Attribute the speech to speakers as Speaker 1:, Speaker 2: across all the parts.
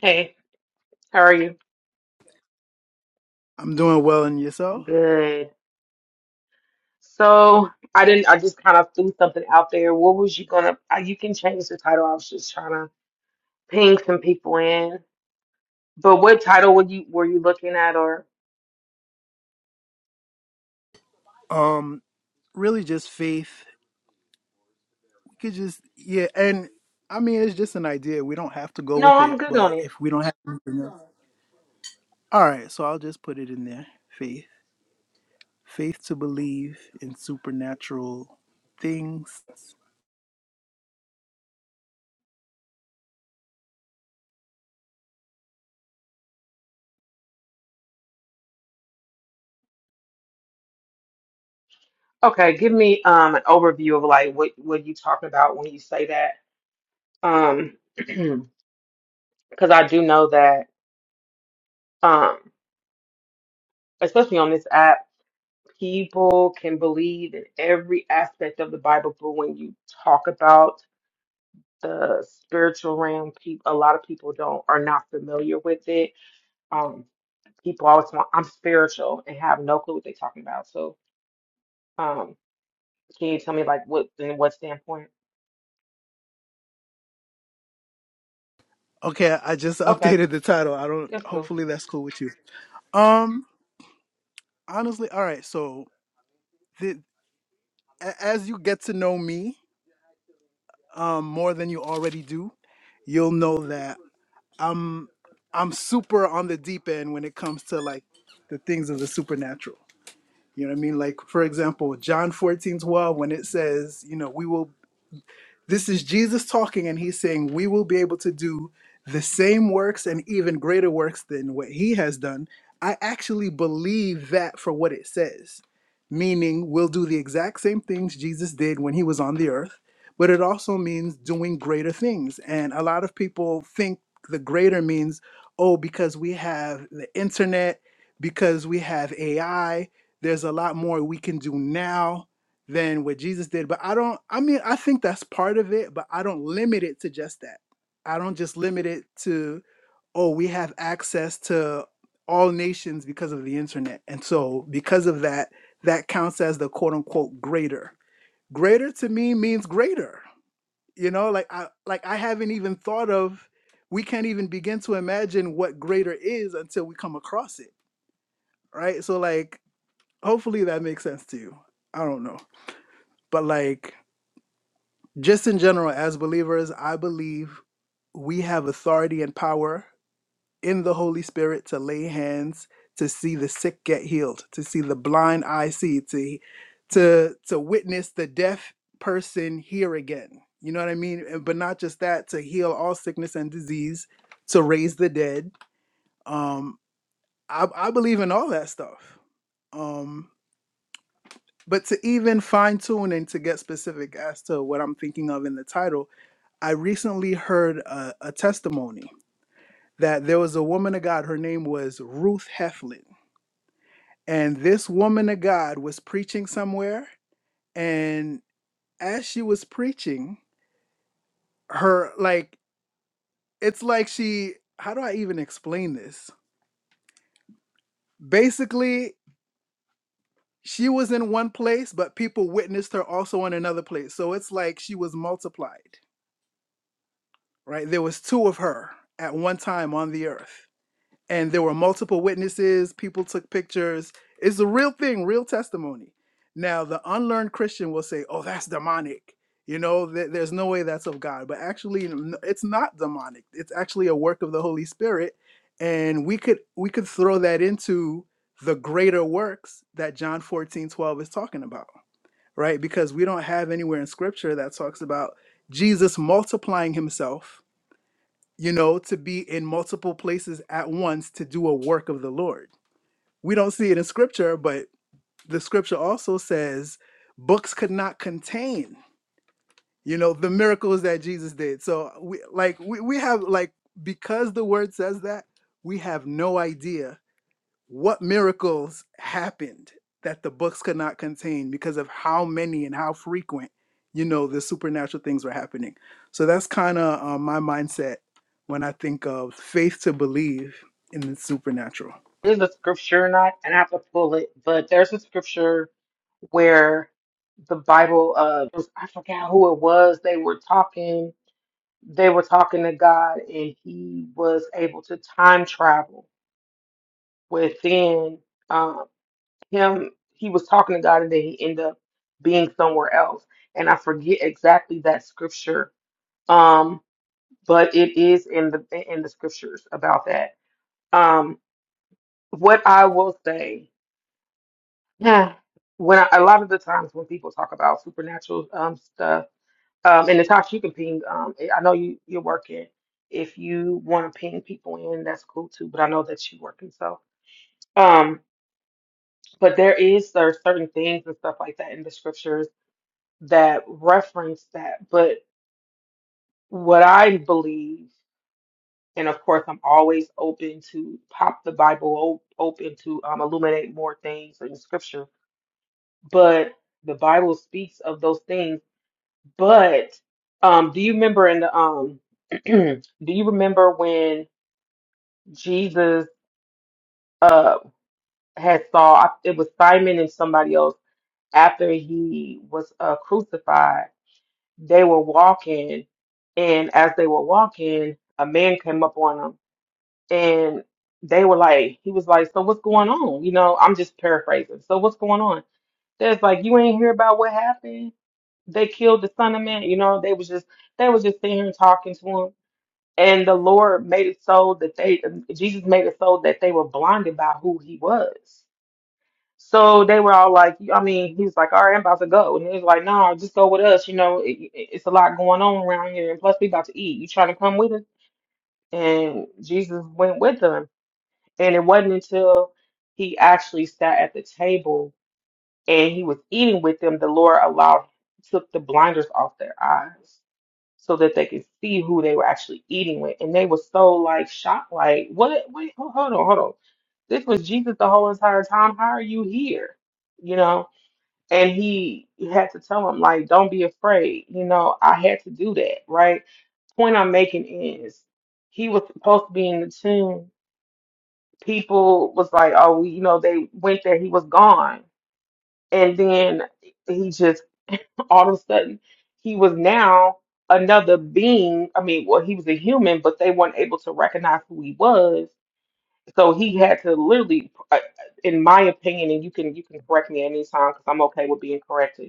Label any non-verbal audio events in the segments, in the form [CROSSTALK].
Speaker 1: Hey, how are you?
Speaker 2: I'm doing well in yourself.
Speaker 1: Good. So I didn't, I just kind of threw something out there. What was you gonna, uh, you can change the title. I was just trying to ping some people in. But what title were you were you looking at or?
Speaker 2: Um, really just faith. We could just yeah, and I mean it's just an idea. We don't have to go
Speaker 1: No,
Speaker 2: with
Speaker 1: I'm
Speaker 2: it,
Speaker 1: good on
Speaker 2: but
Speaker 1: it.
Speaker 2: if we don't have anything else. All right, so I'll just put it in there. Faith. Faith to believe in supernatural things.
Speaker 1: Okay, give me um an overview of like what what you talking about when you say that. Um, [CLEARS THROAT] because I do know that um, especially on this app, people can believe in every aspect of the Bible, but when you talk about the spiritual realm, peop a lot of people don't are not familiar with it. Um, people always want I'm spiritual and have no clue what they're talking about. So, um, can you tell me like what in what standpoint?
Speaker 2: Okay, I just [LAUGHS]
Speaker 1: Okay,
Speaker 2: updated the title. I don't
Speaker 1: that's cool.
Speaker 2: hopefully that's cool with you. Um honestly, all right, so the, a- as you get to know me um more than you already do, you'll know that I'm super on the deep end when it comes to like the things of the supernatural. You know what I mean? Like for example, John 14 12 when it says, you know, we will this is Jesus talking, and he's saying, We will be able to do the same works and even greater works than what he has done. I actually believe that for what it says, meaning we'll do the exact same things Jesus did when he was on the earth, but it also means doing greater things. And a lot of people think the greater means, oh, because we have the internet, because we have AI, there's a lot more we can do now than what Jesus did. But I don't, I mean, I think that's part of it, but I don't limit it to just that. I don't just limit it to, oh, we have access to all nations because of the internet. And so because of that, that counts as the quote unquote greater. Greater to me means greater. You know, like I like I haven't even thought of we can't even begin to imagine what greater is until we come across it. Right. So like hopefully that makes sense to you. I don't know. But like just in general, as believers, I believe we have authority and power in the Holy Spirit to lay hands, to see the sick get healed, to see the blind eye see, to to to witness the deaf person hear again. You know what I mean? And- But not just that, to heal all sickness and disease, to raise the dead. Um, I, I believe in all that stuff. Um, but to even fine tune and to get specific as to what I'm thinking of in the title I recently heard a, a testimony that there was a woman of God. Her name was Ruth Heflin. And this woman of God was preaching somewhere. And as she was preaching, her, like, it's like she, how do I even explain this? Basically, she was in one place, but people witnessed her also in another place. So it's like she was multiplied, right? There was two of her at one time on the earth and there were multiple witnesses people took pictures it's a real thing real testimony now the unlearned christian will say oh that's demonic you know th- there's no way that's of god but actually n- it's not demonic it's actually a work of the holy spirit and we could we could throw that into the greater works that john 14:12 is talking about right because we don't have anywhere in scripture that talks about jesus multiplying himself you know, to be in multiple places at once to do a work of the Lord. We don't see it in scripture, but the scripture also says books could not contain, you know, the miracles that Jesus did. So we like we, we have like because the word says that, we have no idea what miracles happened that the books could not contain because of how many and how frequent you know the supernatural things were happening so that's kind of uh, my mindset when i think of faith to believe in the supernatural
Speaker 1: There's a scripture, and I and I have to pull it, but there's a scripture where the Bible, uh, was- I forgot who it was. They were talking, they were talking to God, and he was able to time travel within. um, him he was talking to God and then he ended up being somewhere else. And I forget exactly that scripture. Um, but it is in the in the scriptures about that. Um, what I will say, [SIGHS] yeah, when I, a lot of the times when people talk about supernatural um stuff, um, and Natasha, you can ping. Um, I know you you're working. If you want to ping people in, that's cool too. But I know that you're working, so um, but there is there are certain things and stuff like that in the scriptures that reference that. But what I believe, and of course, I'm always open to pop the Bible o- open to um, illuminate more things in Scripture. But the Bible speaks of those things. But um, do you remember in the um? [CLEARS THROAT] do you remember when Jesus uh had saw it was Simon and somebody else after he was uh, crucified? they were walking, and as they were walking, a man came up on them, and they were like, he was like, "So what's going on?" You know, I'm just paraphrasing. So what's going on? There's like, you ain't hear about what happened. They killed the son of man. You know, they was just they was just sitting here talking to him, and the Lord made it so that they Jesus made it so that they were blinded by who he was. So they were all like, I mean, he was like, all right, I'm about to go. And he was like, no, just go with us. You know, it, it- it's a lot going on around here. And plus, we about to eat. You trying to come with us? And Jesus went with them. And it wasn't until he actually sat at the table and he was eating with them, the Lord allowed, took the blinders off their eyes so that they could see who they were actually eating with. And they were so like shocked, like, what? Wait, hold on, hold on. This was Jesus the whole entire time. How are you here? You know? and he he had to tell him like don't be afraid you know i had to do that right point i'm making is he was supposed to be in the team people was like oh you know they went there he was gone and then he just all of a sudden he was now another being i mean well he was a human but they weren't able to recognize who he was so he had to literally uh, in my opinion and you can you can correct me anytime because i'm okay with being corrected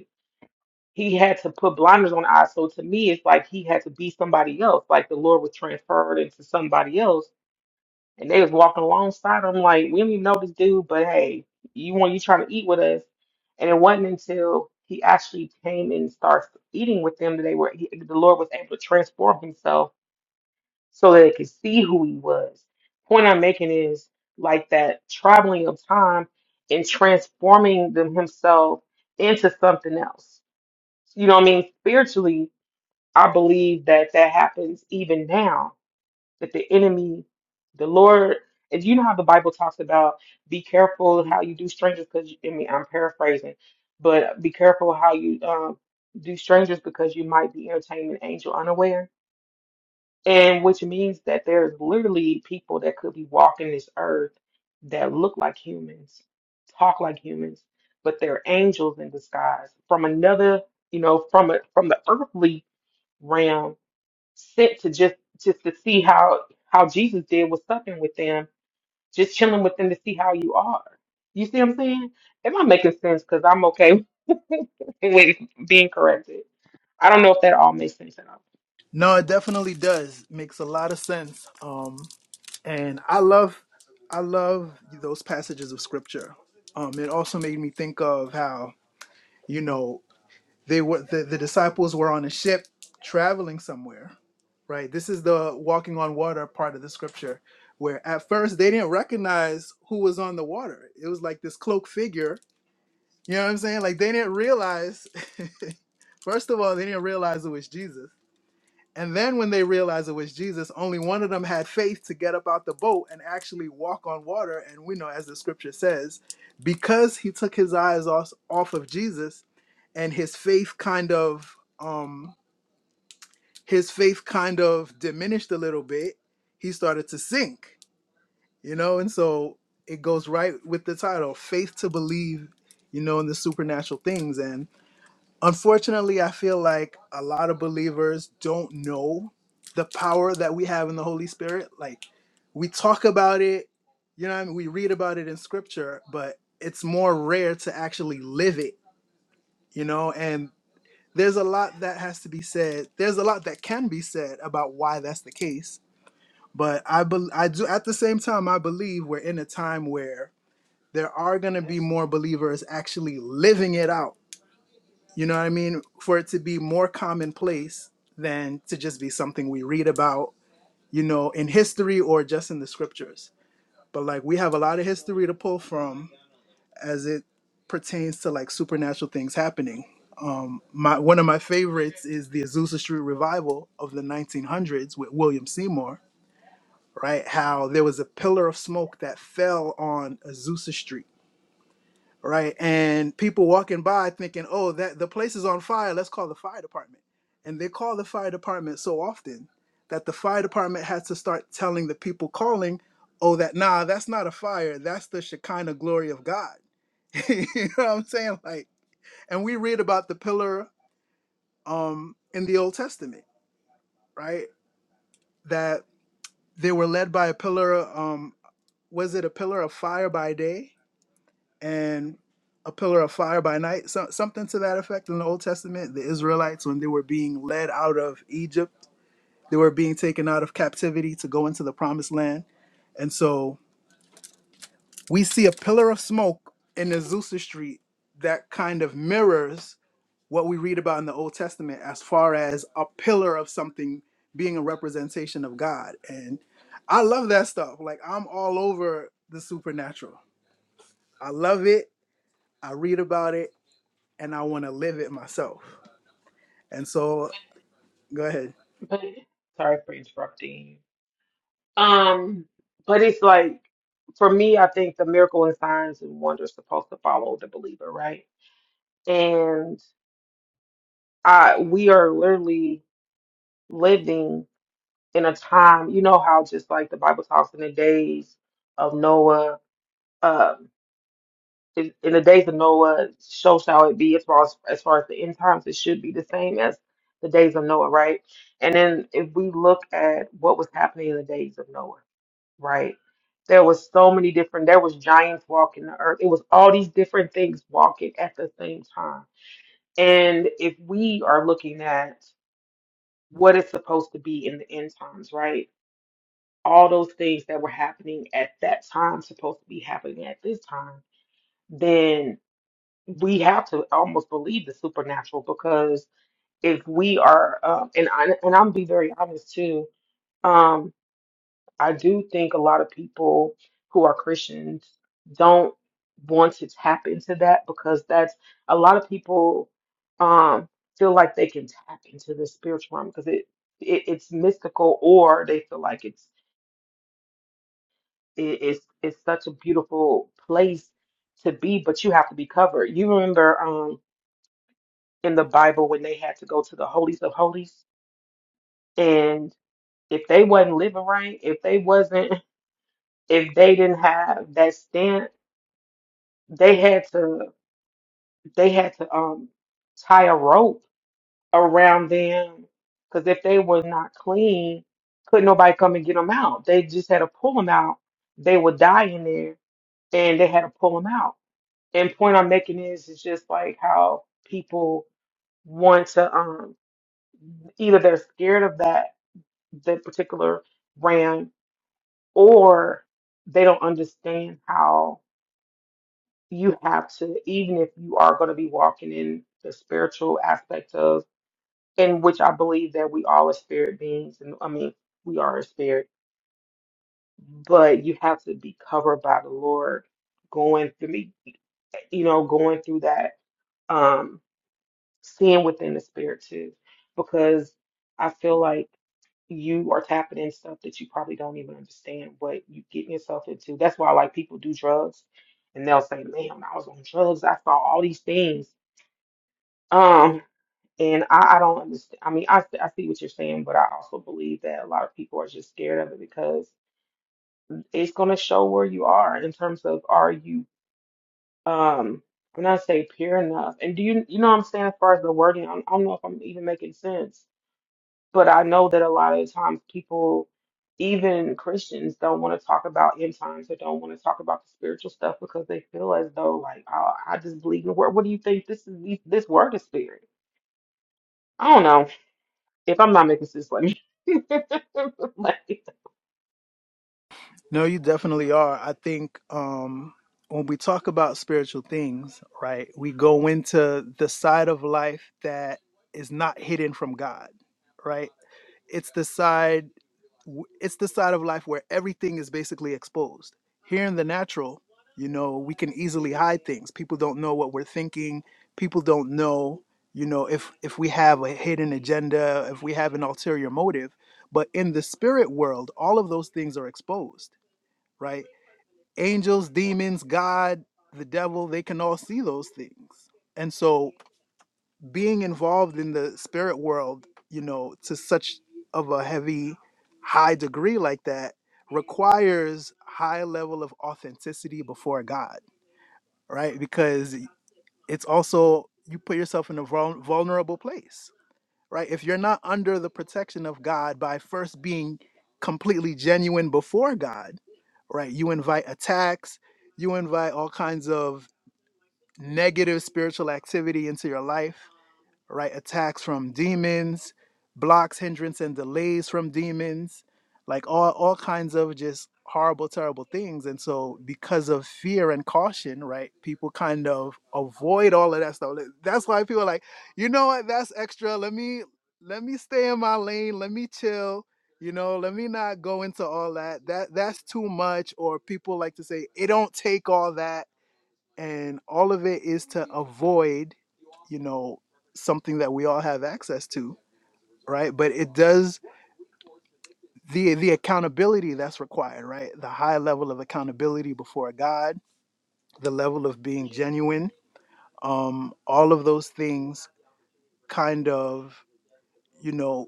Speaker 1: he had to put blinders on eyes. So to me, it's like he had to be somebody else. Like the Lord was transferred into somebody else, and they was walking alongside him. Like we don't even know this dude, but hey, you want you trying to eat with us? And it wasn't until he actually came and starts eating with them that they were he, the Lord was able to transform himself so that they could see who he was. Point I'm making is like that traveling of time and transforming them himself into something else you know what I mean? Spiritually, I believe that that happens even now, that the enemy, the Lord, if you know how the Bible talks about be careful how you do strangers, because I mean, I'm paraphrasing, but be careful how you um, do strangers because you might be entertaining an angel unaware and which means that there's literally people that could be walking this earth that look like humans, talk like humans, but they're angels in disguise from another, you know, from a, from the earthly realm, sent to just just to see how how Jesus did was supping with them, just chilling with them to see how you are. You see what I'm saying? Am I making sense? Because I'm okay [LAUGHS] with being corrected. I don't know if that all makes sense at all.
Speaker 2: no it definitely does makes a lot of sense um and i love i love those passages of scripture um it also made me think of how you know They were the, the disciples were on a ship traveling somewhere, right? This is the walking on water part of the scripture where at first they didn't recognize who was on the water. It was like this cloaked figure. You know what I'm saying? Like they didn't realize [LAUGHS] first of all, they didn't realize it was Jesus. And then when they realized it was Jesus, only one of them had faith to get up out the boat and actually walk on water. And we know, as the scripture says, because he took his eyes off, off of Jesus and his faith kind of um his faith kind of diminished a little bit, he started to sink, you know, and so it goes right with the title, faith to believe, you know, in the supernatural things unfortunately i feel like a lot of believers don't know the power that we have in the holy spirit like we talk about it you know what i mean we read about it in scripture but it's more rare to actually live it you know and there's a lot that has to be said there's a lot that can be said about why that's the case but i bel i do at the same time i believe we're in a time where there are going to be more believers actually living it out you know what I mean? For it to be more commonplace than to just be something we read about, you know, in history or just in the scriptures. But like we have a lot of history to pull from as it pertains to like supernatural things happening. Um, my one of my favorites is the Azusa Street revival of the 1900s with William Seymour. Right, how there was a pillar of smoke that fell on Azusa Street right? And people walking by thinking, "Oh, that the place is on fire. Let's call the fire department." And they call the fire department so often that the fire department has to start telling the people calling, "Oh, that nah, that's not a fire. That's the Shekinah glory of God." [LAUGHS] you know what I'm saying? Like, and we read about the pillar um, in the Old Testament, right? That they were led by a pillar. Um, was it a pillar of fire by day and a pillar of fire by night, so, something to that effect in the Old Testament. The Israelites, when they were being led out of Egypt, they were being taken out of captivity to go into the promised land. And so we see a pillar of smoke in Azusa Street that kind of mirrors what we read about in the Old Testament as far as a pillar of something being a representation of God. And I love that stuff. Like I'm all over the supernatural. I love it. I read about it and I want to live it myself. And so, go ahead.
Speaker 1: But sorry for interrupting. Um, but it's like for me, I think the miracle and signs and wonders supposed to follow the believer, right? And I we are literally living in a time, you know how just like the Bible talks in the days of Noah, um in, in the days of Noah, so shall it be as far as as far as the end times, it should be the same as the days of Noah, right? And then if we look at what was happening in the days of Noah. Right. There was so many different, there was giants walking the earth. It was all these different things walking at the same time. And if we are looking at what it's supposed to be in the end times, right? All those things that were happening at that time supposed to be happening at this time, then we have to almost believe the supernatural because if we are, um, and I, and I'm be very honest too, um, I do think a lot of people who are Christians don't want to tap into that because that's a lot of people um feel like they can tap into the spiritual realm because it, it it's mystical or they feel like it's it, it's it's such a beautiful place to be but you have to be covered. You remember um in the Bible when they had to go to the holies of holies and if they wasn't living right, if they wasn't [LAUGHS] if they didn't have that stance they had to they had to um tie a rope around them because if they were not clean, couldn't nobody come and get them out. They just had to pull them out. They would die in there, and they had to pull them out. And point I'm making is it's just like how people want to um either they're scared of that that particular brand or they don't understand how you have to, even if you are going to be walking in the spiritual aspect of, in which I believe that we all are spirit beings, and I mean, we are a spirit, but you have to be covered by the Lord going through me, you know, going through that. um, seeing within the spirit too, because I feel like you are tapping in stuff that you probably don't even understand what you getting yourself into. That's why like people do drugs and they'll say, Man, when I was on drugs, I saw all these things. Um, and I, I don't understand. I mean, I, s- I see what you're saying, but I also believe that a lot of people are just scared of it because it's going to show where you are in terms of are you, um, when I say pure enough, and do you, you know what I'm saying, as far as the wording, I don't I don't know if I'm even making sense but I know that a lot of times people, even Christians, don't want to talk about end times or don't want to talk about the spiritual stuff because they feel as though like, oh, I just believe in the word. What do you think? This is these- this word is spirit. I don't know. If I'm not making sense, let me. [LAUGHS] like,
Speaker 2: No, you definitely are. I think um, when we talk about spiritual things, right, we go into the side of life that is not hidden from God, right? It's the side w- it's the side of life where everything is basically exposed. Here in the natural, you know, we can easily hide things. People don't know what we're thinking. People don't know, you know, if if we have a hidden agenda, if we have an ulterior motive. But in the spirit world, all of those things are exposed, right? Angels, demons, God, the devil, they can all see those things. And so being involved in the spirit world, you know, to such of a heavy, high degree like that requires high level of authenticity before God, right? Because it's also you put yourself in a vul- vulnerable place, right? If you're not under the protection of God by first being completely genuine before God, right? You invite attacks, you invite all kinds of negative spiritual activity into your life right? Attacks from demons, blocks, hindrance, and delays from demons, like all, all kinds of just horrible, terrible things. And so, because of fear and caution, right, people kind of avoid all of that stuff. Like, That's why people are like, you know what, that's extra. Let me let me stay in my lane. Let me chill. You know, let me not go into all that. That that's too much. Or people like to say, it don't take all that and all of it is to avoid you know something that we all have access to right but it does the the accountability that's required right the high level of accountability before god the level of being genuine um all of those things kind of you know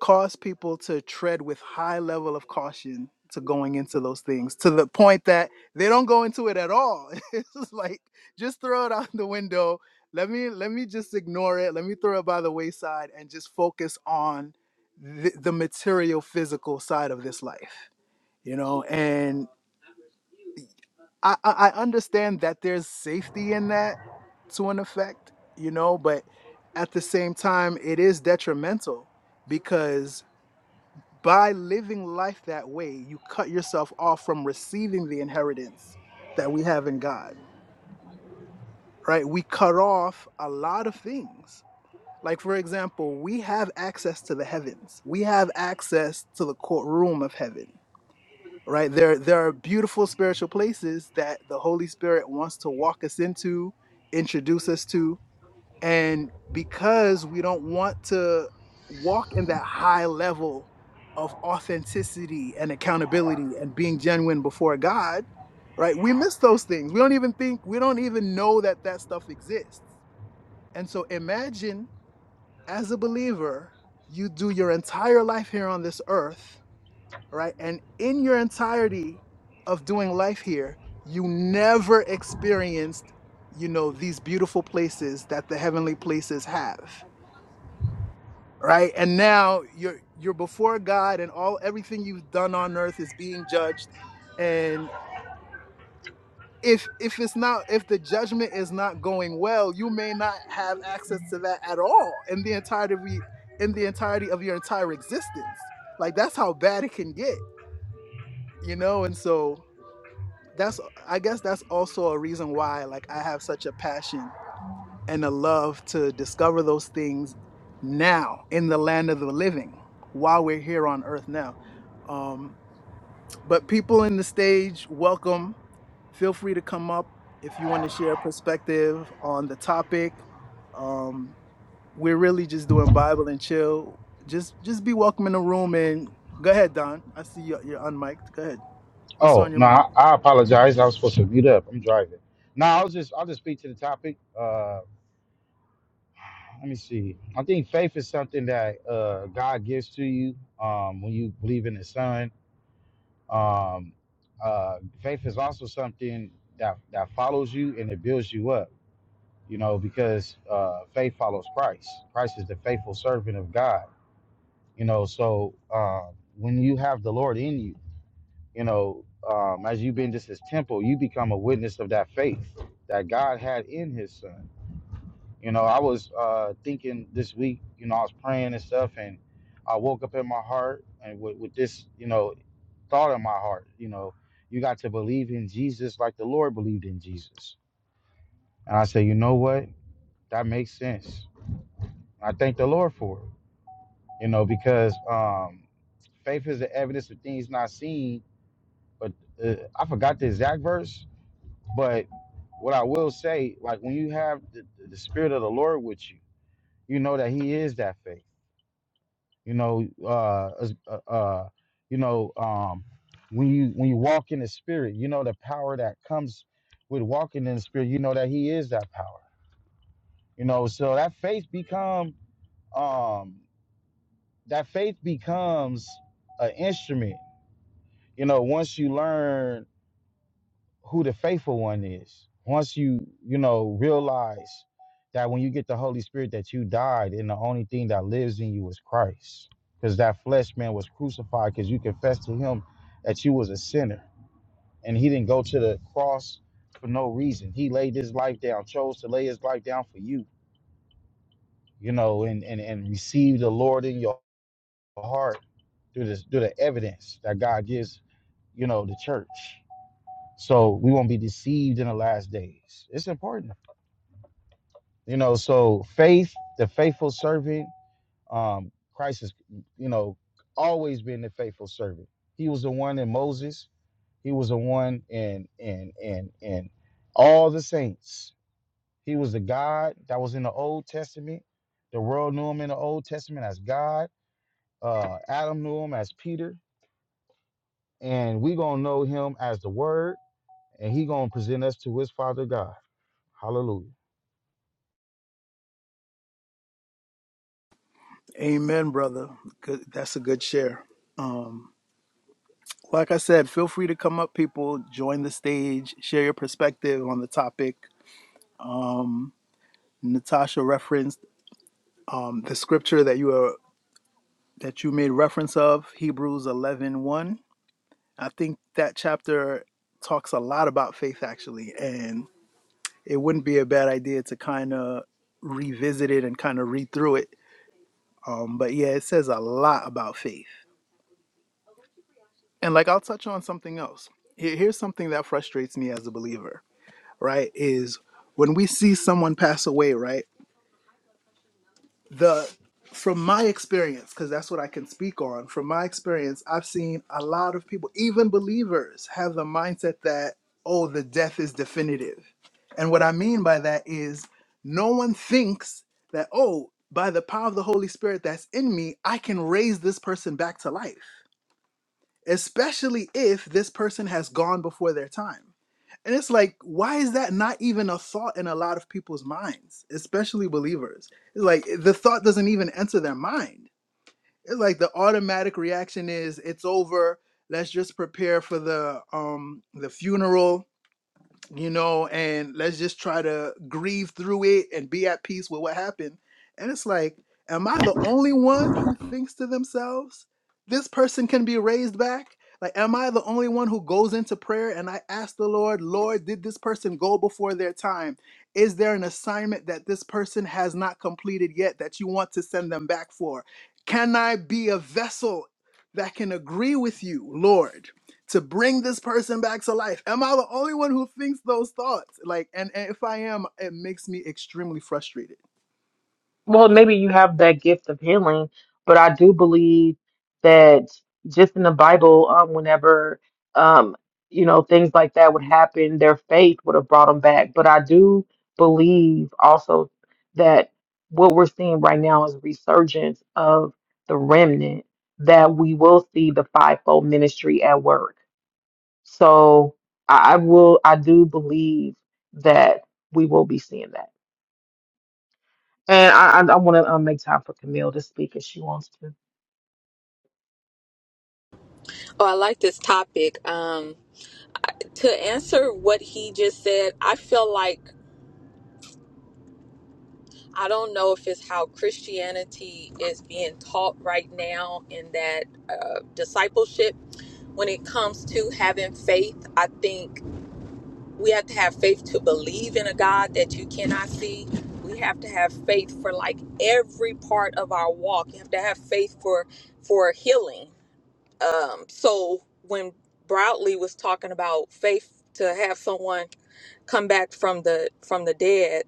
Speaker 2: cause people to tread with high level of caution to going into those things to the point that they don't go into it at all [LAUGHS] it's just like just throw it out the window let me let me just ignore it let me throw it by the wayside and just focus on the, the material physical side of this life you know and I, I i understand that there's safety in that to an effect you know but at the same time it is detrimental because. By living life that way, you cut yourself off from receiving the inheritance that we have in God, right? We cut off a lot of things. Like, for example, we have access to the heavens, we have access to the courtroom of heaven, right? There, there are beautiful spiritual places that the Holy Spirit wants to walk us into, introduce us to, and because we don't want to walk in that high level of authenticity and accountability and being genuine before God, right? We miss those things. We don't even think, we don't even know that that stuff exists. And so imagine as a believer, you do your entire life here on this earth, right? And in your entirety of doing life here, you never experienced, you know, these beautiful places that the heavenly places have right? And now you're you're before God, and all everything you've done on earth is being judged. And if if it's not if the judgment is not going well, you may not have access to that at all in the entirety of y- in the entirety of your entire existence. Like that's how bad it can get, you know. And so that's I guess that's also a reason why like I have such a passion and a love to discover those things now in the land of the living while we're here on earth now Um, but people in the stage, welcome. Feel free to come up if you want to share perspective on the topic. Um, we're really just doing Bible and chill. Just just be welcome in the room and go ahead, Don. I see you, you're unmiked. Go ahead. What's
Speaker 3: Oh
Speaker 2: on your
Speaker 3: no,
Speaker 2: mind?
Speaker 3: I, I apologize. I was supposed to mute up. I'm driving. No, I was just I'll just speak to the topic. Uh, let me see. I think faith is something that uh, God gives to you um, when you believe in His Son. Um, uh, faith is also something that that follows you and it builds you up. You know, because uh, faith follows Christ. Christ is the faithful servant of God. You know, so uh, when you have the Lord in you. you know, um, as you've been just his temple, you become a witness of that faith that God had in his son. You know, I was uh, thinking this week, you know, I was praying and stuff, and I woke up in my heart and with, with this, you know, thought in my heart, you know, you got to believe in Jesus like the Lord believed in Jesus. And I said, you know what? That makes sense. I thank the Lord for it, you know, because um, faith is the evidence of things not seen. But uh, I forgot the exact verse, But what I will say, like when you have the, the spirit of the Lord with you, you know that He is that faith. You know, uh, as- uh, uh, you know, um, when you when you walk in the Spirit, you know the power that comes with walking in the Spirit. You know that He is that power. You know, so that faith become um, that faith becomes an instrument. You know, once you learn who the faithful one is. Once you, you know, realize that when you get the Holy Spirit that you died and the only thing that lives in you is Christ. Because that flesh man was crucified because you confessed to him that you was a sinner. And he didn't go to the cross for no reason. He laid his life down, chose to lay his life down for you, you know, and and, and receive the Lord in your heart through this through the evidence that God gives, you know, the church. So we won't be deceived in the last days. It's important. you know so faith the faithful servant um christ has you know always been the faithful servant he was the one in moses he was the one in in in in all the saints he was the god that was in the old testament the world knew him in the old testament as god uh adam knew him as peter and we gonna know him as the word and he gonna present us to his father god hallelujah
Speaker 2: Amen, brother. Good. That's a good share. Um, like I said, feel free to come up, people. Join the stage. Share your perspective on the topic. Natasha referenced um, the scripture that you are that you made reference of, Hebrews eleven one. I think that chapter talks a lot about faith, actually, and it wouldn't be a bad idea to kind of revisit it and kind of read through it. Um, but yeah, it says a lot about faith. And like, I'll touch on something else. Here- Here's something that frustrates me as a believer, right? Is when we see someone pass away, right? the from my experience because that's what i can speak on from my experience i've seen a lot of people even believers have the mindset that oh the death is definitive and what i mean by that is no one thinks that oh by the power of the holy spirit that's in me i can raise this person back to life especially if this person has gone before their time. And it's like, why is that not even a thought in a lot of people's minds, especially believers? It's like eh, the thought doesn't even enter their mind. It's like the automatic reaction is, it's over. Let's just prepare for the um the funeral you know, and let's just try to grieve through it and be at peace with what happened. And it's like, am I the only one who thinks to themselves, this person can be raised back? Like, am I the only one who goes into prayer and I ask the Lord, Lord, did this person go before their time? Is there an assignment that this person has not completed yet that you want to send them back for? Can I be a vessel that can agree with you, Lord? to bring this person back to life. Am I the only one who thinks those thoughts? Like, and, and if I am, it makes me extremely frustrated.
Speaker 1: Well, maybe you have that gift of healing, but I do believe that just in the Bible, um, whenever um, you know, things like that would happen, their faith would have brought them back. But I do believe also that what we're seeing right now is a resurgence of the remnant, that we will see the fivefold ministry at work. So I I will, I do believe that we will be seeing that. And I, I, I want to um, make time for Camille to speak if she wants to.
Speaker 4: Oh, I like this topic. Um, to answer what he just said, I feel like I don't know if it's how Christianity is being taught right now in that uh, discipleship. When it comes to having faith, I think we have to have faith to believe in a God that you cannot see. We have to have faith for like every part of our walk. You have to have faith for for healing. Um, so when Broadley was talking about faith to have someone come back from the from the dead,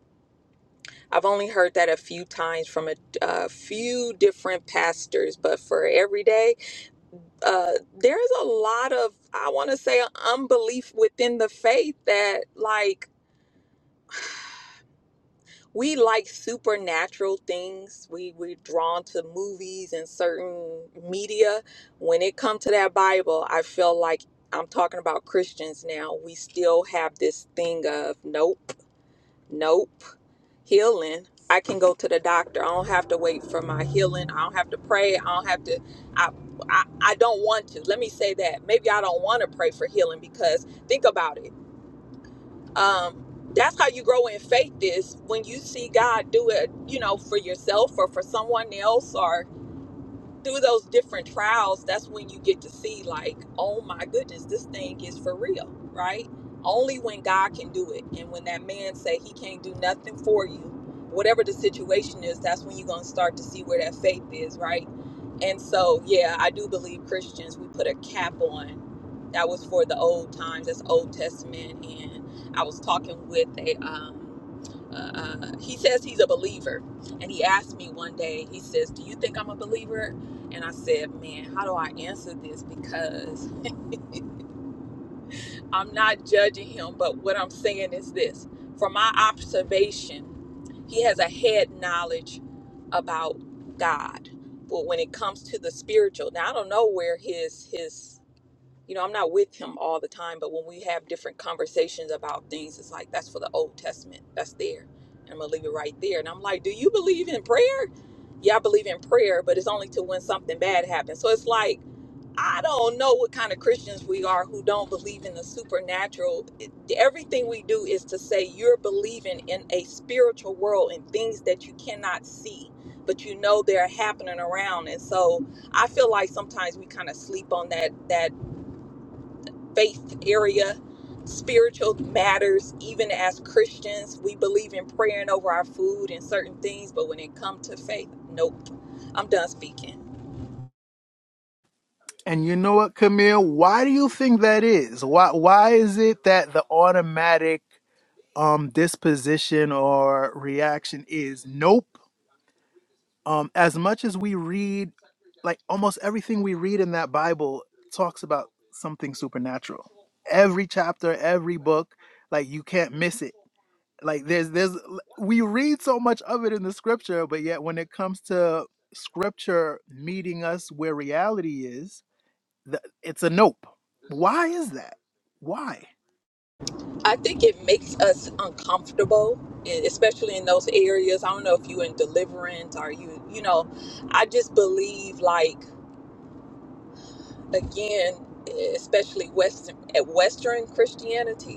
Speaker 4: I've only heard that a few times from a, a few different pastors, but for every day, uh, there's a lot of I want to say unbelief within the faith that like we like supernatural things. We we're drawn to movies and certain media. When it comes to that Bible, I feel like I'm talking about Christians now. We still have this thing of nope, nope, healing. I can go to the doctor. I don't have to wait for my healing. I don't have to pray. I don't have to I I, I don't want to. Let me say that. Maybe I don't want to pray for healing because think about it um that's how you grow in faith is when you see god do it you know for yourself or for someone else or through those different trials, that's when you get to see, like, oh my goodness, this thing is for real, right? Only when God can do it. And when that man say he can't do nothing for you, whatever the situation is, that's when you're gonna start to see where that faith is, right? And so, yeah, I do believe Christians, we put a cap on. That was for the old times, that's Old Testament. And I was talking with a, um, uh, uh, he says he's a believer. And he asked me one day, he says, Do you think I'm a believer? And I said, man, how do I answer this? Because I'm not judging him, but what I'm saying is this from my observation, he has a head knowledge about God. But when it comes to the spiritual, now I don't know where his his you know, I'm not with him all the time, but when we have different conversations about things, it's like that's for the Old Testament. That's there. And I'm gonna leave it right there. And I'm like, Do you believe in prayer? Yeah, I believe in prayer, but it's only to when something bad happens. So it's like I don't know what kind of Christians we are who don't believe in the supernatural. It- Everything we do is to say you're believing in a spiritual world and things that you cannot see, but you know they're happening around. And so I feel like sometimes we kind of sleep on that that faith area, spiritual matters. Even as Christians, we believe in praying over our food and certain things, but when it comes to faith, nope. I'm done speaking.
Speaker 2: And you know what, Camille? Why do you think that is? Why why is it that the automatic um disposition or reaction is nope? Um, as much as we read, like almost everything we read in that Bible talks about something supernatural. Every chapter, every book, like you can't miss it like there's there's we read so much of it in the scripture but yet when it comes to scripture meeting us where reality is th- it's a nope why is that why
Speaker 4: I think it makes us uncomfortable, e- especially in those areas. I don't know if you in deliverance or you, you know, I just believe like again, e, especially Western at Western Christianity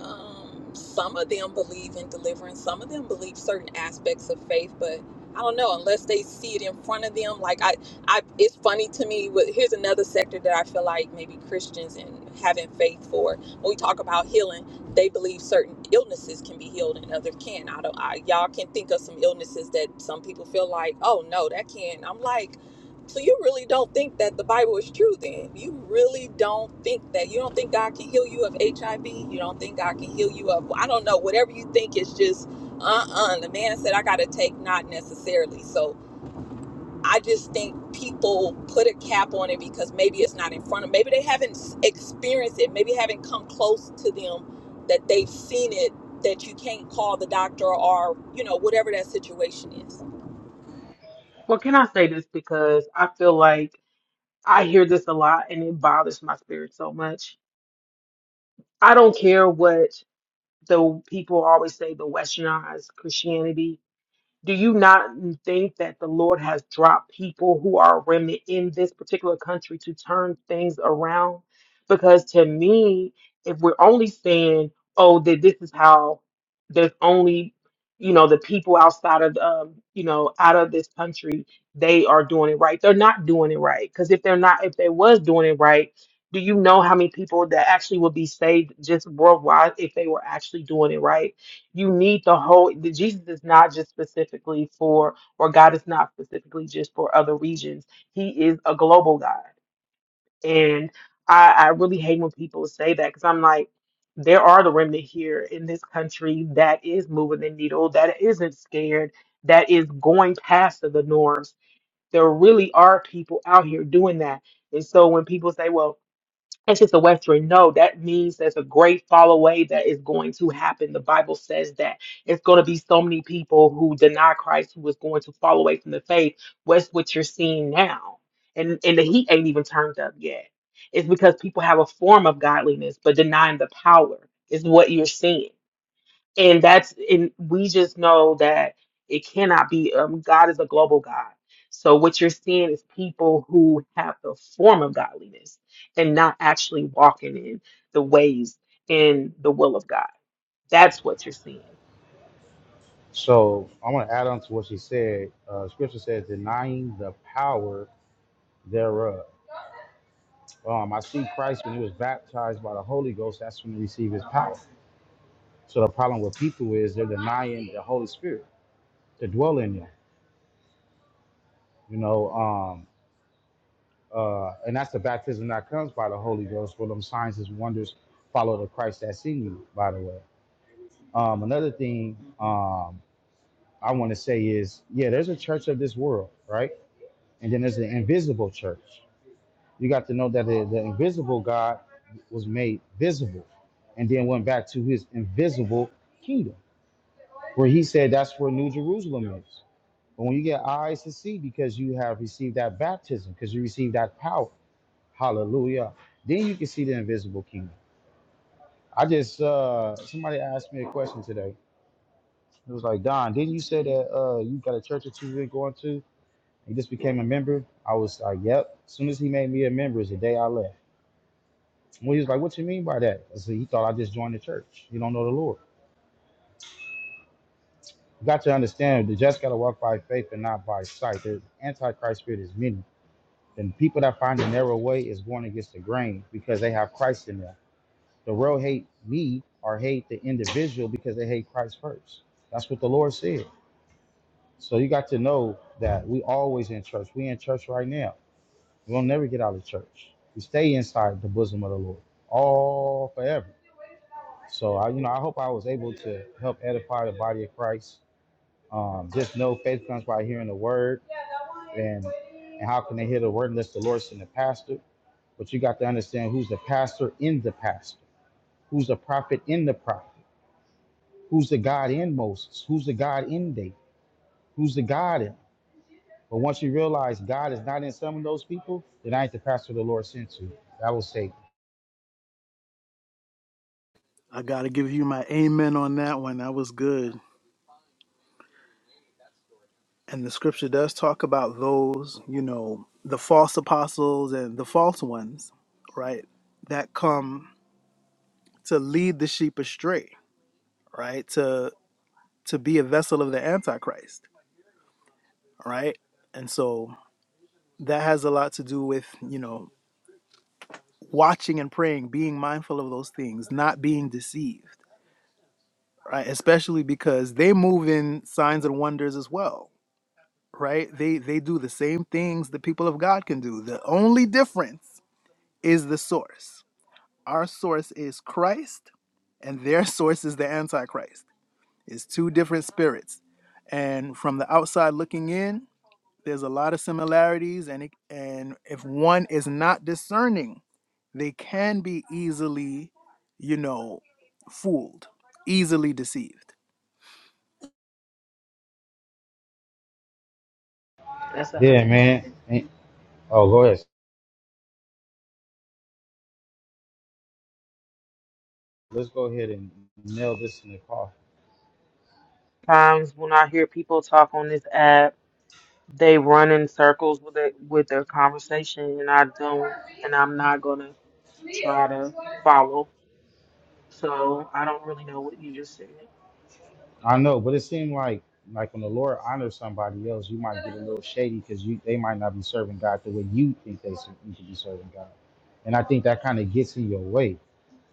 Speaker 4: um, some of them believe in deliverance some of them believe certain aspects of faith but i don't know unless they see it in front of them like i, I it's funny to me but here's another sector that i feel like maybe christians and having faith for when we talk about healing they believe certain illnesses can be healed and others can i don't I, y'all can think of some illnesses that some people feel like oh no that can't i'm like so you really don't think that the Bible is true then. You really don't think that. You don't think God can heal you of HIV. You don't think God can heal you of I don't know, whatever you think is just uh-uh. The man said I gotta take not necessarily. So I just think people put a cap on it because maybe it's not in front of maybe they haven't s- experienced it, maybe it haven't come close to them that they've seen it that you can't call the doctor or you know, whatever that situation is.
Speaker 1: Well, can I say this because I feel like I hear this a lot and it bothers my spirit so much. I don't care what the people always say the westernized Christianity Do you not think that the Lord has dropped people who are a remnant in this particular country to turn things around? Because to me, if we're only saying, oh, that this is how there's only, you know, the people outside of, um, you know, out of this country, they are doing it right. They're not doing it right. Because if they're not, if they was doing it right, do you know how many people that actually would be saved just worldwide if they were actually doing it right? you need the whole the jesus is not just specifically for or god is not specifically just for other regions he is a global god and i i really hate when people say that because i'm like there are the remnant here in this country that is moving the needle that isn't scared that is going past the norms there really are people out here doing that and so when people say well that's just a Western. No, that means there's a great fall away that is going to happen. The Bible says that it's going to be so many people who deny Christ who is going to fall away from the faith. What's what you're seeing now? And and the heat ain't even turned up yet. It's because people have a form of godliness but denying the power is what you're seeing and that's and we just know that it cannot be um god is a global god so what you're seeing is people who have the form of godliness and not actually walking in the ways in the will of god that's what you're seeing
Speaker 3: So I want to add on to what she said. Uh, scripture says, denying the power thereof. Um, I see Christ when he was baptized by the Holy Ghost, that's when he received his power. So the problem with people is they're denying the Holy Spirit to dwell in them, you know. Um, uh, and that's the baptism that comes by the Holy Ghost, For them signs and wonders follow the Christ that's in you, by the way. Um, another thing um, I want to say is, yeah, there's a church of this world, right? And then there's an invisible church you got to know that the, the invisible God was made visible and then went back to his invisible kingdom, where he said that's where New Jerusalem is. But when you get eyes to see, because you have received that baptism, because you received that power, hallelujah, then you can see the invisible kingdom. I just, uh, somebody asked me a question today. It was like, Don, didn't you say that uh, you got a church or two we're going to? and You just became a member? I was like, yep. As soon as he made me a member, is the day I left. And we was like, what you mean by that? I said, he thought I just joined the church. You don't know the Lord. You got to understand that you just got to walk by faith and not by sight. The antichrist spirit is many. And people that find the narrow way is going against the grain because they have Christ in them. The world hate me or hate the individual because they hate Christ first. That's what the Lord said. So you got to know that we always in church. We in church right now. We'll never get out of church. We stay inside the bosom of the Lord all forever So I, you know, I hope I was able to help edify the body of Christ. Um, just know faith comes by hearing the word, and and how can they hear the word unless the Lord send the pastor? But you got to understand who's the pastor in the pastor, who's the prophet in the prophet, who's the God in Moses, who's the God in David, who's the God in. But once you realize God is not in some of those people, then I ain't the pastor the Lord sent to. That will say,
Speaker 2: i gotta give you my amen on that one that was good and the scripture does talk about those you know the false apostles and the false ones right that come to lead the sheep astray right to to be a vessel of the antichrist right and so that has a lot to do with you know watching and praying being mindful of those things not being deceived right especially because they move in signs and wonders as well right they they do the same things the people of god can do the only difference is the source our source is christ and their [LAUGHS] source is the antichrist it's two different spirits and from the outside looking in there's a lot of similarities and it, and if one is not discerning they can be easily, you know, fooled, easily deceived.
Speaker 1: that's a
Speaker 3: yeah,
Speaker 1: hundred
Speaker 3: man.
Speaker 1: percent
Speaker 3: And- Oh, go ahead. Let's go ahead and nail this in the coffin.
Speaker 1: times when i hear people talk on this app they run in circles with it with their conversation and i don't and i'm not gonna try to follow so i don't really know what you just said
Speaker 3: I know, but it seemed like like when the Lord honors somebody else, you might get a little shady because you they might not be serving God the way you think they should, you should be serving God, and I think that kind of gets in your way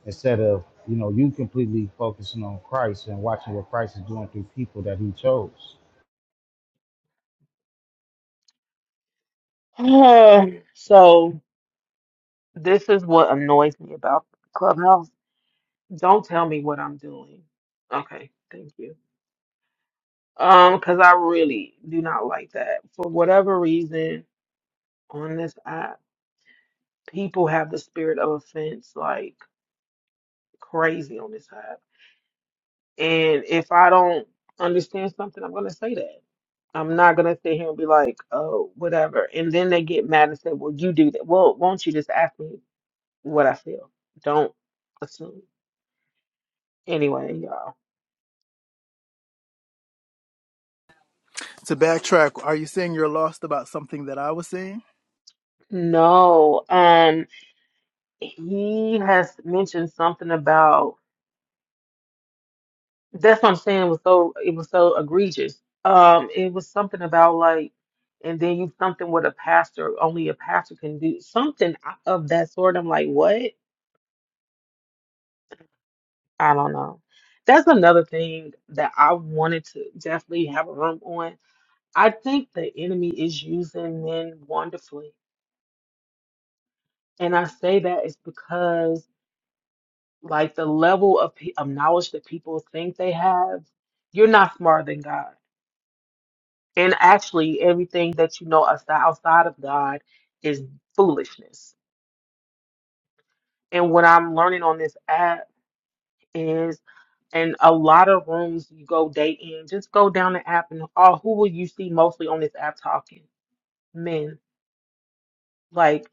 Speaker 3: instead of you know you completely focusing on Christ and watching what Christ is doing through people that He chose.
Speaker 1: [SIGHS] Uh, so this is what annoys me about Clubhouse. Don't tell me what I'm doing. Okay, thank you. Um, because I really do not like that. For whatever reason, on this app, people have the spirit of offense like crazy on this app. And if I don't understand something, I'm gonna say that. I'm not gonna sit here and be like, oh, whatever. And then they get mad and say, well, you do that. Well, won't you just ask me what I feel? Don't assume. Anyway, y'all.
Speaker 2: To backtrack, are you saying you're lost about something that I was saying?
Speaker 1: No, um, he has mentioned something about that's what I'm saying was so it was so egregious. Um, it was something about like, and then you something with a pastor, only a pastor can do something of that sort. I'm like, what? I don't know. That's another thing that I wanted to definitely have a room on. I think the enemy is using men wonderfully. And I say that is because Like the level of, pe- of knowledge that people think they have, you're not smarter than God. And actually, everything that you know outside, outside of God is foolishness. And what I'm learning on this app is, and a lot of rooms you go day in, just go down the app and all, who will you see mostly on this app talking? Men. Like,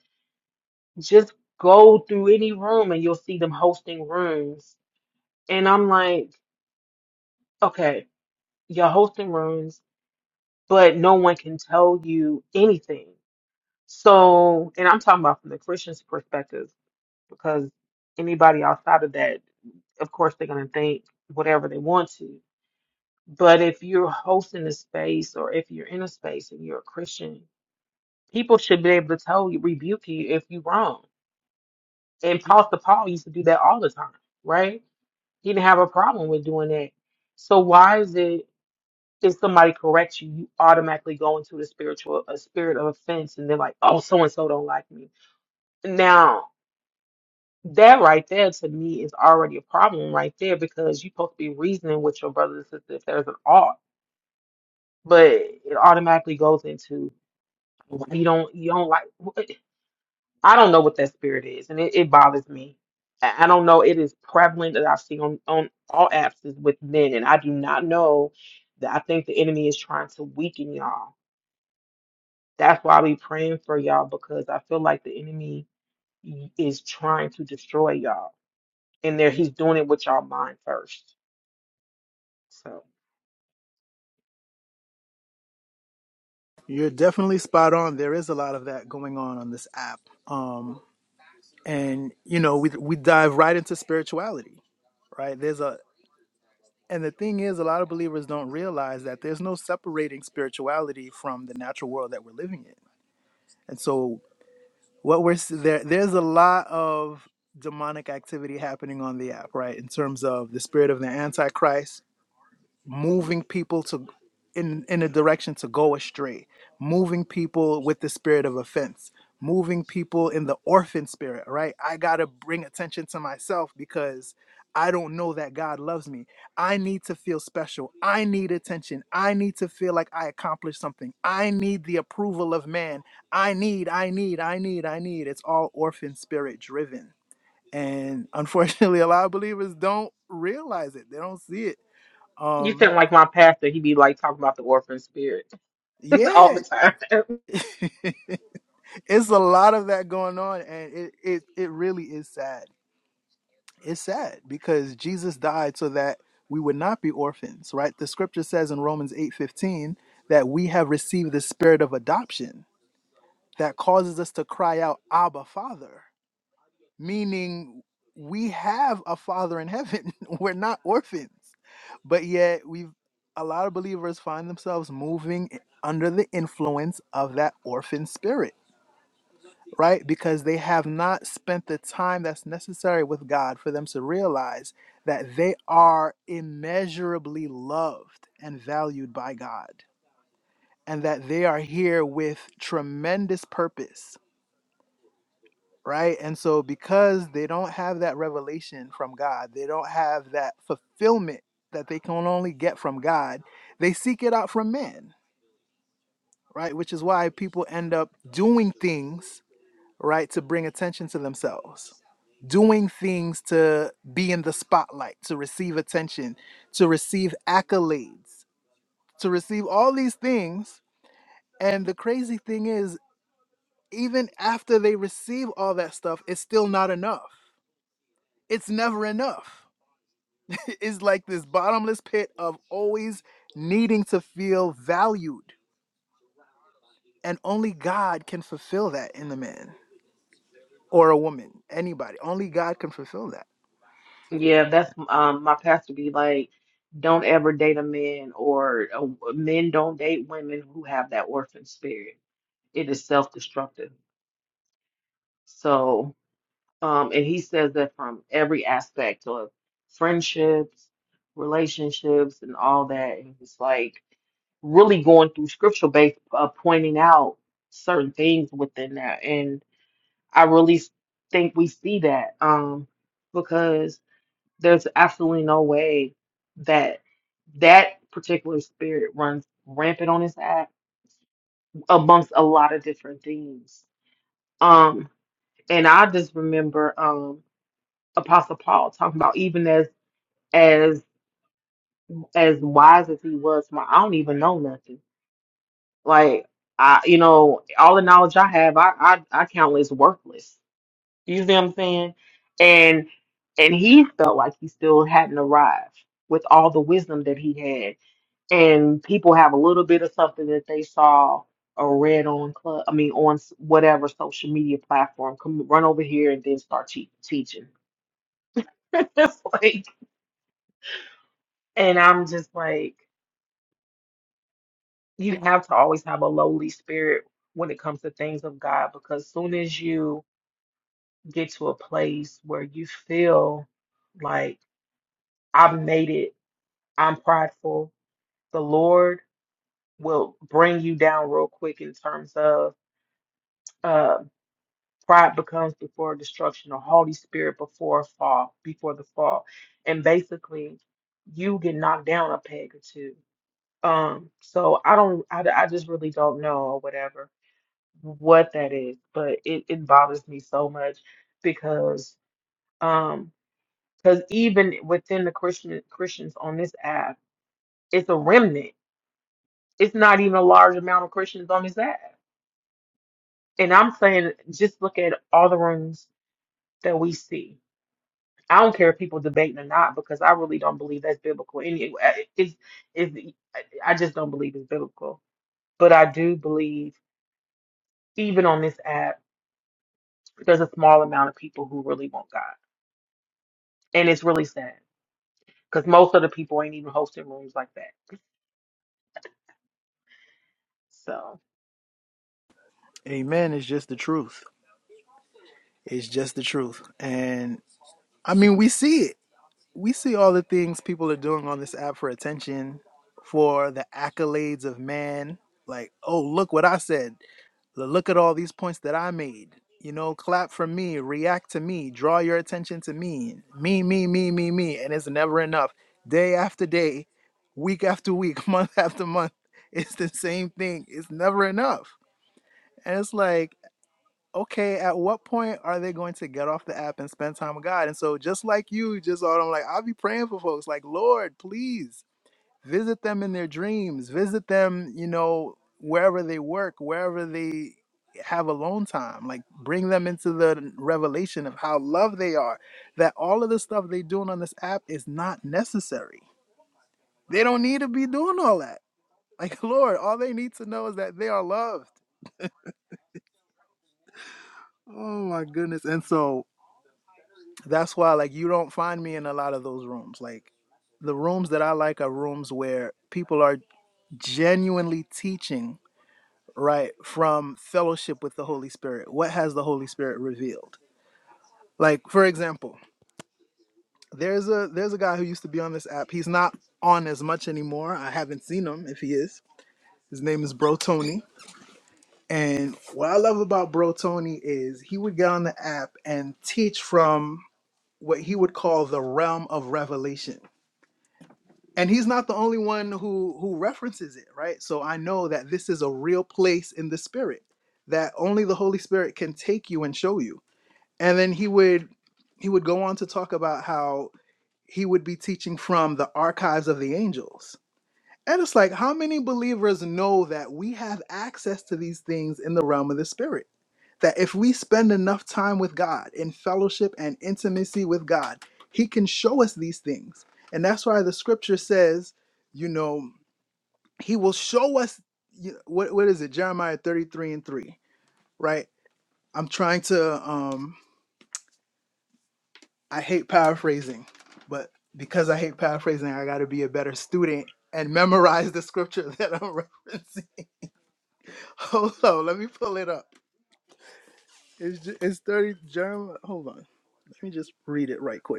Speaker 1: just go through any room and you'll see them hosting rooms. And I'm like, okay, you're hosting rooms but no one can tell you anything. So, and I'm talking about from the Christian's perspective, because anybody outside of that, of course, they're going to think whatever they want to. But if you're hosting a space or if you're in a space and you're a Christian, people should be able to tell you, rebuke you if you're wrong. And Apostle Paul used to do that all the time, right? He didn't have a problem with doing that. So why is it? if somebody corrects you, you automatically go into the spiritual a spirit of offense, and they're like, "Oh, so and so don't like me." Now, that right there to me is already a problem right there because you're supposed to be reasoning with your brother and sister if there's an ought, but it automatically goes into you don't you don't like. I don't know what that spirit is, and it, it bothers me. I I don't know. It is prevalent that I've seen on on all apps is with men, and I do not know that I think the enemy is trying to weaken y'all That's why I be praying for y'all because I feel like the enemy is trying to destroy y'all. And there he's doing it with y'all mind first. So
Speaker 2: You're definitely spot on. There is a lot of that going on on this app. Um, and you know, we we dive right into spirituality, right? There's a and the thing is, a lot of believers don't realize that there's no separating spirituality from the natural world that we're living in. And so what we're s- there there's a lot of demonic activity happening on the app right in terms of the spirit of the antichrist moving people to in in a direction to go astray moving people with the spirit of offense moving people in the orphan spirit right i got to bring attention to myself because i don't know that god loves me i need to feel special i need attention i need to feel like i accomplished something i need the approval of man i need i need i need i need it's all orphan spirit driven and unfortunately [LAUGHS] a lot of believers don't realize it they don't see it
Speaker 1: you
Speaker 2: um
Speaker 1: think like my pastor, he be like talking about the orphan spirit [LAUGHS] all
Speaker 2: Yeah,
Speaker 1: the time.
Speaker 2: [LAUGHS] it's a lot of that going on, and it it it really is sad. It's sad because Jesus died so that we would not be orphans, right? The scripture says in Romans eight fifteen that we have received the spirit of adoption that causes us to cry out, Abba, Father, meaning we have a Father in heaven. [LAUGHS] We're not orphans, but yet we've a lot of believers find themselves moving under the influence of that orphan spirit right? Because they have not spent the time that's necessary with God for them to realize that they are immeasurably loved and valued by God and that they are here with tremendous purpose, right? And so, because they don't have that revelation from God, they don't have that fulfillment that they can only get from God, they seek it out from men, right? Which is why people end up doing things right? To bring attention to themselves, doing things to be in the spotlight, to receive attention, to receive accolades, to receive all these things. And the crazy thing is, even after they receive all that stuff, it's still not enough. It's never enough. [LAUGHS] it's like this bottomless pit of always needing to feel valued. And only God can fulfill that in the man or a woman, anybody. Only God can fulfill that.
Speaker 1: Yeah, that's um my pastor be like, don't ever date a man or uh, men don't date women who have that orphan spirit. It is self-destructive. So. Um, and he says that from every aspect of friendships, relationships, and all that. And it's like really going through scripture based, uh, pointing out certain things within that. And I really s- think we see that um, because there's absolutely no way that that particular spirit runs rampant on this app amongst a lot of different things. Um, and I just remember. um, Apostle Paul talking about even as as as wise as he was, my I don't even know nothing. Like I you know, all the knowledge I have I I, I count as worthless. You see what I'm saying? And and he felt like he still hadn't arrived with all the wisdom that he had. And people have a little bit of something that they saw or read on club I mean on s- whatever social media platform. Come run over here and then start te- teaching. [LAUGHS] it's like and I'm just like you have to always have a lowly spirit when it comes to things of God because soon as you get to a place where you feel like I've made it, I'm prideful, the Lord will bring you down real quick in terms of uh pride becomes before destruction, a haughty spirit before a fall, before the fall. And basically you get knocked down a peg or two. Um, so I don't I, I just really don't know or whatever what that is, but it, it bothers me so much because um because even within the Christian Christians on this app, it's a remnant. It's not even a large amount of Christians on this app. And I'm saying just look at all the rooms that we see. I don't care if people debating or not because I really don't believe that's biblical. And it, it's, it's, I just don't believe it's biblical. But I do believe, even on this app, there's a small amount of people who really want God. And it's really sad because most of the people ain't even hosting rooms like that. So,
Speaker 2: Amen is just the truth. It's just the truth. And I mean, we see it. We see all the things people are doing on this app for attention, for the accolades of man. Like, oh, look what I said. L- Look at all these points that I made. You know, clap for me, react to me, draw your attention to me. Me, me, me, me, me. And it's never enough. Day after day, week after week, [LAUGHS] month after month, it's the same thing. It's never enough. And it's like, okay, at what point are they going to get off the app and spend time with God? And so, just like you, just all I'm like, I'll be praying for folks, like, Lord, please visit them in their dreams, visit them, you know, wherever they work, wherever they have alone time, like, bring them into the revelation of how loved they are, that all of the stuff they're doing on this app is not necessary. They don't need to be doing all that. Like, [LAUGHS] Lord, all they need to know is that they are loved. Oh my goodness. And so That's why like you don't find me in a lot of those rooms. Like the rooms that I like are rooms where people are genuinely teaching right from fellowship with the Holy Spirit. What has the Holy Spirit revealed? Like for example, there's a there's a guy who used to be on this app. He's not on as much anymore. I haven't seen him if he is. His name is Bro Tony. And what I love about Bro Tony is he would get on the app and teach from what he would call the realm of revelation and he's not the only one who who references it right so i know that this is a real place in the spirit that only the holy spirit can take you and show you and then he would he would go on to talk about how he would be teaching from the archives of the angels and it's like how many believers know that we have access to these things in the realm of the spirit that if we spend enough time with God in fellowship and intimacy with God, He can show us these things. And that's why the scripture says, you know, He will show us you- what what is it? Jeremiah 33 and 3, right? I'm trying to um I hate paraphrasing, but because I hate paraphrasing, I gotta be a better student and memorize the scripture [LAUGHS] that I'm referencing. Hold on, let me pull it up. It's, ju- it's 30 Jeremiah. Hold on. Let me just read it right quick.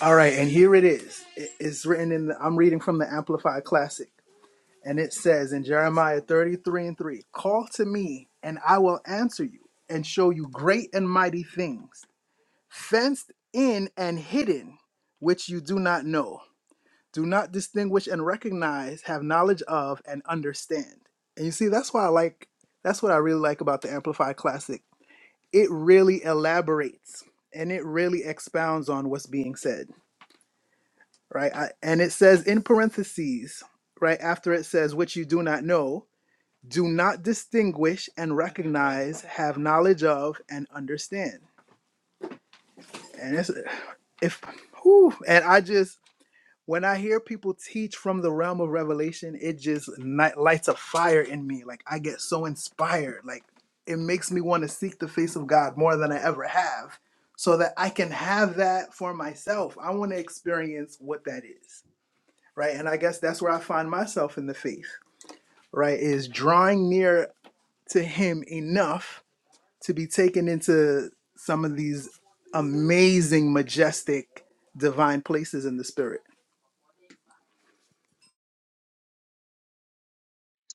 Speaker 2: All right, and here it is. It- It's written in the, I'm reading from the Amplified Classic, and it says in Jeremiah 33 and 3 Call to me, and I will answer you and show you great and mighty things, fenced in and hidden, which you do not know, do not distinguish and recognize, have knowledge of, and understand. And you see, that's why I like, that's what I really like about the Amplified Classic. It really elaborates and it really expounds on what's being said right? I, and it says in parentheses, right after it says, which you do not know, do not distinguish and recognize, have knowledge of, and understand. And it's, if, whew, and I just, when I hear people teach from the realm of revelation, it just ni- lights a fire in me. Like I get so inspired. Like it makes me want to seek the face of God more than I ever have so that I can have that for myself. I want to experience what that is right? And I guess that's where I find myself in the faith, right? Is drawing near to Him enough to be taken into some of these amazing, majestic, divine places in the Spirit.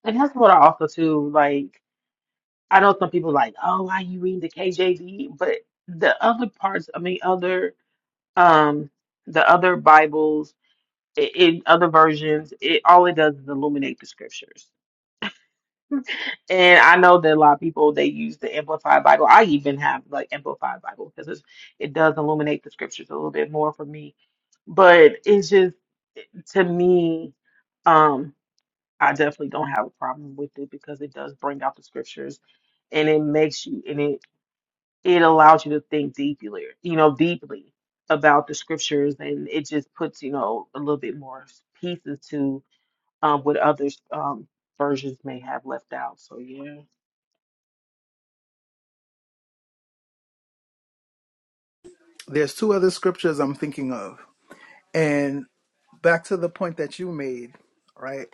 Speaker 1: and that's what I also too like. I know some people like, oh, why you reading the KJV? But the other parts, I mean, other um, the other Bibles i- in other versions, it all it does is illuminate the scriptures. And I know that a lot of people they use the Amplified Bible. I even have like Amplified Bible because it does illuminate the scriptures a little bit more for me. But it's just to me. Um, I definitely don't have a problem with it because it does bring out the scriptures and it makes you and it it allows you to think deeply, you know, deeply about the scriptures and it just puts, you know, a little bit more pieces to um what others um versions may have left out. So yeah.
Speaker 2: There's two other scriptures I'm thinking of, and back to the point that you made, right?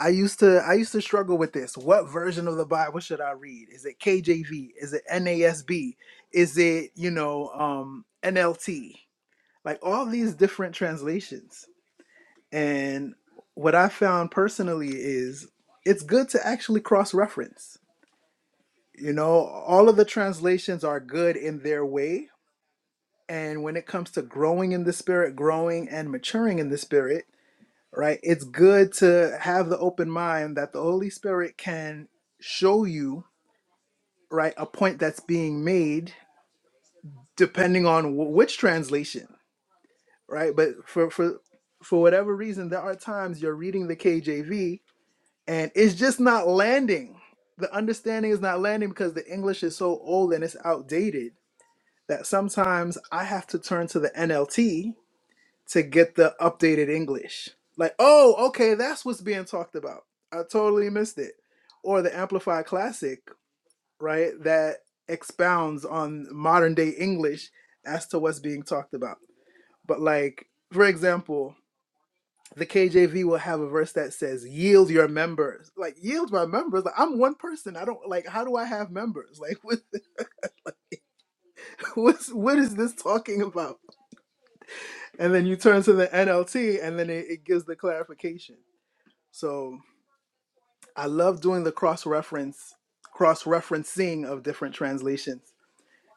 Speaker 2: I used to I used to struggle with this. What version of the Bible should I read? Is it KJV? Is it NASB? Is it, you know, um NLT? like all these different translations. And what I found personally is it's good to actually cross reference. You know, all of the translations are good in their way. And when it comes to growing in the spirit, growing and maturing in the spirit, right, it's good to have the open mind that the Holy Spirit can show you, right, a point that's being made depending on w- which translation right? But for for for whatever reason, there are times you're reading the KJV and it's just not landing. The understanding is not landing because the English is so old and it's outdated that sometimes I have to turn to the NLT to get the updated English. Like, oh, okay, that's what's being talked about. I totally missed it. Or the Amplified Classic, right? That expounds on modern day English as to what's being talked about. But like, for example, the KJV will have a verse that says, "Yield your members." Like, yield my members. Like, I'm one person. I don't like. How do I have members? Like, what, [LAUGHS] what's what is this talking about? And then you turn to the NLT, and then it, it gives the clarification. So I love doing the cross reference, cross referencing of different translations.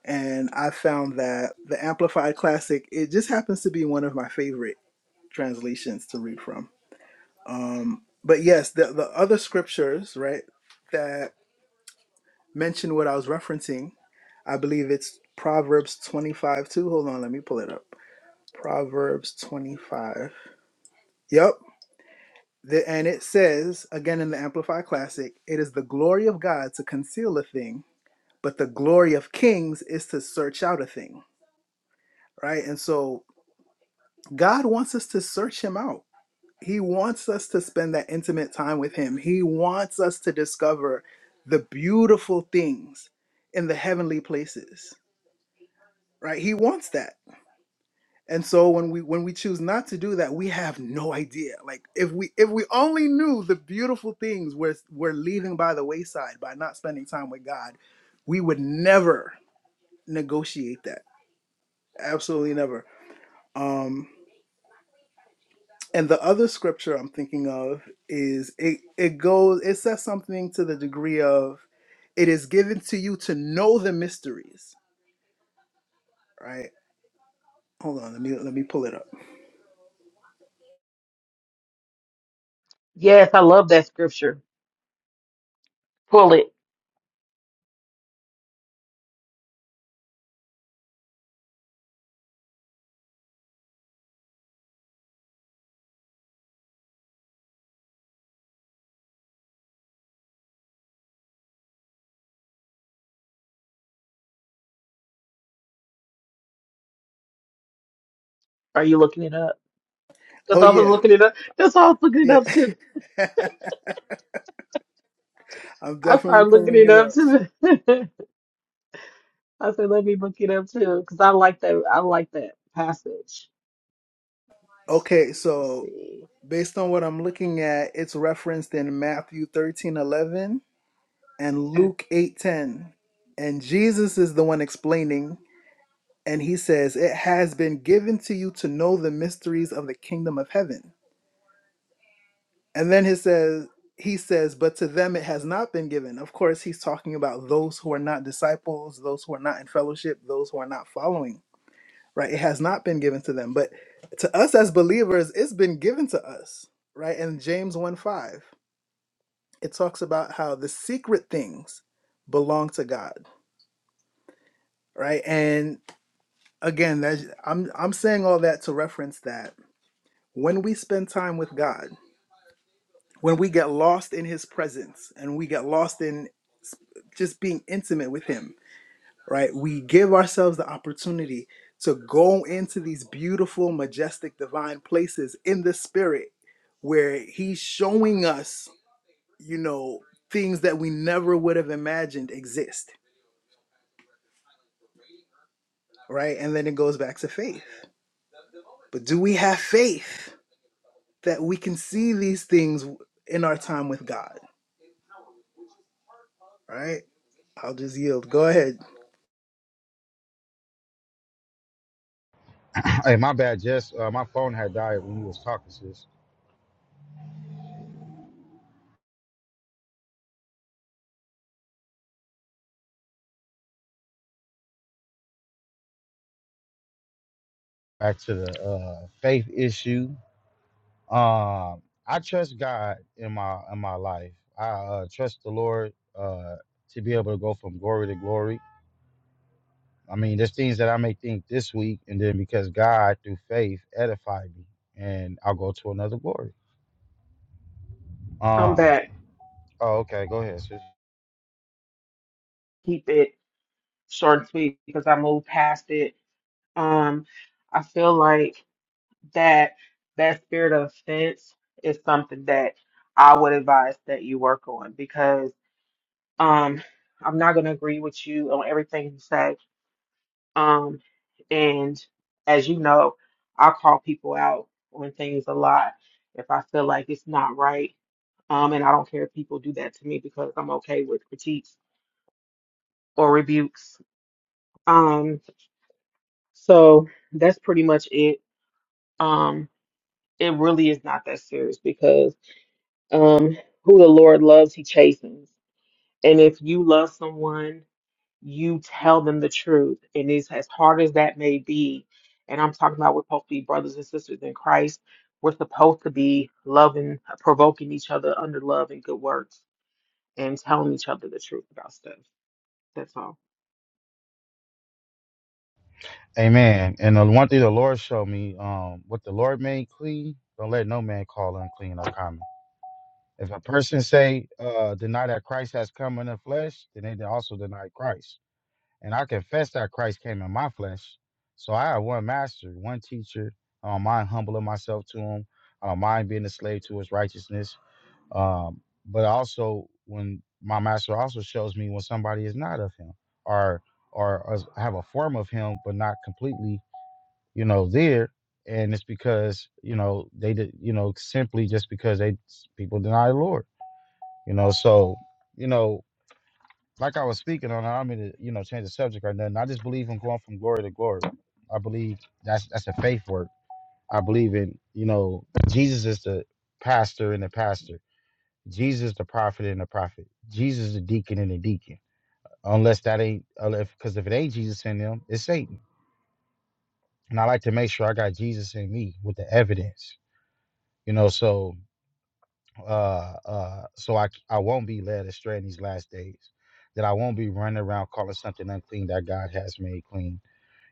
Speaker 2: And I found that the Amplified Classic it just happens to be one of my favorite translations to read from. Um, but yes, the the other scriptures, right? That mention what I was referencing, I believe it's Proverbs 25 2. Hold on, let me pull it up. Proverbs 25. Yep. The, and it says, again in the Amplified Classic, it is the glory of God to conceal a thing, but the glory of kings is to search out a thing, right? And so God wants us to search him out. He wants us to spend that intimate time with him. He wants us to discover the beautiful things in the heavenly places, right? He wants that And so when we when we choose not to do that, we have no idea. Like if we if we only knew the beautiful things we're we're leaving by the wayside by not spending time with God, we would never negotiate that. Absolutely never. Um and the other scripture I'm thinking of is it it goes it says something to the degree of it is given to you to know the mysteries, right? Hold on, let me let me pull it up.
Speaker 1: Yes, I love that scripture. Pull it. Are you looking it up? That's
Speaker 2: Oh
Speaker 1: all I was
Speaker 2: yeah.
Speaker 1: looking it up. That's all I was looking it
Speaker 2: Yeah.
Speaker 1: up too.
Speaker 2: [LAUGHS] I'm
Speaker 1: I
Speaker 2: definitely
Speaker 1: started looking
Speaker 2: pulling
Speaker 1: it
Speaker 2: it up.
Speaker 1: up too. [LAUGHS] I said, let me look it up too, because I like that. I like that passage.
Speaker 2: Okay,
Speaker 1: Let's
Speaker 2: so
Speaker 1: see.
Speaker 2: based on what I'm looking at, it's referenced in Matthew 13 11 and
Speaker 1: Okay.
Speaker 2: Luke 8 10, And Jesus is the one explaining, and he says, It has been given to you to know the mysteries of the kingdom of heaven. And then he says, he says, but to them it has not been given. Of course, he's talking about those who are not disciples, those who are not in fellowship, those who are not following. right? It has not been given to them, but to us as believers, it's been given to us, right? And James 1 5, it talks about how the secret things belong to God, right? And again, that's, I'm, I'm saying all that to reference that when we spend time with God, when we get lost in his presence and we get lost in just being intimate with him, right? We give ourselves the opportunity to go into these beautiful, majestic, divine places in the spirit where He's showing us, you know, things that we never would have imagined exist, right? And then it goes back to faith. But do we have faith that we can see these things in our time with God, right? I'll just yield. Go ahead.
Speaker 3: [CLEARS THROAT] hey, my bad, Jess. Uh, my phone had died when you was talking, sis. Back to the uh, faith issue. Um, I trust God in my in my life. I uh, trust the Lord uh, to be able to go from glory to glory. I mean, there's things that I may think this week, and then because God through faith edified me, and I'll go to another glory.
Speaker 1: I'm
Speaker 3: Um.
Speaker 1: back.
Speaker 3: Oh, okay. Go ahead, sis.
Speaker 1: Keep it short and sweet because I moved past it. Um, I feel like that that spirit of offense is something that I would advise that you work on because um I'm not gonna agree with you on everything you say. Um, and as you know, I call people out on things a lot if I feel like it's not right. Um, and I don't care if people do that to me because I'm okay with critiques or rebukes Um, so that's pretty much it. Um, it really is not that serious because um, who the Lord loves, He chastens. And if you love someone, you tell them the truth. And it's as hard as that may be. And I'm talking about we're supposed to be brothers and sisters in Christ. We're supposed to be loving, provoking each other under love and good works, and telling each other the truth about stuff. That's all.
Speaker 3: Amen. And the one thing the Lord showed me, um, what the Lord made clean, don't let no man call unclean or common. If a person say, uh, deny that Christ has come in the flesh, then they also deny Christ. and I confess that Christ came in my flesh. So I have one master, one teacher. Um, I don't mind humbling myself to him. Um, I don't mind being a slave to his righteousness. Um, but also when my master also shows me when somebody is not of him or or, or have a form of him but not completely, you know, there. And it's because, you know, they did, you know, simply just because they people deny the Lord. You know, so, you know, like I was speaking on, I don't mean to, you know, change the subject or nothing. I just believe in going from glory to glory. I believe that's that's a faith work. I believe in, you know, Jesus is the pastor and the pastor. Jesus the prophet and the prophet. Jesus the deacon and the deacon. Unless that ain't, because if it ain't Jesus in them, it's Satan. And I like to make sure I got Jesus in me with the evidence, you know, so uh uh so I I won't be led astray in these last days. That I won't be running around calling something unclean that God has made clean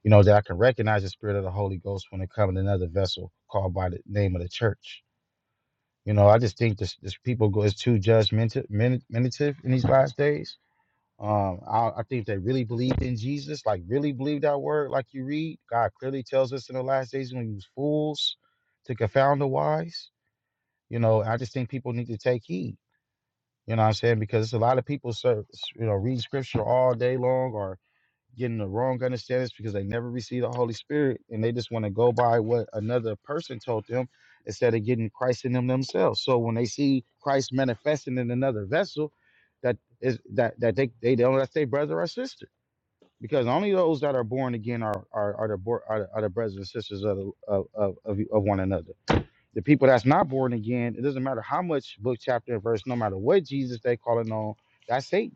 Speaker 3: you know, that I can recognize the spirit of the Holy Ghost when it comes in another vessel called by the name of the church. You know, I just think this, this people go is too judgmental, mentative in these last days. Um, I, I think they really believed in Jesus, like really believe that word, like you read. God clearly tells us in the last days when he use fools to confound the wise. You know, I just think people need to take heed. You know what I'm saying? Because it's a lot of people, serve, you know, read scripture all day long or getting the wrong understandings because they never received the Holy Spirit and they just want to go by what another person told them instead of getting Christ in them themselves. So when they see Christ manifesting in another vessel, that is that that they they don't that's their brother or sister because only those that are born again are are are the bor- are, the- are the brothers and sisters of, the, of of of of one another. The people that's not born again, it doesn't matter how much book chapter and verse, no matter what Jesus they calling on, that's Satan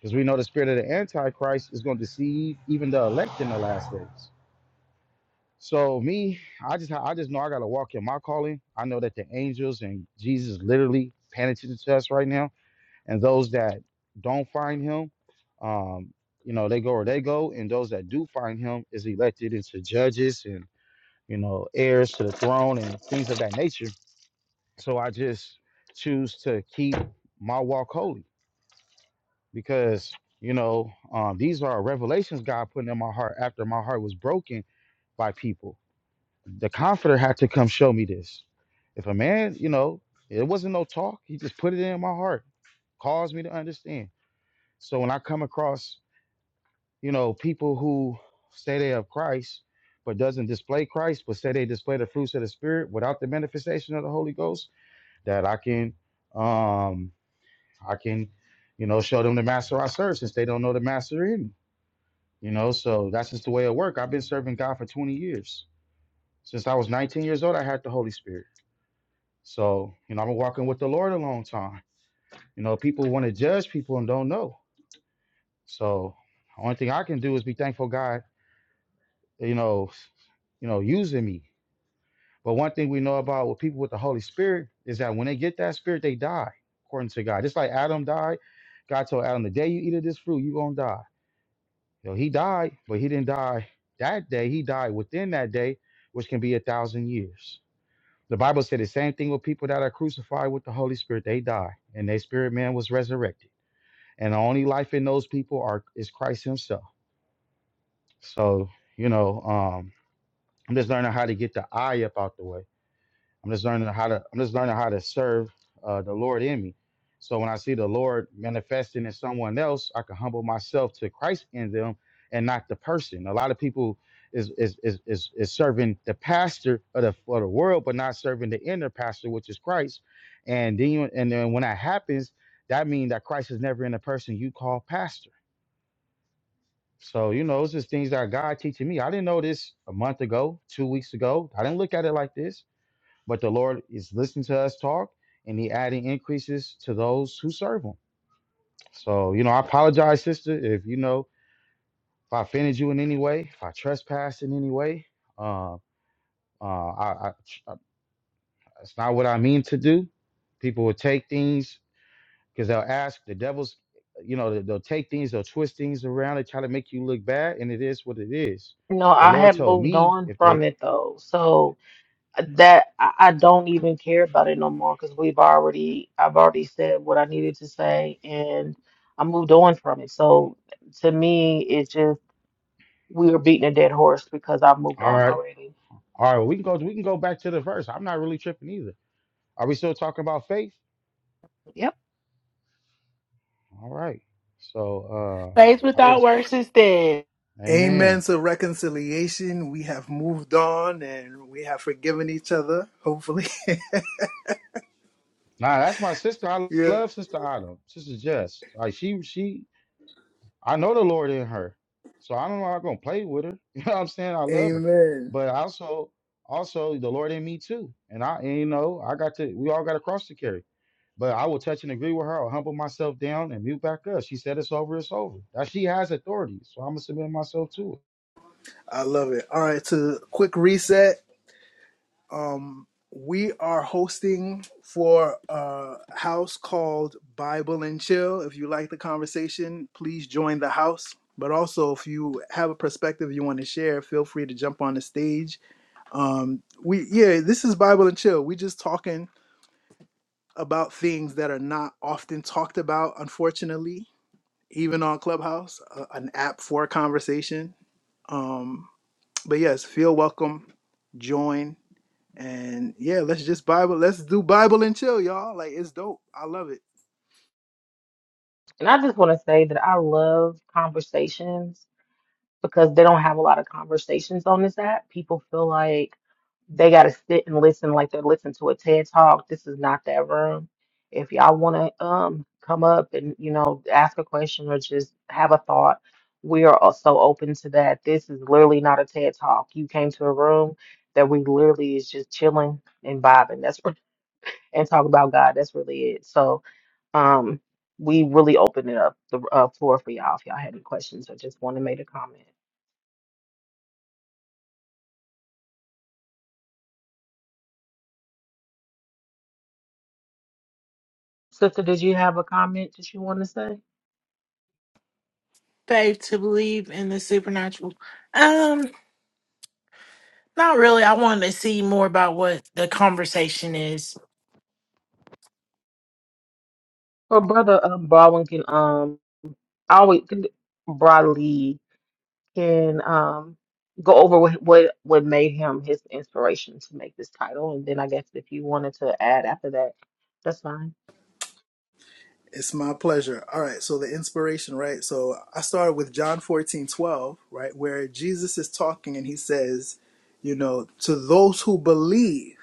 Speaker 3: because we know the spirit of the Antichrist is going to deceive even the elect in the last days. So me, I just I just know I gotta walk in my calling. I know that the angels and Jesus literally panicking to us right now. And those that don't find him, um, you know, they go where they go, and those that do find him is elected into judges and you know, heirs to the throne and things of that nature. So I just choose to keep my walk holy because you know um, these are revelations God putting in my heart after my heart was broken by people. The Comforter had to come show me this. If a man, you know, it wasn't no talk. He just put it in my heart, caused me to understand. So when I come across, you know, people who say they have Christ but doesn't display Christ, but say they display the fruits of the Spirit without the manifestation of the Holy Ghost, that I can, um, I can, you know, show them the master I serve since they don't know the master in me You know, so that's just the way it work. I've been serving God for 20 years. Since I was 19 years old, I had the Holy Spirit. So, you know, I've been walking with the Lord a long time. You know, people want to judge people and don't know. So, the only thing I can do is be thankful God, you know, you know, using me. But one thing we know about with people with the Holy Spirit is that when they get that spirit, they die, according to God. Just like Adam died, God told Adam, the day you eat of this fruit, you're gonna die. You know, he died, but he didn't die that day. He died within that day, which can be a thousand years. The Bible said the same thing with people that are crucified with the Holy Spirit. They die, and their spirit man was resurrected. And the only life in those people are is Christ Himself. So, you know, um, I'm just learning how to get the eye up out the way I'm just learning how to I'm just learning how to serve uh, the Lord in me. So when I see the Lord manifesting in someone else, I can humble myself to Christ in them and not the person. A lot of people is is is is, is serving the pastor of the for the world, but not serving the inner pastor, which is Christ. And then you, and then when that happens, that means that Christ is never in the person you call pastor. So you know, it's just things that God teaching me. I didn't know this a month ago, two weeks ago. I didn't look at it like this but the Lord is listening to us talk and he adding increases to those who serve him. So, you know, I apologize, sister, if you know, if I offended you in any way, if I trespassed in any way. Uh, uh, I, I, it's not what I mean to do. People will take things because they'll ask the devil's, you know, they- they'll take things, they'll twist things around and try to make you look bad. And it is what it is.
Speaker 1: No,
Speaker 3: The
Speaker 1: I
Speaker 3: Lord
Speaker 1: have
Speaker 3: told
Speaker 1: moved
Speaker 3: me
Speaker 1: on
Speaker 3: if
Speaker 1: from
Speaker 3: they,
Speaker 1: it though. So that I, I don't even care about it no more because we've already I've already said what I needed to say and I moved on from it. So to me, it's just we were beating a dead horse because I've moved
Speaker 3: all
Speaker 1: on
Speaker 3: right,
Speaker 1: already.
Speaker 3: all right, well, we can go, we can go back to the verse. I'm not really tripping either. Are we still talking about faith?
Speaker 1: Yep.
Speaker 3: All right. So
Speaker 5: Faith
Speaker 3: uh I
Speaker 5: without
Speaker 3: was
Speaker 5: works is dead.
Speaker 3: Amen.
Speaker 2: Amen to reconciliation. We have moved on and we have forgiven each other, hopefully.
Speaker 3: Nah, that's my sister.
Speaker 2: [LAUGHS]
Speaker 3: I
Speaker 2: Yeah.
Speaker 3: love Sister Autumn. Sister Jess. Like she she I know the Lord in her. So I don't know how I'm gonna play with her. [LAUGHS] You know what I'm saying? I love her.
Speaker 2: Amen.
Speaker 3: But also also the Lord in me too. And I and you know, I got to we all got a cross to carry. But I will touch and agree with her. I'll humble myself down and mute back up. She said it's over, it's over. Now she has authority, so I'm gonna submit myself to it.
Speaker 2: I love it. All right, to quick reset. Um, we are hosting for a house called Bible and Chill. If you like the conversation, please join the house. But also, if you have a perspective you want to share, feel free to jump on the stage. Um, we yeah, this is Bible and Chill. We just talking about things that are not often talked about, unfortunately, even on Clubhouse, uh, an app for conversation. Um. But yes, feel welcome, join, and yeah, let's just Bible, let's do Bible and chill, y'all. Like it's dope. I love it.
Speaker 1: And I just want to say that I love conversations because they don't have a lot of conversations on this app. People feel like they got to sit and listen like they're listening to a TED talk. This is not that room. If y'all want to um come up and you know ask a question or just have a thought, we are also open to that. This is literally not a TED talk. You came to a room that we literally is just chilling and vibing. That's re- and talk about God. That's really it. So um we really open it up the uh, floor for y'all if y'all had any questions or just want to make a comment. Sister, did you have a comment that you want to say?
Speaker 5: Faith to believe in the supernatural. Um, not really. I wanted to see more about what the conversation is.
Speaker 1: Well, brother um, Baldwin can um always can, broadly can um go over what, what what made him his inspiration to make this title, and then I guess if you wanted to add after that, that's fine.
Speaker 2: It's my pleasure. All right, so the inspiration, right? So I started with John 14 12, right, where Jesus is talking and he says, you know, to those who believe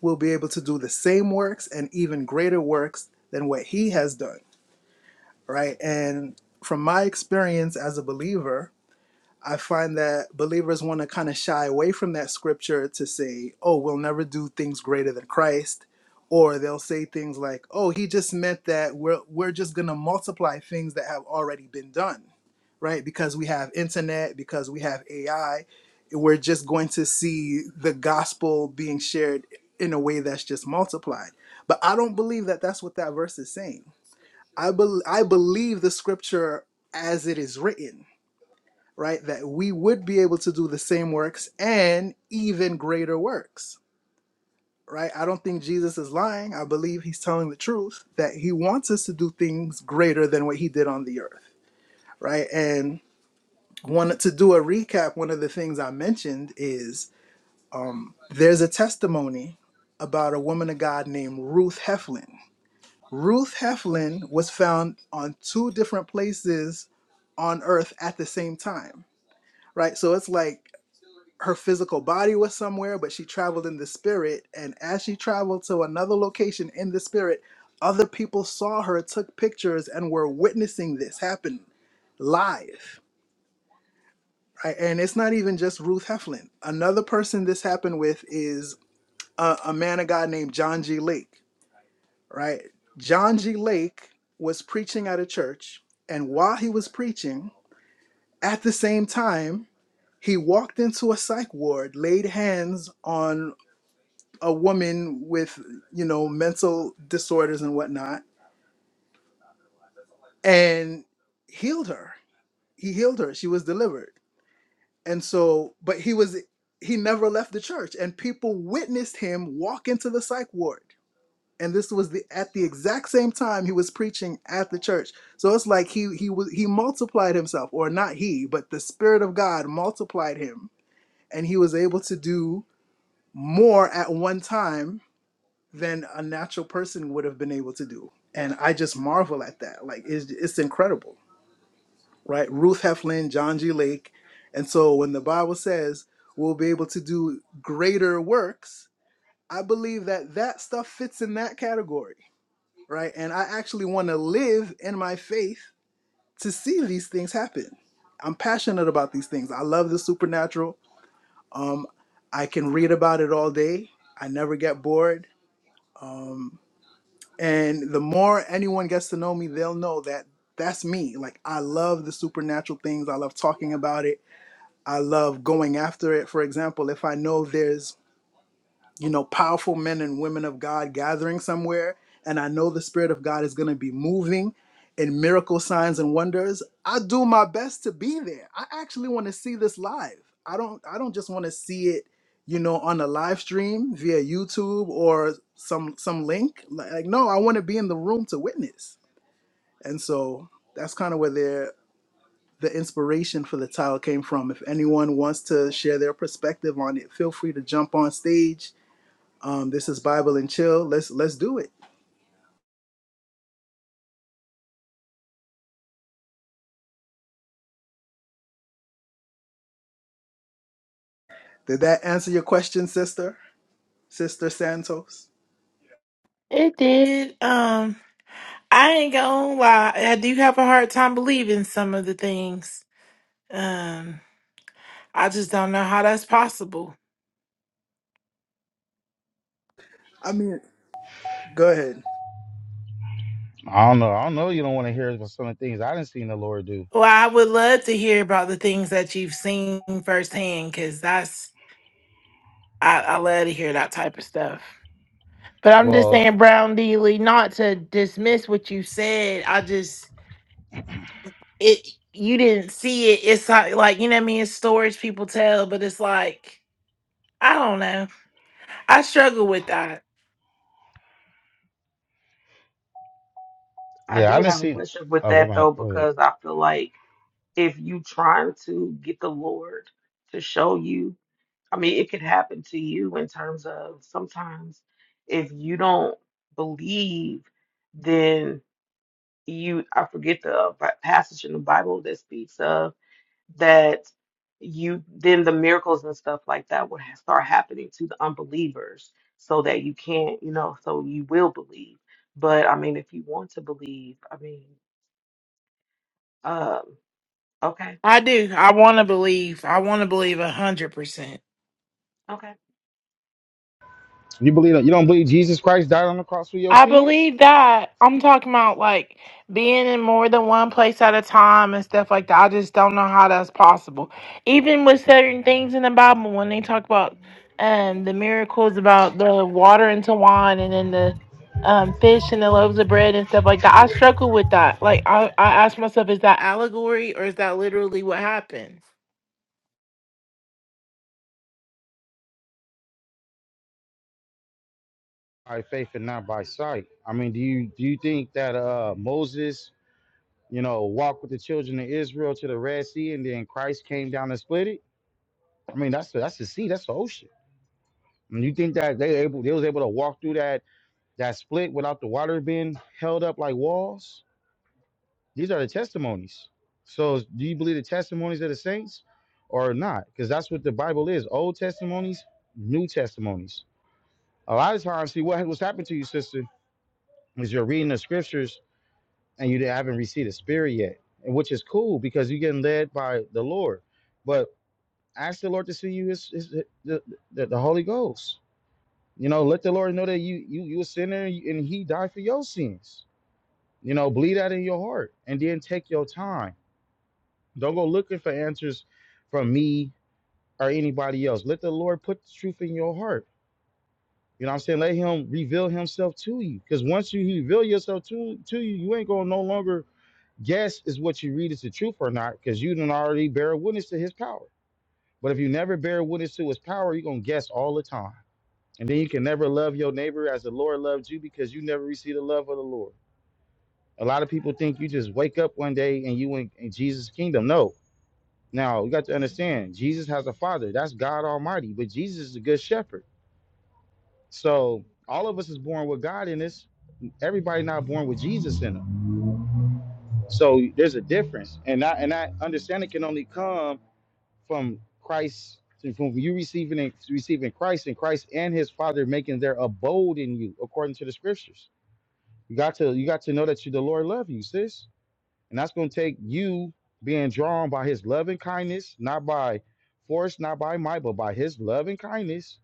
Speaker 2: will be able to do the same works and even greater works than what he has done, right? And from my experience as a believer, I find that believers want to kind of shy away from that scripture to say, oh, we'll never do things greater than Christ. Or they'll say things like, oh, he just meant that we're, we're just going to multiply things that have already been done, right? Because we have internet, because we have AI, we're just going to see the gospel being shared in a way that's just multiplied. But I don't believe that that's what that verse is saying. I, bel I believe the scripture as it is written right? That we would be able to do the same works and even greater works, right? I don't think Jesus is lying. I believe he's telling the truth that he wants us to do things greater than what he did on the earth, right? And one to do a recap, one of the things I mentioned is there's a testimony about a woman of God named Ruth Heflin. Ruth Heflin was found on two different places on earth at the same time, right? So it's like her physical body was somewhere, but she traveled in the spirit. And as she traveled to another location in the spirit, other people saw her, took pictures, and were witnessing this happen live. Right? And it's not even just Ruth Heflin. Another person this happened with is a, a man of God named John G. Lake. Right? John G. Lake was preaching at a church, and while he was preaching, at the same time, he walked into a psych ward, laid hands on a woman with you know mental disorders and whatnot and healed her he healed her she was delivered and so but he was he never left the church and people witnessed him walk into the psych ward and this was the at the exact same time he was preaching at the church so it's like he he was he multiplied himself or not he but the spirit of god multiplied him and he was able to do more at one time than a natural person would have been able to do. And I just marvel at that. Like it's it's incredible, right? Ruth Heflin, John G. Lake. And so when the Bible says we'll be able to do greater works, I believe that that stuff fits in that category, right? And I actually want to live in my faith to see these things happen. I'm passionate about these things. I love the supernatural. Um I can read about it all day. I never get bored. And the more anyone gets to know me, they'll know that that's me. Like, I love the supernatural things. I love talking about it. I love going after it. For example, if I know there's you know, powerful men and women of God gathering somewhere, and I know the Spirit of God is going to be moving in miracle signs and wonders. I do my best to be there. I actually want to see this live. I don't. I don't just want to see it, you know, on a live stream via YouTube or some some link. Like, no, I want to be in the room to witness. And so that's kind of where the the inspiration for the title came from. If anyone wants to share their perspective on it, feel free to jump on stage um, this is Bible and Chill. Let's let's do it. Did that answer your question, sister? Sister Santos?
Speaker 5: It did. Um, I ain't gonna lie. I do have a hard time believing some of the things. Um, I just don't know how that's possible.
Speaker 2: I mean, go ahead.
Speaker 3: I don't know. I don't know you don't want to hear some of the things I didn't seen the Lord do.
Speaker 5: Well, I would love to hear about the things that you've seen firsthand because that's I, I love to hear that type of stuff. But I'm just
Speaker 3: Well,
Speaker 5: saying, Brown D. Lee, not to dismiss what you said. I just it you didn't see it. It's like, like you know what I mean. It's stories people tell, but it's like I don't know. I struggle with that.
Speaker 1: I
Speaker 3: Yeah, I
Speaker 1: do
Speaker 3: didn't
Speaker 1: have a
Speaker 3: see.
Speaker 1: question with
Speaker 3: Oh, go
Speaker 1: that
Speaker 3: ahead.
Speaker 1: though,
Speaker 3: Go ahead.
Speaker 1: because I feel like if you trying to get the Lord to show you, I mean, it could happen to you in terms of sometimes if you don't believe, then. you I forget the uh, bi- passage in the Bible that speaks of that you then the miracles and stuff like that would ha- start happening to the unbelievers so that you can't you know so you will believe but I mean if you want to believe I mean um okay
Speaker 5: I do. I want to believe. I want to believe a hundred percent.
Speaker 1: okay
Speaker 3: You believe you don't believe Jesus Christ died on the cross for your
Speaker 5: I
Speaker 3: sins?
Speaker 5: believe that. I'm talking about like being in more than one place at a time and stuff like that. I just don't know how that's possible. Even with certain things in the Bible, when they talk about um the miracles about the water into wine and then the um fish and the loaves of bread and stuff like that, I struggle with that. Like I, I ask myself, is that allegory or is that literally what happened?
Speaker 3: By faith and not by sight. I mean, do you do you think that uh Moses, you know, walked with the children of Israel to the Red Sea and then Christ came down and split it? I mean, that's the that's the sea, that's the ocean. And you think that they able they was able to walk through that that split without the water being held up like walls? These are the testimonies. So do you believe the testimonies of the saints or not? Because that's what the Bible is. Old testimonies, new testimonies. A lot of times, see what what's happened to you, sister, is you're reading the scriptures and you haven't received the spirit yet. And which is cool because you're getting led by the Lord. But ask the Lord to see you his, his, the, the, the Holy Ghost. You know, let the Lord know that you you you a sinner and he died for your sins. You know, believe that in your heart and then take your time Don't go looking for answers from me or anybody else. Let the Lord put the truth in your heart. You know what I'm saying? Let him reveal himself to you. Because once you reveal yourself to, to you, you ain't gonna no longer guess is what you read is the truth or not, because you didn't already bear witness to his power. But if you never bear witness to his power, you're gonna guess all the time. And then you can never love your neighbor as the Lord loved you because you never receive the love of the Lord. A lot of people think you just wake up one day and you in, in Jesus' kingdom. No, Now you got to understand, Jesus has a father. That's God Almighty, but Jesus is a good shepherd. So all of us is born with God in us. Everybody not born with Jesus in them. So there's a difference, and that and that understanding can only come from Christ, from you receiving and receiving Christ, and Christ and His Father making their abode in you, according to the Scriptures. You got to you got to know that you, the Lord love you, sis. And that's going to take you being drawn by his love and kindness, not by force, not by might, but by his love and kindness.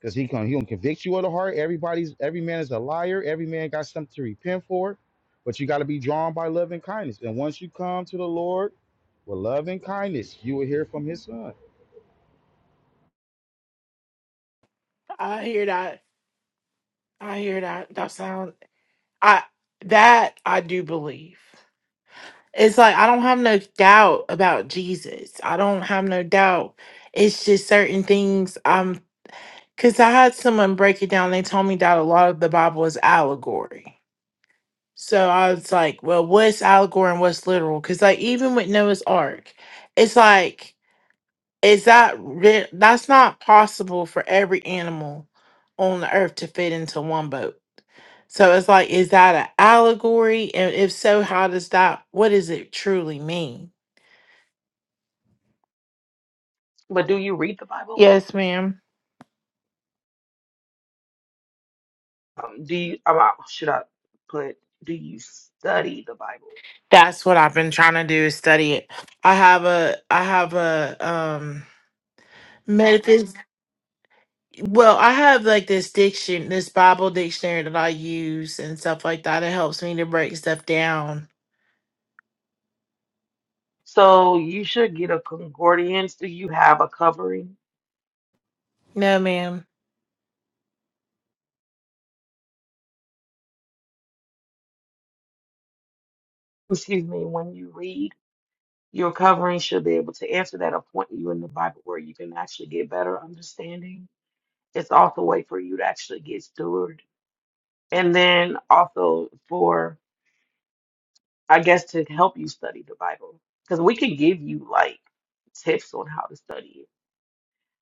Speaker 3: Because he can he gonna convict you of the heart. Everybody's every man is a liar. Every man got something to repent for. But you got to be drawn by love and kindness. And once you come to the Lord with love and kindness, you will hear from his son.
Speaker 5: I hear that. I hear that. That sound. I that I do believe. It's like I don't have no doubt about Jesus. I don't have no doubt. It's just certain things. Um, because I had someone break it down. They told me that a lot of the Bible is allegory. So I was like, well, what's allegory and what's literal? Because like even with Noah's Ark, it's like is that re- that's not possible for every animal on the earth to fit into one boat. So it's like, is that an allegory? And if so, how does that? What does it truly mean?
Speaker 1: but do you read the Bible
Speaker 5: Yes, ma'am.
Speaker 1: um, do you um, uh, should I put do you study the Bible
Speaker 5: That's what I've been trying to do is study it. I have a I have a um metaphysics well, I have like this diction this Bible dictionary that I use and stuff like that. It helps me to break stuff down.
Speaker 1: so you should get a concordance do you have a covering
Speaker 5: No, ma'am.
Speaker 1: excuse me when you read Your covering should be able to answer that or point you in the Bible where you can actually get better understanding. It's also a way for you to actually get steward. And then also for, I guess, to help you study the Bible. Because we can give you like tips on how to study it.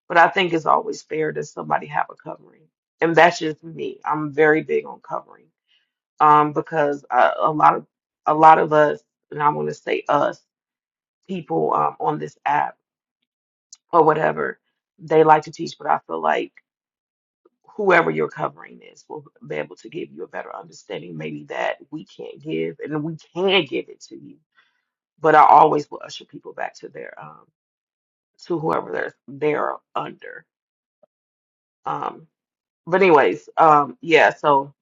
Speaker 1: But I think it's always fair that somebody have a covering. And that's just me. I'm very big on covering. Um, because uh, a lot of a lot of us, and I want to say us, people um, on this app or whatever they like to teach, but I feel like whoever you're covering is will be able to give you a better understanding, maybe that we can't give and we can give it to you. But I always will usher people back to their um to whoever they're they're under. Um but anyways, um yeah, so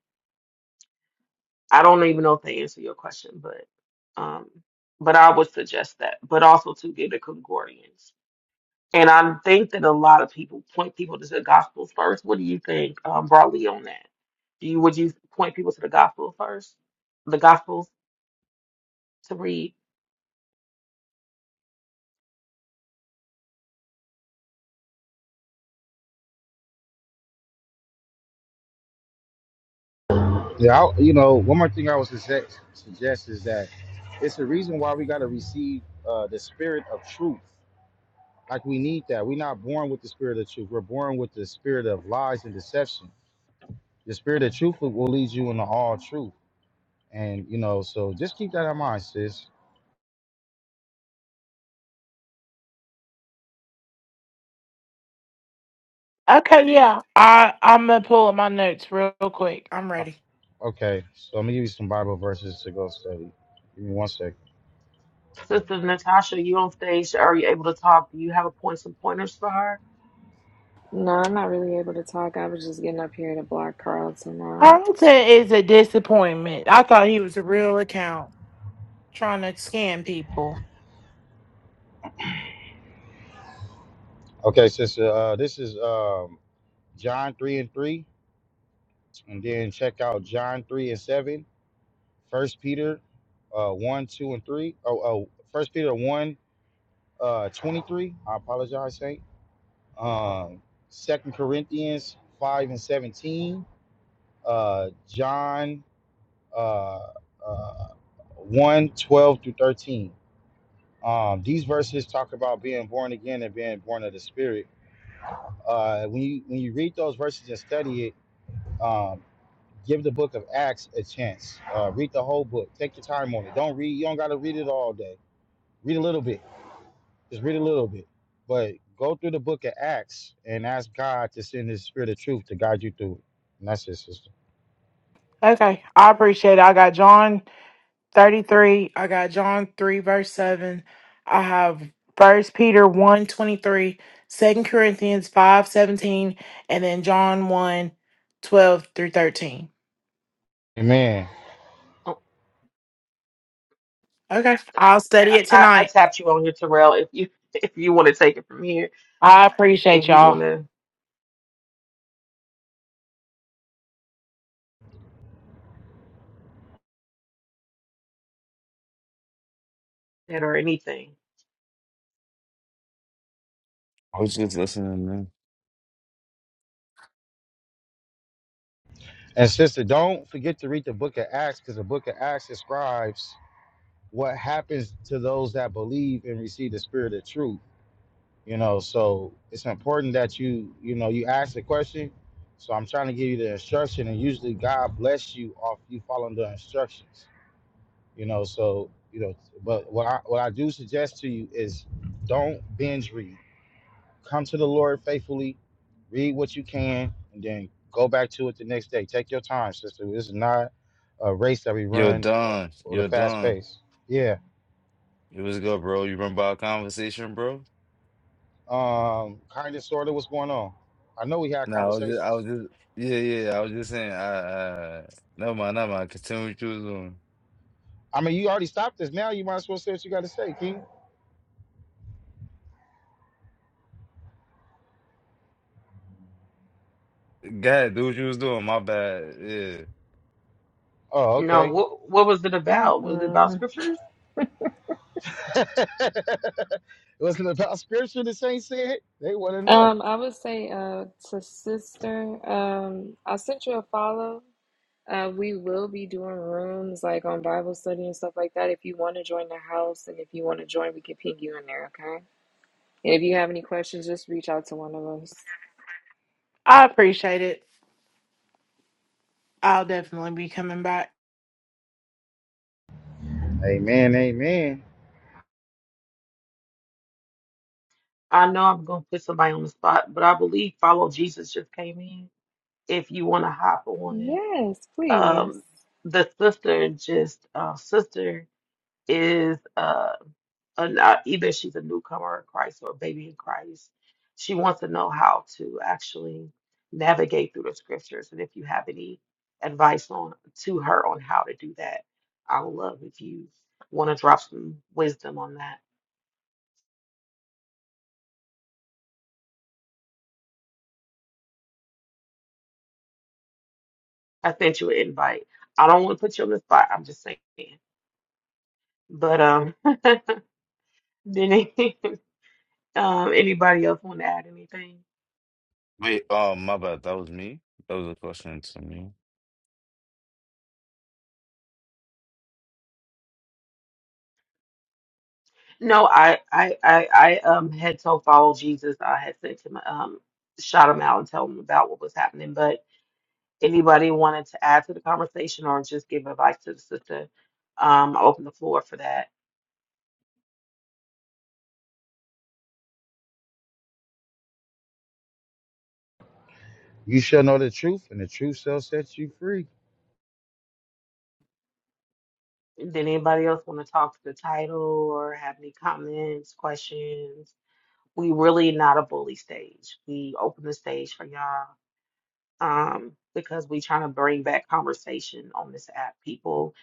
Speaker 1: I don't even know if they answer your question, but um but I would suggest that. But also to get a concordance And I think that a lot of people point people to the gospels first. What do you think, um, broadly on that? Do you would you point people to the gospel first? The gospels to read.
Speaker 3: Yeah, I, you know, one more thing I would suggest, suggest is that it's the reason why we got to receive uh, the spirit of truth. Like we need that. We're not born with the spirit of truth. We're born with the spirit of lies and deception. The spirit of truth will will lead you into all truth. And you know, so just keep that in mind, sis.
Speaker 5: Okay, yeah. I I'm gonna pull up my notes real quick. I'm
Speaker 3: Uh,
Speaker 5: ready.
Speaker 3: okay, so let me give you some Bible verses to go study. Give me one second.
Speaker 1: Sister Natasha, you on stage? Are you able to talk? Do you have a point some pointers for her?
Speaker 6: No, I'm not really able to talk. I was just getting up here to block Carlton out.
Speaker 5: Harrington is a disappointment. I thought he was a real account trying to scam people.
Speaker 3: Okay, sis. Uh, this is um, John three and three, and then check out John three and seven. First Peter, uh, one, two, and three. Oh, oh, First Peter one, uh, twenty-three. I apologize, Saint. um, Second Corinthians five and seventeen, uh, John uh, uh, 1, twelve through thirteen. Um, these verses talk about being born again and being born of the Spirit. Uh, when you when you read those verses and study it, um, give the book of Acts a chance. Uh, read the whole book. Take your time on it. Don't read. You don't got to read it all day. Read a little bit Just read a little bit, but go through the book of Acts and ask God to send His Spirit of Truth to guide you through it. And that's it, sister.
Speaker 5: Okay, I appreciate it. I got John 33 i got john 3 verse 7 i have first peter one 23, Second corinthians 5 17, and then john one 12 through 13
Speaker 3: Amen.
Speaker 1: Oh,
Speaker 5: okay i'll study
Speaker 1: I,
Speaker 5: it
Speaker 1: I, I
Speaker 5: tonight
Speaker 1: tapped you on here, Terrell. If you [LAUGHS] if you want to take it from here,
Speaker 5: i
Speaker 1: if
Speaker 5: appreciate
Speaker 1: you
Speaker 5: y'all
Speaker 1: want to that or anything.
Speaker 7: I was just listening, man.
Speaker 3: And sister, don't forget to read the book of Acts because the book of Acts describes what happens to those that believe and receive the Spirit of Truth. You know, so it's important that you, you know, you ask the question. So I'm trying to give you the instruction, and usually God bless you off you following the instructions. You know, so you know, but what I what I do suggest to you is don't binge read. Come to the Lord faithfully, read what you can, and then go back to it the next day. Take your time, sister. This is not a race that we
Speaker 7: Yo,
Speaker 3: run for,
Speaker 7: Don.
Speaker 3: for the
Speaker 7: Yo,
Speaker 3: fast
Speaker 7: Don.
Speaker 3: pace. Yeah.
Speaker 7: It was good, bro. You remember our conversation, bro?
Speaker 3: Um, kind of sorta what's going on. I know we had
Speaker 7: No, I was just, I
Speaker 3: conversations.
Speaker 7: was just, yeah, yeah. yeah. I was just saying, I, I, never mind, never mind. Continue what you was doing.
Speaker 3: I mean you already stopped this now. You might as well say what you gotta say, King.
Speaker 7: Go ahead, do what you was doing. My bad. Yeah.
Speaker 3: Oh,
Speaker 1: No,
Speaker 3: okay.
Speaker 1: what what was it about? Was it about
Speaker 6: Mm-mm.
Speaker 1: scriptures?
Speaker 3: [LAUGHS] it wasn't about scripture the saints said. They wanna know.
Speaker 6: Um, I would say uh to sister, um, I sent you a follow. Uh, we will be doing rooms like on Bible study and stuff like that. If you want to join the house and if you want to join, we can ping you in there, okay? And if you have any questions, just reach out to one of us.
Speaker 5: i appreciate it i'll definitely be coming back
Speaker 3: Amen, amen.
Speaker 1: I know I'm gonna put somebody on the spot, but I believe follow Jesus just came in. if you want to hop on.
Speaker 6: Yes,
Speaker 1: Um,
Speaker 6: please.
Speaker 1: the sister just uh, sister is uh, an, uh, either she's a newcomer in Christ or a baby in Christ. She wants to know how to actually navigate through the scriptures, and if you have any advice on to her on how to do that, I would love if you want to drop some wisdom on that. I sent you an invite. I don't want to put you on the spot. I'm just saying, but um, [LAUGHS] Denise. Um, anybody else want to add anything?
Speaker 7: Wait, oh, my bad. That was me. That was a question to me.
Speaker 1: No, I, I, I, I um had told follow Jesus. I had sent him, um, shout him out and tell him about what was happening. But anybody wanted to add to the conversation or just give advice to the sister, um, I open the floor for that.
Speaker 3: You shall know the truth, and the truth shall set you free.
Speaker 1: Did anybody else want to talk to the title or have any comments, questions? We really not a bully stage. We open the stage for y'all. um, because we trying to bring back conversation on this app. People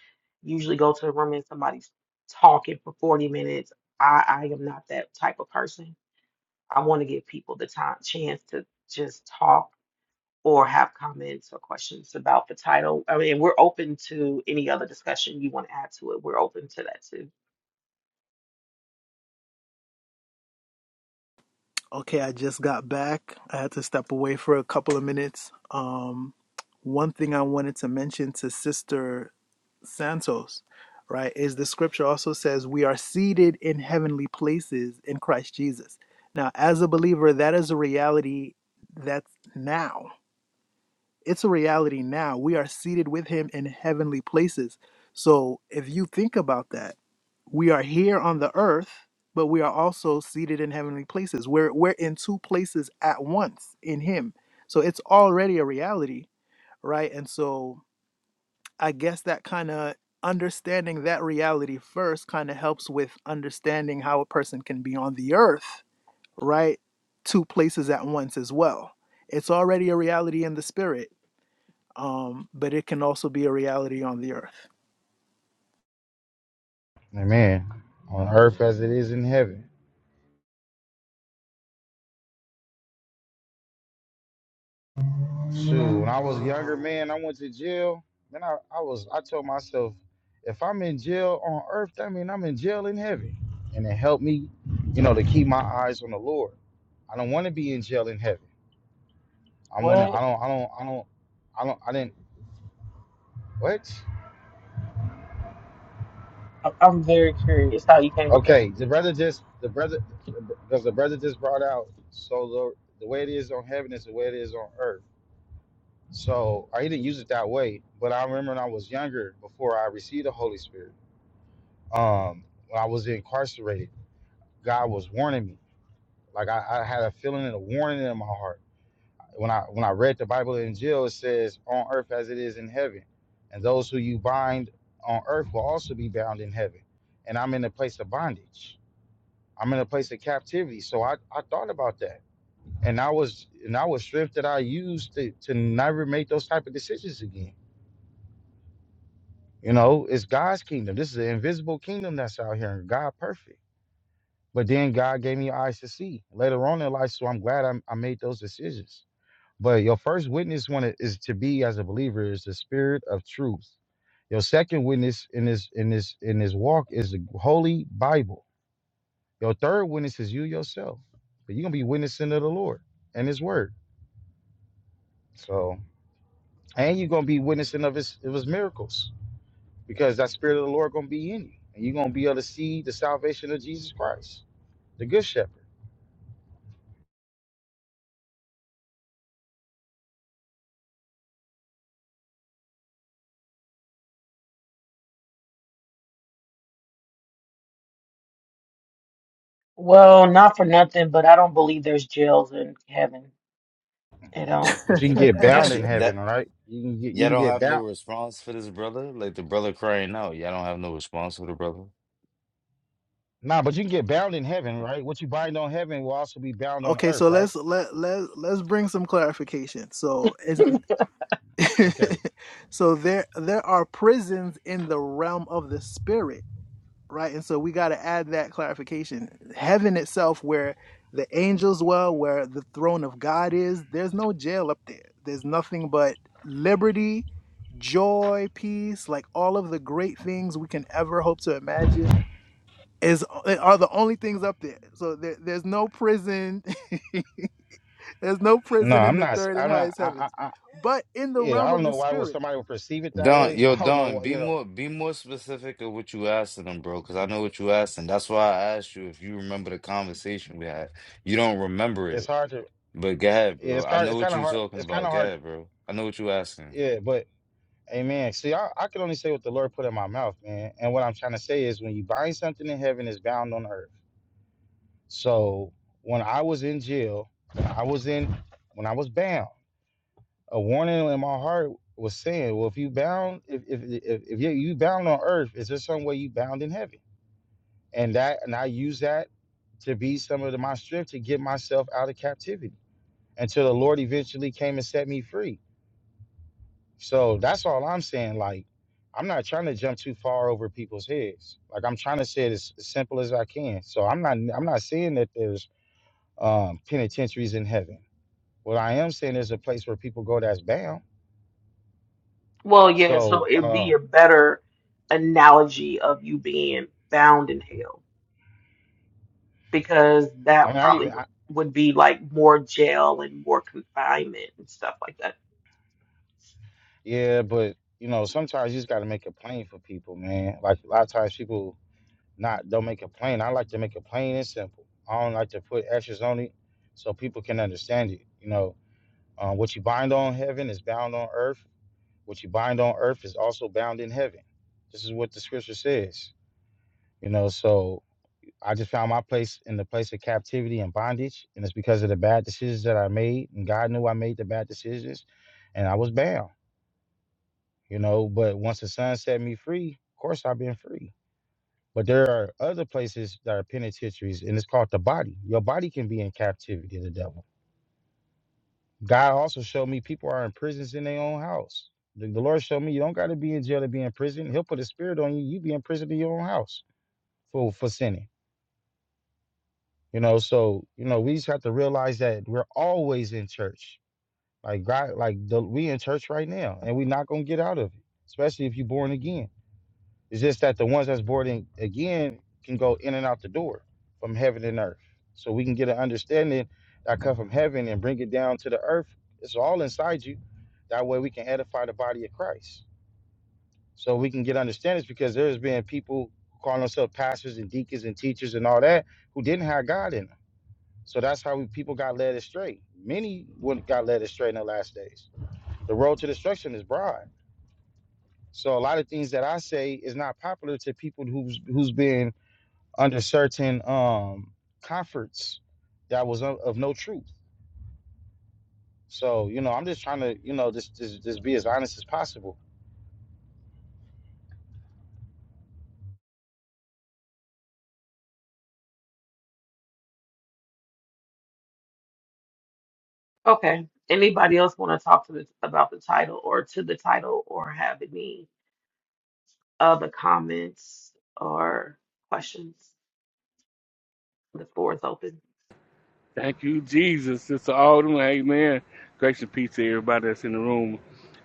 Speaker 1: usually go to the room and somebody's talking for 40 minutes. I, I am not that type of person. I want to give people the time chance to just talk or have comments or questions about the title. I mean, we're open to any other discussion you want to add to it. We're open to that too.
Speaker 2: Okay, I just got back. I had to step away for a couple of minutes. Um, one thing I wanted to mention to Sister Santos, right, is the scripture also says we are seated in heavenly places in Christ Jesus. Now, as a believer, that is a reality that's now. it's a reality now. We are seated with him in heavenly places. So if you think about that, we are here on the earth, but we are also seated in heavenly places. We're we're in two places at once in him. So it's already a reality, right? And so I guess that kind of understanding that reality first kind of helps with understanding how a person can be on the earth, right? Two places at once as well. It's already a reality in the spirit um, but it can also be a reality on the earth.
Speaker 3: Amen. On earth as it is in heaven. Shoot, when I was younger, man, I went to jail. Man, I, I was I told myself, if I'm in jail on earth, that mean I'm in jail in heaven. And it helped me, you know, to keep my eyes on the Lord. I don't want to be in jail in heaven. I want to. I
Speaker 1: What?
Speaker 3: don't. I don't. I don't. I don't. I didn't. What?
Speaker 1: I- I'm very curious. how you came with it.
Speaker 3: Okay. The brother just. The brother. Because the brother just brought out. So the the way it is on heaven is the way it is on earth. So I didn't use it that way, but I remember when I was younger, before I received the Holy Spirit, um, when I was incarcerated, God was warning me. Like I, I had a feeling and a warning in my heart. When I when I read the Bible in jail, it says, "On earth as it is in heaven, and those who you bind on earth will also be bound in heaven." And I'm in a place of bondage. I'm in a place of captivity. So I, I thought about that, and I was and I was stripped that I used to to never make those type of decisions again You know, it's God's kingdom. This is an invisible kingdom that's out here, and God perfect. But then God gave me eyes to see later on in life, so I'm glad I, I made those decisions. But your first witness one i- is to be as a believer is the spirit of truth. Your second witness in this in this in this walk is the Holy Bible. Your third witness is you yourself. But you're gonna be witnessing of the Lord and His Word. So, and you're gonna be witnessing of His of His miracles. because that spirit of the Lord gonna be in you, and you're gonna be able to see the salvation of Jesus Christ, the Good Shepherd.
Speaker 1: Well, not for nothing, but I don't believe there's jails in heaven. It don't.
Speaker 3: But you
Speaker 1: It
Speaker 3: can
Speaker 1: don't
Speaker 3: get
Speaker 1: got no
Speaker 7: That's
Speaker 3: bound in
Speaker 7: y-
Speaker 1: jail.
Speaker 7: that.
Speaker 3: heaven, all right? You can get you
Speaker 7: Y'all
Speaker 3: can
Speaker 7: don't
Speaker 3: get
Speaker 7: have no
Speaker 3: bound.
Speaker 7: response for this brother? Like the brother crying out. Y'all don't have no response for the brother?
Speaker 3: Nah, but you can get bound in heaven, right? What you bind on heaven will also be bound
Speaker 2: [LAUGHS]
Speaker 3: on
Speaker 2: okay,
Speaker 3: earth,
Speaker 2: so
Speaker 3: right?
Speaker 2: let's let let let's bring some clarification. So is
Speaker 1: [LAUGHS]
Speaker 2: [LAUGHS]
Speaker 3: Okay.
Speaker 2: so there there are prisons in the realm of the spirit, right? And so we got to add that clarification. Heaven itself, where the angels dwell, where the throne of God is, there's no jail up there. There's nothing but liberty, joy, peace, like all of the great things we can ever hope to imagine is they are the only things up there. So there, there's no prison, [LAUGHS] there's no
Speaker 3: No,
Speaker 2: prison in
Speaker 3: I'm
Speaker 2: the
Speaker 3: not.
Speaker 2: third
Speaker 3: I
Speaker 2: and
Speaker 3: I'm not.
Speaker 2: highest
Speaker 3: I, I,
Speaker 2: heavens,
Speaker 3: I,
Speaker 2: but in the
Speaker 3: yeah, I
Speaker 2: realm
Speaker 3: don't
Speaker 2: of the
Speaker 3: know why will
Speaker 2: spirit.
Speaker 3: somebody would perceive it that
Speaker 2: Yeah.
Speaker 7: Don,
Speaker 3: way. [LAUGHS]
Speaker 7: yo,
Speaker 3: I don't know.
Speaker 7: Don,
Speaker 3: why,
Speaker 7: be
Speaker 3: You know,
Speaker 7: more be more specific of what you asking them, bro, because I know what you asking. That's why I asked you if you remember the conversation we had. You don't remember
Speaker 3: it's
Speaker 7: it,
Speaker 3: hard to.
Speaker 7: but go ahead,
Speaker 3: Yeah, it's
Speaker 7: bro. I
Speaker 3: hard. It's
Speaker 7: know
Speaker 3: kind
Speaker 7: what
Speaker 3: of
Speaker 7: you
Speaker 3: hard.
Speaker 7: talking
Speaker 3: It's kind
Speaker 7: about.
Speaker 3: of
Speaker 7: Go
Speaker 3: hard.
Speaker 7: ahead, bro. I know what you asking.
Speaker 3: Yeah, but Amen. See, I, I can only say what the Lord put in my mouth, man. And what I'm trying to say is, when you bind something in heaven, it's bound on earth. So when I was in jail, I was in when I was bound. A warning in my heart was saying, "Well, if you bound, if if if, if you, you bound on earth, is there some way you bound in heaven?" And that, and I use that to be some of the, my strength to get myself out of captivity until the Lord eventually came and set me free. So that's all I'm saying. Like, I'm not trying to jump too far over people's heads. Like, I'm trying to say it as simple as I can. So I'm not, I'm not saying that there's um, penitentiaries in heaven. What I am saying is a place where people go that's bound.
Speaker 1: Well, yeah, so
Speaker 3: So
Speaker 1: it'd be
Speaker 3: um,
Speaker 1: a better analogy of you being bound in hell because
Speaker 3: I
Speaker 1: that
Speaker 3: mean, I
Speaker 1: probably
Speaker 3: even
Speaker 1: would,
Speaker 3: I,
Speaker 1: would be like more jail and more confinement and stuff like that.
Speaker 3: yeah, but you know, sometimes you just got to make it plain for people, man. Like a lot of times people not don't make it plain. I like to make it plain and simple. I don't like to put extras on it so people can understand it. You know, um, what you bind on heaven is bound on earth. What you bind on earth is also bound in heaven. This is what the scripture says. You know, so I just found my place in the place of captivity and bondage, and it's because of the bad decisions that I made. And God knew I made the bad decisions, and I was bound, you know. But once the Son set me free, of course I've been free. But there are other places that are penitentiaries, and it's called the body. Your body can be in captivity to the devil. God also showed me people are in prisons in their own house. The, the Lord showed me you don't got to be in jail to be in prison. He'll put a spirit on you. You be in prison in your own house for for sinning. You know, so you know, we just have to realize that we're always in church. Like God, like the, we in church right now, and we're not gonna get out of it. Especially if you're born again. It's just that the ones that's born in, again can go in and out the door from heaven and earth. So we can get an understanding that come from heaven and bring it down to the earth. It's all inside you. That way we can edify the body of Christ. So we can get understandings because there's been people who call themselves pastors and deacons and teachers and all that who didn't have God in them. So that's how people got led astray. Many would got led astray in the last days. The road to destruction is broad. So a lot of things that I say is not popular to people who's who's been under certain um comforts that was of, of no truth. So you know, I'm just trying to you know just just, just be as honest as possible.
Speaker 1: Okay. Anybody else want to talk to this about the title or to the title or have any other comments or questions? The floor is open.
Speaker 8: Thank you, Jesus. Sister Alden, amen. Grace and peace to everybody that's in the room.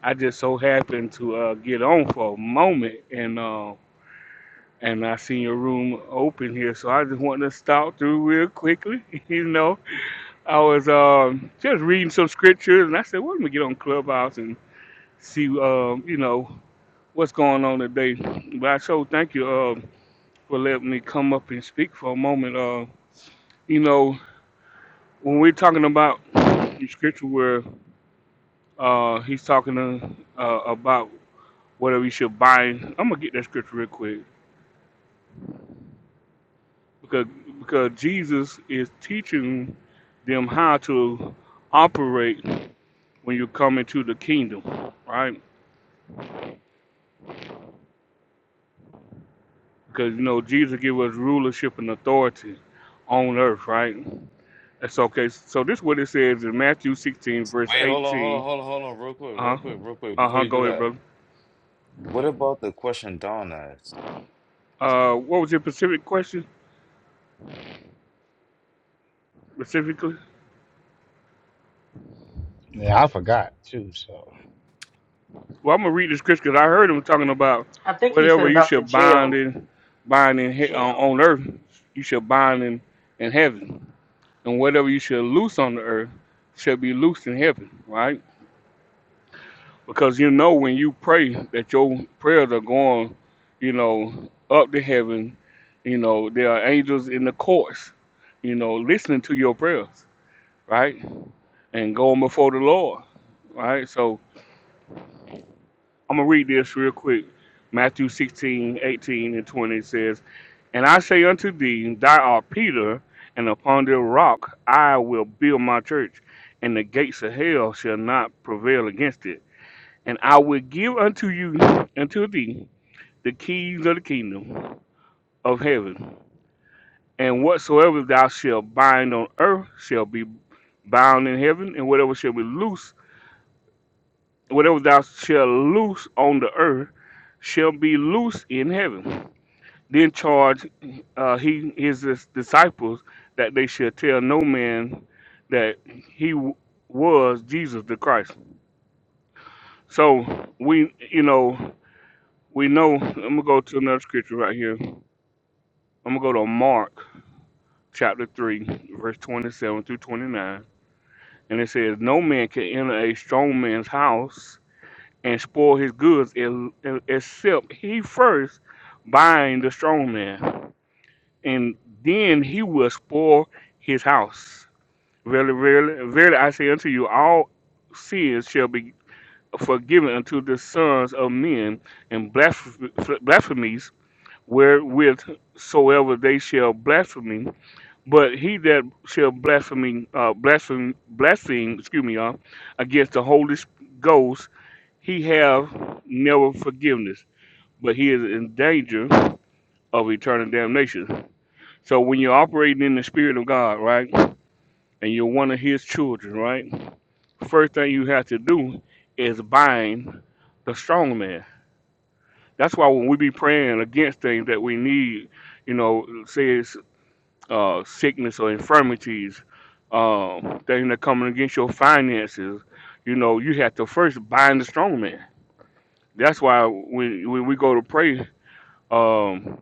Speaker 8: I just so happened to uh, get on for a moment and uh, and I seen your room open here, so I just wanted to stop through real quickly. [LAUGHS] you know, I was um, just reading some scriptures and I said, well, let me get on Clubhouse and see, um, you know, what's going on today. But I so thank you uh, for letting me come up and speak for a moment. Uh, you know, when we're talking about the scripture where Uh, he's talking to, uh, about whether we should bind. I'm gonna get that scripture real quick because because Jesus is teaching them how to operate when you come into the kingdom, right? Because you know Jesus gave us rulership and authority on earth, right? That's okay. So this is what it says in Matthew 16, verse
Speaker 7: Wait, hold on, hold
Speaker 8: 18.
Speaker 7: on, hold on, hold on, real quick, real
Speaker 8: Uh huh.
Speaker 7: quick, real quick.
Speaker 8: Uh
Speaker 7: Before
Speaker 8: huh.
Speaker 7: you do
Speaker 8: Go ahead,
Speaker 7: that,
Speaker 8: brother.
Speaker 7: what about the question Don asked?
Speaker 8: Uh, what was your specific question specifically?
Speaker 3: Yeah, I forgot too. So
Speaker 8: Well, I'm gonna read the scripture 'cause I heard him talking about
Speaker 1: I think he said
Speaker 8: whatever you
Speaker 1: about the
Speaker 8: should bind
Speaker 1: jail,
Speaker 8: in, bind in he- on,
Speaker 1: jail,
Speaker 8: on earth, you should bind in, in heaven, and whatever you should loose on the earth shall be loosed in heaven, right? Because you know when you pray that your prayers are going, you know, up to heaven. You know there are angels in the courts, you know, listening to your prayers, right, and going before the Lord, right. So I'm gonna read this real quick. Matthew 16, 18, and 20 says, And I say unto thee, Thou art Peter, and upon this rock I will build my church, and the gates of hell shall not prevail against it. And I will give unto you, unto thee, the keys of the kingdom of heaven. And whatsoever thou shalt bind on earth shall be bound in heaven, and whatever shall be loose, whatever thou shalt loose on the earth shall be loose in heaven then charged uh, he his dis- disciples that they should tell no man that he w- was Jesus the Christ. So we you know we know. I'm gonna go to another scripture right here. I'm gonna go to Mark chapter three, verse 27 through 29, and it says, "No man can enter a strong man's house and spoil his goods el- el- except he first bind the strong man, and then he will spoil his house." Verily, verily, verily, I say unto you, all sins shall be forgiven unto the sons of men, and blasph- blasphemies wherewith soever they shall blaspheme. But he that shall blaspheme, uh, blaspheme, blaspheme, excuse me, y'all, against the Holy Ghost, he have never forgiveness, but he is in danger of eternal damnation. So when you're operating in the Spirit of God, right, and you're one of His children, right. first thing you have to do is bind the strong man. That's why when we be praying against things that we need, you know, say it's uh, sickness or infirmities, um, things that coming against your finances, you know, you have to first bind the strong man. That's why when when we go to pray, um,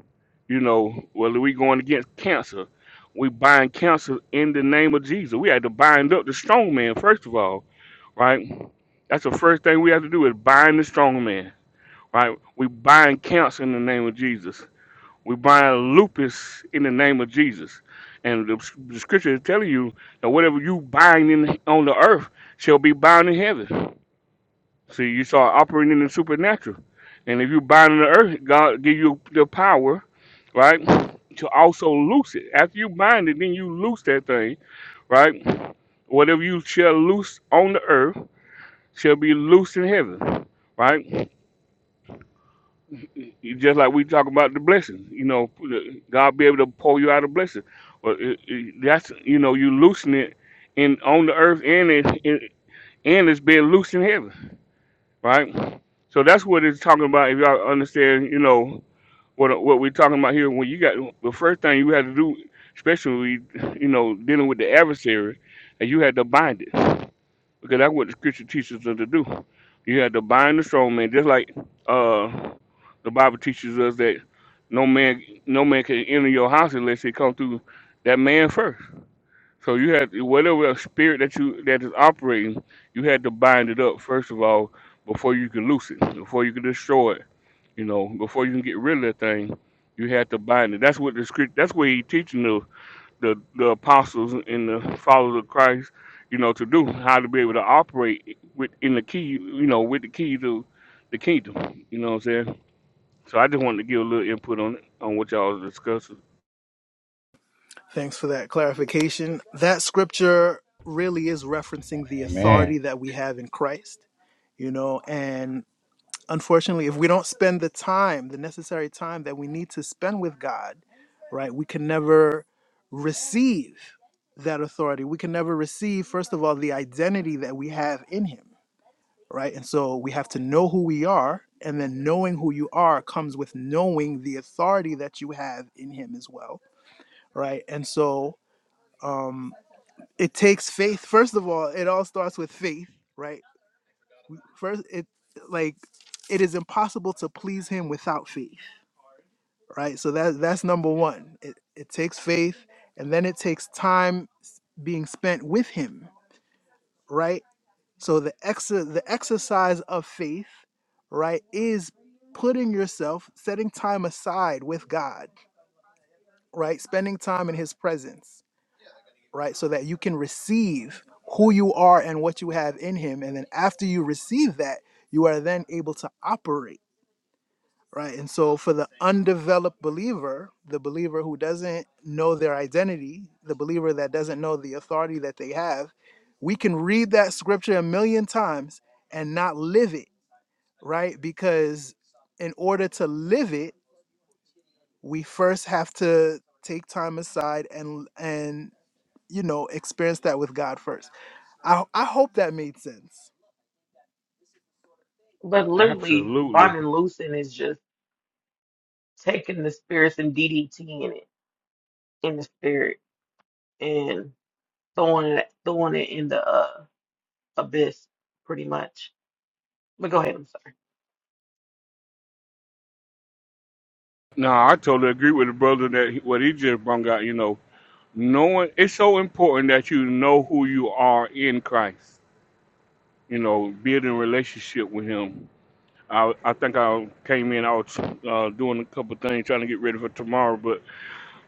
Speaker 8: you know, whether we going against cancer, we bind cancer in the name of Jesus. We had to bind up the strong man first of all right? That's the first thing we have to do is bind the strong man, right? We bind cancer in the name of Jesus. We bind lupus in the name of Jesus. And the, the scripture is telling you that whatever you bind in, on the earth shall be bound in heaven. See, you start operating in the supernatural. And if you bind on the earth, God give you the power, right, to also loose it. After you bind it, then you loose that thing, right? Whatever you shall loose on the earth shall be loosed in heaven, right? Just like we talk about the blessing, you know, God be able to pour you out a blessing. But it, it, that's you know you loosen it in on the earth and it, it and it's being loosed in heaven, right? So that's what it's talking about. If y'all understand, you know what what we're talking about here. When you got the first thing you had to do, especially you know dealing with the adversary, and you had to bind it. because that's what the scripture teaches us to do. You have to bind the strong man, just like uh, the Bible teaches us that no man, no man can enter your house unless he come through that man first. So you have to, whatever spirit that you that is operating, you had to bind it up first of all before you can loose it, before you can destroy it. You know, before you can get rid of that thing, you had to bind it. That's what the script. That's what he teaching us the the apostles and the followers of Christ, you know, to do how to be able to operate with in the key, you know, with the key to the kingdom. You know what I'm saying? So I just wanted to give a little input on on what y'all was discussing.
Speaker 2: Thanks for that clarification. That scripture really is referencing the
Speaker 3: amen.
Speaker 2: authority that we have in Christ, you know, and unfortunately, if we don't spend the time, the necessary time that we need to spend with God, right, we can never receive that authority. We can never receive, first of all, the identity that we have in Him right? And so we have to know who we are, and then knowing who you are comes with knowing the authority that you have in Him as well, right? And so um, it takes faith. First of all, it all starts with faith, right? First, it like it is impossible to please Him without faith, right? So that that's number one. It it takes faith, and then it takes time s- being spent with Him, right? So the ex- the exercise of faith, right, is putting yourself, setting time aside with God, right? Spending time in his presence, right? So that you can receive who you are and what you have in him and then after you receive that, you are then able to operate, right? And so for the undeveloped believer, the believer who doesn't know their identity, the believer that doesn't know the authority that they have, we can read that scripture a million times and not live it right? Because in order to live it, we first have to take time aside and and you know experience that with God first. I I hope that made sense.
Speaker 1: but literally
Speaker 8: Absolutely.
Speaker 1: bonding and loosing is just taking the spirits and DDT in it in the spirit. and throwing it throwing it in the uh, abyss, pretty much. But go ahead. I'm sorry.
Speaker 8: No, I totally agree with the brother that he- what he just brought out. You know, knowing it's so important that you know who you are in Christ. You know, building relationship with Him. I I think I came in. I was uh, doing a couple things trying to get ready for tomorrow, but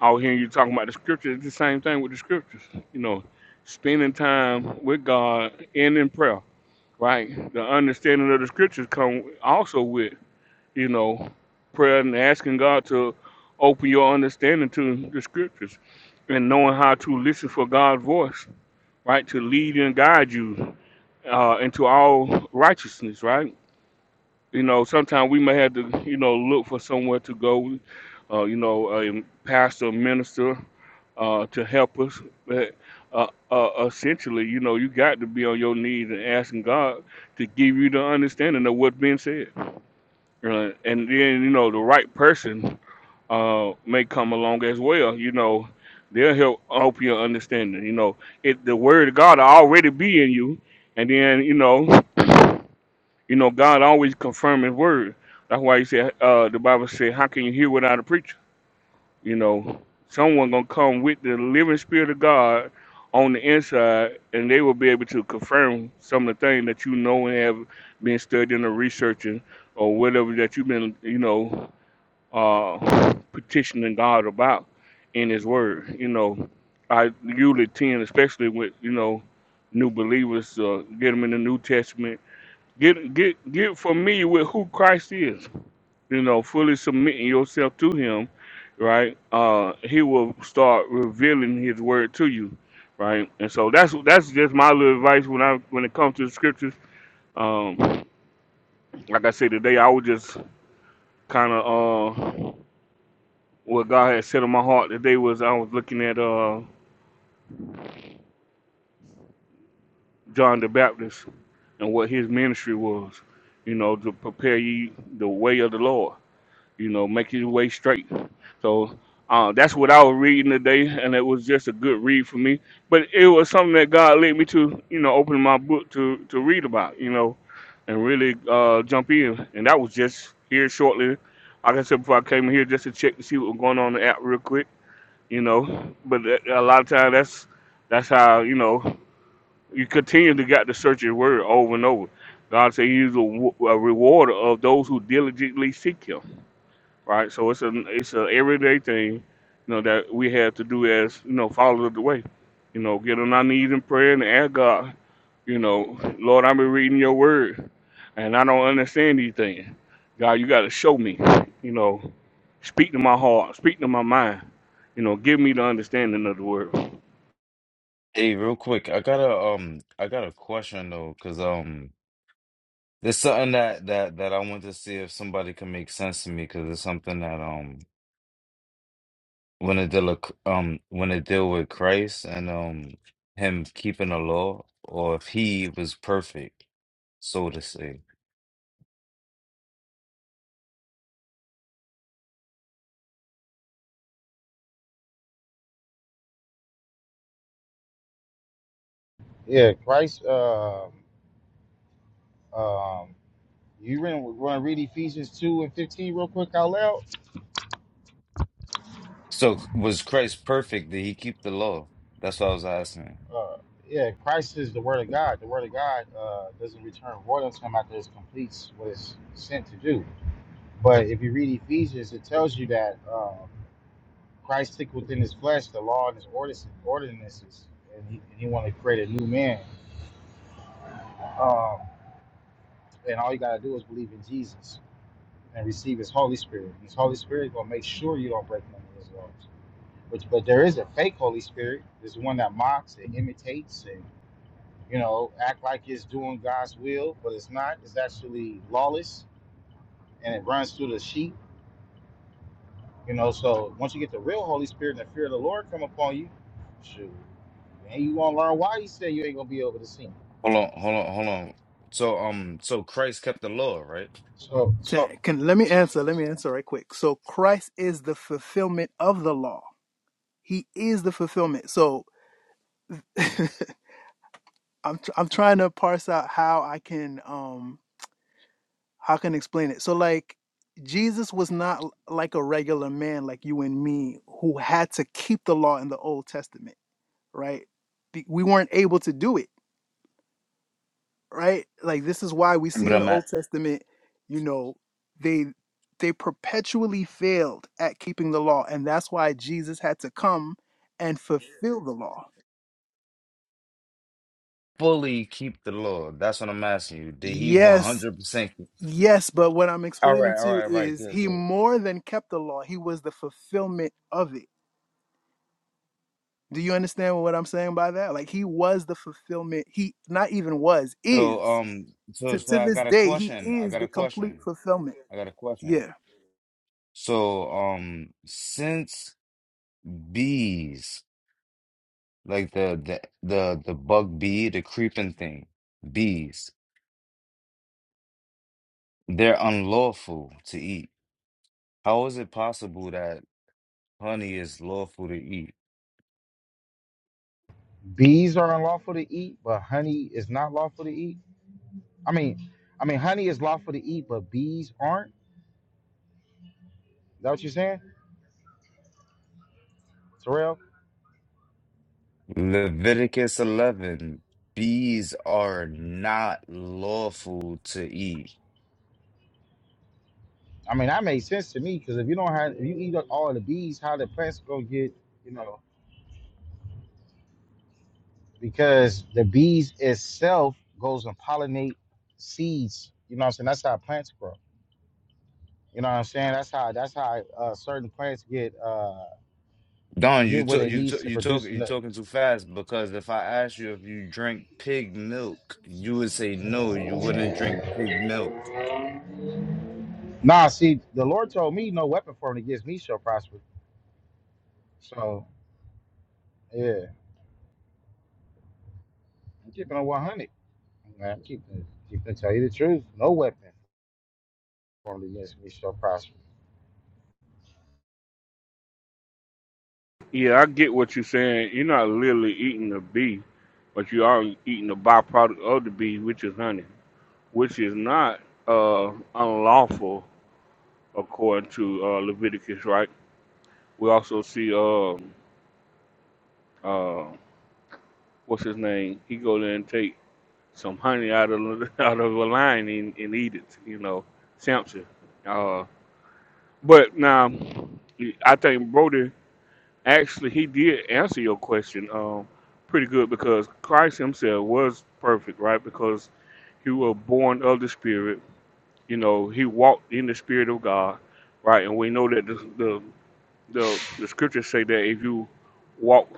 Speaker 8: out here you talking about the scriptures, it's the same thing with the scriptures. You know, spending time with God and in prayer, right? The understanding of the scriptures come also with, you know, prayer and asking God to open your understanding to the scriptures and knowing how to listen for God's voice, right? To lead and guide you uh, into all righteousness, right? You know, sometimes we may have to, you know, look for somewhere to go, uh, you know, a pastor, a minister, uh, to help us. Uh, uh, uh, essentially, you know, you got to be on your knees and asking God to give you the understanding of what's being said. Uh, and then, you know, the right person uh, may come along as well. You know, they'll help help your understanding. You know, it the word of God will already be in you, and then you know, you know, God always confirm His word. That's why He said uh, the Bible said, "How can you hear without a preacher?" You know, someone gonna come with the living spirit of God on the inside, and they will be able to confirm some of the things that you know and have been studying or researching or whatever that you've been, you know, uh, petitioning God about in His Word. You know, I usually tend, especially with you know new believers, uh, get them in the New Testament. Get get get familiar with who Christ is you know, fully submitting yourself to Him, right? Uh, he will start revealing His word to you, right? And so that's that's just my little advice when I when it comes to the scriptures. Um, like I said today, I was just kind of uh, what God had said on my heart today was I was looking at uh, John the Baptist and what his ministry was, you know, to prepare ye the way of the Lord you know, make your way straight. So uh, that's what I was reading today, and it was just a good read for me. But it was something that God led me to, you know, open my book to to read about, you know, and really uh, jump in. And that was just here shortly. Like I said before, I came here just to check to see what was going on in the app real quick, you know. But a a lot of times that's that's how you know you continue to got to search His Word over and over. God said He's a, w- a rewarder of those who diligently seek Him right? So it's an it's an everyday thing, you know, that we have to do as you know followers of the way, you know, get on our knees in prayer and ask God, you know, Lord, I've been reading Your Word, and I don't understand these things. God, You got to show me, you know, speak to my heart, speak to my mind, you know, give me the understanding of the Word.
Speaker 7: Hey, real quick, I got a um, I got a question though, because um, there's something that that that I want to see if somebody can make sense to me, because it's something that um. when it deal with- um when it deal with Christ and um him keeping the law, or if he was perfect, so to say.
Speaker 3: Yeah, Christ. Um, um, you want to read Ephesians two and fifteen real quick out loud?
Speaker 7: So was Christ perfect? Did he keep the law? That's what I was asking.
Speaker 3: Uh, yeah, Christ is the Word of God. The Word of God uh, doesn't return void unto Him after it completes what it's sent to do. But if you read Ephesians, it tells you that uh, Christ took within His flesh the law and His ordis- ordinances, and He, and he wanted to create a new man. Um, and all you gotta do is believe in Jesus and receive His Holy Spirit. His Holy Spirit is gonna make sure you don't break none of His laws. But, but there is a fake Holy Spirit. There's one that mocks and imitates you know, act like it's doing God's will, but it's not. It's actually lawless and it runs through the sheep, you know. So once you get the real Holy Spirit and the fear of the Lord come upon you, shoot, man, you gonna learn why he said you ain't gonna be able to sin.
Speaker 7: Hold on, hold on, hold on. So um, so Christ kept the law, right?
Speaker 3: So,
Speaker 2: Ta-
Speaker 3: so
Speaker 2: Can let me answer. Let me answer right quick. So Christ is the fulfillment of the law. He is the fulfillment. So I'm tr- I'm trying to parse out how I can um how I can explain it. So like Jesus was not l- like a regular man like you and me who had to keep the law in the Old Testament right? Be- We weren't able to do it, right? Like this is why we see
Speaker 7: But
Speaker 2: in the
Speaker 7: I'm
Speaker 2: Old
Speaker 7: at
Speaker 2: Testament, you know, they they perpetually failed at keeping the law, and that's why Jesus had to come and fulfill the law.
Speaker 7: fully keep the law. That's what I'm asking you. Did he
Speaker 2: Yes,
Speaker 7: 100 percent?
Speaker 2: yes, but what I'm
Speaker 7: All
Speaker 2: explaining
Speaker 7: right, all
Speaker 2: to you
Speaker 7: right, right.
Speaker 2: is
Speaker 7: Good,
Speaker 2: he
Speaker 7: good.
Speaker 2: more than kept the law. He was the fulfillment of it. Do you understand what I'm saying by that? Like he was the fulfillment. He not even was,
Speaker 7: So
Speaker 2: is.
Speaker 7: um, so,
Speaker 2: To
Speaker 7: so
Speaker 2: to
Speaker 7: I
Speaker 2: this
Speaker 7: got a
Speaker 2: day, he
Speaker 7: question. I
Speaker 2: is
Speaker 7: got
Speaker 2: the
Speaker 7: a
Speaker 2: complete
Speaker 7: question.
Speaker 2: fulfillment.
Speaker 7: I got a question.
Speaker 2: Yeah.
Speaker 7: So, um, since bees, like the the the the bug bee, the creeping thing, bees, they're unlawful to eat. How is it possible that honey is lawful to eat?
Speaker 3: bees are unlawful to eat, but honey is not lawful to eat. I mean, I mean, honey is lawful to eat, but bees aren't. Is that what you're saying, Terrell?
Speaker 7: Leviticus 11, bees are not lawful to eat.
Speaker 3: I mean, that made sense to me because if you don't have, if you eat up all of the bees, how the plants gonna get, you know? because the bees itself goes and pollinate seeds. You know what I'm saying? That's how plants grow. You know what I'm saying? That's how that's how uh, certain plants get uh,
Speaker 7: Don, you
Speaker 3: get what
Speaker 7: took
Speaker 3: it
Speaker 7: you
Speaker 3: needs
Speaker 7: took
Speaker 3: to
Speaker 7: you talk
Speaker 3: produce.
Speaker 7: you
Speaker 3: Enough.
Speaker 7: talking too fast because if I asked you if you drink pig milk, you would say no, you wouldn't drink pig milk.
Speaker 3: Nah, see, the Lord told me no weapon formed against me shall prosper. So yeah, I'm keeping on 100. Man, I'm keeping keeping tell you the truth. No weapon formed against me shall prosper.
Speaker 8: Yeah, I get what you're saying. You're not literally eating the bee, but you are eating the byproduct of the bee, which is honey, which is not uh, unlawful according to uh, Leviticus, right? We also see um uh, what's his name? He go there and take some honey out of [LAUGHS] out of a lion and, and eat it. You know, Samson. Uh, but now, I think Brody actually he did answer your question um pretty good because Christ Himself was perfect, right? Because He was born of the Spirit. You know, He walked in the Spirit of God, right? And we know that the the, The the scriptures say that if you walk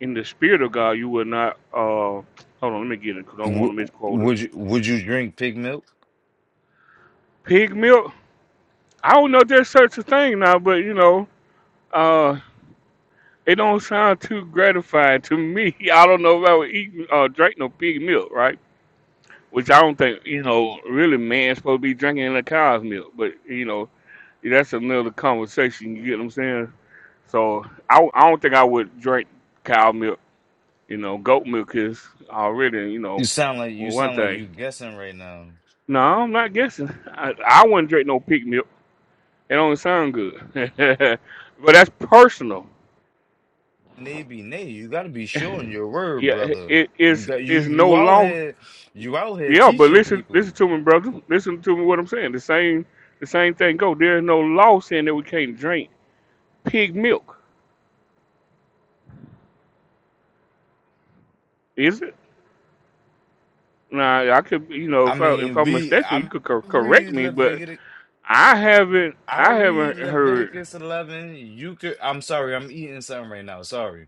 Speaker 8: in the spirit of God, you will not. Uh, hold on, let me get it because I don't want
Speaker 7: W-
Speaker 8: to misquote it.
Speaker 7: would you would you drink pig milk?
Speaker 8: Pig milk. I don't know if there's such a thing now, but you know, uh, it don't sound too gratifying to me. [LAUGHS] I don't know if I would eat uh, drink no pig milk, right? Which I don't think you know really man's supposed to be drinking the cow's milk, but you know that's another conversation. You get what I'm saying? So I, I don't think I would drink cow milk You know, goat milk is already, you
Speaker 7: You
Speaker 8: know,
Speaker 7: sound like you
Speaker 8: well, one
Speaker 7: sound like
Speaker 8: thing.
Speaker 7: you guessing right now.
Speaker 8: No, I'm not guessing. I, I wouldn't drink no pig milk. It don't sound good. [LAUGHS] but that's personal.
Speaker 7: Maybe, nay, you gotta be sure in your word,
Speaker 8: Yeah,
Speaker 7: brother.
Speaker 8: it
Speaker 7: You
Speaker 8: is
Speaker 7: got you
Speaker 8: is no
Speaker 7: you out
Speaker 8: law.
Speaker 7: here you out here
Speaker 8: Yeah, but
Speaker 7: teaching
Speaker 8: listen, listen
Speaker 7: people.
Speaker 8: to me, brother. Listen to me. What I'm saying. The same, the same thing go. There is no law saying that we can't drink pig milk. Is it? Now I could, you know,
Speaker 7: I
Speaker 8: if I if
Speaker 7: mean,
Speaker 8: I'm
Speaker 7: we
Speaker 8: mistaken, you
Speaker 7: I
Speaker 8: could cor- correct
Speaker 7: read
Speaker 8: me. But
Speaker 7: Leviticus.
Speaker 8: I haven't,
Speaker 7: I'll
Speaker 8: I
Speaker 7: read
Speaker 8: haven't heard.
Speaker 7: Leviticus eleven. You could. I'm sorry. I'm eating something right now. Sorry.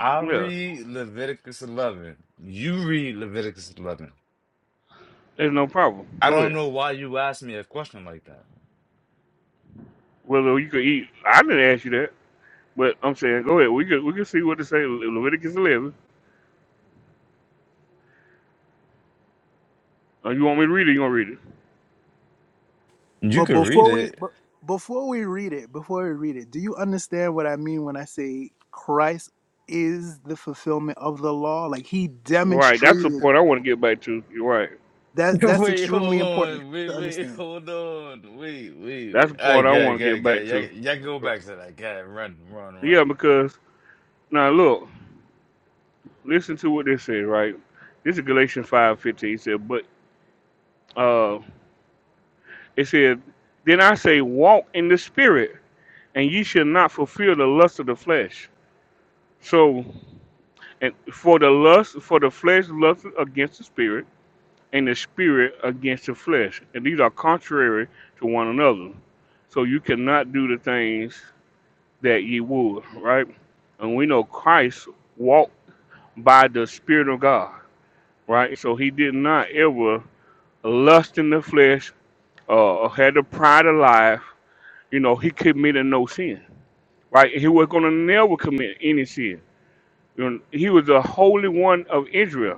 Speaker 7: I'll
Speaker 8: Yeah,
Speaker 7: read Leviticus eleven. You read Leviticus eleven.
Speaker 8: there's no problem.
Speaker 7: I
Speaker 8: Go
Speaker 7: don't
Speaker 8: ahead.
Speaker 7: know why you asked me a question like that.
Speaker 8: Well, you could eat. I didn't ask you that, but I'm saying, go ahead. We could we can see what it say. Le- Leviticus 11. Uh, you want me to read it? You gonna read it?
Speaker 7: You
Speaker 2: But
Speaker 7: could read
Speaker 2: before we
Speaker 7: it.
Speaker 2: but before we read it, before we read it, do you understand what I mean when I say Christ is the fulfillment of the law? Like he
Speaker 8: Right. That's the
Speaker 2: demonstrated
Speaker 8: part I
Speaker 2: the
Speaker 8: want
Speaker 2: law.
Speaker 8: to get back to. You're right.
Speaker 7: [LAUGHS]
Speaker 2: That that's
Speaker 7: Wait,
Speaker 2: extremely
Speaker 7: hold
Speaker 2: important
Speaker 7: on. Wait,
Speaker 2: to
Speaker 7: wait,
Speaker 2: understand.
Speaker 7: hold on. Wait, wait,
Speaker 8: That's
Speaker 7: wait.
Speaker 8: the
Speaker 7: All right,
Speaker 8: part I
Speaker 7: good,
Speaker 8: want to get
Speaker 7: got.
Speaker 8: back
Speaker 7: good. Y'all,
Speaker 8: to.
Speaker 7: y'all can go back to that. Good. Run, run,
Speaker 8: Yeah,
Speaker 7: run.
Speaker 8: because now look, listen to what this says. Right. This is Galatians 5:15. It said, but uh, it said, then I say, walk in the spirit, and ye shall not fulfill the lust of the flesh. So, and for the lust for the flesh lust against the spirit and the spirit against the flesh. And these are contrary to one another. So you cannot do the things that ye would, right? And we know Christ walked by the Spirit of God, right? So he did not ever lust in the flesh uh, or had the pride of life. You know, he committed no sin, right? He was going to never commit any sin. You know, he was the Holy One of Israel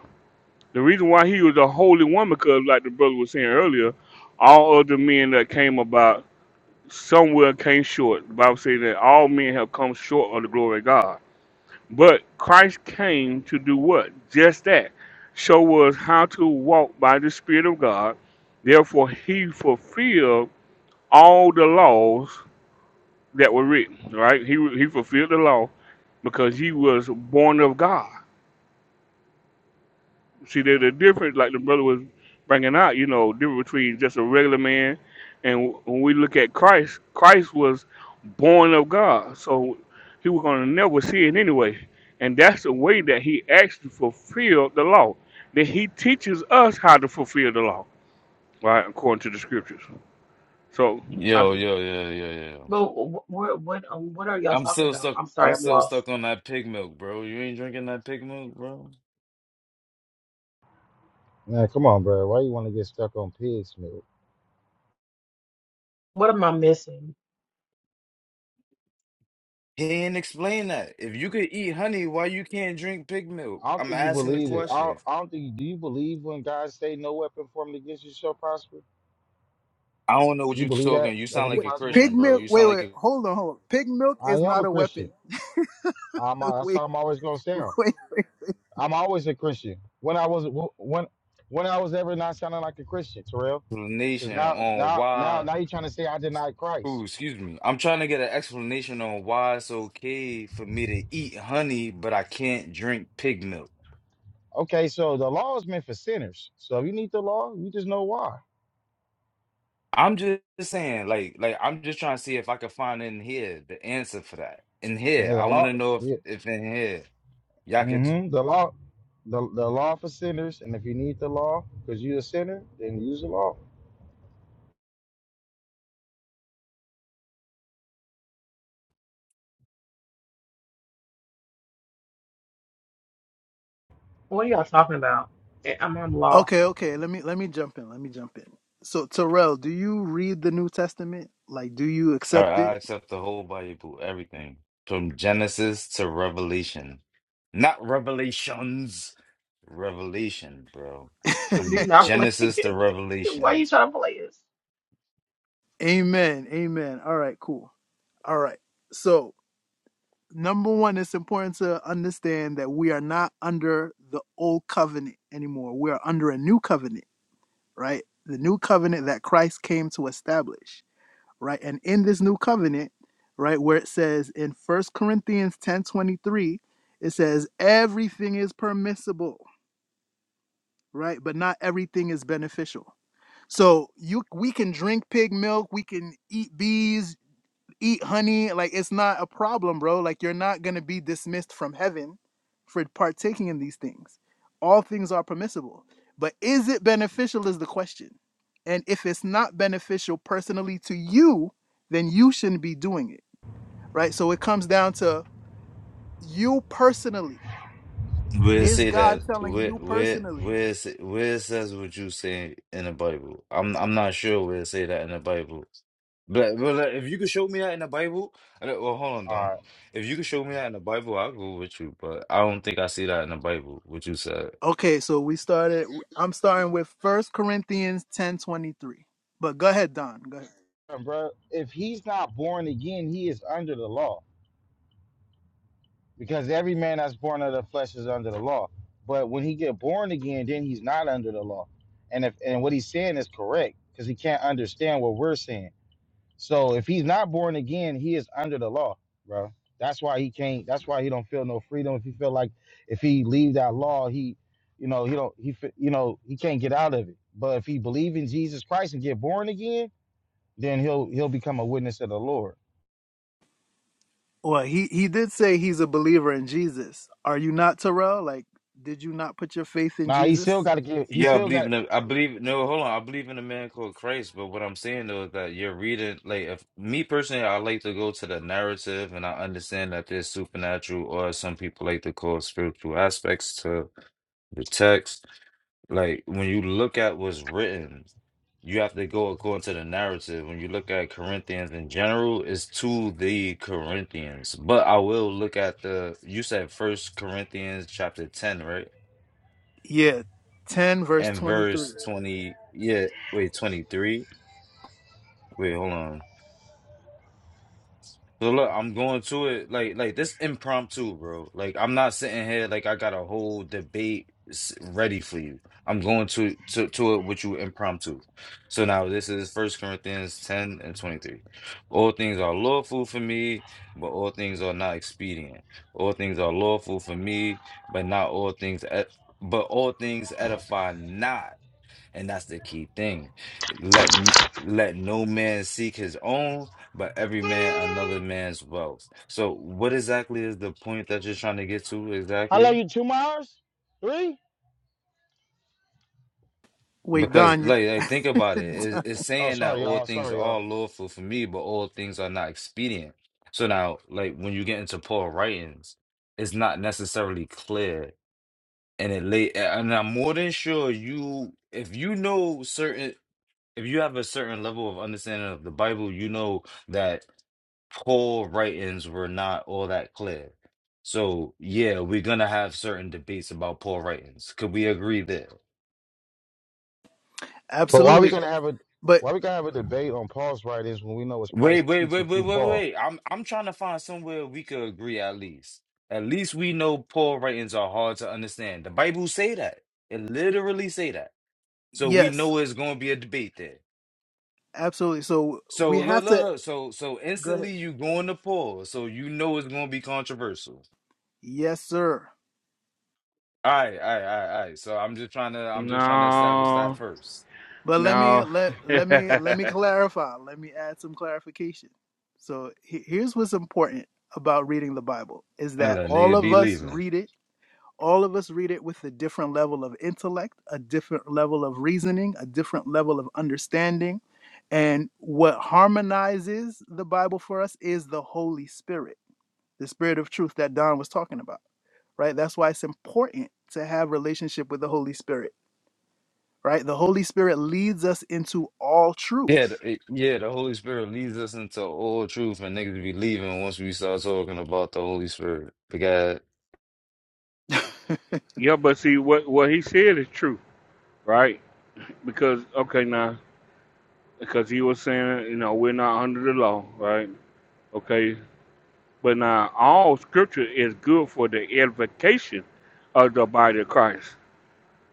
Speaker 8: The reason why he was a holy woman, because like the brother was saying earlier, all other men that came about somewhere came short. The Bible says that all men have come short of the glory of God. But Christ came to do what? Just that. Show us how to walk by the Spirit of God. Therefore, he fulfilled all the laws that were written. Right? He he fulfilled the law because he was born of God. See, there's a difference, like the brother was bringing out, you know, difference between just a regular man and when we look at Christ, Christ was born of God. So he was going to never see it anyway. And that's the way that he actually fulfilled the law. That he teaches us how to fulfill the law, right, according to the scriptures. So, I,
Speaker 7: Yo, yo, yo, yo, yo.
Speaker 1: But wh- what what um, what are y'all
Speaker 7: I'm
Speaker 1: talking
Speaker 7: still
Speaker 1: about?
Speaker 7: stuck.
Speaker 1: I'm
Speaker 7: I'm
Speaker 1: sorry. I'm
Speaker 7: still
Speaker 1: lost.
Speaker 7: stuck on that pig milk, bro. You ain't drinking that pig milk, bro.
Speaker 3: Man, come on, bro. Why you want to get stuck on pigs, man?
Speaker 1: What am I missing?
Speaker 7: He ain't explain that. If you could eat honey, why you can't drink pig milk?
Speaker 3: I don't
Speaker 7: I'm
Speaker 3: think you
Speaker 7: asking the
Speaker 3: believe it. I don't,
Speaker 7: question.
Speaker 3: I don't think. Do you believe when God say no weapon formed against you shall prosper?
Speaker 7: I don't know
Speaker 3: Do
Speaker 7: what
Speaker 3: you
Speaker 7: you
Speaker 3: believe that
Speaker 7: talking. You
Speaker 3: that
Speaker 7: sound
Speaker 3: can be
Speaker 7: like
Speaker 2: Wait,
Speaker 7: a
Speaker 3: possible?
Speaker 2: pig
Speaker 7: Christian, bro.
Speaker 2: milk.
Speaker 7: You
Speaker 2: Wait,
Speaker 7: sound like
Speaker 2: wait.
Speaker 7: a
Speaker 2: Hold on, hold on. Pig milk
Speaker 3: I
Speaker 2: is
Speaker 3: am
Speaker 2: not
Speaker 3: a
Speaker 2: a
Speaker 3: Christian.
Speaker 2: weapon.
Speaker 3: I'm. a-
Speaker 2: [LAUGHS]
Speaker 3: That's
Speaker 2: Wait,
Speaker 3: how I'm always gonna sound.
Speaker 2: wait.
Speaker 3: I'm always a Christian. When I was when when I was ever not sounding like a Christian, Terrell, because
Speaker 7: explanation
Speaker 3: now
Speaker 7: on
Speaker 3: now now
Speaker 7: why.
Speaker 3: now you're trying to say I denied
Speaker 7: Ooh,
Speaker 3: Christ.
Speaker 7: excuse me. I'm trying to get an explanation on why it's okay for me to eat honey, but I can't drink pig milk.
Speaker 3: Okay, so the law is meant for sinners. So if you need the law, you just know why.
Speaker 7: I'm just saying, like, like I'm just trying to see if I can find in here the answer for that. In
Speaker 3: Yeah,
Speaker 7: here,
Speaker 3: the
Speaker 7: I want
Speaker 3: law.
Speaker 7: to know if,
Speaker 3: Yeah.
Speaker 7: if in here y'all could.
Speaker 3: hmm The law. The, the law for sinners, and if you need the law because you're a sinner, then use the law.
Speaker 1: What are y'all talking about? Eh, I'm I'm
Speaker 2: Okay,
Speaker 1: lost.
Speaker 2: okay. Let me let me jump in. Let me jump in. So Terrell, do you read the New Testament? Like, do you
Speaker 7: All
Speaker 2: accept
Speaker 7: right, I
Speaker 2: it?
Speaker 7: accept the whole Bible, everything from Genesis to Revelation, not Revelations, Revelation, bro.
Speaker 1: [LAUGHS]
Speaker 7: From
Speaker 1: Do not play
Speaker 7: Genesis to
Speaker 1: it. [LAUGHS] Why are
Speaker 7: Revelation.
Speaker 1: you trying to play this?
Speaker 2: Amen. Amen. All right. Cool. All right. So number one, it's important to understand that we are not under the old covenant anymore. We are under a new covenant, right? The new covenant that Christ came to establish, right? And in this new covenant, right, where it says in First Corinthians 10 23, it says, everything is permissible, right? But not everything is beneficial. So you we can drink pig milk, we can eat bees, eat honey like it's not a problem bro like you're not going to be dismissed from heaven for partaking in these things all things are permissible but is it beneficial is the question and if it's not beneficial personally to you then you shouldn't be doing it right so it comes down to you personally
Speaker 7: Where it
Speaker 2: is
Speaker 7: say
Speaker 2: god
Speaker 7: that?
Speaker 2: telling
Speaker 7: Where
Speaker 2: you
Speaker 7: where
Speaker 2: personally
Speaker 7: where it, say- where it says what you say in the Bible? I'm I'm not sure where it say that in the Bible. But, but like, if you could show me that in the Bible, I don't- well, hold on, Don.
Speaker 3: All
Speaker 7: If you could show me that in the Bible, I'll go with you. But I don't think I see that in the Bible. What you said?
Speaker 2: okay so we started i'm starting with first corinthians ten twenty three. but go ahead don go ahead
Speaker 3: right, bro. If he's not born again, he is under the law because every man that's born of the flesh is under the law. But when he get born again, then he's not under the law. And if and what he's saying is correct because he can't understand what we're saying. So if he's not born again, he is under the law, bro. That's why he can't. That's why he don't feel no freedom. If he feel like if he leave that law, he, you know, he don't. He fe- you know he can't get out of it. But if he believe in Jesus Christ and get born again, then he'll he'll become a witness of the Lord.
Speaker 2: Well, he he did say he's a believer in Jesus. Are you not, Terrell? Like, did you not put your faith in
Speaker 3: Nah, he still
Speaker 2: Jesus?
Speaker 3: got to give. He
Speaker 7: Yeah, I
Speaker 3: still
Speaker 7: believe
Speaker 3: got.
Speaker 7: in. The, I believe no. Hold on, I believe in a man called Christ. But what I'm saying though is that you're reading like if me personally, I like to go to the narrative, and I understand that there's supernatural or some people like to call spiritual aspects to the text, like when you look at what's written, you have to go according to the narrative. When you look at Corinthians in general, it's to the Corinthians. But I will look at the you said first Corinthians chapter 10, right?
Speaker 2: Yeah, ten verse
Speaker 7: And
Speaker 2: twenty three.
Speaker 7: verse 20, yeah, wait, 23. Wait, hold on. So look, I'm going to it like like this impromptu, bro. Like I'm not sitting here like I got a whole debate s- ready for you. I'm going to to to it with you impromptu. So now this is First Corinthians 10 and 23. All things are lawful for me, but all things are not expedient. All things are lawful for me, but not all things ed- but all things edify not. And that's the key thing. Let n- let no man seek his own, but every man another man's wealth. So what exactly is the point that you're trying to get to
Speaker 3: How long
Speaker 7: exactly?
Speaker 3: you? Two miles? Three?
Speaker 2: Wait,
Speaker 7: Because
Speaker 2: Don, you
Speaker 7: like, like think
Speaker 2: [LAUGHS]
Speaker 7: about it. It's, it's
Speaker 3: Oh,
Speaker 7: saying that
Speaker 3: sorry,
Speaker 7: all
Speaker 3: y'all.
Speaker 7: things
Speaker 3: Sorry, y'all.
Speaker 7: are lawful for me, but all things are not expedient. So now, like when you get into Paul writings, it's not necessarily clear. And it lay and I'm more than sure you if you know certain if you have a certain level of understanding of the Bible, you know that Paul writings were not all that clear. So yeah, we're gonna have certain debates about Paul writings. Could we agree there?
Speaker 3: But why we
Speaker 2: absolutely,
Speaker 3: gonna have a?
Speaker 2: but
Speaker 3: Why we gonna have a debate on Paul's writings when we know it's
Speaker 7: Wait,
Speaker 3: Christ
Speaker 7: wait, wait,
Speaker 3: teaching
Speaker 7: wait,
Speaker 3: through
Speaker 7: wait,
Speaker 3: Paul?
Speaker 7: wait. I'm I'm trying to find somewhere we could agree at least. At least we know Paul writings are hard to understand. The Bible say that. It literally say that. So we
Speaker 2: yes,
Speaker 7: know it's gonna be a debate there.
Speaker 2: absolutely. So
Speaker 7: So
Speaker 2: we have
Speaker 7: look,
Speaker 2: to
Speaker 7: look, look. So so
Speaker 2: go ahead.
Speaker 7: instantly you going to Paul. So you know it's gonna be controversial.
Speaker 2: Yes, sir.
Speaker 7: All right, all right, all right, all right. So I'm just trying to, I'm just trying to establish that
Speaker 8: no,
Speaker 7: first,
Speaker 2: But let me
Speaker 8: no.
Speaker 2: let
Speaker 8: [LAUGHS]
Speaker 2: let
Speaker 8: yeah,
Speaker 2: me let me clarify. Let me add some clarification. So he- here's what's important about reading the Bible is
Speaker 7: and
Speaker 2: that
Speaker 7: let
Speaker 2: all
Speaker 7: niggas
Speaker 2: of
Speaker 7: be
Speaker 2: us
Speaker 7: leaving.
Speaker 2: read it all of us read it with a different level of intellect, a different level of reasoning, a different level of understanding. And what harmonizes the Bible for us is the Holy Spirit, the Spirit of truth that Don was talking about, right? That's why it's important to have relationship with the Holy Spirit, right? The Holy Spirit leads us into all
Speaker 7: Yeah,
Speaker 2: truth.
Speaker 7: the, it- yeah. The Holy Spirit leads us into all truth, and niggas be leaving once we start talking about the Holy Spirit. Because
Speaker 8: but see, what, what he said is true, right? Because, okay, now. because he was saying, you know, we're not under the law, right? Okay. But now all scripture is good for the edification of the body of Christ.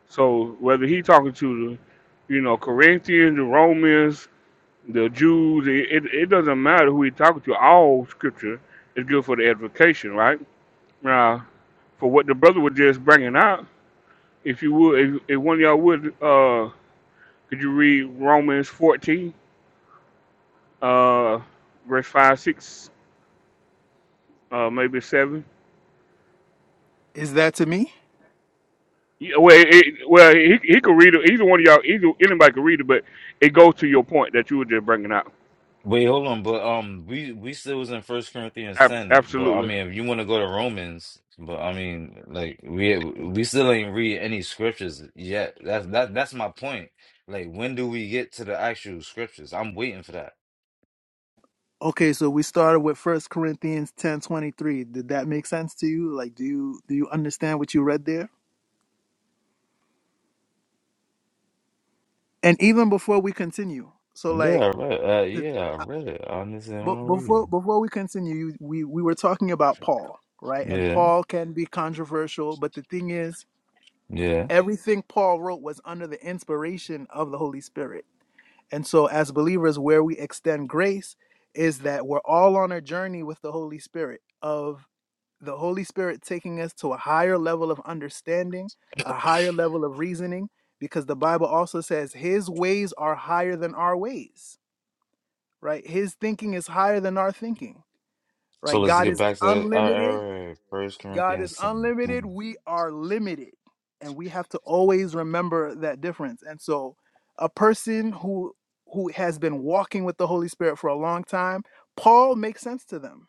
Speaker 8: So whether he talking to the, you know, Corinthians, the Romans, the Jews, it, it, it doesn't matter who he talking to. All scripture is good for the edification, right? Now, for what the brother was just bringing out, if you would, if, if one of y'all would, uh, could you read Romans 14, uh, verse 5, 6? uh, maybe seven.
Speaker 2: Is that to me?
Speaker 8: Yeah, Well, it, well, he he could read it. Either one of y'all, either anybody could read it, but it goes to your point that you were just bringing out.
Speaker 7: wait, hold on, but um, we we still was in First Corinthians
Speaker 8: Ab-
Speaker 7: ten, but I
Speaker 8: absolutely.
Speaker 7: mean, if you want to go to Romans, but I mean, like we we still ain't read any scriptures yet. That's that that's my point. Like, when do we get to the actual scriptures? I'm waiting for that.
Speaker 2: Okay, so we started with First Corinthians 10:23. Did that make sense to you? Like do you do you understand what you read there? and even before we continue so
Speaker 7: Yeah,
Speaker 2: like
Speaker 7: I read. Uh,
Speaker 2: the
Speaker 7: yeah, I read it. I understand what
Speaker 2: but
Speaker 7: I'm
Speaker 2: before
Speaker 7: reading.
Speaker 2: before we continue you- we we were talking about paul right and
Speaker 7: Yeah,
Speaker 2: paul can be controversial but the thing is
Speaker 7: yeah.
Speaker 2: everything paul wrote was under the inspiration of the holy spirit and so as believers where we extend grace is that we're all on a journey with the holy spirit of the holy spirit taking us to a higher level of understanding a higher level of reasoning because the bible also says his ways are higher than our ways right? His thinking is higher than our thinking,
Speaker 7: So
Speaker 2: right?
Speaker 7: let's
Speaker 2: God
Speaker 7: get
Speaker 2: is
Speaker 7: back to all right,
Speaker 2: unlimited.
Speaker 7: all right, First
Speaker 2: God
Speaker 7: Corinthians
Speaker 2: is
Speaker 7: ten. Come
Speaker 2: unlimited.
Speaker 7: on.
Speaker 2: We are limited. And we have to always remember that difference. And so a person who who has been walking with the Holy Spirit for a long time, Paul makes sense to them,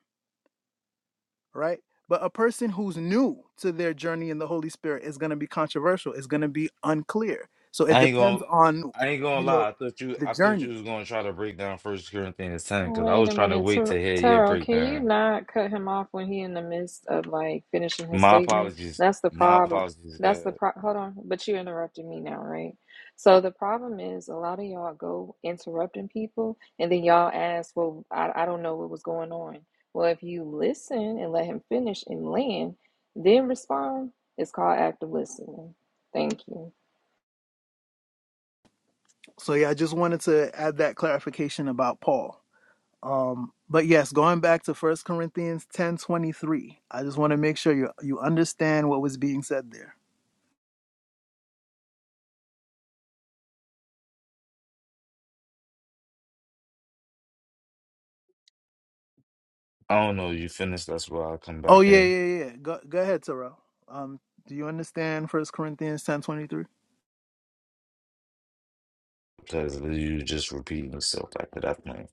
Speaker 2: right? But a person who's new to their journey in the Holy Spirit is going to be controversial, is going to be unclear. So it
Speaker 7: I ain't gonna.
Speaker 2: depends on,
Speaker 7: I ain't gonna
Speaker 2: you know,
Speaker 7: lie. I thought you.
Speaker 2: the
Speaker 7: I thought you
Speaker 2: journey.
Speaker 7: was gonna try to break down First Corinthians ten because I
Speaker 6: Wait
Speaker 7: was
Speaker 6: a
Speaker 7: trying to
Speaker 6: minute,
Speaker 7: wait to
Speaker 6: Tar-
Speaker 7: hear your
Speaker 6: Taro, can you
Speaker 7: breakdown.
Speaker 6: not cut him off when he in the midst of like finishing his
Speaker 7: My
Speaker 6: statement?
Speaker 7: apologies.
Speaker 6: That's the
Speaker 7: My
Speaker 6: problem.
Speaker 7: apologies, God.
Speaker 6: That's the pro hold on, but you interrupted me now, right? So the problem is a lot of y'all go interrupting people and then y'all ask, Well, I, I don't know what was going on. Well, if you listen and let him finish and land, then respond, it's called active listening. Thank you.
Speaker 2: So yeah, I just wanted to add that clarification about Paul. Um, but yes, going back to First Corinthians 10 23, I just want to make sure you you understand what was being said there.
Speaker 7: I don't know. You finished. That's why I come
Speaker 2: Oh,
Speaker 7: back
Speaker 2: yeah,
Speaker 7: in
Speaker 2: yeah, yeah. yeah. Go, go ahead, Terrell. Um, do you understand First Corinthians ten twenty three?
Speaker 7: because you just repeating yourself after that point.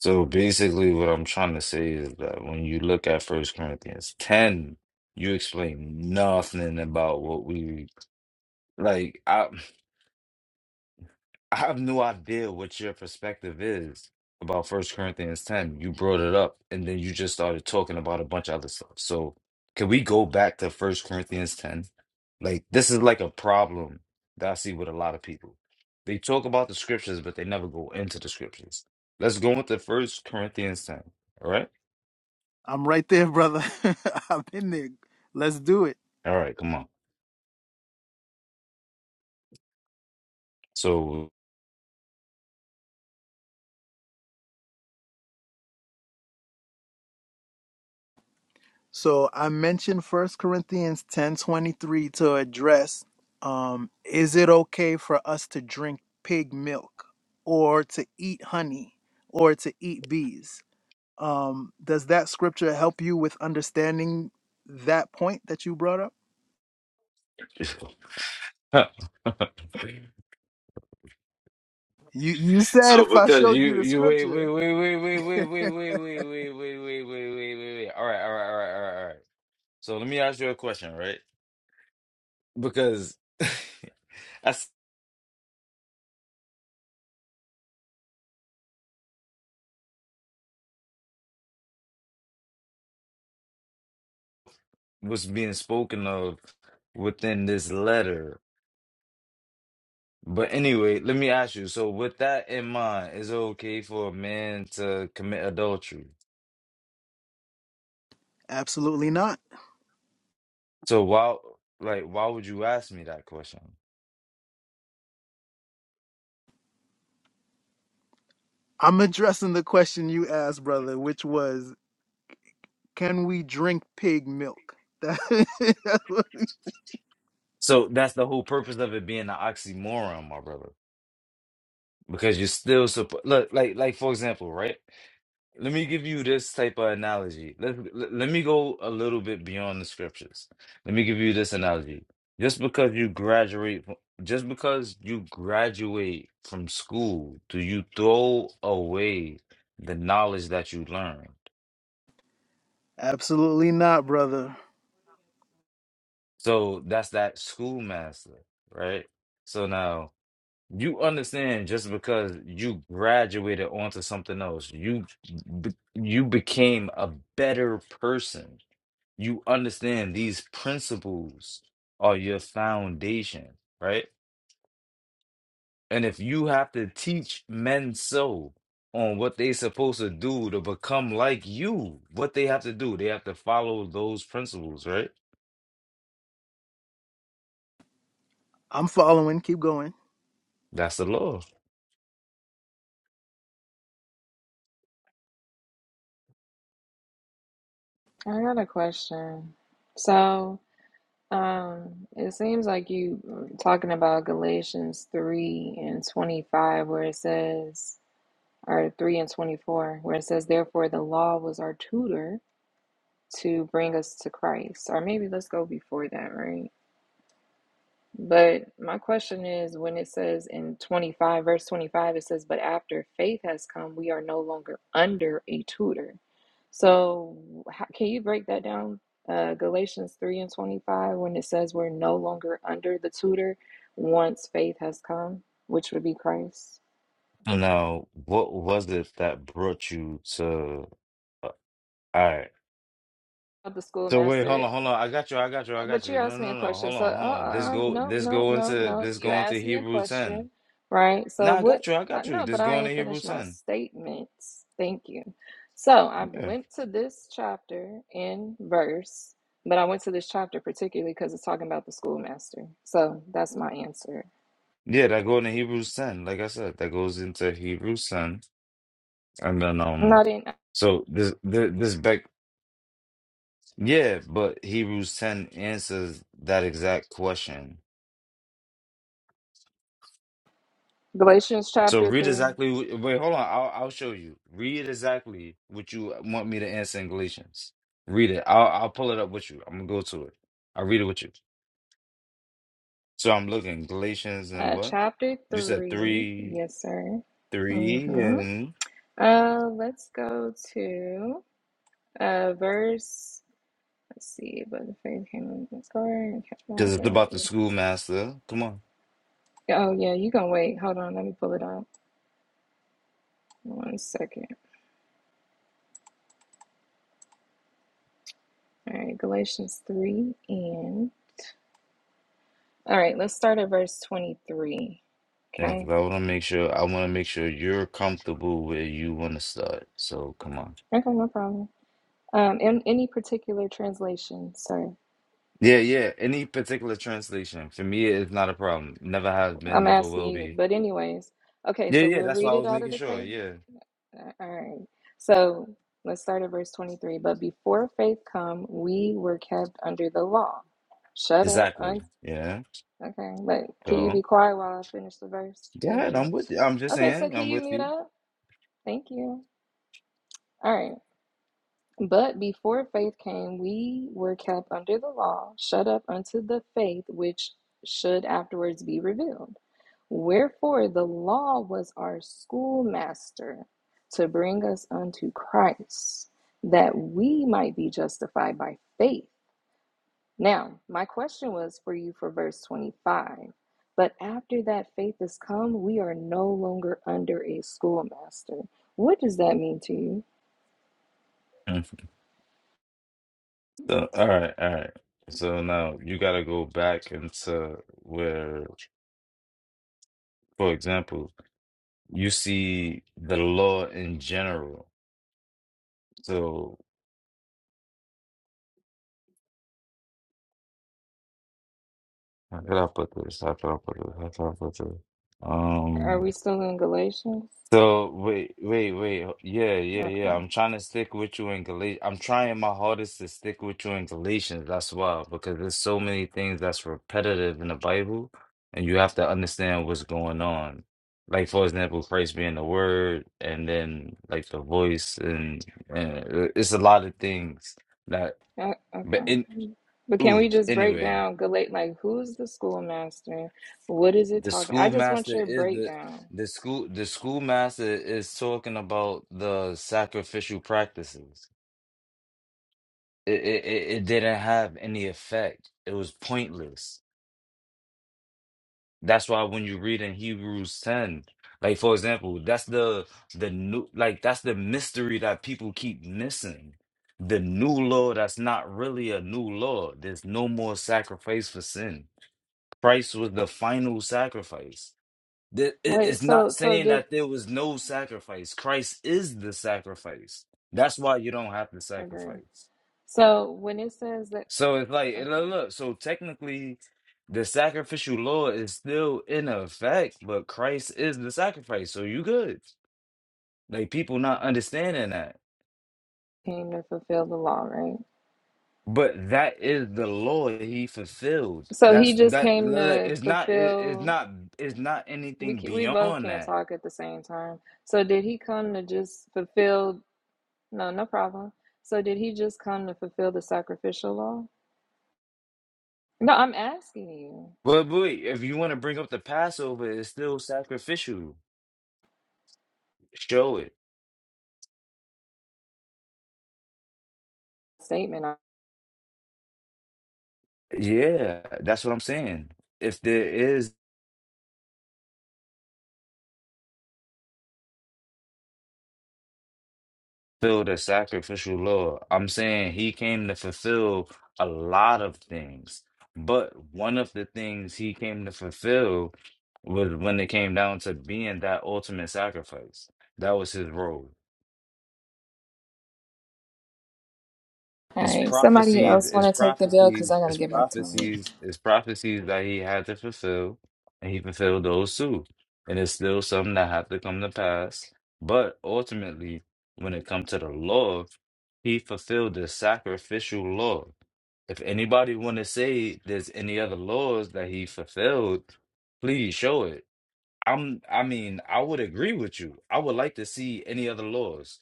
Speaker 7: So basically, what I'm trying to say is that when you look at First Corinthians 10, you explain nothing about what we like. I I have no idea what your perspective is about First Corinthians 10. You brought it up, and then you just started talking about a bunch of other stuff. So can we go back to First Corinthians 10? Like this is like a problem that I see with a lot of people. They talk about the scriptures, but they never go into the scriptures. Let's go into First Corinthians 10. All right.
Speaker 2: I'm right there, brother. [LAUGHS] I've been there. Let's do it.
Speaker 7: All right, come on. So,
Speaker 2: So I mentioned First Corinthians 10 23 to address um, is it okay for us to drink pig milk or to eat honey or to eat bees? um does that scripture help you with understanding that point that you brought up
Speaker 7: [LAUGHS]
Speaker 2: you you said
Speaker 7: so
Speaker 2: if i
Speaker 7: because
Speaker 2: showed you
Speaker 7: you
Speaker 2: the
Speaker 7: you wait wait
Speaker 2: scripture
Speaker 7: wait wait wait wait
Speaker 2: [LAUGHS]
Speaker 7: wait wait wait wait wait wait wait wait wait wait. All right, all right, all right, all right, all right. So let me ask you a question, right? Because [LAUGHS] that's what's being spoken of within this letter. But anyway, let me ask you. So with that in mind, is it okay for a man to commit adultery?
Speaker 2: absolutely not
Speaker 7: So why, like, why would you ask me that question?
Speaker 2: i'm addressing the question you asked brother which was can we drink pig milk That-
Speaker 7: So that's the whole purpose of it being an oxymoron, my brother. Because you're still supposed look like like for example, right? Let me give you this type of analogy. Let let let me go a little bit beyond the scriptures. Let me give you this analogy. Just because you graduate, fr- just because you graduate from school, do you throw away the knowledge that you learned?
Speaker 2: [LAUGHS] absolutely not brother
Speaker 7: So that's that schoolmaster, right? So now. You understand just because you graduated onto something else, you be- you became a better person. You understand these principles are your foundation, right? And if you have to teach men so on what they supposed to do to become like you, what they have to do, they have to follow those principles, right?
Speaker 2: i'm following keep going
Speaker 7: That's the law.
Speaker 6: I got a question. So Um, it seems like you mm, talking about Galatians 3 and 25, where it says, or 3 and 24, where it says, Therefore the law was our tutor to bring us to Christ. Or maybe let's go before that, right? But my question is when it says in 25, verse 25, it says, But after faith has come, we are no longer under a tutor. So, how, can you break that down? Uh, Galatians 3 and 25, when it says we're no longer under the tutor once faith has come, which would be Christ.
Speaker 7: Now, what was it that brought you to? uh, All right.
Speaker 6: Of the
Speaker 7: So wait, hold
Speaker 6: schoolmaster
Speaker 7: on, hold on. I got you. I got you. I got
Speaker 6: But you
Speaker 7: you. No,
Speaker 6: asked me
Speaker 7: no,
Speaker 6: a
Speaker 7: no.
Speaker 6: question.
Speaker 7: Hold
Speaker 6: So, uh,
Speaker 7: on,
Speaker 6: uh,
Speaker 7: hold on. This
Speaker 6: uh,
Speaker 7: go,
Speaker 6: no,
Speaker 7: this
Speaker 6: no,
Speaker 7: go
Speaker 6: no,
Speaker 7: into,
Speaker 6: no.
Speaker 7: this
Speaker 6: You
Speaker 7: go into
Speaker 6: asked me a
Speaker 7: Hebrew ten.
Speaker 6: question, right?
Speaker 7: No,
Speaker 6: So,
Speaker 7: I
Speaker 6: what?
Speaker 7: got you. I
Speaker 6: Uh,
Speaker 7: got you.
Speaker 6: no,
Speaker 7: This
Speaker 6: but I
Speaker 7: going to
Speaker 6: ain't
Speaker 7: Hebrew
Speaker 6: finished my
Speaker 7: ten.
Speaker 6: statements. Thank you. So, I
Speaker 7: Yeah,
Speaker 6: went to this chapter in verse, but I went to this chapter particularly because it's talking about the schoolmaster. So, that's my answer.
Speaker 7: yeah. That go into Hebrews ten. Like I said, that goes into Hebrews ten, and then
Speaker 6: I'm
Speaker 7: um,
Speaker 6: not in
Speaker 7: so this, this, this back. Yeah, but Hebrews ten answers that exact question.
Speaker 6: Galatians
Speaker 7: So
Speaker 6: chapter
Speaker 7: read
Speaker 6: 3.
Speaker 7: exactly. Wait, hold on. I'll I'll show you. Read exactly what you want me to answer in Galatians. Read it. I'll I'll pull it up with you. I'm gonna go to it. I'll read it with you. So I'm looking Galatians and
Speaker 6: Uh,
Speaker 7: what?
Speaker 6: chapter
Speaker 7: You said
Speaker 6: 3.
Speaker 7: three,
Speaker 6: Yes, sir.
Speaker 7: three,
Speaker 6: Mm-hmm.
Speaker 7: and
Speaker 6: Uh, let's go to uh, verse. Let's see, but the faith came in the car and kept on
Speaker 7: because it's about the schoolmaster. Come on.
Speaker 6: Yeah, Oh, yeah, you gonna wait. Hold on, let me pull it up. One second. All right, Galatians 3 and. All right, let's start at verse 23.
Speaker 7: Yeah, 'cause
Speaker 6: Okay.
Speaker 7: I want to make sure I want to make sure you're comfortable where you want to start. So come on.
Speaker 6: Okay, no problem. Um, in any particular translation, sorry,
Speaker 7: Yeah, yeah. Any particular translation for me is not a problem. Never has been,
Speaker 6: I'm
Speaker 7: never
Speaker 6: asking
Speaker 7: will
Speaker 6: you,
Speaker 7: be.
Speaker 6: but anyways, okay,
Speaker 7: Yeah,
Speaker 6: so
Speaker 7: yeah.
Speaker 6: we'll
Speaker 7: That's why
Speaker 6: read
Speaker 7: I
Speaker 6: it
Speaker 7: was
Speaker 6: out of
Speaker 7: making
Speaker 6: the
Speaker 7: sure.
Speaker 6: cave.
Speaker 7: Yeah.
Speaker 6: All right, so let's start at verse 23. But before faith come, we were kept under the law, shut up,
Speaker 7: Exactly. Yeah.
Speaker 6: Okay, but can you be
Speaker 7: So
Speaker 6: quiet while I finish the verse?
Speaker 7: yeah,
Speaker 6: Thank you.
Speaker 7: I'm with you. I'm just
Speaker 6: Okay, so
Speaker 7: saying,
Speaker 6: can
Speaker 7: I'm
Speaker 6: you
Speaker 7: with
Speaker 6: mute
Speaker 7: you.
Speaker 6: up? Thank you. All right. But before faith came, we were kept under the law, shut up unto the faith which should afterwards be revealed. Wherefore the law was our schoolmaster to bring us unto Christ, that we might be justified by faith. Now, my question was for you for verse 25. But after that faith has come, we are no longer under a schoolmaster. What does that mean to you?
Speaker 7: Mhm. So, all right, all right. So now you got to go back into where, for example, you see the law in general. So how could I put this? How could I put this? How could I put this?
Speaker 6: Are
Speaker 7: Um.
Speaker 6: we still in Galatians?
Speaker 7: So wait, wait, wait. Yeah, yeah, yeah.
Speaker 6: Okay.
Speaker 7: I'm trying to stick with you in Galatians. I'm trying my hardest to stick with you in Galatians. That's why, because there's so many things that's repetitive in the Bible, and you have to understand what's going on. Like for example, Christ being the Word, and then like the voice, and, and uh, it's a lot of things that.
Speaker 6: Uh,
Speaker 7: But
Speaker 6: okay.
Speaker 7: in
Speaker 6: But can
Speaker 7: ooh,
Speaker 6: we just break
Speaker 7: anyway.
Speaker 6: down Galat like who's the schoolmaster? What is it
Speaker 7: The
Speaker 6: talking? I just want
Speaker 7: schoolmaster
Speaker 6: your
Speaker 7: is the
Speaker 6: breakdown.
Speaker 7: the school the schoolmaster is talking about the sacrificial practices. It, it it it didn't have any effect. It was pointless. That's why when you read in Hebrews 10, like for example, that's the the new like that's the mystery that people keep missing. The new law that's not really a new law. There's no more sacrifice for sin. Christ was the final sacrifice. That it-
Speaker 6: Wait,
Speaker 7: It's not
Speaker 6: so so
Speaker 7: saying
Speaker 6: did
Speaker 7: that there was no sacrifice. Christ is the sacrifice. That's why you don't have to
Speaker 6: agree.
Speaker 7: sacrifice.
Speaker 6: So when it says that
Speaker 7: So it's like, and
Speaker 6: okay,
Speaker 7: look, look, so technically, the sacrificial law is still in effect, but Christ is the sacrifice. So you good. Like people not understanding that.
Speaker 6: came to fulfill the law, right?
Speaker 7: But that is the law that he fulfilled.
Speaker 6: So
Speaker 7: That's
Speaker 6: he just
Speaker 7: that.
Speaker 6: came
Speaker 7: look,
Speaker 6: to
Speaker 7: It's not. it- It's
Speaker 6: fulfill
Speaker 7: not. It's not
Speaker 6: We
Speaker 7: anything
Speaker 6: can, we both
Speaker 7: beyond
Speaker 6: can't
Speaker 7: that.
Speaker 6: talk at the same time. So did he come to just fulfill? No, no problem. So did he just come to fulfill the sacrificial law? No, I'm asking you.
Speaker 7: But boy, if you want to bring up the Passover, it's still sacrificial. Show it.
Speaker 6: Statement. All
Speaker 7: Yeah, that's what I'm saying. If there is filled a sacrificial law, I'm saying he came to fulfill a lot of things. But one of the things he came to fulfill was when it came down to being that ultimate sacrifice. That was his role. It's
Speaker 6: right. [LAUGHS] Somebody
Speaker 7: prophecies,
Speaker 6: else
Speaker 7: it's
Speaker 6: want to take the bill because
Speaker 7: prophecies,
Speaker 6: I got to
Speaker 7: it's
Speaker 6: get back to work.
Speaker 7: prophecies, it's prophecies that he had to fulfill, and he fulfilled those too. And it's still something that have to come to pass. But ultimately, when it comes to the law, he fulfilled the sacrificial law. If anybody want to say there's any other laws that he fulfilled, please show it. I'm, I mean, I would agree with you. I would like to see any other laws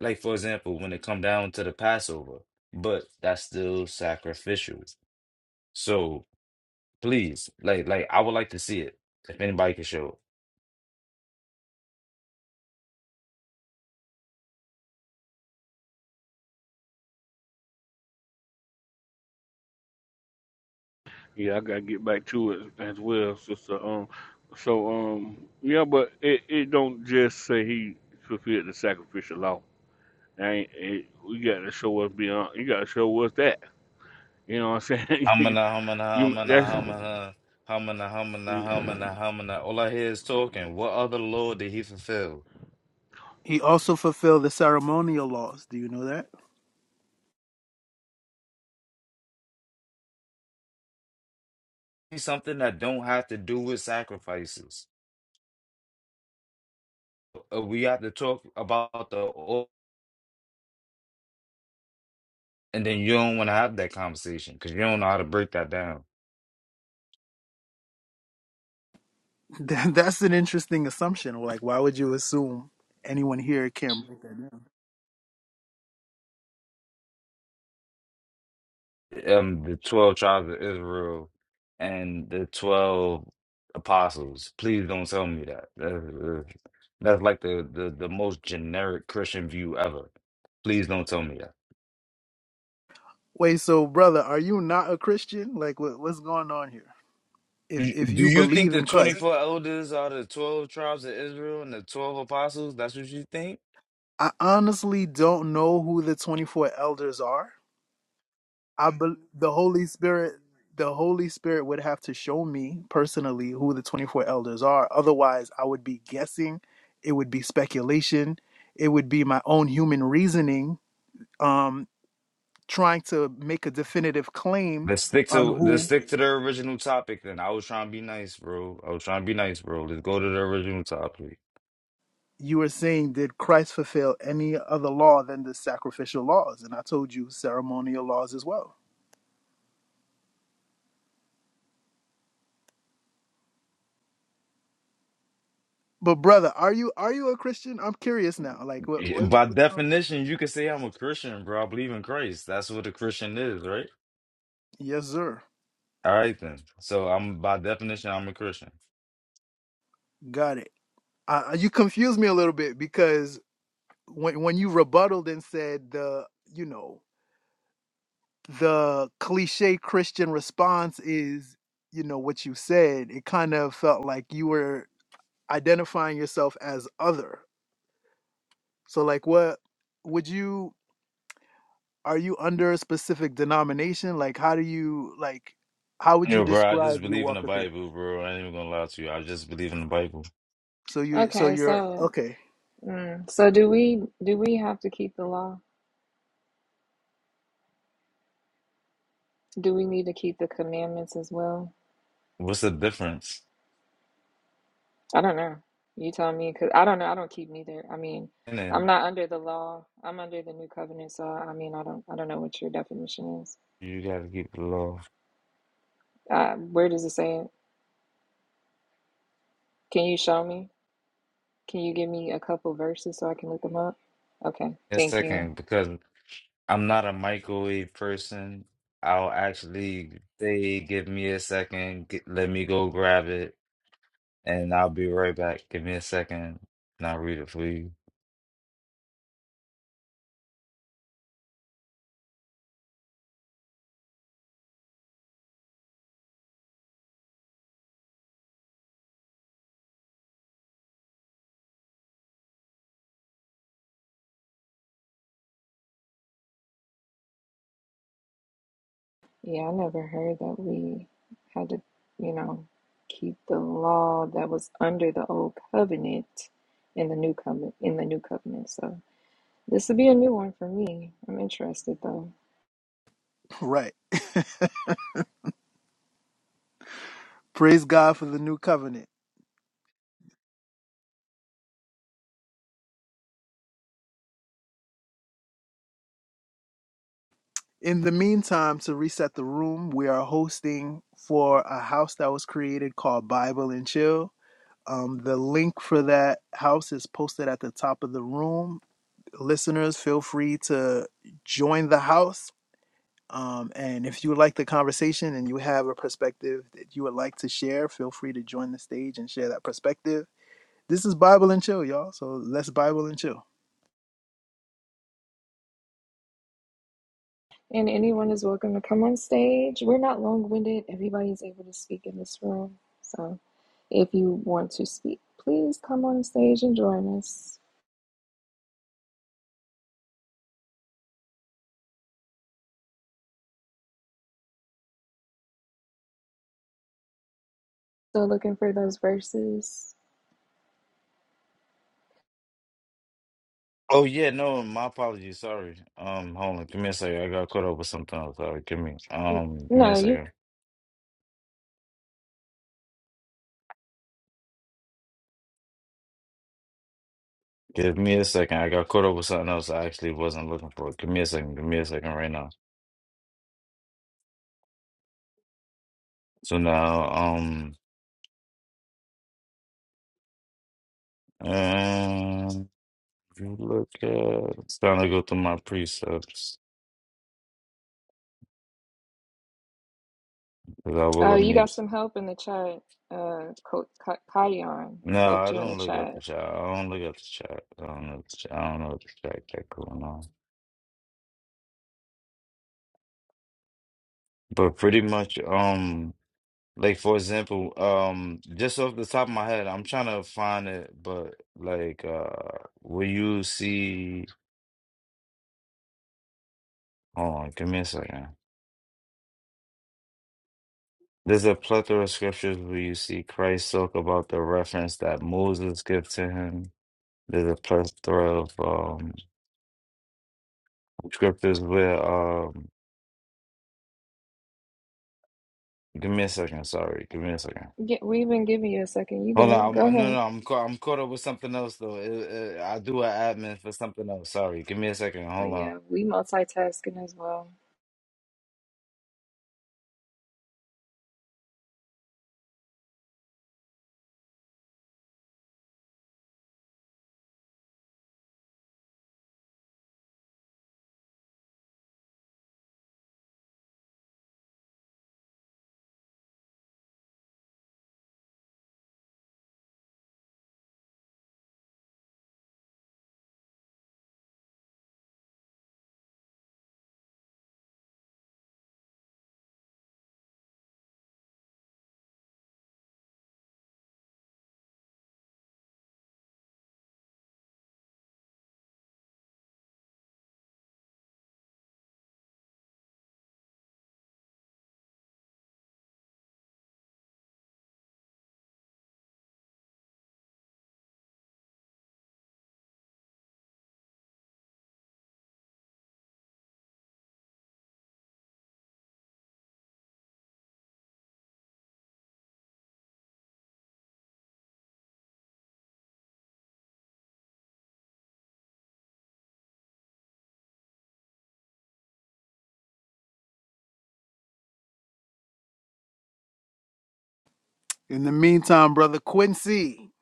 Speaker 7: like for example, when it come down to the Passover, but that's still sacrificial. So please, like, like I would like to see it if anybody can show it.
Speaker 8: Yeah, I gotta get back to it as well, sister. Um, so um, yeah, but it, it don't just say he fulfilled the sacrificial law. That Ain't it, we got to show us beyond. You got to show us that. You know what I'm saying? [LAUGHS] you,
Speaker 7: Hamana, hamana,
Speaker 8: you
Speaker 7: hamana,
Speaker 8: that's
Speaker 7: hamana, hamana, hamana, hamana, hamana. All I hear is talking. What other law did he fulfill?
Speaker 2: he also fulfilled the ceremonial laws do you know that [LAUGHS]
Speaker 7: It's something that don't have to do with sacrifices. Uh, We have to talk about the, and then you don't want to have that conversation because you don't know how to break that down.
Speaker 2: That- that's an interesting assumption like why would you assume anyone here can break that down?
Speaker 7: um the 12 tribes of Israel and the 12 apostles. Please don't tell me that. That's, that's like the, the the most generic Christian view ever. Please don't tell me that.
Speaker 2: Wait, so brother, are you not a Christian? Like, what, what's going on here? If
Speaker 7: You-
Speaker 2: if
Speaker 7: Do
Speaker 2: you
Speaker 7: you think
Speaker 2: believe
Speaker 7: the
Speaker 2: in Christ,
Speaker 7: 24 elders are the 12 tribes of Israel and the 12 apostles? That's what you think?
Speaker 2: I honestly don't know who the twenty four elders are. I bel the Holy Spirit, the Holy Spirit would have to show me personally who the twenty four elders are. Otherwise, I would be guessing. It would be speculation. It would be my own human reasoning, um, trying to make a definitive claim
Speaker 7: Let's stick
Speaker 2: on
Speaker 7: to let's
Speaker 2: who
Speaker 7: stick to the original topic then. I was trying to be nice, bro. I was trying to be nice, bro. Let's go to the original topic.
Speaker 2: you were saying, did Christ fulfill any other law than the sacrificial laws? And I told you ceremonial laws as well. But brother, are you are you a Christian? I'm curious now. Like what?
Speaker 7: Yeah,
Speaker 2: what,
Speaker 7: By
Speaker 2: what-
Speaker 7: definition, you could say I'm a Christian, bro. I believe in Christ. That's what a Christian is, right?
Speaker 2: yes, sir.
Speaker 7: All right then. So I'm by definition, I'm a Christian.
Speaker 2: Got it. Uh, you confused me a little bit because when when you rebutted and said the you know the cliche Christian response is you know what you said, it kind of felt like you were identifying yourself as other. So like what would you? are you under a specific denomination? Like, how do you like? How would you
Speaker 7: Yo, bro, I
Speaker 2: describe
Speaker 7: just
Speaker 2: your
Speaker 7: believe in
Speaker 2: walk
Speaker 7: the
Speaker 2: of faith?
Speaker 7: Bible, bro. I ain't even gonna lie to you. I just believe in the Bible.
Speaker 2: So you, so
Speaker 6: Okay.
Speaker 2: you're
Speaker 6: So,
Speaker 2: okay,
Speaker 6: mm, so do we? Do we have to keep the law? Do we need to keep the commandments as well?
Speaker 7: What's the difference?
Speaker 6: I don't know. You tell me, because I don't know. I don't keep neither. I mean,
Speaker 7: And then
Speaker 6: I'm not under the law. I'm under the new covenant, so I mean, I don't, I don't know what your definition is.
Speaker 7: you gotta keep the law.
Speaker 6: Uh, where does it say it? Can you show me? Can you give me a couple verses so I can look them up? Okay,
Speaker 7: And
Speaker 6: thank you.
Speaker 7: second, because I'm not a microwave person, I'll actually say, give me a second, get, let me go grab it, and I'll be right back. Give me a second, and I'll read it for you.
Speaker 6: Yeah, I never heard that we had to, you know, keep the law that was under the old covenant in the new covenant in the new covenant. So this would be a new one for me. I'm interested though.
Speaker 2: right? Praise God for the new covenant. In the meantime, to reset the room, we are hosting for a house that was created called Bible and Chill. Um, the link for that house is posted at the top of the room. Listeners, feel free to join the house Um, and if you like the conversation and you have a perspective that you would like to share, feel free to join the stage and share that perspective. This is Bible and Chill, y'all. So let's Bible and Chill.
Speaker 6: And anyone is welcome to come on stage. We're not long winded, everybody's able to speak in this room. So if you want to speak, please come on stage and join us. Still looking for those verses.
Speaker 7: Oh yeah, no, my apologies. Sorry. Um, hold on. Give me a second. I got caught up with something else. Sorry. Give me. Um, give me a
Speaker 6: No, you
Speaker 7: second. Give me a second. I got caught up with something else. I actually wasn't looking for. it. Give me a second. Give me a second right now. So now, um, um, if you look at. It's time to go through my precepts. 'cause I will
Speaker 6: uh, you got
Speaker 7: admit.
Speaker 6: some help in the chat. Uh, Ko- Ka- Kayon
Speaker 7: No, I
Speaker 6: helped you in the
Speaker 7: don't look at
Speaker 6: chat.
Speaker 7: the chat. I don't look at the chat. I don't know. The chat. I don't know what the chat got going on. But pretty much, um. Like for example, um, just off the top of my head, I'm trying to find it, but like, uh, will you see? Hold on, give me a second. There's a plethora of scriptures where you see Christ talk about the reference that Moses gave to him. There's a plethora of um scriptures where um, give me a second. Sorry, give me a second.
Speaker 6: Get, we've been giving you a second. You
Speaker 7: Hold
Speaker 6: good?
Speaker 7: on,
Speaker 6: Go
Speaker 7: I'm, no,
Speaker 6: ahead.
Speaker 7: no, I'm caught. I'm caught up with something else though. It, it, I do an admin for something else. Sorry, give me a second.
Speaker 6: Oh,
Speaker 7: Hold on.
Speaker 6: yeah, we multitasking as well.
Speaker 2: In the meantime, brother Quincy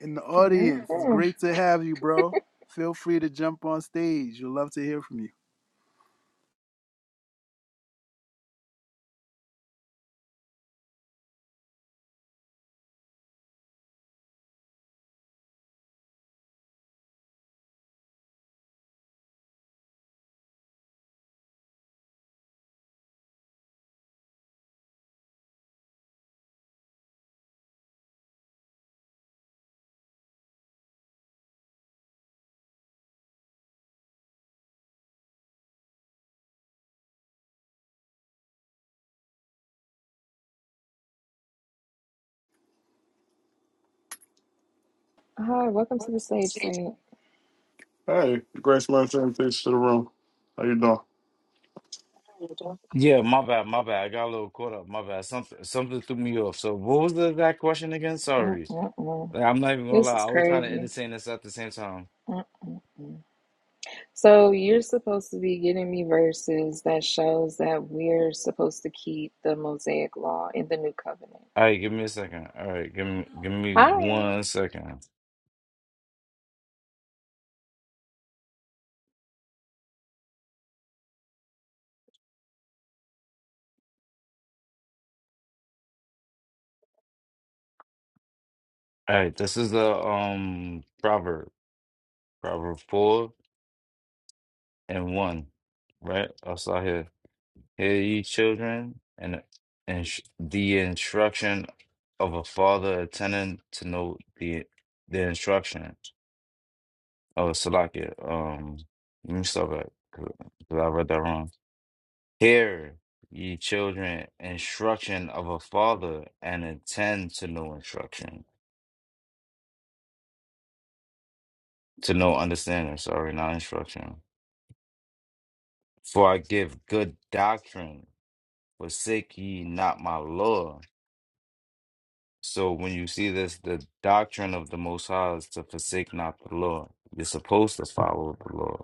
Speaker 2: in the audience, it's
Speaker 6: Mhm.
Speaker 2: great to have you, bro. Feel free to jump on stage. We'd love to hear from you.
Speaker 6: Hi, welcome to the stage, Saint.
Speaker 9: Hey, Grace Martin, peace to the room. How you doing?
Speaker 7: Yeah, my bad, my bad. I got a little caught up. My bad. Something something threw me off. So what was the exact question again? Sorry.
Speaker 6: Mm-mm-mm.
Speaker 7: Like, I'm not even gonna lie.
Speaker 6: This is
Speaker 7: I was trying to
Speaker 6: crazy.
Speaker 7: entertain this at the same time.
Speaker 6: Mm-mm. So you're supposed to be getting me verses that shows that we're supposed to keep the Mosaic law in the new covenant.
Speaker 7: All right, give me a second. All right, give me give me
Speaker 6: Hi.
Speaker 7: one second. All right, this is the um proverb, proverb four and one, right? I saw here. Hear ye children, and and sh- the instruction of a father attending to know the the instruction. Oh, Salakia. Um, let me stop that because I read that wrong. Hear, ye children, instruction of a father, and attend to no instruction, to no understanding. Sorry, not instruction. For I give good doctrine. Forsake ye not my law. So when you see this, the doctrine of the Most High is to forsake not the law. You're supposed to follow the law.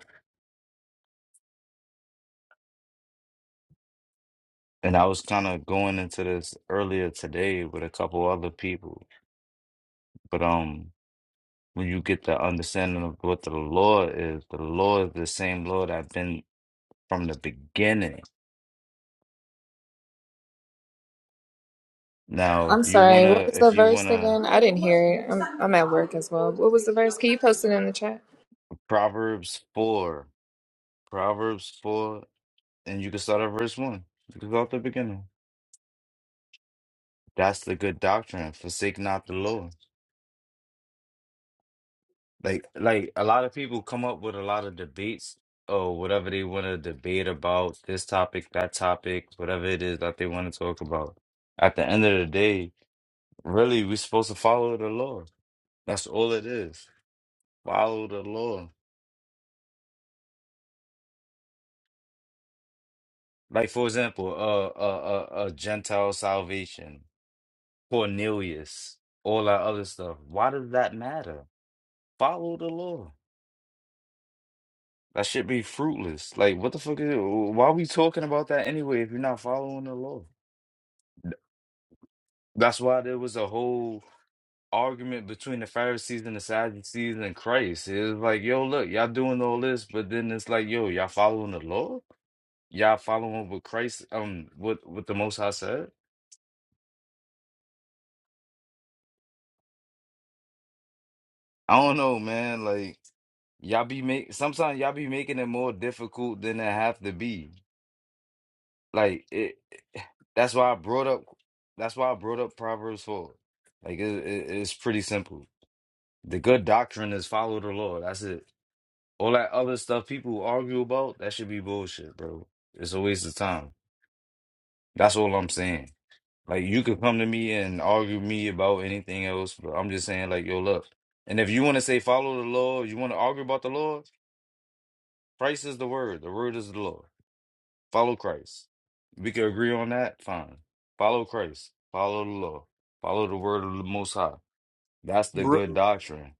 Speaker 7: And I was kind of going into this earlier today with a couple other people, but um. when you get the understanding of what the law is, the law is the same law that been from the beginning. Now, if
Speaker 6: I'm
Speaker 7: you
Speaker 6: sorry, what
Speaker 7: wanna,
Speaker 6: was
Speaker 7: if
Speaker 6: the
Speaker 7: you
Speaker 6: verse
Speaker 7: wanna,
Speaker 6: again? I didn't hear it. I'm, I'm at work as well. What was the verse? Can you post it in the chat?
Speaker 7: Proverbs four, Proverbs four, and you can start at verse one. You can start at the beginning. That's the good doctrine. Forsake not the law. Like, like a lot of people come up with a lot of debates or whatever they want to debate about this topic, that topic, whatever it is that they want to talk about. At the end of the day, really, we're supposed to follow the law That's all it is. Follow the law. Like for example, uh, uh, uh, uh Gentile salvation, Cornelius, all that other stuff. Why does that matter? Follow the law. That should be fruitless. Like what the fuck is it? Why are we talking about that anyway if you're not following the law? That's why there was a whole argument between the Pharisees and the Sadducees and Christ. It was like, yo, look, y'all doing all this, but then it's like, yo, y'all following the law? y'all following what Christ um what what the Most High said? I don't know, man. Like y'all be make sometimes y'all be making it more difficult than it have to be. Like it. That's why I brought up. That's why I brought up Proverbs four. Like it, it, it's pretty simple. The good doctrine is follow the Lord. That's it. All that other stuff people argue about that should be bullshit, bro. It's a waste of time. That's all I'm saying. Like you could come to me and argue with me about anything else, but I'm just saying, like, yo, look. And if you want to say follow the law, you want to argue about the law. Christ is the word. The word is the law. Follow Christ. We can agree on that, fine. Follow Christ. Follow the law. Follow the word of the most high. That's the
Speaker 2: Bro,
Speaker 7: good doctrine.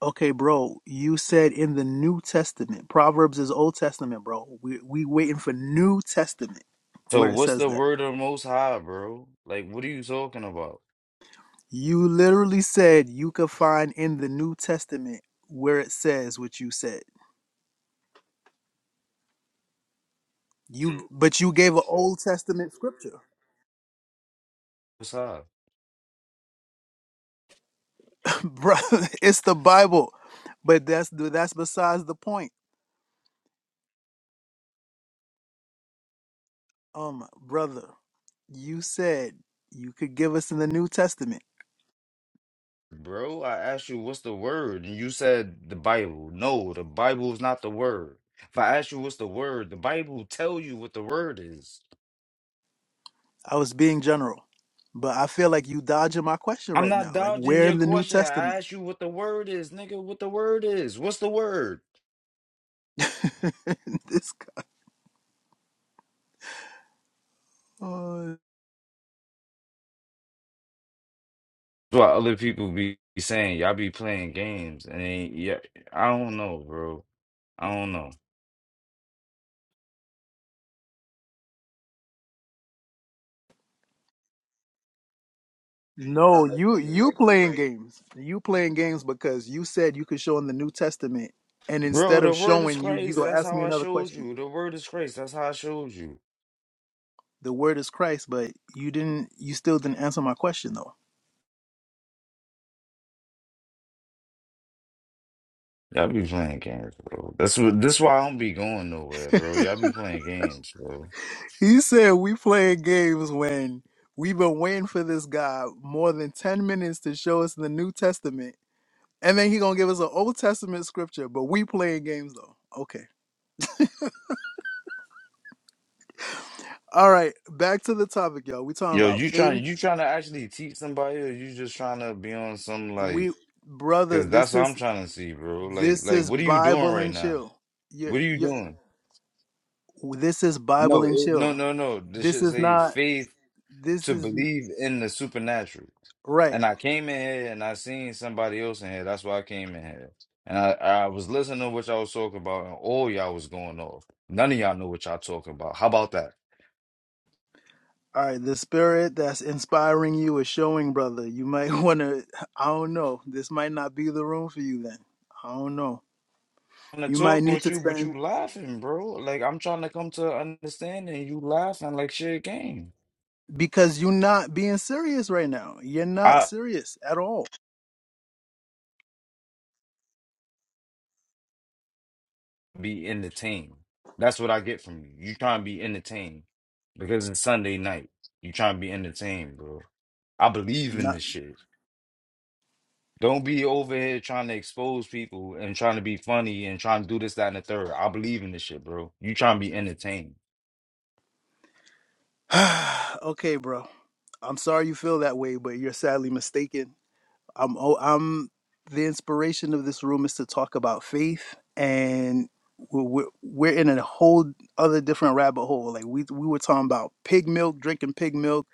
Speaker 2: okay, bro. You said in the New Testament. Proverbs is Old Testament, bro. We we waiting for New Testament
Speaker 7: So
Speaker 2: where it
Speaker 7: what's
Speaker 2: says
Speaker 7: the
Speaker 2: that.
Speaker 7: word of the most high, bro? Like, what are you talking about?
Speaker 2: You literally said you could find in the New Testament where it says what you said. You but you gave an Old Testament scripture.
Speaker 7: Most high.
Speaker 2: [LAUGHS] brother, it's the Bible. But that's that's besides the point. Um brother, you said you could give us in the New Testament.
Speaker 7: Bro, I asked you what's the word, and you said the Bible. No, the Bible is not the word. If I ask you what's the word, the Bible tell you what the word is.
Speaker 2: I was being general. But I feel like you dodging my question
Speaker 7: I'm
Speaker 2: right
Speaker 7: not
Speaker 2: now. Like
Speaker 7: dodging
Speaker 2: where
Speaker 7: your
Speaker 2: in the New
Speaker 7: question. I
Speaker 2: Testament?
Speaker 7: asked you what the word is, nigga. What the word is? What's the word?
Speaker 2: [LAUGHS] this guy.
Speaker 7: That's why other people be saying y'all be playing games, and ain't yeah, I don't know, bro. I don't know,
Speaker 2: No, you you playing games. You playing games because you said you could show in the New Testament, and
Speaker 7: bro.
Speaker 2: instead
Speaker 7: The
Speaker 2: of
Speaker 7: word is
Speaker 2: showing you, you
Speaker 7: Christ.
Speaker 2: go
Speaker 7: That's
Speaker 2: ask me
Speaker 7: how I
Speaker 2: another
Speaker 7: showed
Speaker 2: question.
Speaker 7: you. The word is Christ. That's how I showed you.
Speaker 2: The word is Christ, but you didn't. You still didn't answer my question though.
Speaker 7: Y'all be playing games, bro. That's what. This why I don't be going nowhere, bro. Y'all be playing games, bro.
Speaker 2: He said we playing games when we've been waiting for this guy more than ten minutes to show us the New Testament, and then he gonna give us an Old Testament scripture. But we playing games though. Okay. All right. Back to the topic, y'all. We talking
Speaker 7: Yo,
Speaker 2: about
Speaker 7: you trying you
Speaker 2: faith.
Speaker 7: trying to actually teach somebody, or you just trying to be on some like?
Speaker 2: We brother,
Speaker 7: Cause that's
Speaker 2: this
Speaker 7: what
Speaker 2: is
Speaker 7: I'm trying to see, bro. Like,
Speaker 2: This
Speaker 7: like
Speaker 2: is
Speaker 7: what are you doing
Speaker 2: Bible
Speaker 7: right
Speaker 2: and
Speaker 7: now?
Speaker 2: chill. You're,
Speaker 7: What are you
Speaker 2: you're,
Speaker 7: doing?
Speaker 2: this is Bible
Speaker 7: No,
Speaker 2: and
Speaker 7: it, no,
Speaker 2: chill.
Speaker 7: no, no. This
Speaker 2: This
Speaker 7: should
Speaker 2: is
Speaker 7: say
Speaker 2: not,
Speaker 7: faith
Speaker 2: this
Speaker 7: to
Speaker 2: is
Speaker 7: believe in the supernatural.
Speaker 2: right.
Speaker 7: And I came in here and I seen somebody else in here. That's why I came in here. And I, I was listening to what y'all was talking about, and all y'all was going off. None of y'all know what y'all talking about. How about that?
Speaker 2: All right, the spirit that's inspiring you is showing, brother. You might [LAUGHS] want to, I don't know. This might not be the room for you then. I don't know.
Speaker 7: trying to
Speaker 2: You might
Speaker 7: talk
Speaker 2: need
Speaker 7: with
Speaker 2: to
Speaker 7: you, but
Speaker 2: spend,
Speaker 7: you laughing, bro. Like I'm trying to come to an understanding. You laughing like shit game.
Speaker 2: because you're not being serious right now. You're not
Speaker 7: I
Speaker 2: serious at all.
Speaker 7: be entertained. That's what I get from you. You trying to be entertained because it's Sunday night. You trying to be entertained, bro. I believe in
Speaker 2: Not,
Speaker 7: this shit. Don't be over here trying to expose people and trying to be funny and trying to do this, that, and the third. I believe in this shit, bro. You trying to be entertained.
Speaker 2: [SIGHS] okay, bro. I'm sorry you feel that way, but you're sadly mistaken. I'm oh, I'm the inspiration of this room is to talk about faith and we're, we're we're in a whole other different rabbit hole like we we were talking about pig milk drinking pig milk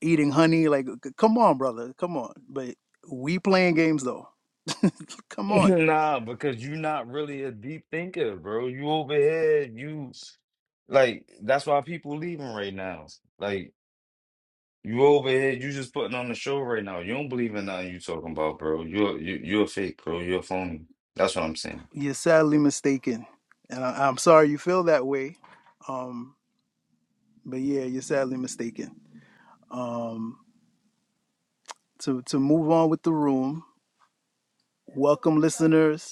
Speaker 2: eating honey like c- come on brother come on but we playing games though
Speaker 7: [LAUGHS]
Speaker 2: come on
Speaker 7: nah, because you're not really a deep thinker, bro. You over here, you like that's why people leaving right now. Like you over here, you just putting on the show right now. You don't believe in nothing you talking about, bro. You're you, you're fake, bro. You're a phony. That's what I'm saying.
Speaker 2: you're sadly mistaken and I, i'm sorry you feel that way um but yeah you're sadly mistaken um to to move on with the room welcome listeners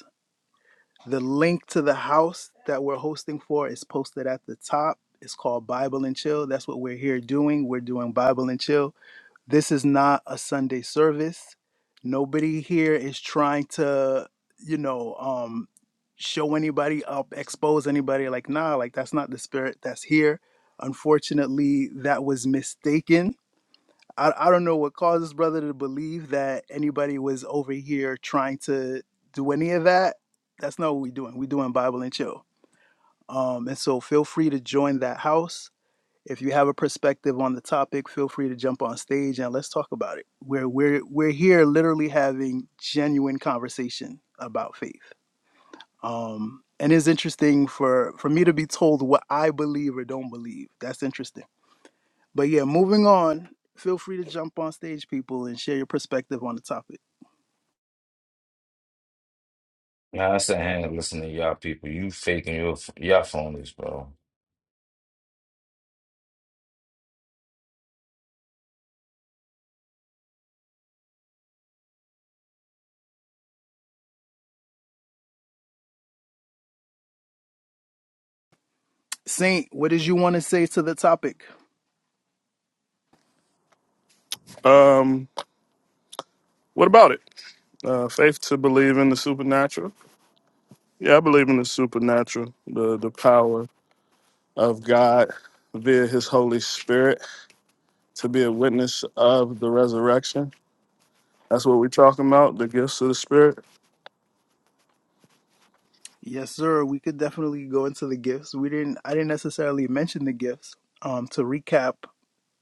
Speaker 2: The link to the house that we're hosting for is posted at the top. It's called Bible and Chill. That's what we're here doing. We're doing Bible and Chill. This is not a Sunday service. Nobody here is trying to, you know, um, show anybody up, expose anybody. Like, nah, like that's not the spirit that's here. Unfortunately, that was mistaken I, I don't know what caused this brother to believe that anybody was over here trying to do any of that. That's not what we're doing. We're doing Bible and chill. Um, and so feel free to join that house. If you have a perspective on the topic, feel free to jump on stage and let's talk about it. We're we're we're here literally having genuine conversation about faith. Um, and it's interesting for for me to be told what I believe or don't believe. That's interesting but yeah, moving on. Feel free to jump on stage, people, and share your perspective on the topic.
Speaker 7: Nah, I said, hang up, listen to y'all people. You faking your y'all phonies, bro.
Speaker 2: Saint, what did you want to say to the topic?
Speaker 9: Um, what about it? Uh, faith to believe in the supernatural. Yeah, I believe in the supernatural, the the power of God via His Holy Spirit to be a witness of the resurrection. That's what we're talking about, the gifts of the Spirit.
Speaker 2: Yes, sir. We could definitely go into the gifts. We didn't. I didn't necessarily mention the gifts. Um, to recap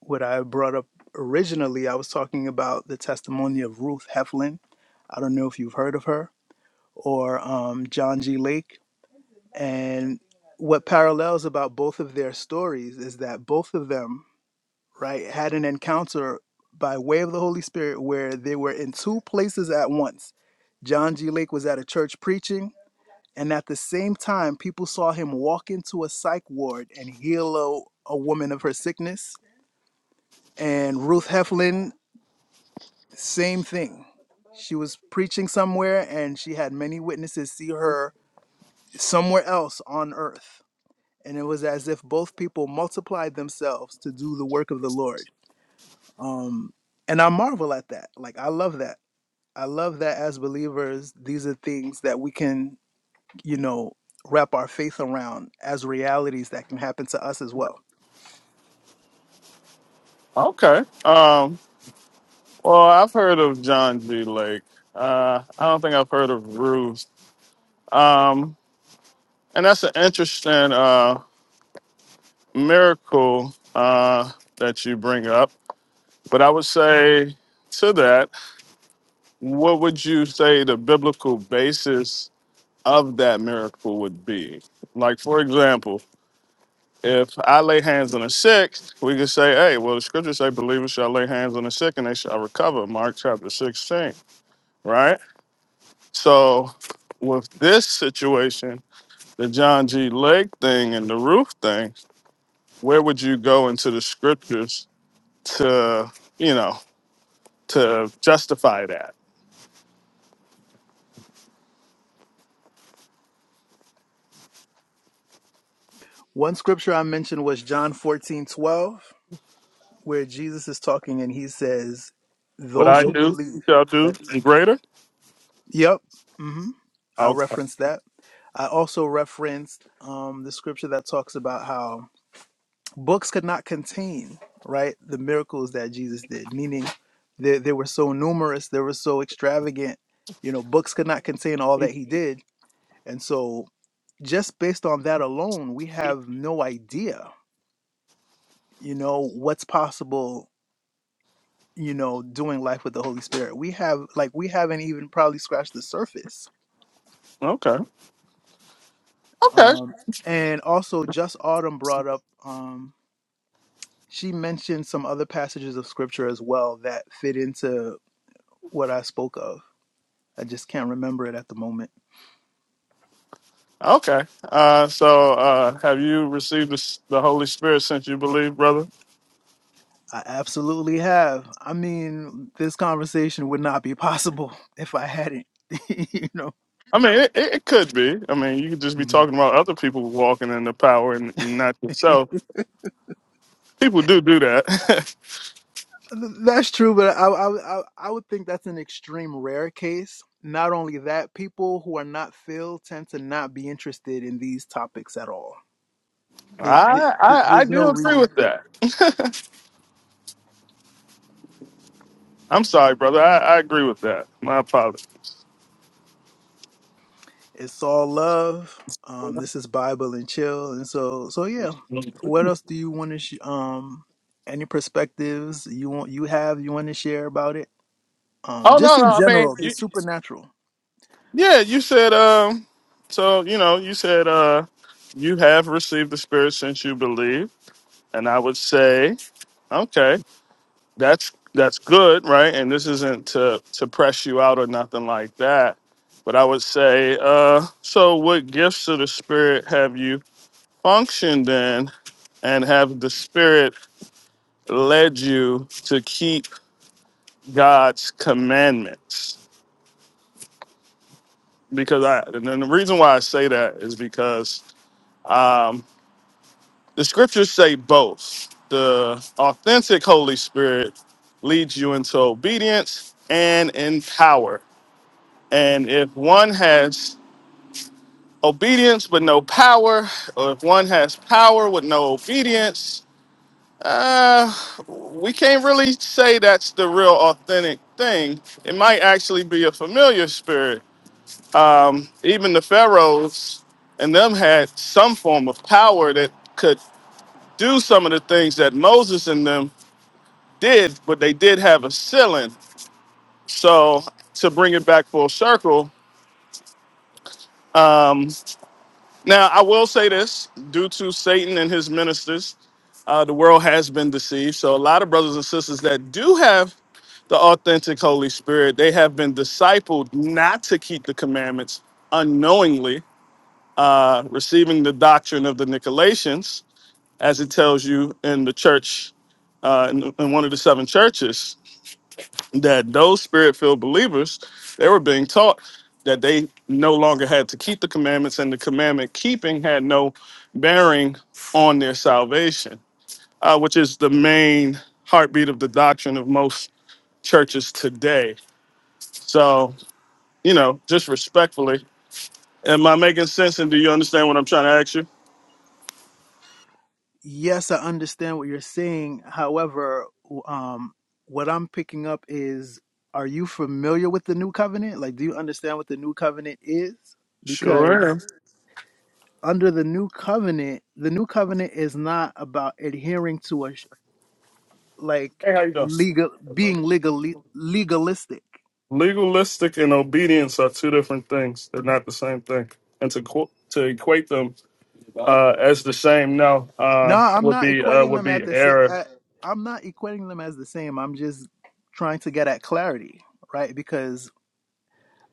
Speaker 2: what I brought up originally, I was talking about the testimony of Ruth Heflin. I don't know if you've heard of her or um, John G. Lake. And what parallels about both of their stories is that both of them right, had an encounter by way of the Holy Spirit where they were in two places at once. John G. Lake was at a church preaching, and at the same time, people saw him walk into a psych ward and heal a, a woman of her sickness. And Ruth Heflin, same thing. She was preaching somewhere, and she had many witnesses see her somewhere else on earth. And it was as if both people multiplied themselves to do the work of the Lord. um and i marvel at that like i love that i love that as believers these are things that we can you know wrap our faith around as realities that can happen to us as well
Speaker 9: Okay. Um, well, I've heard of John G. Lake. Uh, I don't think I've heard of Ruse. Um, and that's an interesting. Uh, miracle uh, that you bring up. But I would say to that, what would you say the biblical basis of that miracle would be? Like, for example, if I lay hands on a sick, we could say, hey, well, the scriptures say believers shall lay hands on the sick and they shall recover, Mark chapter 16, right? So with this situation, the John G. Lake thing and the roof thing, where would you go into the scriptures to, you know, to justify that.
Speaker 2: one scripture i mentioned was john 14 12, where jesus is talking and he says
Speaker 9: What
Speaker 2: those
Speaker 9: I
Speaker 2: who
Speaker 9: do,
Speaker 2: believe
Speaker 9: y'all do
Speaker 2: Right.
Speaker 9: and greater.
Speaker 2: yep hmm i
Speaker 9: Okay,
Speaker 2: referenced that i also referenced um, the scripture that talks about how books could not contain right the miracles that jesus did meaning they, they were so numerous they were so extravagant you know books could not contain all that he did and so just based on that alone we have no idea you know what's possible you know doing life with the holy spirit we have like we haven't even probably scratched the surface
Speaker 9: okay, okay,
Speaker 2: um and also just autumn brought up um she mentioned some other passages of scripture as well that fit into what i spoke of I just can't remember it at the moment.
Speaker 9: okay. Uh, so, uh, have you received the, s- the Holy Spirit since you believe, brother?
Speaker 2: I absolutely have. I mean, this conversation would not be possible [LAUGHS] if I hadn't, [LAUGHS] you know.
Speaker 9: I mean, it, it it could be. I mean, you could just be
Speaker 2: Mhm.
Speaker 9: talking about other people walking in the power and not yourself. People do do that.
Speaker 2: Th- That's true, but I, I, I I would think that's an extreme rare case. Not only that, people who are not filled tend to not be interested in these topics at all.
Speaker 9: [LAUGHS]
Speaker 2: They, they,
Speaker 9: I,
Speaker 2: th-
Speaker 9: I I
Speaker 2: there's no
Speaker 9: do agree
Speaker 2: reason.
Speaker 9: with that. I'm sorry, brother. I, I agree with that. My apologies.
Speaker 2: It's all love. Um, this is Bible and chill, and so so yeah. What else do you want to? Sh- um, any perspectives you want you have you want to share about it? Um,
Speaker 9: Oh
Speaker 2: just
Speaker 9: no,
Speaker 2: in
Speaker 9: no. I mean,
Speaker 2: general, the
Speaker 9: you,
Speaker 2: supernatural.
Speaker 9: Yeah, you said um so you know, you said uh you have received the spirit since you believe. And I would say, okay, that's that's good, right? And this isn't to to press you out or nothing like that. But I would say, uh, so what gifts of the spirit have you functioned in and have the spirit led you to keep God's commandments? Because I and then the reason why I say that is because um, The scriptures say both. The authentic Holy Spirit leads you into obedience and in power. And if one has obedience but no power, or if one has power with no obedience, uh, we can't really say that's the real authentic thing. It might actually be a familiar spirit. Um, even the pharaohs and them had some form of power that could do some of the things that Moses and them did, but they did have a ceiling. So to bring it back full circle, um, now I will say this: due to Satan and his ministers, uh, the world has been deceived. So a lot of brothers and sisters that do have the authentic Holy Spirit, they have been discipled not to keep the commandments unknowingly, uh, receiving the doctrine of the Nicolaitans, as it tells you in the church, uh, in in one of the seven churches. that those spirit filled believers they were being taught that they no longer had to keep the commandments and the commandment keeping had no bearing on their salvation uh, which is the main heartbeat of the doctrine of most churches today so you know just respectfully am i making sense and do you understand what i'm trying to ask you
Speaker 2: Yes, I understand what you're saying. However, w- um, what I'm picking up is: Are you familiar with the new covenant? Like, do you understand what the new covenant is? Because
Speaker 9: sure
Speaker 2: under the new covenant, the new covenant is not about adhering to a like
Speaker 9: hey how you
Speaker 2: legal
Speaker 9: doing
Speaker 2: being legal legalistic.
Speaker 9: legalistic and obedience are two different things they're not the same thing and to qu- to equate them uh, as the same no
Speaker 2: No,
Speaker 9: uh,
Speaker 2: I'm
Speaker 9: would
Speaker 2: not
Speaker 9: be uh,
Speaker 2: equating
Speaker 9: would
Speaker 2: them
Speaker 9: be
Speaker 2: at the same.
Speaker 9: error.
Speaker 2: I'm not equating them as the same. I'm just trying to get at clarity, right? Because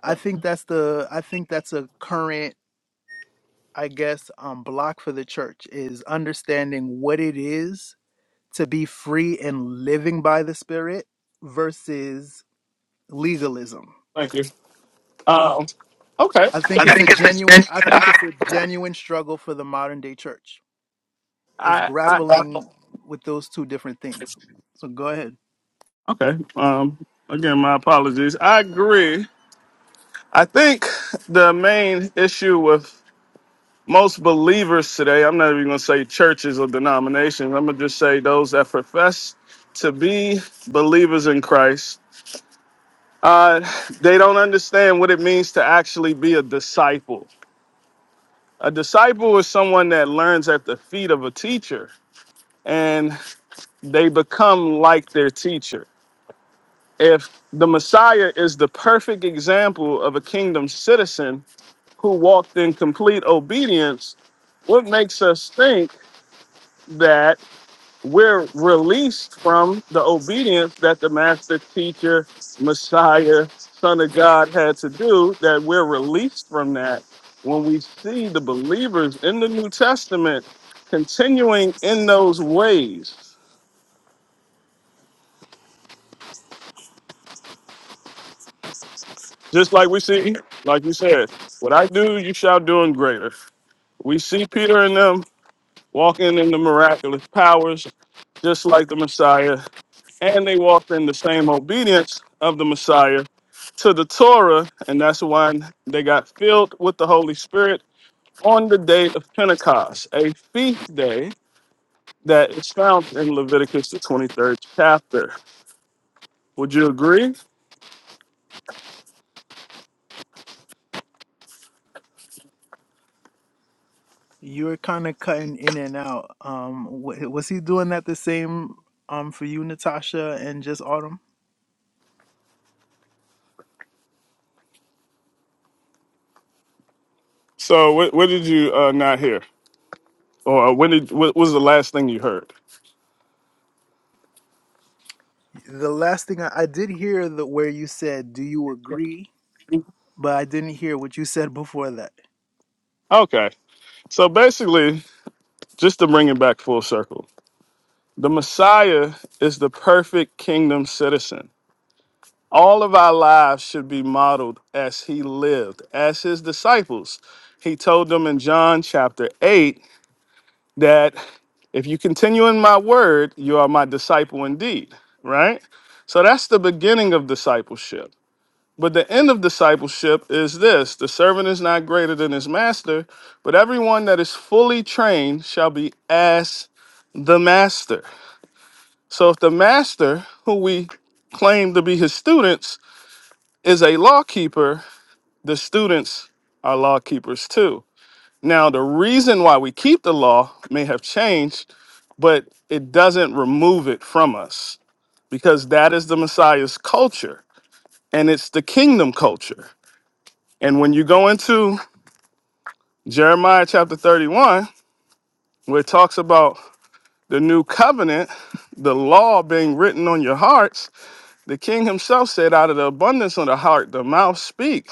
Speaker 2: I think that's the I think that's a current, I guess, um, block for the church is understanding what it is to be free and living by the Spirit versus legalism.
Speaker 9: Thank you. Um, okay.
Speaker 2: I think
Speaker 9: I
Speaker 2: it's
Speaker 9: think
Speaker 2: a genuine. I think it's a genuine struggle for the modern day church is
Speaker 9: I, I
Speaker 2: grappling with those two different things. So go ahead.
Speaker 9: okay. Um, again, my apologies. I agree. I think the main issue with most believers today, I'm not even going to say churches or denominations. I'm going to just say those that profess to be believers in Christ. Uh, they don't understand what it means to actually be a disciple. A disciple is someone that learns at the feet of a teacher. and they become like their teacher. If the Messiah is the perfect example of a kingdom citizen who walked in complete obedience, what makes us think that we're released from the obedience that the master teacher, Messiah, Son of God had to do, that we're released from that when we see the believers in the New Testament continuing in those ways? Just like we see, like you said, what I do, you shall do in greater. We see Peter and them walking in the miraculous powers, just like the Messiah, and they walked in the same obedience of the Messiah to the Torah, and that's why they got filled with the Holy Spirit on the day of Pentecost, a feast day that is found in Leviticus, the 23rd chapter. Would you agree?
Speaker 2: You're kind of cutting in and out. Um, wa- was he doing that the same um for you, Natasha, and just Autumn?
Speaker 9: So, what, what did you uh, not hear? Or when did, what was the last thing you heard?
Speaker 2: The last thing I, I did hear the where you said, "Do you agree?" But I didn't hear what you said before that.
Speaker 9: Okay. So basically, just to bring it back full circle, the Messiah is the perfect kingdom citizen. All of our lives should be modeled as he lived, as his disciples. He told them in John chapter 8 that if you continue in my word, you are my disciple indeed, right? So that's the beginning of discipleship. But the end of discipleship is this the servant is not greater than his master, but everyone that is fully trained shall be as the master. So if the master, who we claim to be his students, is a law keeper, the students are law keepers too. Now, the reason why we keep the law may have changed, but it doesn't remove it from us because that is the Messiah's culture and it's the kingdom culture. And when you go into Jeremiah chapter 31, where it talks about the new covenant, the law being written on your hearts, the king himself said, Out of the abundance of the heart, the mouth speak.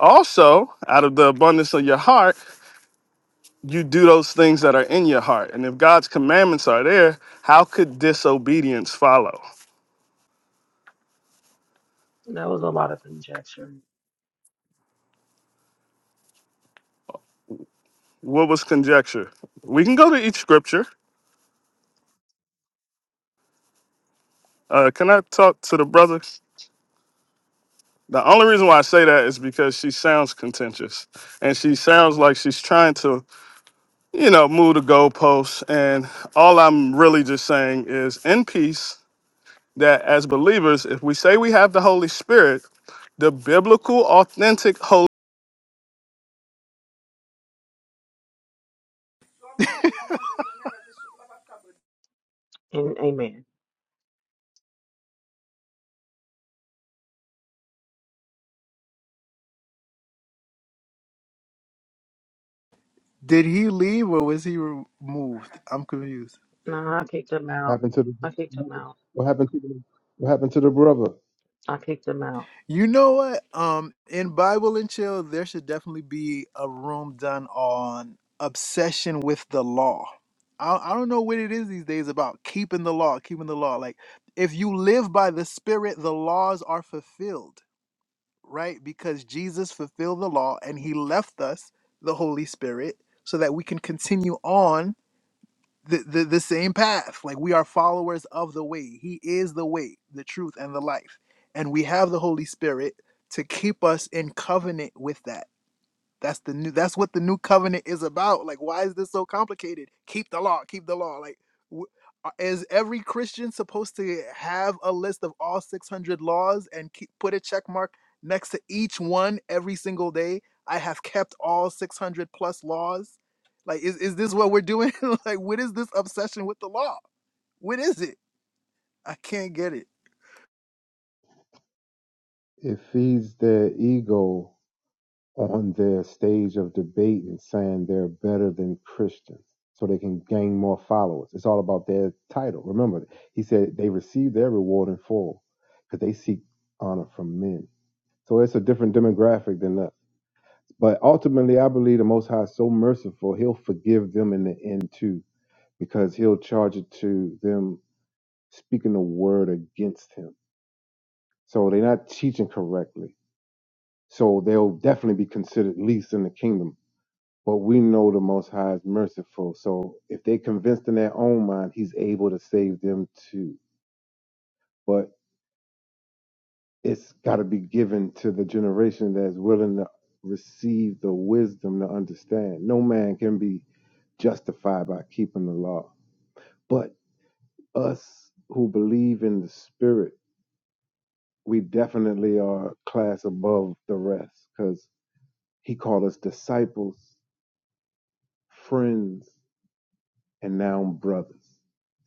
Speaker 9: Also, out of the abundance of your heart, you do those things that are in your heart. And if God's commandments are there, how could disobedience follow?
Speaker 1: That was a lot of conjecture.
Speaker 9: What was conjecture? We can go to each scripture. Uh, can I talk to the brothers? The only reason why I say that is because she sounds contentious and she sounds like she's trying to you know, move the goalposts. And all I'm really just saying is in peace that as believers, if we say we have the Holy Spirit, the biblical, authentic
Speaker 1: And amen.
Speaker 2: Did he leave or was he removed? I'm confused.
Speaker 1: No, I kicked him out.
Speaker 10: happened to the
Speaker 1: I kicked him out.
Speaker 10: what happened to the, what happened to the brother?
Speaker 1: I kicked him out.
Speaker 2: You know what? Um, in Bible and Chill, there should definitely be a room done on obsession with the law. I, I don't know what it is these days about keeping the law, keeping the law. Like, if you live by the Spirit, the laws are fulfilled, right? Because Jesus fulfilled the law and he left us the Holy Spirit so that we can continue on the, the, the same path. Like we are followers of the way. He is the way, the truth, and the life. And we have the Holy Spirit to keep us in covenant with that. That's the new. That's what the new covenant is about. Like, why is this so complicated? Keep the law. Keep the law. Like, wh- uh, is every Christian supposed to have a list of all 600 laws and keep, put a check mark next to each one every single day? I have kept all 600 plus laws. Like, is is this what we're doing? [LAUGHS] like, what is this obsession with the law? What is it? I can't get it.
Speaker 10: It feeds their ego on their stage of debate and saying they're better than Christians, so they can gain more followers. It's all about their title. Remember, he said they receive their reward in full because they seek honor from men. So it's a different demographic than us. But ultimately, I believe the Most High is so merciful, He'll forgive them in the end too, because He'll charge it to them speaking the word against Him So they're not teaching correctly. So they'll definitely be considered least in the kingdom. But we know the Most High is merciful. So if they're convinced in their own mind, He's able to save them too. But it's got to be given to the generation that's willing to receive the wisdom to understand. No man can be justified by keeping the law. But us who believe in the Spirit, we definitely are a class above the rest because he called us disciples friends, and now I'm brothers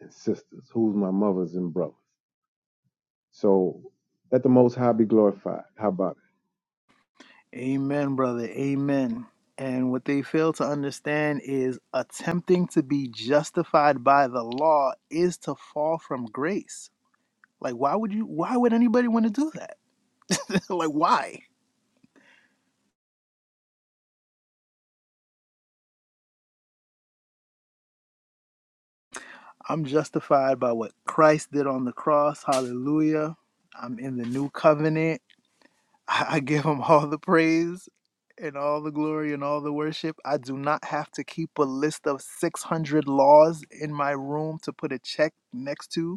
Speaker 10: and sisters. Who's my mothers and brothers? So let the Most High be glorified. How about it?
Speaker 2: Amen, brother. Amen. And what they fail to understand is attempting to be justified by the law is to fall from grace. Like, why would you, why would anybody want to do that? [LAUGHS] like, why? I'm justified by what Christ did on the cross. Hallelujah. I'm in the new covenant. [LAUGHS] I I give him all the praise and all the glory and all the worship. I do not have to keep a list of 600 laws in my room to put a check next to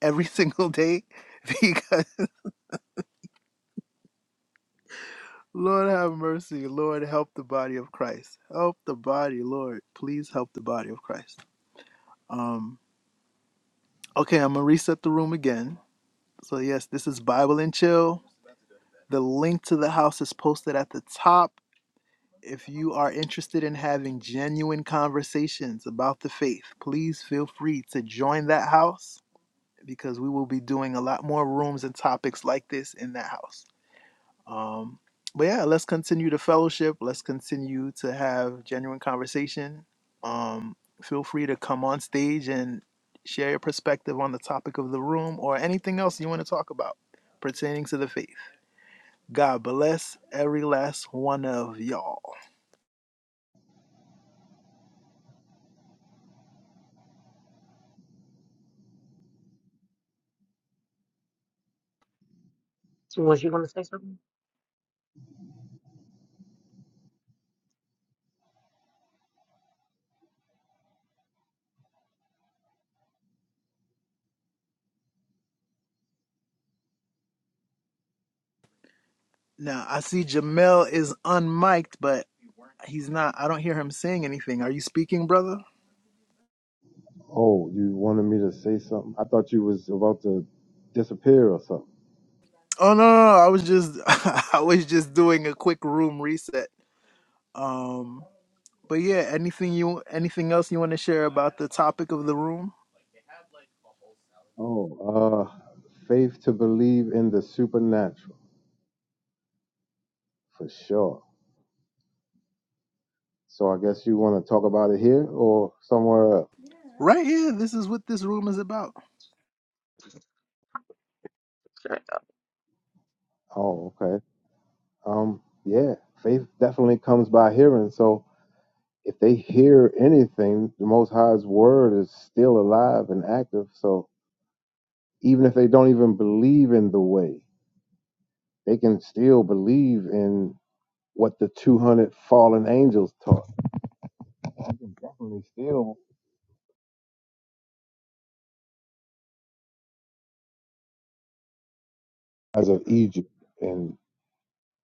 Speaker 2: every single day [LAUGHS] because Lord have mercy, Lord help the body of Christ. Help the body, Lord. Please help the body of Christ. Um okay, I'm gonna reset the room again. So yes, this is Bible and Chill. The link to the house is posted at the top. If you are interested in having genuine conversations about the faith, please feel free to join that house because we will be doing a lot more rooms and topics like this in that house. Um, but yeah, let's continue the fellowship. Let's continue to have genuine conversation. Um, feel free to come on stage and share your perspective on the topic of the room or anything else you want to talk about pertaining to the faith. God bless every last one of y'all.
Speaker 1: Was you gonna say something?
Speaker 2: Now, I see Jamel is unmiked, but he's not. I don't hear him saying anything. Are you speaking, brother?
Speaker 10: Oh, you wanted me to say something? I thought you was about to disappear or something.
Speaker 2: Oh no, no, no, I was just [LAUGHS] I was just doing a quick room reset. Um But yeah, anything you anything else you want to share about the topic of the room?
Speaker 10: Oh, uh, faith to believe in the supernatural for sure. So I guess you want to talk about it here or somewhere else.
Speaker 2: Right here, this is what this room is about.
Speaker 1: Sure.
Speaker 10: Oh, okay. Um, yeah, faith definitely comes by hearing. So if they hear anything, the Most High's word is still alive and active. So even if they don't even believe in the way, they can still believe in what the 200 fallen angels taught. You can definitely still, as of Egypt and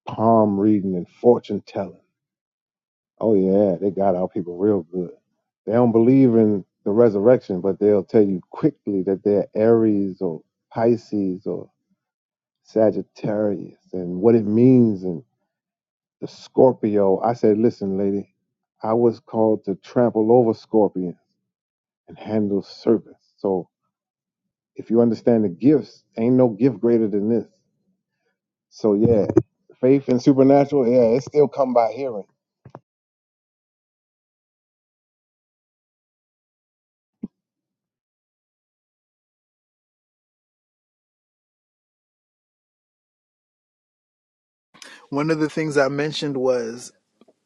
Speaker 10: palm reading and fortune telling. Oh, yeah, they got our people real good. They don't believe in the resurrection, but they'll tell you quickly that they're Aries or Pisces or Sagittarius and what it means. and. The Scorpio, I said, listen, lady, I was called to trample over scorpions and handle serpents. So if you understand the gifts, ain't no gift greater than this. So yeah, faith and supernatural, yeah, it still come by hearing.
Speaker 2: One of the things I mentioned was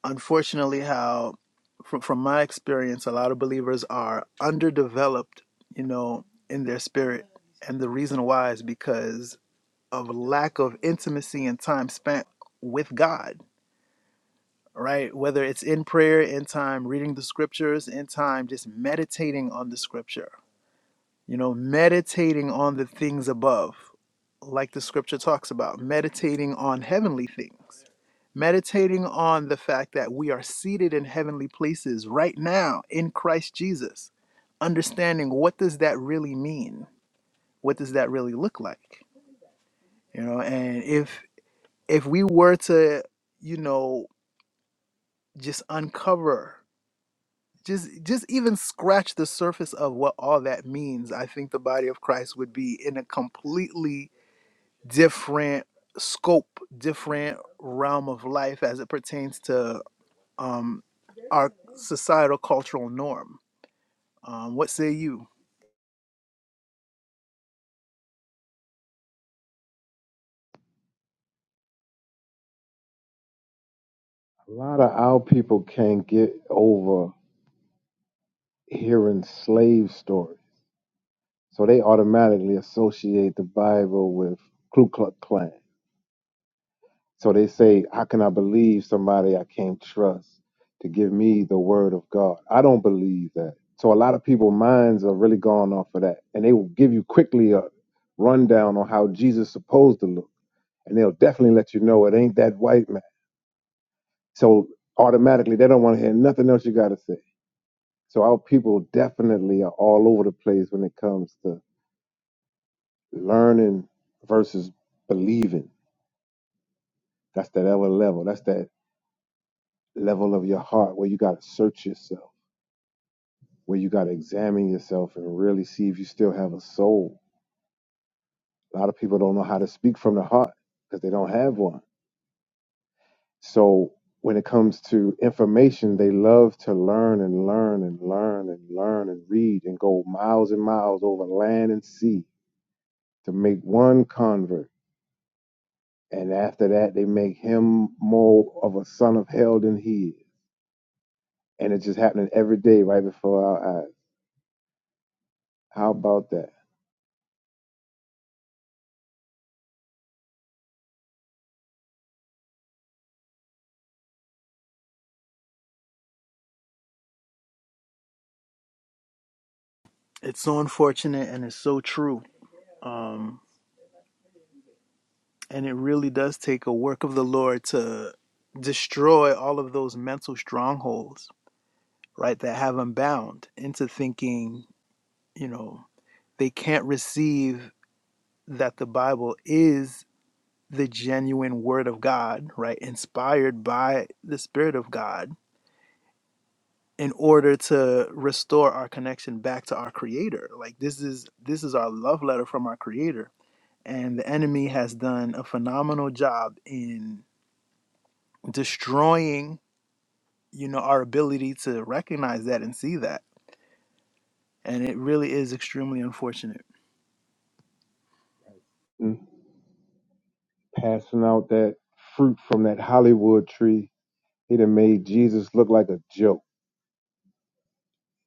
Speaker 2: unfortunately how from, from my experience a lot of believers are underdeveloped, you know, in their spirit. And the reason why is because of lack of intimacy and time spent with God, right? Whether it's in prayer, in time reading the scriptures, in time just meditating on the scripture You know, meditating on the things above, like the scripture talks about, meditating on heavenly things, meditating on the fact that we are seated in heavenly places right now in Christ Jesus. Understanding what does that really mean? What does that really look like? You know, and if if we were to, you know, just uncover just just even scratch the surface of what all that means, I think the body of Christ would be in a completely different scope, different realm of life as it pertains to um, our societal cultural norm. Um, what say you?
Speaker 10: A lot of our people can't get over hearing slave stories. So they automatically associate the Bible with Ku Klux Klan. So they say, How can I believe somebody I can't trust to give me the word of God? I don't believe that. So a lot of people's minds are really gone off of that. And they will give you quickly a rundown on how Jesus is supposed to look. And they'll definitely let you know it ain't that white man. So automatically they don't want to hear nothing else you gotta say. So our people definitely are all over the place when it comes to learning versus believing. That's that other level. That's that level of your heart where you gotta search yourself where you got to examine yourself and really see if you still have a soul. A lot of people don't know how to speak from the heart because they don't have one. So when it comes to information, they love to learn and learn and learn and learn and read and go miles and miles over land and sea to make one convert. And after that, they make him more of a son of hell than he is. And it's just happening every day right before our eyes. How about that?
Speaker 2: It's so unfortunate and it's so true. Um, and it really does take a work of the Lord to destroy all of those mental strongholds, right, that have them bound into thinking, you know, they can't receive that the Bible is the genuine word of God, right? Inspired by the spirit of God in order to restore our connection back to our creator. Like this is this is our love letter from our creator. And the enemy has done a phenomenal job in destroying, you know, our ability to recognize that and see that. And it really is extremely unfortunate.
Speaker 10: Mm. Passing out that fruit from that Hollywood tree He done made Jesus look like a joke.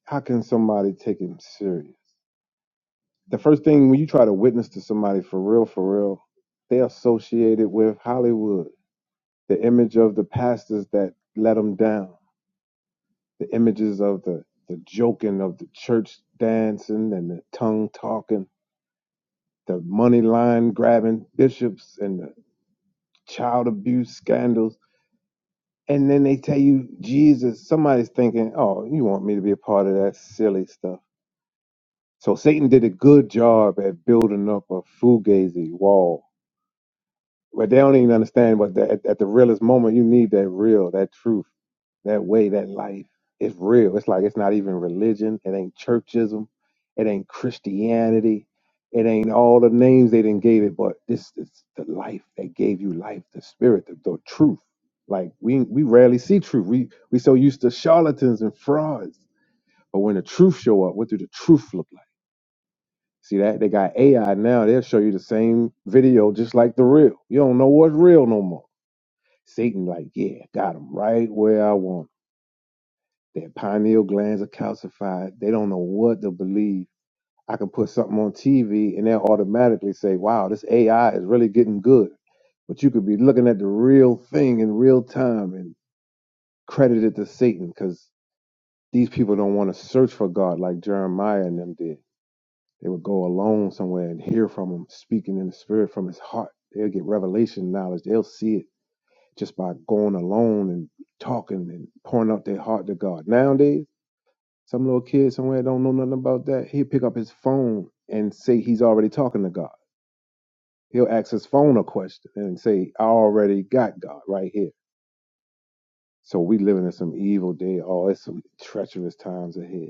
Speaker 10: How can somebody take him serious? The first thing when you try to witness to somebody for real, for real, they associated with Hollywood, the image of the pastors that let them down, the images of the the joking of the church dancing and the tongue talking, the money line grabbing bishops and the child abuse scandals. And then they tell you Jesus. Somebody's thinking, "Oh, you want me to be a part of that silly stuff?" So Satan did a good job at building up a fugazi wall. But they don't even understand what that at, at the realest moment you need that real, that truth, that way, that life. It's real. It's like it's not even religion. It ain't churchism. It ain't Christianity. It ain't all the names they didn't gave it, but this is the life that gave you life, the spirit, the, the truth. Like we we rarely see truth. We we so used to charlatans and frauds. But when the truth show up, what do the truth look like? See that? They got AI now. They'll show you the same video just like the real. You don't know what's real no more. Satan, like, yeah, got 'em right where I want 'em. Their pineal glands are calcified. They don't know what to believe. I can put something on TV and they'll automatically say, wow, this AI is really getting good. But you could be looking at the real thing in real time and credit it to Satan because these people don't want to search for God like Jeremiah and them did. They would go alone somewhere and hear from him speaking in the spirit from his heart. They'll get revelation knowledge. They'll see it just by going alone and talking and pouring out their heart to God. Nowadays, some little kid somewhere don't know nothing about that. He'll pick up his phone and say he's already talking to God. He'll ask his phone a question and say, I already got God right here. So we living in some evil day. Oh, it's some treacherous times ahead.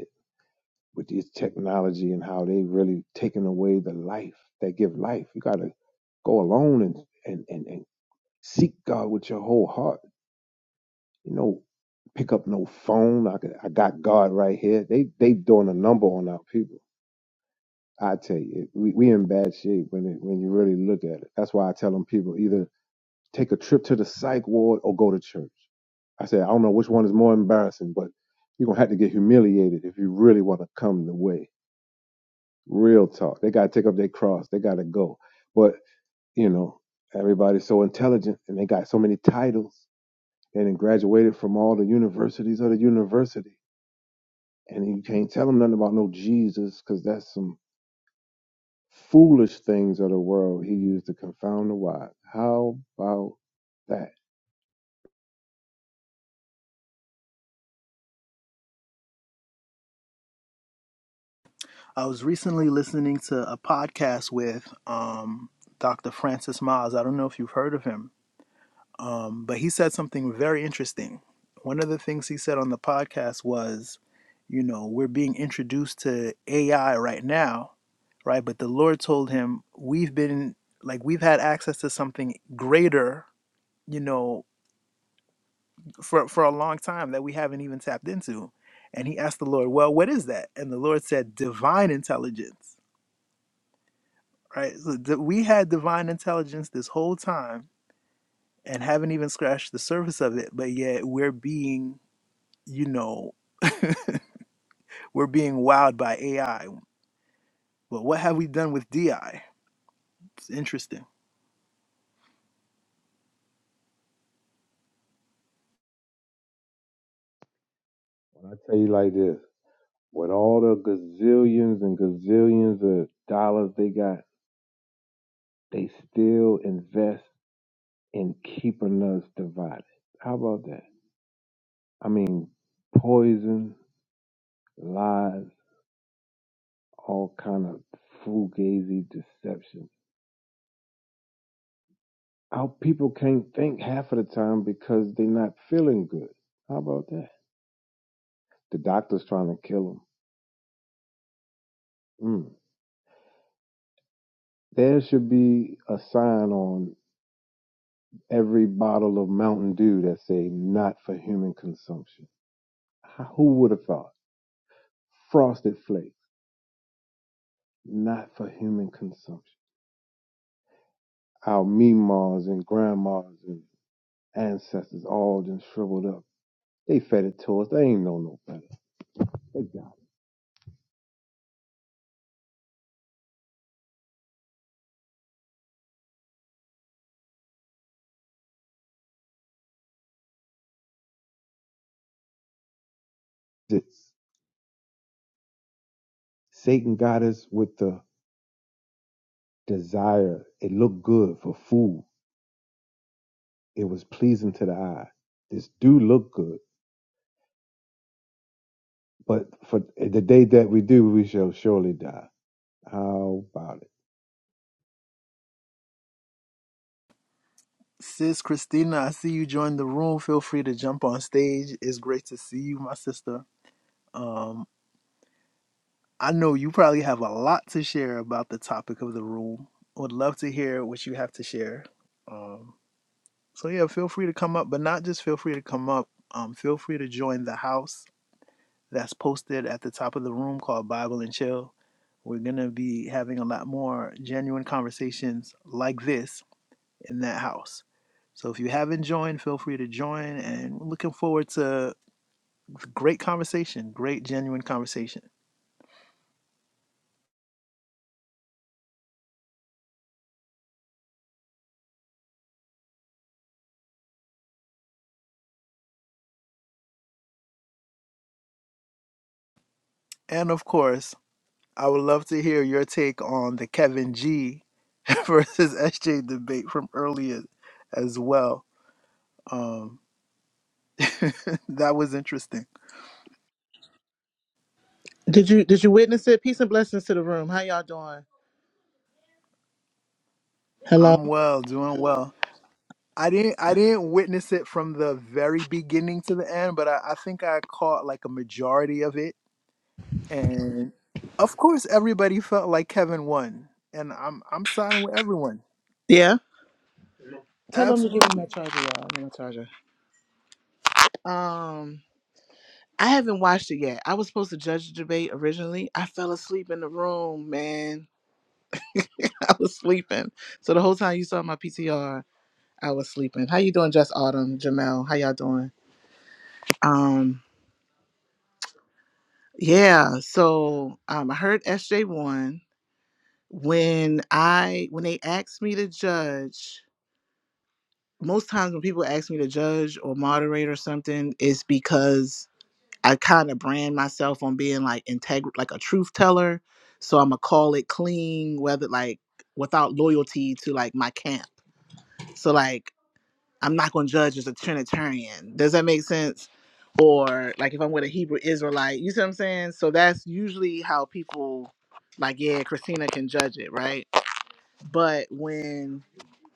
Speaker 10: with this technology and how they really taking away the life that give life. You gotta go alone and and and, and seek God with your whole heart. You know, pick up no phone. I could, I got God right here. They they doing a number on our people. I tell you, it- we we in bad shape when it, when you really look at it. That's why I tell them people either take a trip to the psych ward or go to church. I said I don't know which one is more embarrassing, but you're gonna have to get humiliated if you really want to come the way. Real talk. They got to take up their cross. They got to go. But, you know, everybody's so intelligent and they got so many titles and then graduated from all the universities of the university. And you can't tell them nothing about no Jesus because that's some foolish things of the world he used to confound the wise. How about that?
Speaker 2: I was recently listening to a podcast with um, Dr. Francis Miles. I don't know if you've heard of him Um, but he said something very interesting. One of the things he said on the podcast was, you know, we're being introduced to AI right now, right? But the Lord told him, we've been like, we've had access to something greater, you know, for, for a long time that we haven't even tapped into. And he asked the Lord, well, what is that? And the Lord said, divine intelligence, right? So di- we had divine intelligence this whole time and haven't even scratched the surface of it, but yet we're being you know, we're being wowed by AI. But what have we done with DI? It's interesting.
Speaker 10: When I tell you like this, with all the gazillions and gazillions of dollars they got, they still invest in keeping us divided. How about that? I mean, poison, lies, all kind of fugazi deception. Our people can't think half of the time because they're not feeling good. How about that? The doctor's trying to kill them. Mm. There should be a sign on every bottle of Mountain Dew that say "Not for human consumption." How- Who would have thought? Frosted Flakes, not for human consumption. Our memas and grandmas and ancestors all just shriveled up They fed it to us. They ain't know no better. They got it. It's- Satan got us with the desire. It looked good for food. It was pleasing to the eye. This do look good, but for the day that we do, we shall surely die. How about it?
Speaker 2: Sis Christina, I see you joined the room. Feel free to jump on stage. It's great to see you, my sister. Um, I know you probably have a lot to share about the topic of the room. Would love to hear what you have to share. Um, so yeah, feel free to come up, but not just feel free to come up. Um, feel free to join the house that's posted at the top of the room called Bible and Chill. We're going to be having a lot more genuine conversations like this in that house. So if you haven't joined, feel free to join. And we're looking forward to great conversation, great genuine conversation. And of course, I would love to hear your take on the Kevin G [LAUGHS] versus SJ debate from earlier as well. Um, [LAUGHS] that was interesting.
Speaker 11: Did you did you witness it? Peace and blessings to the room. How y'all doing? Hello.
Speaker 2: I'm well, doing well. I didn't I didn't witness it from the very beginning to the end, but I, I think I caught like a majority of it. And of course everybody felt like Kevin won. And I'm I'm siding with everyone.
Speaker 11: Yeah. Tell them to give me my
Speaker 2: Absolutely.
Speaker 11: charger, y'all. I need my charger. Um, I haven't watched it yet. I was supposed to judge the debate originally. I fell asleep in the room, man. [LAUGHS] I was sleeping. So the whole time you saw my PTR, I was sleeping. How you doing, Just Autumn, Jamel? How y'all doing? Um, yeah. So um, I heard SJ one when I when they asked me to judge. most times when people ask me to judge or moderate or something, it's because I kind of brand myself on being like integ like a truth teller. So I'm gonna call it clean, whether like without loyalty to like my camp. So like I'm not gonna judge as a Trinitarian. Does that make sense? Or like if I'm with a Hebrew Israelite, you see what I'm saying? So that's usually how people like, yeah, Christina can judge it, right? But when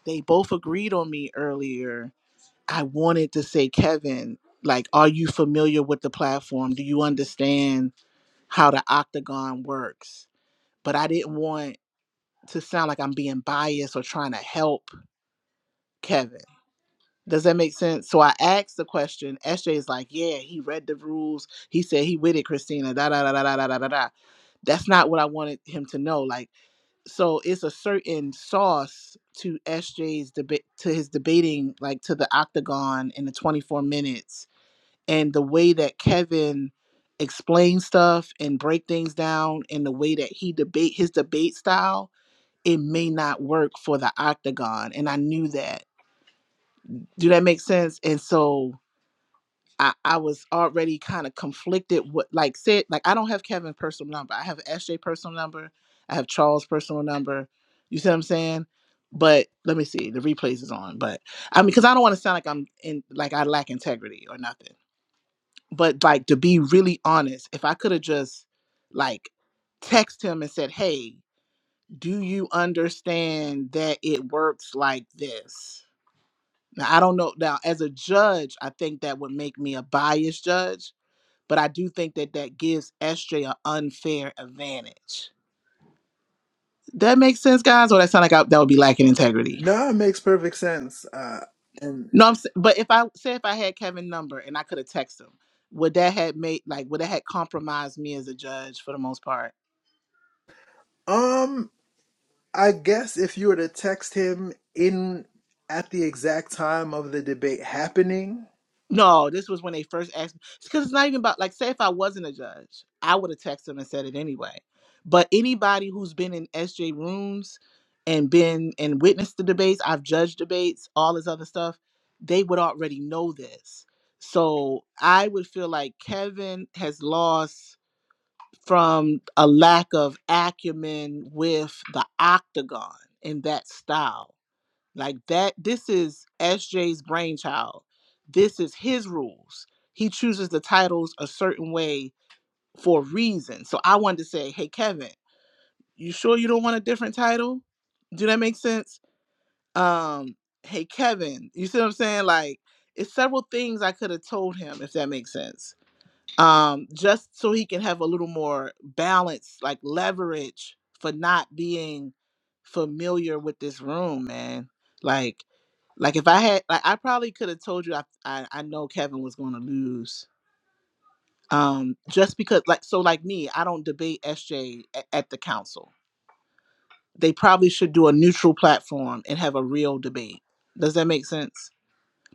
Speaker 11: they both agreed on me earlier I wanted to say, Kevin, like, are you familiar with the platform? Do you understand how the octagon works? But I didn't want to sound like I'm being biased or trying to help Kevin. Does that make sense? So I asked the question. SJ is like, yeah, he read the rules. He said he with it, Christina. Da da da da da da da da. da." That's not what I wanted him to know. Like, so it's a certain sauce to SJ's debate to his debating, like to the octagon in the 24 minutes and the way that Kevin explains stuff and break things down and the way that he debate his debate style, it may not work for the octagon. And I knew that. Do that make sense? And so I, I was already kind of conflicted what like said like I don't have Kevin's personal number. I have SJ personal number. I have Charles personal number. You see what I'm saying? But let me see. The replays is on. But I mean, because I don't want to sound like I'm in like I lack integrity or nothing but like to be really honest, if I could have just like text him and said, "Hey, do you understand that it works like this?" Now I don't know. Now as a judge, I think that would make me a biased judge, but I do think that that gives SJ an unfair advantage. That makes sense, guys, or that sound like I, that would be lacking integrity.
Speaker 2: No, it makes perfect sense. Uh and
Speaker 11: No, I'm. s- But if I say if I had Kevin's number and I could have texted him, would that had made like would that had compromised me as a judge for the most part?
Speaker 2: um I guess if you were to text him in at the exact time of the debate happening,
Speaker 11: No, this was when they first asked me. Because it's not even about, like, say if I wasn't a judge, I would have texted them and said it anyway. But anybody who's been in SJ rooms and been and witnessed the debates, I've judged debates, all this other stuff, they would already know this. So I would feel like Kevin has lost from a lack of acumen with the octagon in that style like that, this is S J's brainchild. This is his rules. He chooses the titles a certain way for a reason. So I wanted to say, hey, Kevin, you sure you don't want a different title? Do that make sense? Um, hey, Kevin, you see what I'm saying? Like, it's several things I could have told him, if that makes sense. Um, just so he can have a little more balance, like leverage for not being familiar with this room, man. Like, like if I had, like I probably could have told you I, I I know Kevin was going to lose. Um, just because like so like me, I don't debate SJ at, at the council. They probably should do a neutral platform and have a real debate. Does that make sense?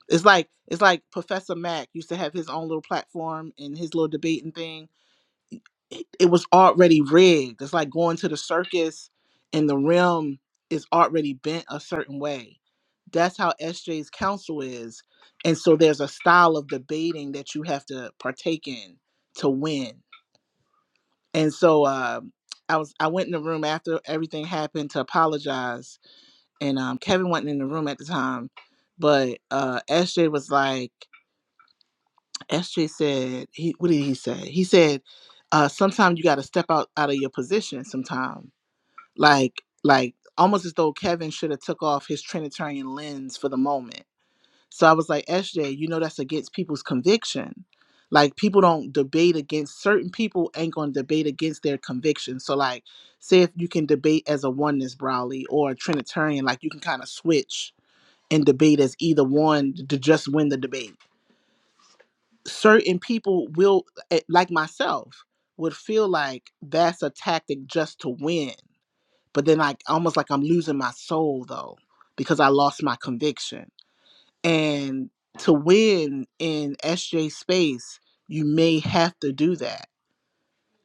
Speaker 11: It's like it's like Professor Mack used to have his own little platform and his little debating thing it, it was already rigged. It's like going to the circus and the rim is already bent a certain way. That's how SJ's counsel is. And so there's a style of debating that you have to partake in to win. And so um I was I went in the room after everything happened to apologize. And um, Kevin wasn't in the room at the time, but uh, SJ was like, SJ said he what did he say? He said, uh sometimes you gotta step out out of your position sometime. Like like almost as though Kevin should have took off his Trinitarian lens for the moment. So I was like, SJ, you know that's against people's conviction. Like people don't debate against certain people ain't gonna debate against their conviction. So like say if you can debate as a oneness Browley or a Trinitarian, like you can kind of switch and debate as either one to just win the debate certain people will eh, like myself would feel like that's a tactic just to win but then like almost like i'm losing my soul though because i lost my conviction and to win in sj space you may have to do that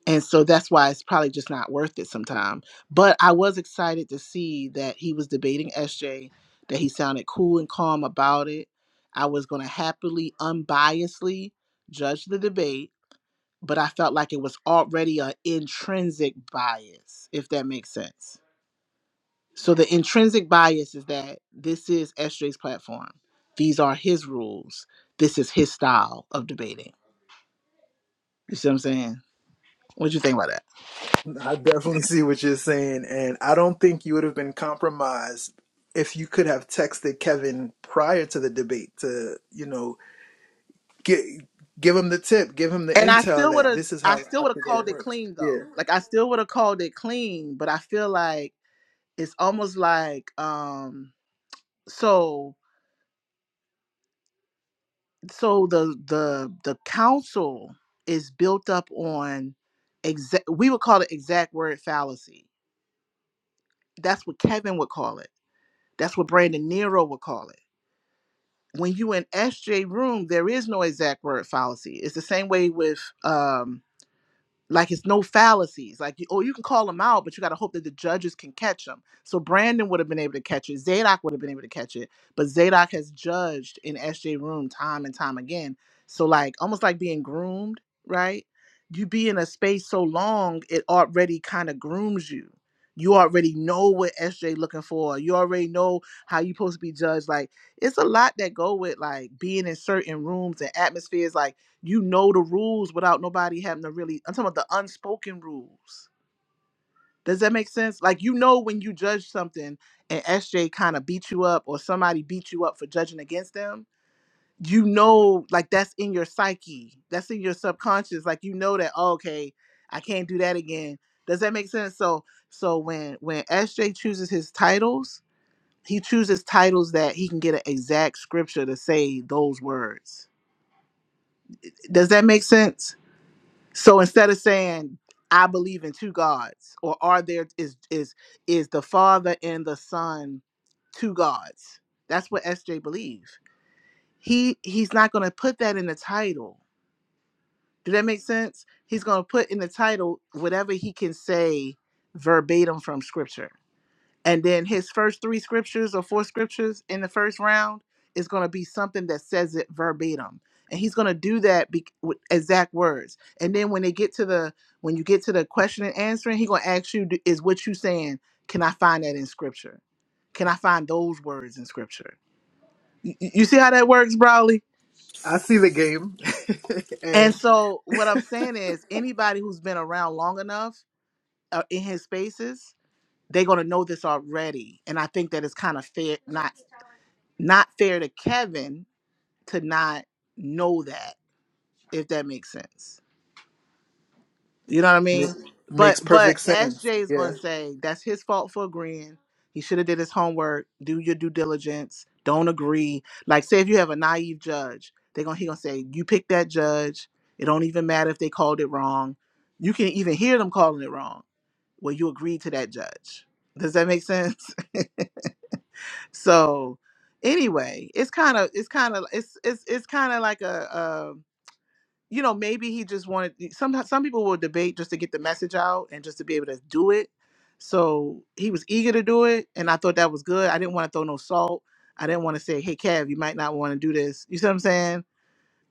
Speaker 11: and so that's why it's probably just not worth it sometime but i was excited to see that he was debating sj that he sounded cool and calm about it i was going to happily unbiasedly judge the debate but I felt like it was already an intrinsic bias, if that makes sense. So the intrinsic bias is that this is SJ's platform. These are his rules. This is his style of debating. You see what I'm saying? What you think about that?
Speaker 2: I definitely see what you're saying, and I don't think you would have been compromised if you could have texted Kevin prior to the debate to, you know, get give him the tip, give him the
Speaker 11: And I
Speaker 2: intel
Speaker 11: still would
Speaker 2: that
Speaker 11: have,
Speaker 2: this is how
Speaker 11: I
Speaker 2: the
Speaker 11: still would have
Speaker 2: octagon
Speaker 11: called it
Speaker 2: works.
Speaker 11: clean
Speaker 2: Yeah,
Speaker 11: though. Like I still would have called it clean, but I feel like it's almost like, um, so, so the the the council is built up on exact. We would call it exact word fallacy. That's what Kevin would call it. That's what Brandon Nero would call it. When you in SJ room, there is no exact word fallacy. It's the same way with um like it's no fallacies. Like, you- oh, you can call them out, but you got to hope that the judges can catch them. So Brandon would have been able to catch it. Zadok would have been able to catch it, but Zadok has judged in SJ room time and time again. So like, almost like being groomed, right? You be in a space so long, it already kind of grooms you. You already know what SJ looking for. You already know how you supposed to be judged. Like, it's a lot that go with like being in certain rooms and atmospheres. Like you know the rules without nobody having to really. I'm talking about the unspoken rules. Does that make sense? Like you know when you judge something and SJ kind of beat you up or somebody beat you up for judging against them. You know, like that's in your psyche. That's in your subconscious. Like you know that oh, okay, I can't do that again. Does that make sense? So so when when SJ chooses his titles, he chooses titles that he can get an exact scripture to say those words. Does that make sense? So instead of saying I believe in two gods or are there is is is the Father and the Son two gods? That's what SJ believe. He he's not going to put that in the title. Did that make sense? He's going to put in the title whatever he can say verbatim from scripture and then his first three scriptures or four scriptures in the first round is going to be something that says it verbatim and he's going to do that be- with exact words and then when they get to the when you get to the question and answering he's going to ask you "Do- is what you saying can i find that in scripture can i find those words in scripture Y- y- you see how that works Brawley?
Speaker 2: I see the game, [LAUGHS]
Speaker 11: and
Speaker 2: and
Speaker 11: so what i'm saying is anybody who's been around long enough uh, in his spaces they're going to know this already and i think that it's kind of fair not not fair to Kevin to not know that, if that makes sense. You know what I mean?
Speaker 2: ma-
Speaker 11: But
Speaker 2: makes
Speaker 11: but
Speaker 2: perfect sense.
Speaker 11: SJ is
Speaker 2: Yeah,
Speaker 11: gonna say that's his fault for agreeing. He should have did his homework. Do your due diligence. Don't agree. Like say if you have a naive judge, they're gonna he gonna say you pick that judge. It don't even matter if they called it wrong. You can even hear them calling it wrong. Well, you agreed to that judge. Does that make sense? [LAUGHS] So anyway, it's kind of it's kind of it's it's it's kind of like a, uh you know maybe he just wanted some some people will debate just to get the message out and just to be able to do it. So he was eager to do it, and I thought that was good. I didn't want to throw no salt. I didn't want to say, "Hey, Kev, you might not want to do this." You see what I'm saying?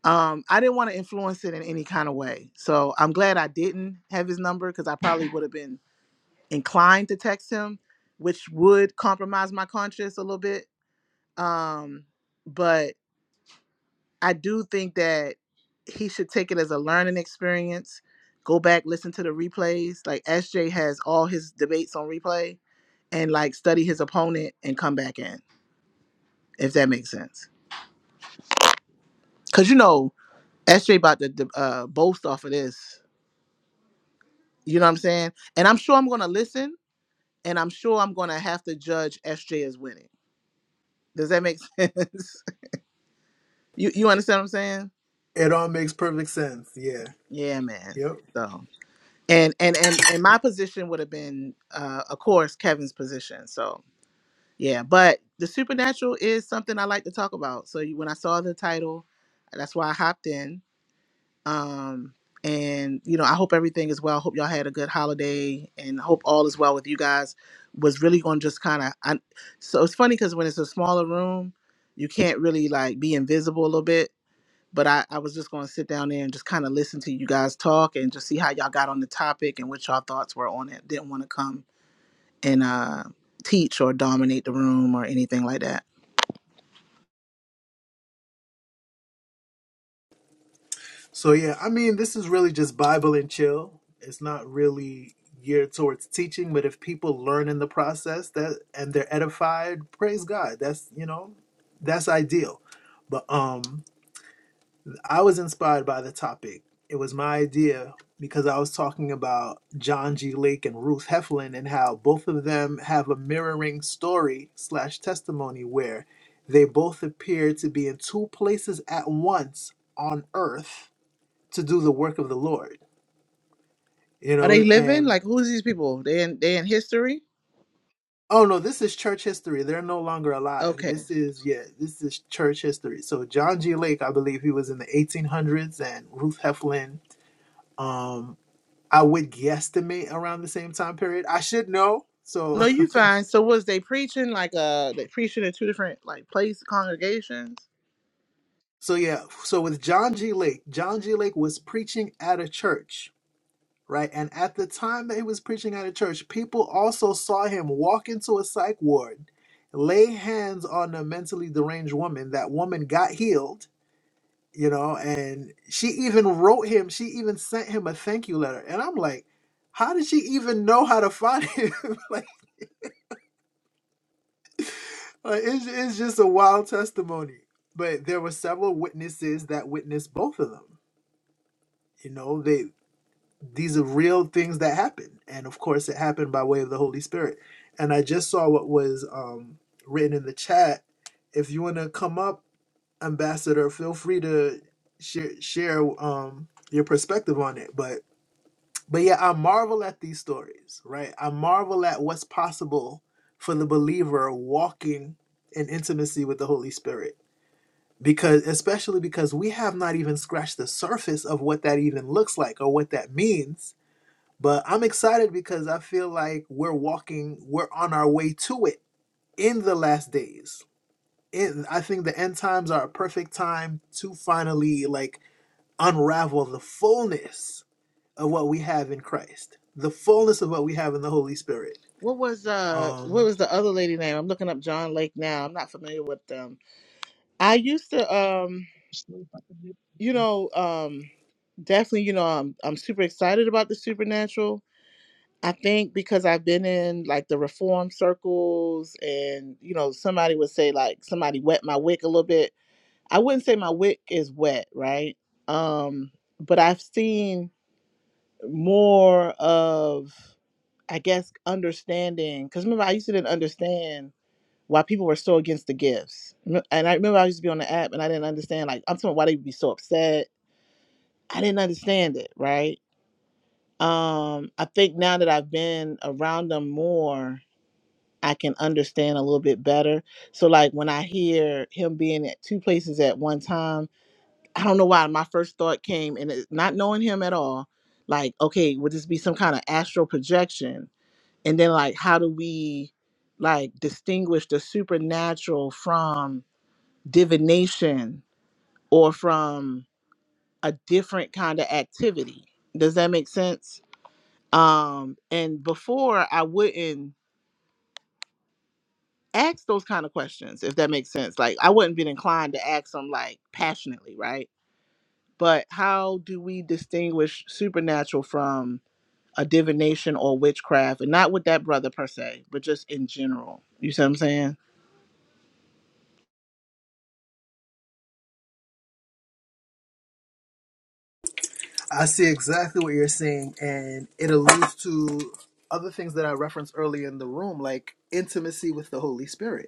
Speaker 11: Um, I didn't want to influence it in any kind of way. So I'm glad I didn't have his number because I probably would have been inclined to text him, which would compromise my conscience a little bit um, but I do think that he should take it as a learning experience. Go back, listen to the replays. Like SJ has all his debates on replay and like study his opponent and come back in, if that makes sense. Cause you know, SJ about to de- uh, boast off of this. You know what I'm saying? And I'm sure I'm gonna listen and I'm sure I'm gonna have to judge SJ as winning. Does that make [LAUGHS] sense? you you understand what I'm saying?
Speaker 2: it all makes perfect sense. Yeah,
Speaker 11: Yeah, man.
Speaker 2: yep.
Speaker 11: So. and and and and my position would have been uh of course kevin's position so yeah but the supernatural is something i like to talk about so you, when i saw the title that's why i hopped in um and you know i hope everything is well hope y'all had a good holiday and hope all is well with you guys was really going to just kind of so it's funny because when it's a smaller room you can't really like be invisible a little bit but I, I was just going to sit down there and just kind of listen to you guys talk and just see how y'all got on the topic and what y'all thoughts were on it. Didn't want to come and uh, teach or dominate the room or anything like that.
Speaker 2: So yeah, I mean, this is really just Bible and chill. It's not really geared towards teaching, but if people learn in the process that and they're edified, praise God. That's you know, that's ideal. But um, I was inspired by the topic. It was my idea because I was talking about John G. Lake and Ruth Heflin and how both of them have a mirroring story slash testimony where they both appear to be in two places at once on earth to do the work of the Lord, you
Speaker 11: Are
Speaker 2: know,
Speaker 11: they living?
Speaker 2: and
Speaker 11: Like, who's these people? They in they in history?
Speaker 2: oh no, this is church history. They're no longer alive.
Speaker 11: Okay.
Speaker 2: This is yeah, this is church history. So John G. Lake, I believe he was in the 1800s, and Ruth Heflin, um, I would guesstimate around the same time period. I should know.
Speaker 11: No,
Speaker 2: So
Speaker 11: you fine. So was they preaching like uh they preaching in two different like place congregations?
Speaker 2: [LAUGHS] so yeah, so with John G. Lake, John G. Lake was preaching at a church right? And at the time that he was preaching at a church, people also saw him walk into a psych ward, lay hands on a mentally deranged woman. That woman got healed, you know, and she even wrote him, she even sent him a thank you letter. And I'm like, how did she even know how to find him? [LAUGHS] like, like it's, it's just a wild testimony. But there were several witnesses that witnessed both of them. You know, they these are real things that happen and of course it happened by way of the holy spirit and i just saw what was um, written in the chat if you want to come up ambassador feel free to share, share um, your perspective on it but but yeah i marvel at these stories right i marvel at what's possible for the believer walking in intimacy with the holy spirit because especially because we have not even scratched the surface of what that even looks like or what that means but I'm excited because I feel like we're walking, we're on our way to it in the last days. In, I think the end times are a perfect time to finally like unravel the fullness of what we have in Christ, the fullness of what we have in the Holy Spirit.
Speaker 11: What was uh what
Speaker 2: Um,
Speaker 11: was the other lady name? I'm looking up John Lake now. I'm not familiar with them. I used to um you know, um, definitely, you know, I'm I'm super excited about the supernatural. I think because I've been in like the reform circles, and you know, somebody would say like somebody wet my wick a little bit. I wouldn't say my wick is wet, right? Um, but I've seen more of, I guess, understanding. Because remember, I used to didn't understand why people were so against the gifts, Rem- and I remember I used to be on the app and I didn't understand like I'm talking about why they would be so upset I didn't understand it, right? Um, I think now that I've been around them more, I can understand a little bit better. So like when I hear him being at two places at one time, I don't know why my first thought came and it's not knowing him at all, like, okay, would this be some kind of astral projection? And then like how do we like distinguish the supernatural from divination or from a different kind of activity? Does that make sense? um and before i wouldn't ask those kind of questions if that makes sense like i wouldn't be inclined to ask them like passionately right but how do we distinguish supernatural from a divination or witchcraft and not with that brother per se but just in general you see what i'm saying
Speaker 2: I see exactly what you're saying, and it alludes to other things that I referenced earlier in the room, like intimacy with the Holy Spirit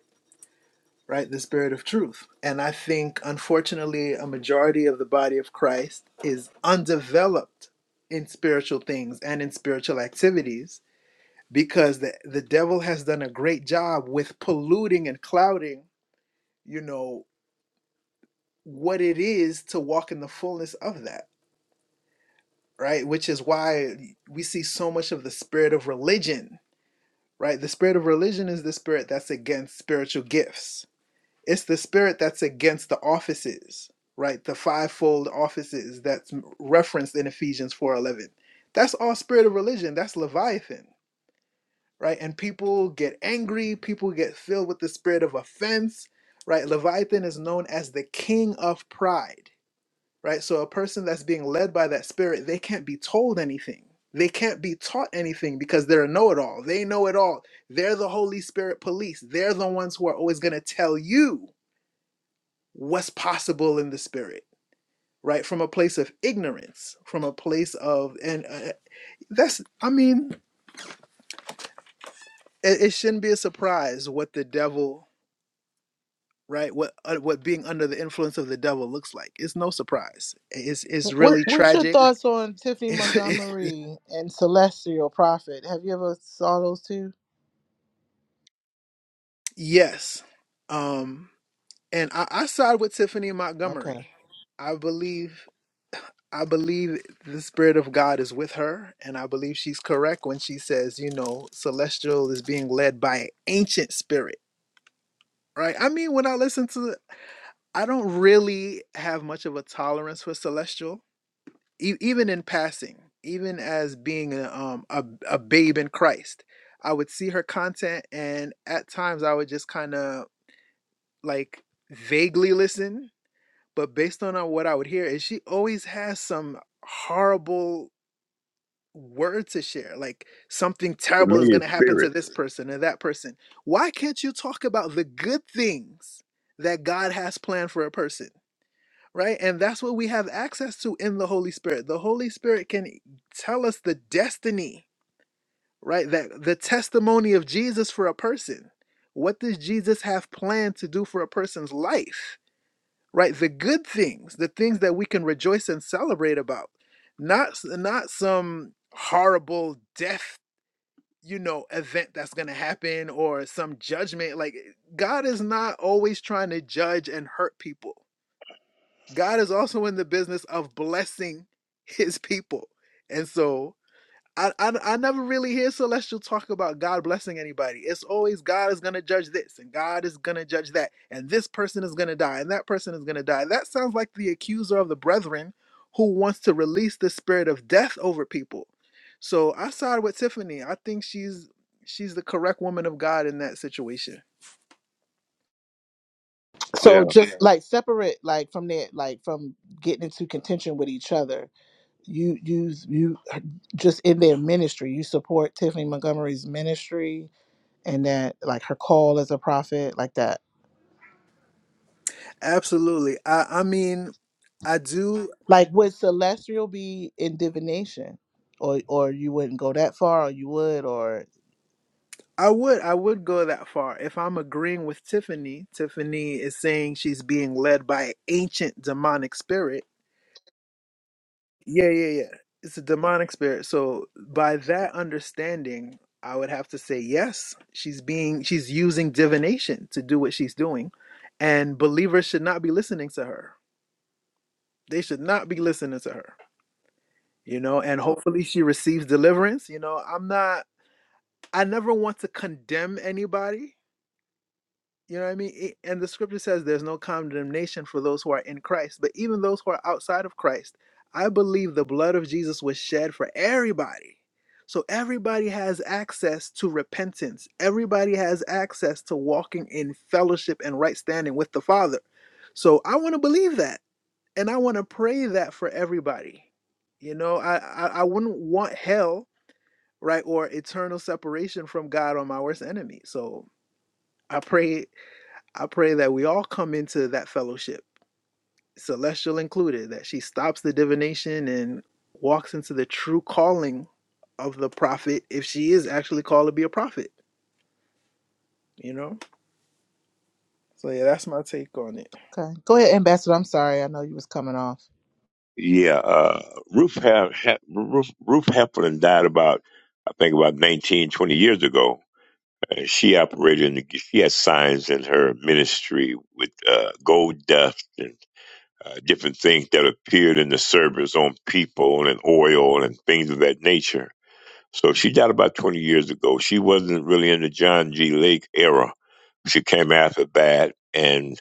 Speaker 2: right? The spirit of truth. And I think, unfortunately, a majority of the body of Christ is undeveloped in spiritual things and in spiritual activities because the, the devil has done a great job with polluting and clouding, you know, what it is to walk in the fullness of that, right? Which is why we see so much of the spirit of religion, right? The spirit of religion is the spirit that's against spiritual gifts it's the spirit that's against the offices right the fivefold offices that's referenced in ephesians 4.11 that's all spirit of religion that's leviathan right and people get angry people get filled with the spirit of offense right leviathan is known as the king of pride right so a person that's being led by that spirit they can't be told anything they can't be taught anything because they're a know-it-all they know it all they're the holy spirit police they're the ones who are always going to tell you what's possible in the spirit right from a place of ignorance from a place of and uh, that's i mean it, it shouldn't be a surprise what the devil right what uh, what being under the influence of the devil looks like it's no surprise it's it's
Speaker 11: Wh- what,
Speaker 2: really
Speaker 11: what's your
Speaker 2: tragic [LAUGHS]
Speaker 11: thoughts on tiffany
Speaker 2: It's, it,
Speaker 11: montgomery and celestial prophet have you ever saw those two
Speaker 2: yes um and I, I side with tiffany
Speaker 11: okay
Speaker 2: montgomery i believe I believe the Spirit of God is with her, and I believe she's correct when she says, you know, Celestial is being led by an ancient spirit, right? I mean, when I listen to, I don't really have much of a tolerance for Celestial, e- even in passing, even as being a, um, a, a babe in Christ. I would see her content, and at times I would just kind of like vaguely listen, but based on uh, what I would hear, is she always has some horrible word to share like something terrible is going to Yeah. happen to this person and that person why can't you talk about the good things that god has planned for a person right and that's what we have access to in the holy spirit the holy spirit can e, tell us the destiny right that the testimony of jesus for a person what does jesus have planned to do for a person's life right the good things the things that we can rejoice and celebrate about not s- not some horrible death you know, event that's going to happen or some judgment. Like, eh, God is not always trying to judge and hurt people. God is also in the business of blessing his people. And so, I, I I never really hear celestial talk about God blessing anybody. It's always God is gonna judge this and God is gonna judge that and this person is gonna die and that person is gonna die. That sounds like the accuser of the brethren who wants to release the spirit of death over people. So I side with Tiffany. I think she's she's the correct woman of God in that situation.
Speaker 11: so just like separate like from that like from getting into contention with each other you you you just in their ministry you support tiffany montgomery's ministry and that like her call as a prophet like that
Speaker 2: Absolutely. I I mean I do
Speaker 11: like would celestial be in divination or or you wouldn't go that far or you would or
Speaker 2: I would I would go that far. If I'm agreeing with Tiffany, Tiffany is saying she's being led by an ancient demonic spirit. Yeah, yeah, yeah. It's a demonic spirit. So by that understanding, I would have to say yes, she's being she's using divination to do what she's doing. And believers should not be listening to her. They should not be listening to her. You know, and hopefully she receives deliverance. You know, I'm not I never want to condemn anybody You know what I mean? It- And the scripture says there's no condemnation for those who are in Christ, but even those who are outside of Christ. I believe the blood of Jesus was shed for everybody. So everybody has access to repentance. Everybody has access to walking in fellowship and right standing with the Father. So I want to believe that and I want to pray that for everybody. You know, I, I I wouldn't want hell, right, or eternal separation from God on my worst enemy. So I pray I pray that we all come into that fellowship, celestial included, that she stops the divination and walks into the true calling of the prophet if she is actually called to be a prophet, you know? So, yeah, that's my take on it.
Speaker 11: okay go ahead ambassador i'm sorry i know you was coming off
Speaker 12: Yeah, uh, Roof ha- ha- Roof Roof Heflin died about I think about 19 20 years ago. And she operated in the, she had signs in her ministry with uh, gold dust and uh, different things that appeared in the service on people and oil and things of that nature. So she died about 20 years ago. She wasn't really in the John G. Lake era. She came after that. and.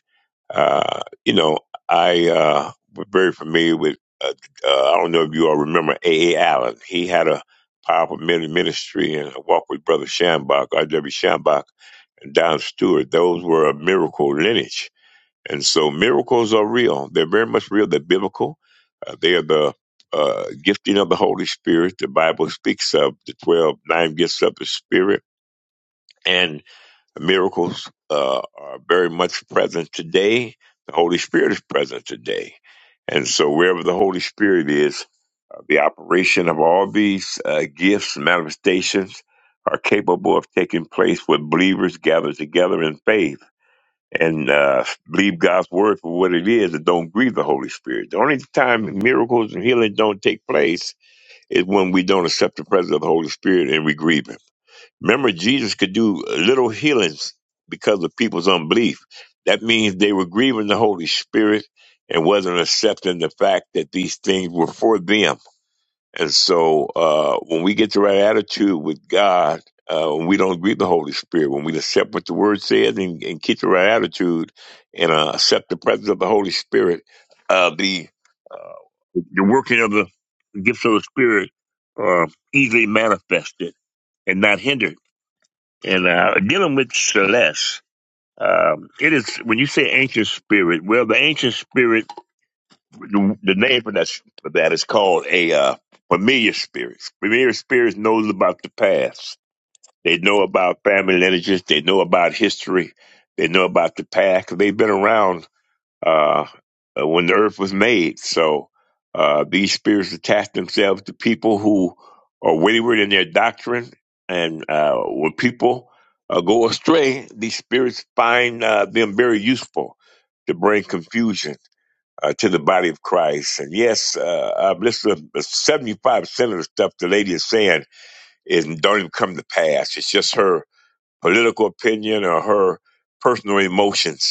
Speaker 12: Uh, you know, I uh, was very familiar with. Uh, uh, I don't know if you all remember A. A. Allen. He had a powerful mini- ministry and a walk with Brother Shambach, R. W. Shambach, and Don Stewart. Those were a miracle lineage, and so miracles are real. They're very much real. They're biblical. Uh, they are the uh, gifting of the Holy Spirit. The Bible speaks of the twelve nine gifts of the Spirit, and miracles uh, are very much present today. The Holy Spirit is present today. And so, wherever the Holy Spirit is, uh, the operation of all these uh, gifts, manifestations, are capable of taking place when believers gather together in faith and uh, believe God's word for what it is and don't grieve the Holy Spirit. The only time miracles and healing don't take place is when we don't accept the presence of the Holy Spirit and we grieve Him. Remember, Jesus could do little healings because of people's unbelief. That means they were grieving the Holy Spirit and wasn't accepting the fact that these things were for them. And so, uh, when we get the right attitude with God, uh, when we don't grieve the Holy Spirit, when we accept what the Word says and, and keep the right attitude and uh, accept the presence of the Holy Spirit, uh, the uh, the working of the gifts of the Spirit are easily manifested and not hindered and uh, dealing with Celeste. Um, it is when you say ancient spirit. Well, the ancient spirit, the, the name for that for that is called a uh, familiar spirit. Familiar spirits knows about the past. They know about family lineages. They know about history. They know about the past. 'Cause they've been around uh, uh, when the earth was made. So uh, these spirits attach themselves to people who are wayward in their doctrine, and uh, when people uh, go astray, these spirits find uh, them very useful to bring confusion. Uh, to the body of Christ, and yes, uh, I've listened. to Seventy-five percent of the stuff the lady is saying is don't even come to pass. It's just her political opinion or her personal emotions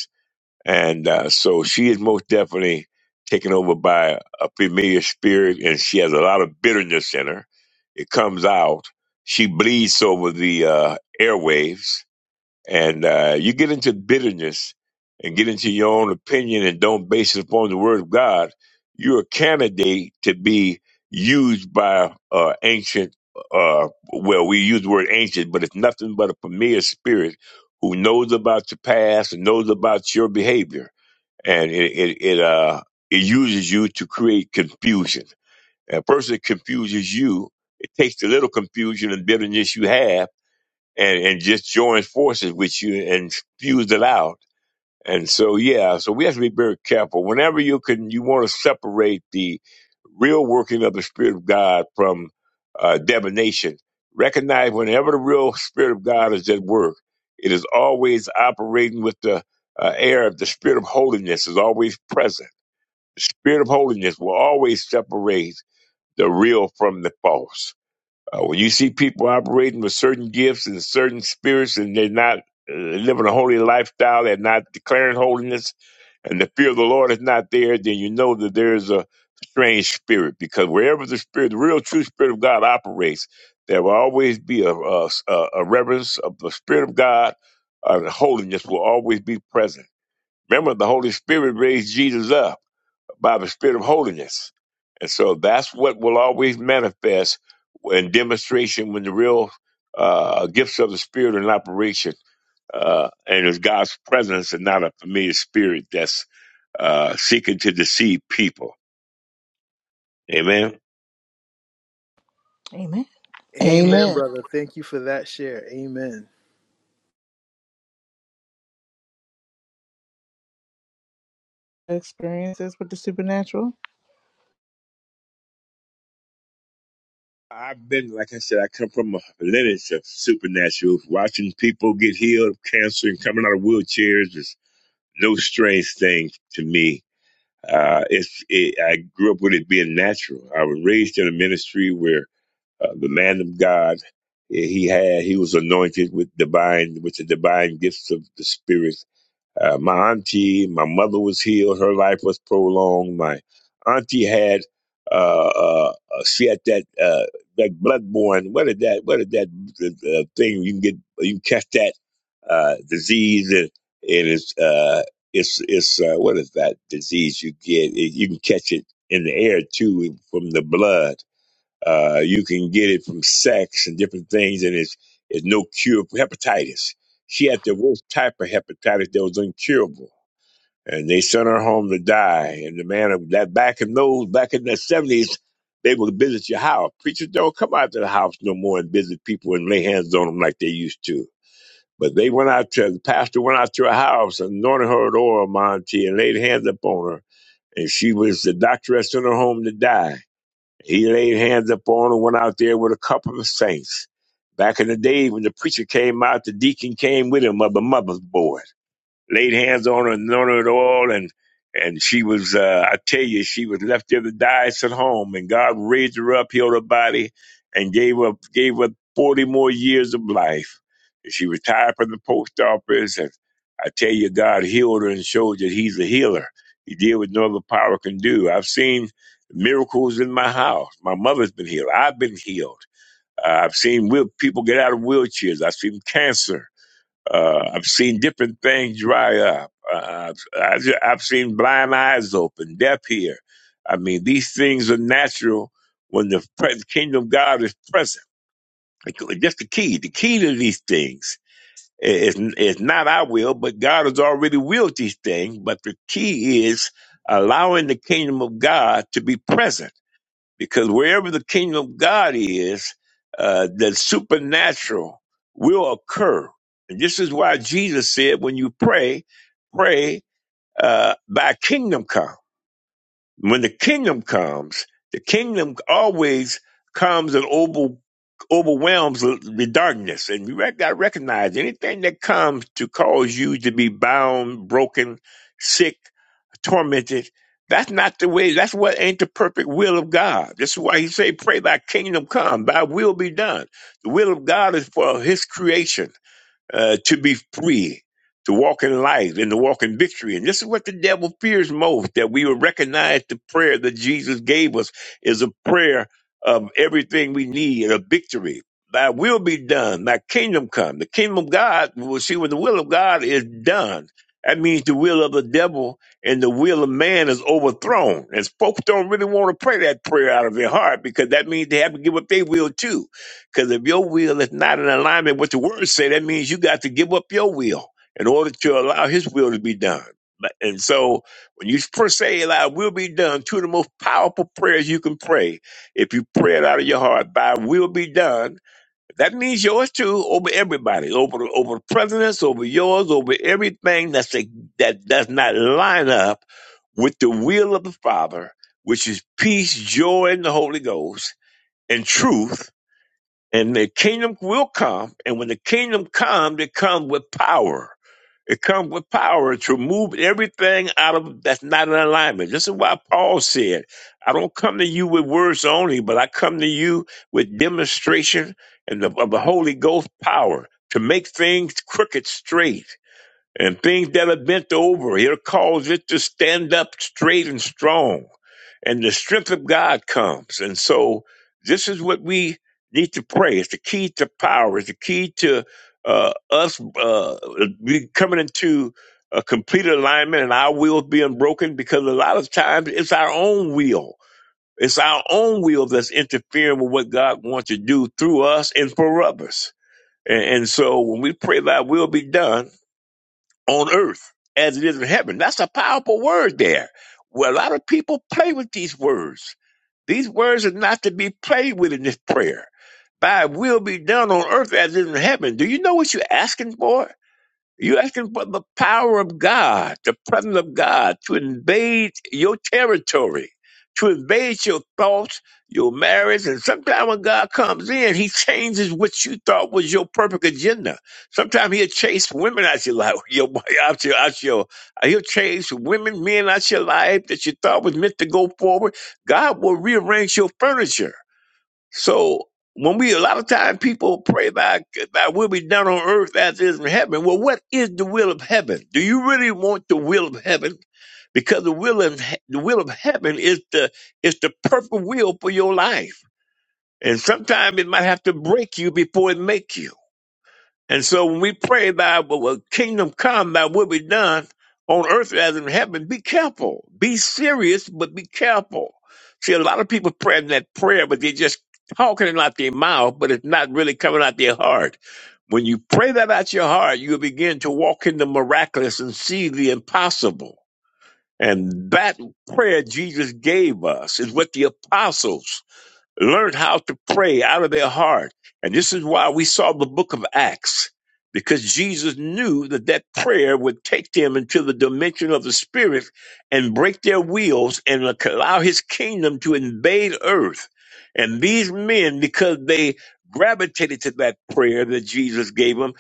Speaker 12: and uh, so she is most definitely taken over by a familiar spirit, and she has a lot of bitterness in her. It comes out. She bleeds over the uh, airwaves, and uh, you get into bitterness and get into your own opinion and don't base it upon the word of God. You're a candidate to be used by uh, ancient. Uh, well, we use the word ancient, but it's nothing but a familiar spirit who knows about your past and knows about your behavior and it it, it uh it uses you to create confusion. A person that confuses you, it takes the little confusion and bitterness you have, and and just joins forces with you and spews it out and so, yeah, so we have to be very careful. Whenever you can, you want to separate the real working of the Spirit of God from uh, divination. Recognize whenever the real Spirit of God is at work, it is always operating with the uh, air of the Spirit of holiness is always present. The Spirit of holiness will always separate the real from the false uh, when you see people operating with certain gifts and certain spirits, and they're not uh, living a holy lifestyle, they're not declaring holiness, and the fear of the Lord is not there, then you know that there's a strange spirit. Because wherever the spirit, the real true spirit of God operates, there will always be a, a, a reverence of the spirit of God. Uh, holiness will always be present. Remember, the Holy Spirit raised Jesus up by the spirit of holiness. And so that's what will always manifest in demonstration when the real uh, gifts of the spirit are in operation. Uh, and it's God's presence and not a familiar spirit that's uh, seeking to deceive people. Amen.
Speaker 11: amen
Speaker 2: Amen,
Speaker 11: amen
Speaker 2: brother. Thank you for that share. Amen.
Speaker 11: experiences with the supernatural
Speaker 12: I've been, like I said, I come from a lineage of supernatural, watching people get healed of cancer and coming out of wheelchairs is no strange thing to me Uh, it's it, I grew up with it being natural. I was raised in a ministry where uh, the man of God eh, he had he was anointed with divine with the divine gifts of the Spirit uh, my auntie, my mother was healed. Her life was prolonged. My auntie had, uh, uh, uh, she had that, uh, that bloodborne. What is that? What is that uh, thing? You can get, you can catch that, uh, disease and, and it's, uh, it's, it's, uh, what is that disease you get? It, you can catch it in the air too from the blood uh, you can get it from sex and different things, and it's, it's no cure for hepatitis. She had the worst type of hepatitis that was incurable. And they sent her home to die. And the man of that back in those, back in the 70s, they would visit your house. Preachers don't come out to the house no more and visit people and lay hands on them like they used to. But they went out to, the pastor went out to her house and anointed her with oil, Monty, and laid hands upon her and she was the doctoress in her home to die. He laid hands upon and went out there with a couple of saints. Back in the day when the preacher came out, the deacon came with him, mother mother's boy laid hands on her and on her at all. And and she was, uh, I tell you, she was left there to die at home. And God raised her up, healed her body, and gave her gave her forty more years of life. And she retired from the post office. And I tell you, God healed her and showed that He's a healer. He did what no other power can do. I've seen miracles in my house. My mother's been healed. I've been healed. Uh, I've seen wheel- people get out of wheelchairs. I've seen cancer. Uh, I've seen different things dry up. Uh, I've, I ju- I've seen blind eyes open, deaf ear. I mean, these things are natural when the pre- kingdom of God is present. Like, like, That's the key. The key to these things is, is not our will, but God has already willed these things. But the key is allowing the kingdom of God to be present because wherever the kingdom of God is, uh, the supernatural will occur. And this is why Jesus said, when you pray, pray uh, by kingdom come. When the kingdom comes, the kingdom always comes and over, overwhelms the darkness. And you got to recognize anything that comes to cause you to be bound, broken, sick, tormented. That's not the way. That's what ain't the perfect will of God. This is why he say, "Pray, Thy kingdom come, Thy will be done." The will of God is for His creation uh, to be free, to walk in life and to walk in victory. And this is what the devil fears most that we will recognize the prayer that Jesus gave us is a prayer of everything we need and a victory. Thy will be done, thy kingdom come. The kingdom of God, we will see when the will of God is done. That means the will of the devil and the will of man is overthrown. And folks don't really want to pray that prayer out of their heart because that means they have to give up their will too because if your will is not in alignment with the word say, that means you got to give up your will in order to allow his will to be done. But- And so when you per se allow will be done, two of the most powerful prayers you can pray, if you pray it out of your heart, by will be done, that means yours too, over everybody, over the, over the presidents, over yours, over everything that's a, that does not line up with the will of the Father, which is peace, joy in the Holy Ghost, and truth and the kingdom will come. And when the kingdom comes, it comes with power. It comes with power to remove everything out of that's not in alignment. This is why Paul said, I don't come to you with words only, but I come to you with demonstration and the, of the Holy Ghost power to make things crooked straight and things that are bent over. He'll cause it to stand up straight and strong. And the strength of God comes. And so this is what we need to pray. It's the key to power. It's the key to uh, us uh, we coming into a complete alignment and our will being broken because a lot of times it's our own will. It's our own will that's interfering with what God wants to do through us and for others. And, and so when we pray, Thy will be done, on earth as it is in heaven. That's a powerful word there. Well, a lot of people play with these words. These words are not to be played with in this prayer. Thy will be done on earth as it is in heaven. Do you know what you're asking for? You're asking for the power of God, the presence of God to invade your territory, to invade your thoughts, your marriage. And sometimes when God comes in, he changes what you thought was your perfect agenda. Sometimes he'll chase women out your life, [LAUGHS] your, out your, out your, uh, he'll chase women, men out your life that you thought was meant to go forward. God will rearrange your furniture. So when we a lot of times people pray thy thy will be done on earth as it is in heaven. Well, what is the will of heaven? Do you really want the will of heaven? Because the will of he- the will of heaven is the is the perfect will for your life. And sometimes it might have to break you before it makes you. And so when we pray that, well, well, kingdom come, That will be done on earth as in heaven, be careful. Be serious, but be careful. See, a lot of people praying that prayer, but they're just talking it out their mouth, but it's not really coming out their heart. When you pray that out your heart, you'll begin to walk in the miraculous and see the impossible. And that prayer Jesus gave us is what the apostles learned how to pray out of their heart. And this is why we saw the book of Acts, because Jesus knew that that prayer would take them into the dimension of the spirit and break their wheels and allow his kingdom to invade earth. And these men, because they gravitated to that prayer that Jesus gave them,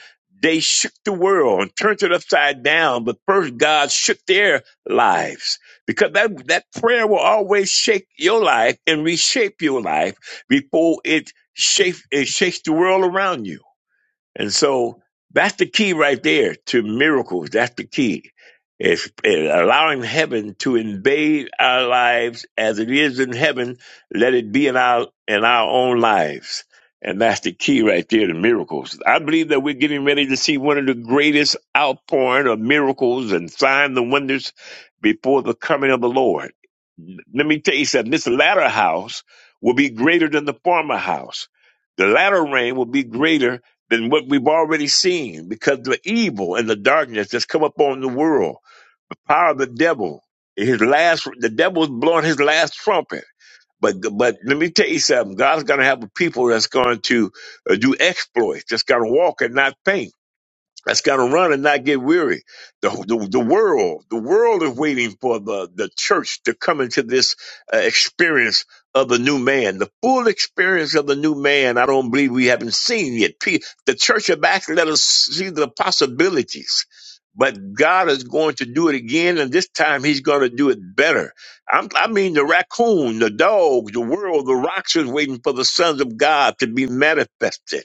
Speaker 12: they shook the world and turned it upside down. But first, God shook their lives because that, that prayer will always shake your life and reshape your life before it shakes it shakes the world around you. And so that's the key right there to miracles. That's the key. It's it's allowing heaven to invade our lives as it is in heaven. Let it be in our in our own lives. And that's the key right there to miracles. I believe that we're getting ready to see one of the greatest outpouring of miracles and signs and wonders before the coming of the Lord. Let me tell you something. This latter house will be greater than the former house. The latter rain will be greater than what we've already seen because the evil and the darkness that's come upon the world, the power of the devil, his last, the devil's blowing his last trumpet. But, but let me tell you something. God's going to have a people that's going to uh, do exploits, that's going to walk and not faint that's got to run and not get weary. The, the the world, the world is waiting for the the church to come into this uh, experience of the new man, the full experience of the new man. I don't believe we haven't seen yet. P- The church of Acts let us see the possibilities. But God is going to do it again, and this time He's going to do it better. I'm, I mean, the raccoon, the dog, the world, the rocks is waiting for the sons of God to be manifested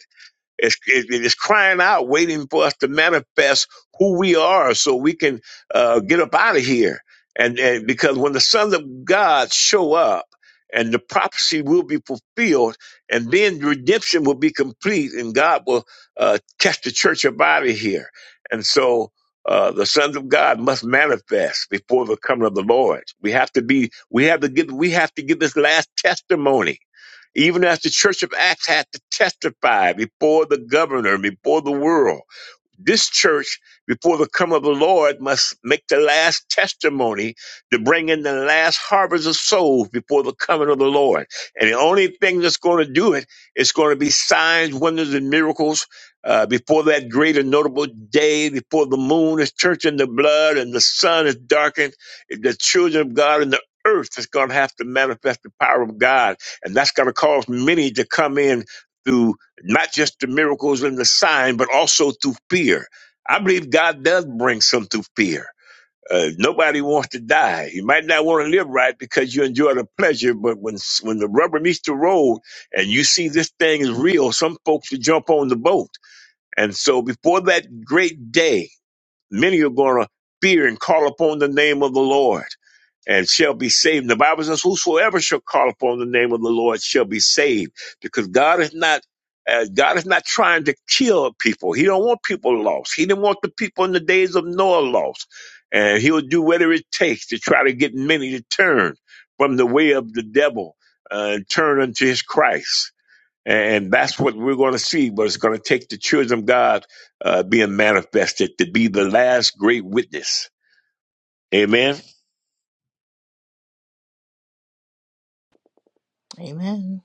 Speaker 12: it's, it, it's crying out, waiting for us to manifest who we are so we can uh, get up out of here. And, and because when the sons of God show up, and the prophecy will be fulfilled, and then redemption will be complete, and God will uh, catch the church up out of here. And so uh, the sons of God must manifest before the coming of the Lord. We have to be, we have to give, we have to give this last testimony even as the Church of Acts had to testify before the governor, before the world, this church, before the come of the Lord, must make the last testimony to bring in the last harvest of souls before the coming of the Lord. And the only thing that's going to do it is going to be signs, wonders, and miracles uh, before that great and notable day, before the moon is turned into blood and the sun is darkened. The children of God and the earth is going to have to manifest the power of God. And that's going to cause many to come in not just the miracles and the sign, but also through fear. I believe God does bring some through fear. Uh, nobody wants to die. You might not want to live right because you enjoy the pleasure, but when when the rubber meets the road and you see this thing is real, some folks will jump on the boat. And so before that great day, Many are going to fear and call upon the name of the Lord and shall be saved. The Bible says, Whosoever shall call upon the name of the Lord shall be saved. Because God is not uh, God is not trying to kill people. He don't want people lost. He didn't want the people in the days of Noah lost. And he'll do whatever it takes to try to get many to turn from the way of the devil uh, and turn unto his Christ. And that's what we're going to see, but it's going to take the children of God uh, being manifested to be the last great witness. Amen.
Speaker 11: amen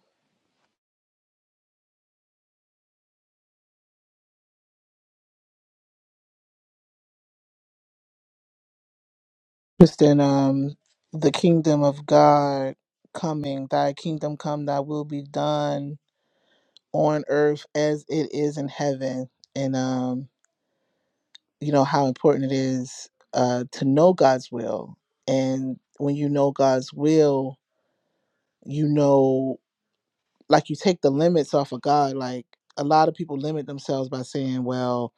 Speaker 11: just in um the kingdom of god coming thy kingdom come thy will be done on earth as it is in heaven and um you know how important it is uh to know God's will and when you know God's will you know like you take the limits off of God like a lot of people limit themselves by saying well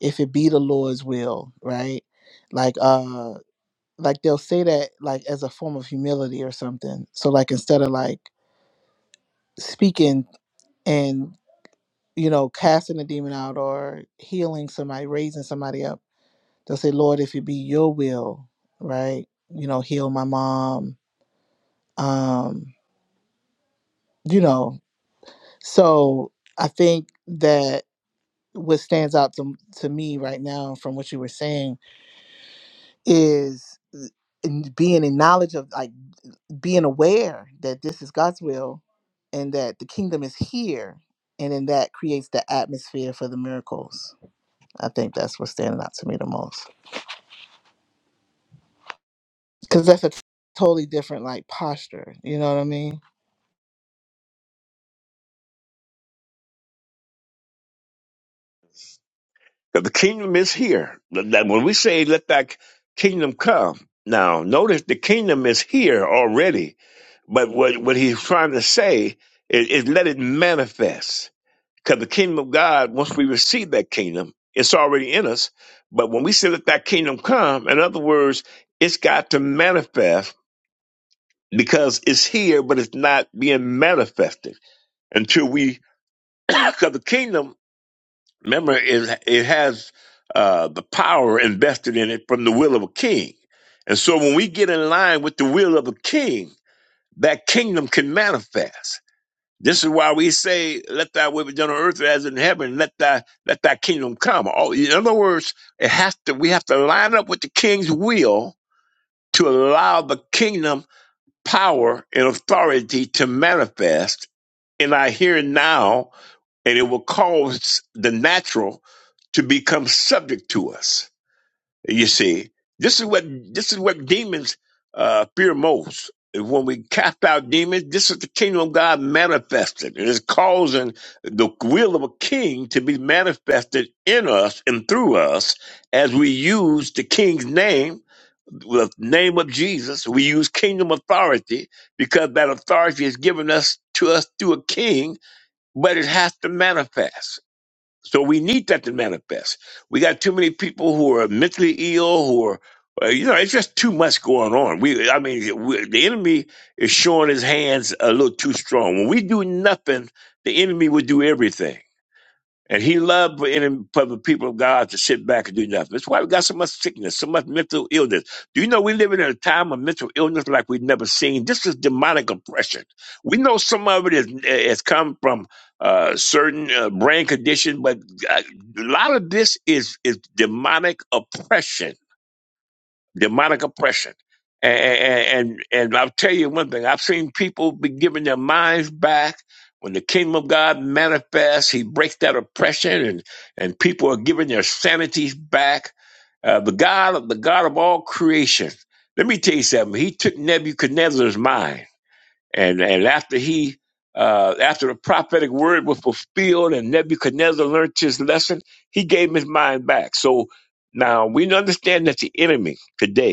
Speaker 11: if it be the Lord's will right like uh like they'll say that like as a form of humility or something so like instead of like speaking and. you know, casting a demon out or healing somebody, raising somebody up. They'll say, Lord, if it be your will, right? You know, heal my mom. Um, you know, so I think that what stands out to, to me right now from what you were saying is in being in knowledge of like being aware that this is God's will and that the kingdom is here. And then that creates the atmosphere for the miracles. I think that's what's standing out to me the most. because that's a totally different like posture. You know what I mean?
Speaker 12: 'Cause the kingdom is here. That that when we say, let that kingdom come, now notice the kingdom is here already. But what, what he's trying to say is, is let it manifest. Because the kingdom of God, once we receive that kingdom, it's already in us. But when we say let that kingdom come, in other words, it's got to manifest because it's here, but it's not being manifested until we, [CLEARS THROAT] because the kingdom, remember, is it has uh, the power invested in it from the will of a king, and so when we get in line with the will of a king, that kingdom can manifest. This is why we say, "Let thy will be done on earth as in heaven. Let thy let thy kingdom come." All, in other words, it has to. We have to line up with the king's will to allow the kingdom power and authority to manifest in our here and now, and it will cause the natural to become subject to us. You see, this is what this is what demons uh, fear most. When we cast out demons, this is the kingdom of God manifested. It is causing the will of a king to be manifested in us and through us as we use the king's name with the name of Jesus, we use kingdom authority because that authority is given us to us through a king, but it has to manifest. So we need that to manifest. We got too many people who are mentally ill, who are, uh, you know, it's just too much going on. We, I mean, we, the enemy is showing his hands a little too strong. When we do nothing, the enemy will do everything. And he loved for, any, for the people of God to sit back and do nothing. That's why we got so much sickness, so much mental illness. Do you know we live in a time of mental illness like we've never seen? This is demonic oppression. We know some of it is, has come from uh, certain uh, brain condition, but uh, a lot of this is, is demonic oppression demonic oppression. And, and and I'll tell you one thing: I've seen people be given their minds back when the kingdom of God manifests. He breaks that oppression, and and people are given their sanities back. Uh, the God of the God of all creation. Let me tell you something. He took Nebuchadnezzar's mind, and and after he. Uh, after the prophetic word was fulfilled and Nebuchadnezzar learned his lesson, he gave his mind back. So now we understand that the enemy today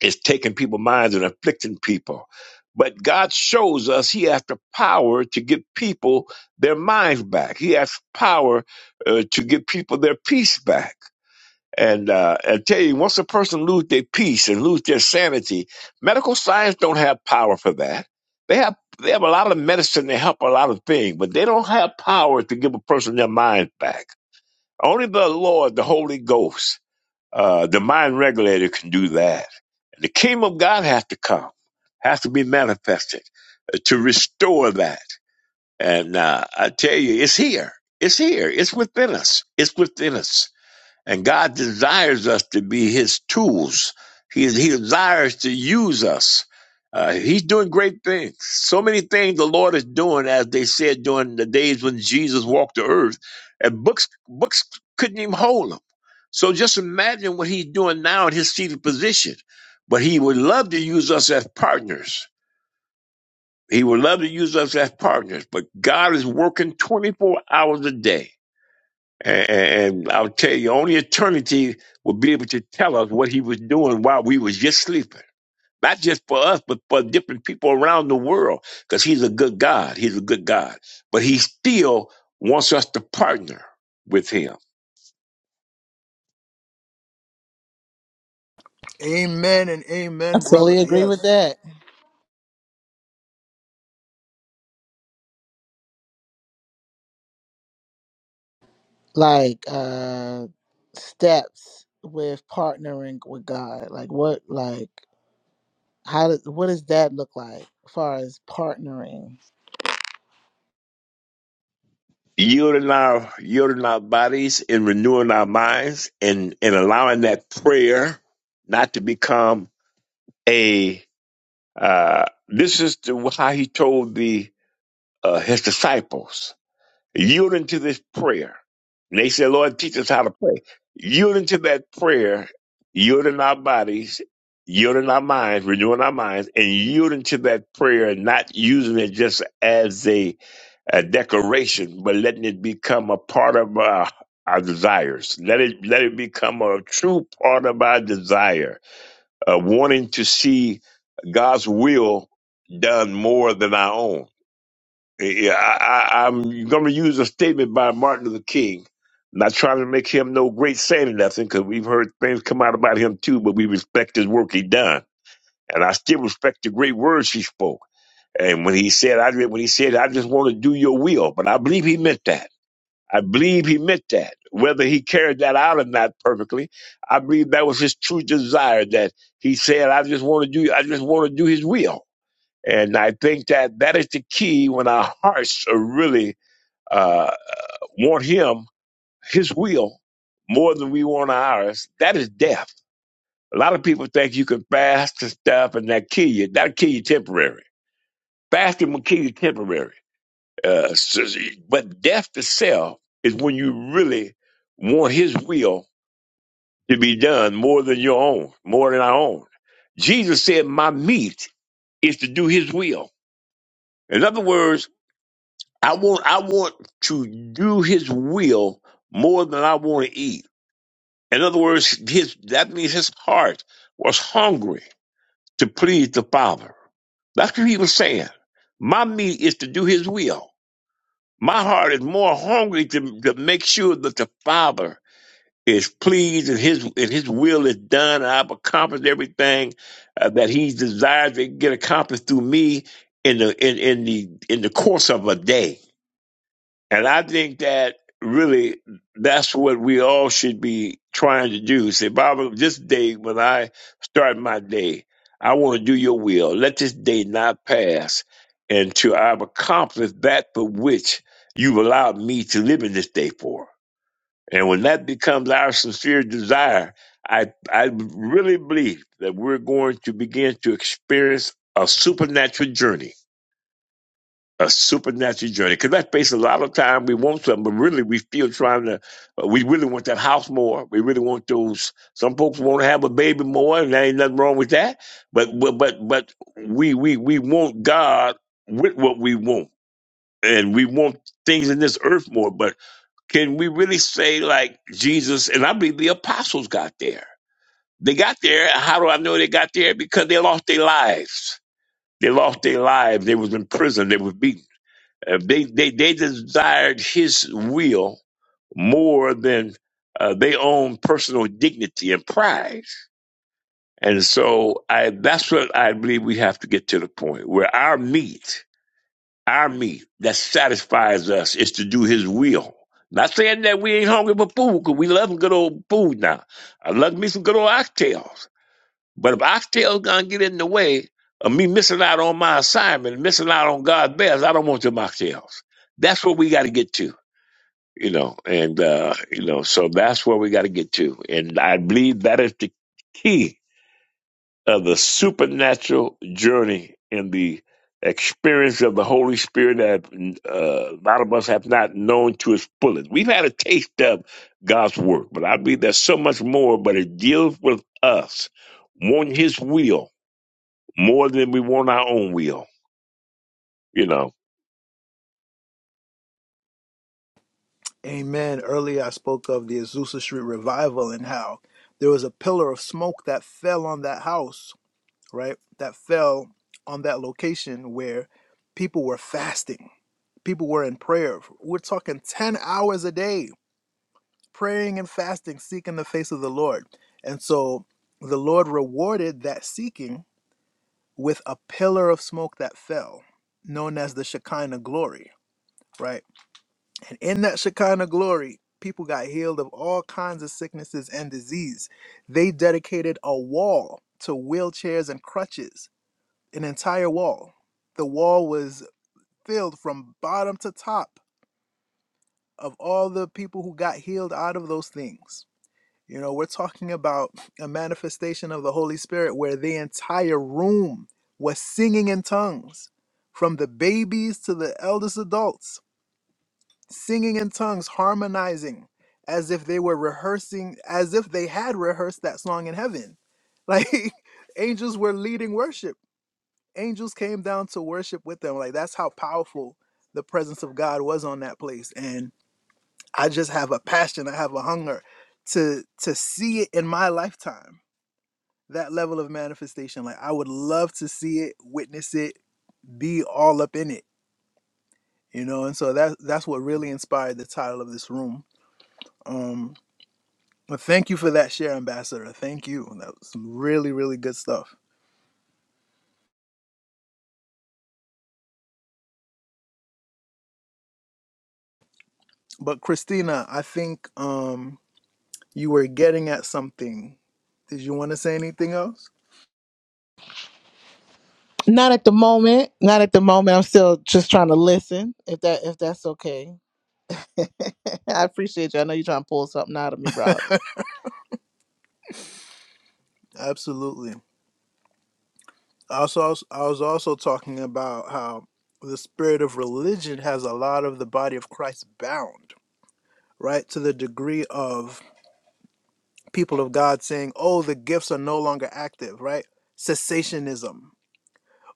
Speaker 12: is taking people's minds and afflicting people. But God shows us He has the power to give people their minds back. He has power uh, to give people their peace back. And uh, I tell you, once a person lose their peace and lose their sanity, medical science don't have power for that. They have they have a lot of medicine to help a lot of things, but they don't have power to give a person their mind back. Only the Lord, the Holy Ghost uh, the mind regulator can do that. And the kingdom of God has to come, has to be manifested uh, to restore that. And uh, I tell you, it's here. It's here. It's within us. It's within us. And God desires us to be His tools. He, he desires to use us. Uh, he's doing great things. So many things the Lord is doing, as they said during the days when Jesus walked the earth, and books books couldn't even hold him. So just imagine what he's doing now in his seated position. But he would love to use us as partners. He would love to use us as partners. But God is working 24 hours a day. And, and I'll tell you, only eternity will be able to tell us what he was doing while we was just sleeping. Not just for us, but for different people around the world, because he's a good God. He's a good God. But he still wants us to partner with him.
Speaker 2: Amen and
Speaker 11: I
Speaker 2: amen, brother.
Speaker 11: totally agree with
Speaker 2: Yes.
Speaker 11: that. Like uh steps with partnering with God. Like what? Like how? Does, what does that look like as far as partnering?
Speaker 12: Yielding our, yielding our bodies and renewing our minds and, and allowing that prayer not to become a, uh, this is the, how he told the, uh, his disciples yielding to this prayer. And they said, Lord, teach us how to pray. Yielding to that prayer, yielding our bodies, yielding our minds, renewing our minds, and yielding to that prayer, and not using it just as a, a decoration, but letting it become a part of our, our desires. Let it let it become a true part of our desire, uh, wanting to see God's will done more than our own yeah, I, I, I'm going to use a statement by Martin Luther King. Not trying to make him no great saint or nothing, because we've heard things come out about him too, but we respect his work he done, and I still respect the great words he spoke. And when he said, I when he said, I just want to do your will, but I believe he meant that. I believe he meant that. Whether he carried that out or not perfectly, I believe that was his true desire. That he said, I just want to do, I just want to do his will. And I think that that is the key when our hearts are really uh, want him, his will, more than we want ours, that is death. A lot of people think you can fast and stuff and that kill you. That'll kill you temporary. Fasting will kill you temporary. Uh, so- but death itself is when you really want his will to be done more than your own, more than our own. Jesus said, My meat is to do his will. In other words, I want I want to do his will more than I want to eat. In other words, his, that means his heart was hungry to please the Father. That's what he was saying. My meat is to do his will. My heart is more hungry to, to make sure that the Father is pleased and his, and his will is done. And I've accomplished everything uh, that he desires to get accomplished through me in the, in, in the, in the course of a day. And I think that really that's what we all should be trying to do. Say, Baba, this day when I start my day, I want to do your will. Let this day not pass until I've accomplished that for which you've allowed me to live in this day for. And when that becomes our sincere desire, I I really believe that we're going to begin to experience a supernatural journey a supernatural journey because that space a lot of time we want something but really we still trying to uh, we really want that house more we really want those some folks want to have a baby more and there ain't nothing wrong with that but but but, but we we we want god with what we want and we want things in this earth more but can we really say like jesus and i believe the apostles got there they got there how do i know they got there because they lost their lives they lost their lives they was in prison they was beaten uh, they, they they desired his will more than uh, their own personal dignity and pride. And so I that's what I believe we have to get to the point where our meat, our meat that satisfies us is to do his will. Not saying that we ain't hungry for food, because we love good old food now. I love me some good old oxtails. But if I still gonna get in the way of me missing out on my assignment, missing out on God's best, I don't want them oxtails. That's what we got to get to, you know. And uh, you know, so that's where we got to get to. And I believe that is the key of the supernatural journey and the experience of the Holy Spirit that uh, a lot of us have not known to its fullest. We've had a taste of God's work, but I believe there's so much more. But it deals with us, wanting His will more than we want our own will, you know.
Speaker 2: Amen. Earlier, I spoke of the Azusa Street revival and how there was a pillar of smoke that fell on that house right, that fell on that location where people were fasting, people were in prayer. We're talking 10 hours a day, praying and fasting, seeking the face of the Lord. And so the Lord rewarded that seeking with a pillar of smoke that fell, known as the Shekinah glory, right? And in that Shekinah glory, people got healed of all kinds of sicknesses and disease. They dedicated a wall to wheelchairs and crutches an entire wall. The wall was filled from bottom to top of all the people who got healed out of those things. You know, we're talking about a manifestation of the Holy Spirit where the entire room was singing in tongues, from the babies to the eldest adults, singing in tongues, harmonizing as if they were rehearsing, as if they had rehearsed that song in heaven. Like [LAUGHS] angels were leading worship angels came down to worship with them. Like that's how powerful the presence of God was on that place. And I just have a passion, I have a hunger to to see it in my lifetime. That level of manifestation. Like I would love to see it, witness it, be all up in it. You know, and so that that's what really inspired the title of this room. Um but thank you for that share, Ambassador. Thank you. That was some really, really good stuff. But Christina, I think um You were getting at something. Did you want to say anything else?
Speaker 11: Not at the moment. Not at the moment. I'm still just trying to listen. If that if that's okay. [LAUGHS] I appreciate you. I know you're trying to pull something out of me, broadly.
Speaker 2: Absolutely. also, I was also talking about how the spirit of religion has a lot of the body of Christ bound, right? To the degree of people of God saying, oh, the gifts are no longer active, right? Cessationism,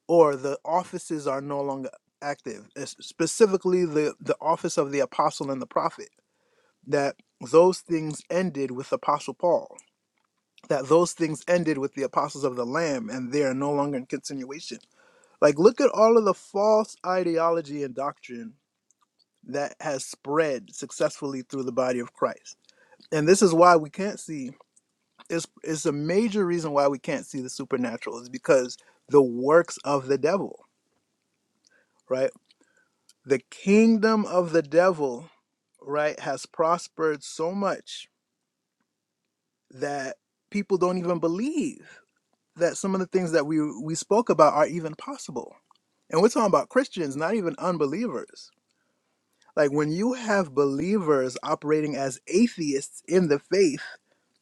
Speaker 2: or the offices are no longer active, es- specifically the, the office of the apostle and the prophet, that those things ended with Apostle Paul that those things ended with the apostles of the lamb and they are no longer in continuation like look at all of the false ideology and doctrine that has spread successfully through the body of christ and this is why we can't see it's, it's a major reason why we can't see the supernatural is because the works of the devil right the kingdom of the devil right has prospered so much that people don't even believe that some of the things that we we spoke about are even possible. And we're talking about Christians, not even unbelievers. Like when you have believers operating as atheists in the faith,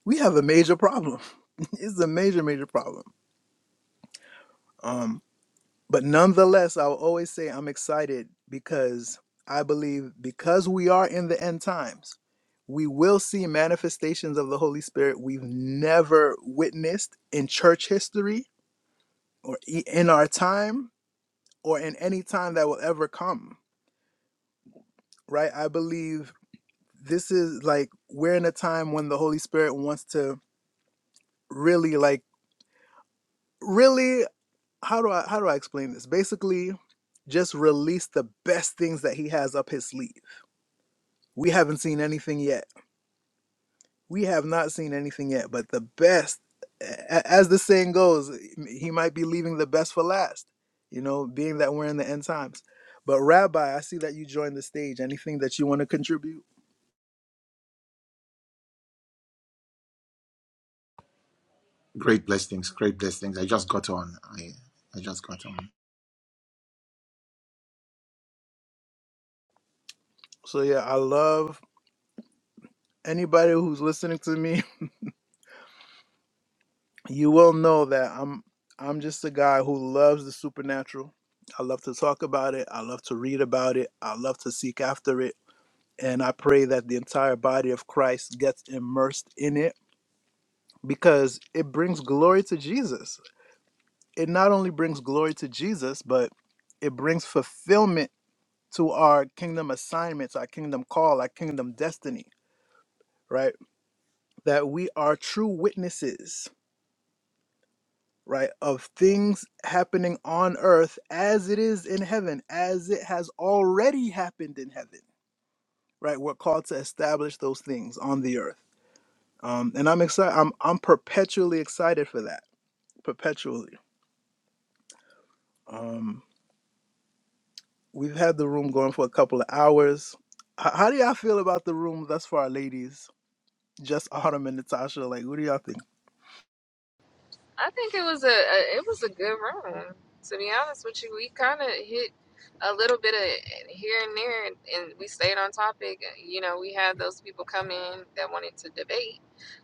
Speaker 2: we have a major problem. [LAUGHS] it's a major, major problem. Um, but nonetheless, I'll always say I'm excited because I believe because we are in the end times, we will see manifestations of the Holy Spirit we've never witnessed in church history or i- in our time or in any time that will ever come, right? I believe this is like we're in a time when the Holy Spirit wants to really like really how do I how do I explain this? Basically, just release the best things that he has up his sleeve. We haven't seen anything yet. We have not seen anything yet, but the best a- as the saying goes, he might be leaving the best for last, you know, being that we're in the end times. But Rabbi, I see that you joined the stage. Anything that you want to contribute?
Speaker 13: Great blessings, great blessings. I just got on. I, I just got on.
Speaker 2: So yeah, I love anybody who's listening to me. [LAUGHS] You will know that I'm I'm just a guy who loves the supernatural. I love to talk about it. I love to read about it. I love to seek after it. And I pray that the entire body of Christ gets immersed in it because it brings glory to Jesus. It not only brings glory to Jesus, but it brings fulfillment to our kingdom assignments, our kingdom call, our kingdom destiny, right? That we are true witnesses right, of things happening on earth as it is in heaven, as it has already happened in heaven, right? We're called to establish those things on the earth. Um, and I'm excited, I'm, I'm perpetually excited for that, perpetually. Um, we've had the room going for a couple of hours. H- how do y'all feel about the room thus far, ladies? Just [LAUGHS] Autumn and Natasha, like, what do y'all think?
Speaker 6: I think it was a, a it was a good run. To be honest with you, we kind of hit a little bit of here and there, and, and we stayed on topic. You know, we had those people come in that wanted to debate,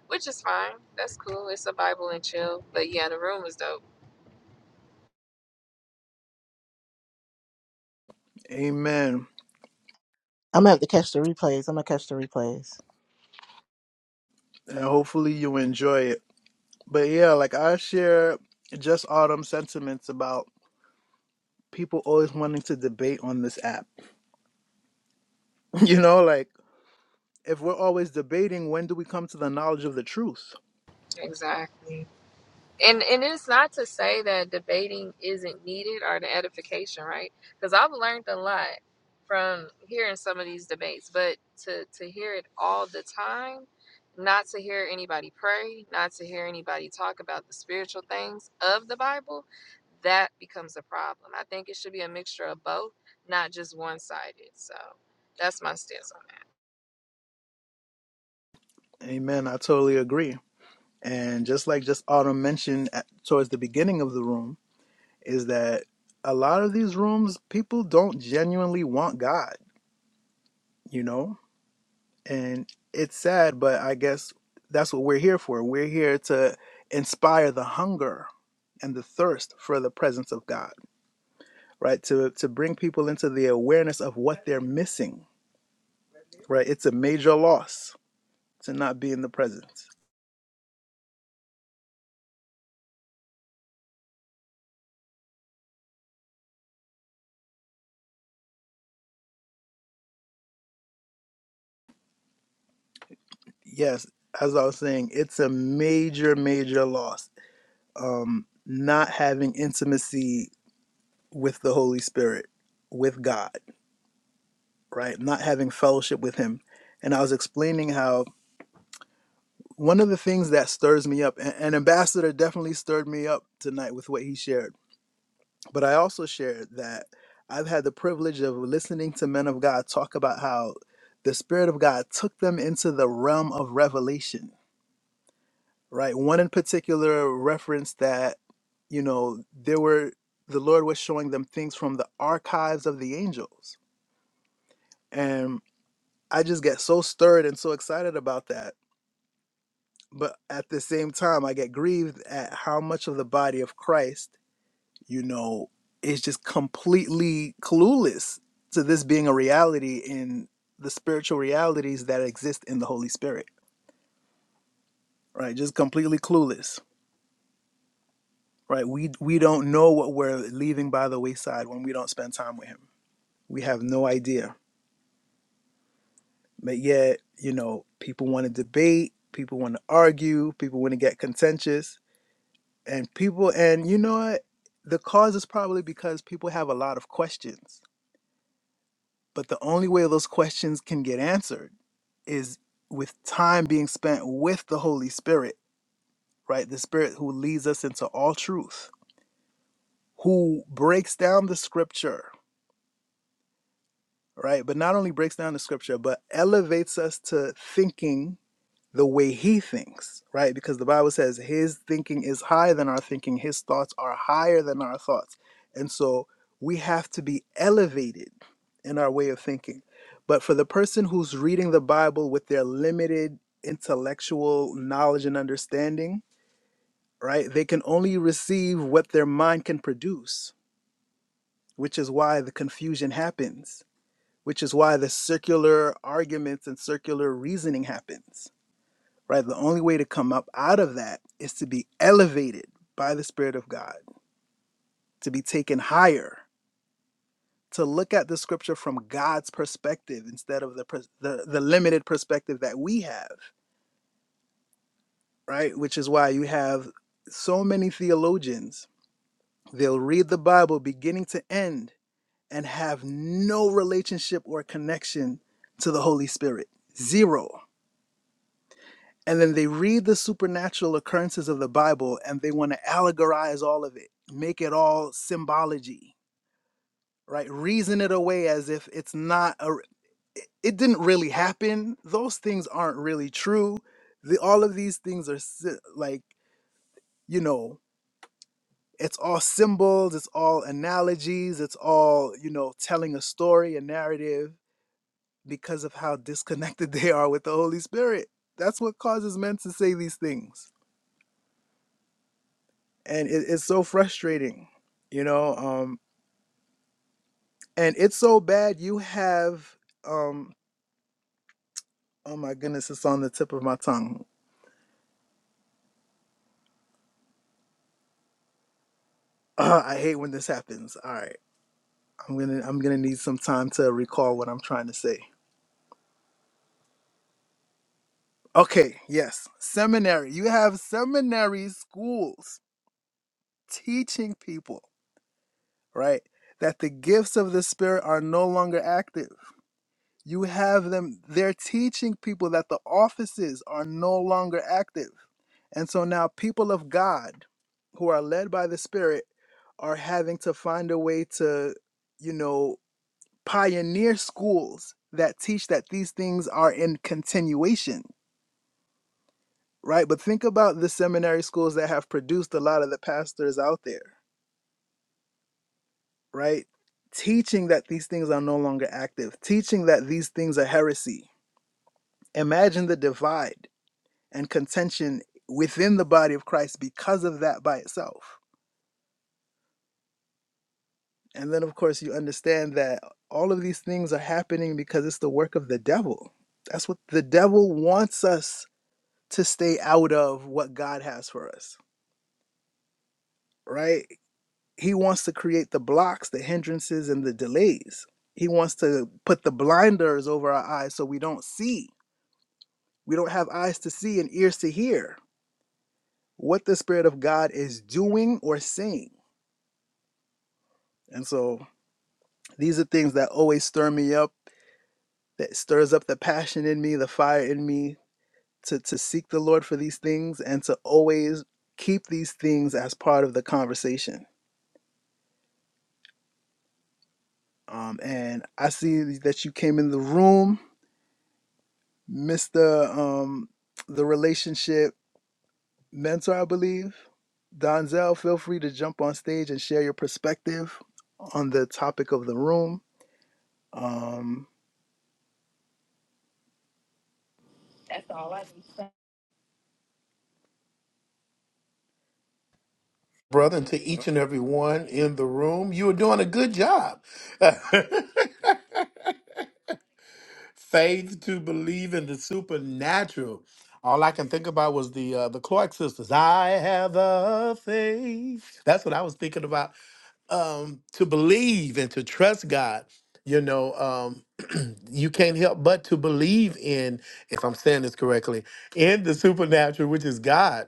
Speaker 6: which is fine. That's cool. It's a Bible and chill. But yeah, the room was dope.
Speaker 2: Amen.
Speaker 11: I'm gonna have to catch the replays. I'm gonna catch the replays.
Speaker 2: And hopefully you enjoy it. But yeah, like I share just Autumn sentiments about people always wanting to debate on this app. [LAUGHS] You know, like if we're always debating, when do we come to the knowledge of the truth?
Speaker 6: Exactly. And and it's not to say that debating isn't needed or the edification, right? Because I've learned a lot from hearing some of these debates, but to to hear it all the time, not to hear anybody pray, not to hear anybody talk about the spiritual things of the Bible, that becomes a problem. I think it should be a mixture of both, not just one sided. So that's my stance
Speaker 2: Amen. I totally agree. And just like just Autumn mentioned at, towards the beginning of the room, is that a lot of these rooms, people don't genuinely want God, you know? And it's sad, but I guess that's what we're here for. We're here to inspire the hunger and the thirst for the presence of God right? To to bring people into the awareness of what they're missing, right? It's a major loss to not be in the present. Yes, as I was saying, it's a major major loss. Um, not having intimacy with the Holy Spirit, with God, right? Not having fellowship with Him, and I was explaining how one of the things that stirs me up, and, and Ambassador definitely stirred me up tonight with what he shared But I also shared that I've had the privilege of listening to men of God talk about how the Spirit of God took them into the realm of revelation, right? One in particular referenced that, you know, there were, the Lord was showing them things from the archives of the angels. And I just get so stirred and so excited about that. But at the same time, I get grieved at how much of the body of Christ you know, is just completely clueless to this being a reality in the spiritual realities that exist in the Holy Spirit, right? Just completely clueless, right? We we don't know what we're leaving by the wayside when we don't spend time with Him. We have no idea, but yet you know, people want to debate, people want to argue, people want to get contentious, and people, and you know what? The cause is probably because people have a lot of questions But the only way those questions can get answered is with time being spent with the Holy Spirit, right? The Spirit who leads us into all truth, who breaks down the scripture, right? But not only breaks down the scripture, but elevates us to thinking the way he thinks, right? Because the Bible says his thinking is higher than our thinking, his thoughts are higher than our thoughts. And so we have to be elevated in our way of thinking. But for the person who's reading the Bible with their limited intellectual knowledge and understanding, right, they can only receive what their mind can produce, which is why the confusion happens, which is why the circular arguments and circular reasoning happens right? The only way to come up out of that is to be elevated by the Spirit of God, to be taken higher, to look at the scripture from God's perspective instead of the, pers- the, the limited perspective that we have, right? Which is why you have so many theologians, they'll read the Bible beginning to end and have no relationship or connection to the Holy Spirit. Zero and then they read the supernatural occurrences of the Bible and they want to allegorize all of it, make it all symbology, right? Reason it away as if it's not a, it it didn't really happen. Those things aren't really true. The, all of these things are sy- like, you know, it's all symbols, it's all analogies, it's all, you know, telling a story, a narrative because of how disconnected [LAUGHS] they are with the Holy Spirit. That's what causes men to say these things and it, it's so frustrating you know um and it's so bad you have um oh my goodness it's on the tip of my tongue [CLEARS THROAT] i hate when this happens all right i'm gonna i'm gonna need some time to recall what i'm trying to say okay yes seminary you have seminary schools teaching people right that the gifts of the spirit are no longer active You have them, they're teaching people that the offices are no longer active. And so now people of God who are led by the Spirit are having to find a way to, you know, pioneer schools that teach that these things are in continuation, right? But think about the seminary schools that have produced a lot of the pastors out there, right? Teaching that these things are no longer active, teaching that these things are heresy. Imagine the divide and contention within the body of Christ because of that by itself. And then, of course, you understand that all of these things are happening because it's the work of the devil. That's what the devil wants us to stay out of what God has for us, right? He wants to create the blocks, the hindrances, and the delays. He wants to put the blinders over our eyes so we don't see. We don't have eyes to see and ears to hear what the Spirit of God is doing or saying. And so These are things that always stir me up, that stirs up the passion in me, the fire in me to, to seek the Lord for these things and to always keep these things as part of the conversation. Um, and I see that you came in the room, Mr. Um, the relationship mentor, I believe. Donzel, feel free to jump on stage and share your perspective on the topic of the room. Um,
Speaker 14: brother, and to each and every one in the room. You are doing a good job. [LAUGHS] Faith to believe in the supernatural. All I can think about was the uh, the Clark sisters. I have a faith. That's what I was thinking about. Um, to believe and to trust God. You know, um, [CLEARS THROAT] you can't help but to believe in, if I'm saying this correctly, in the supernatural, which is God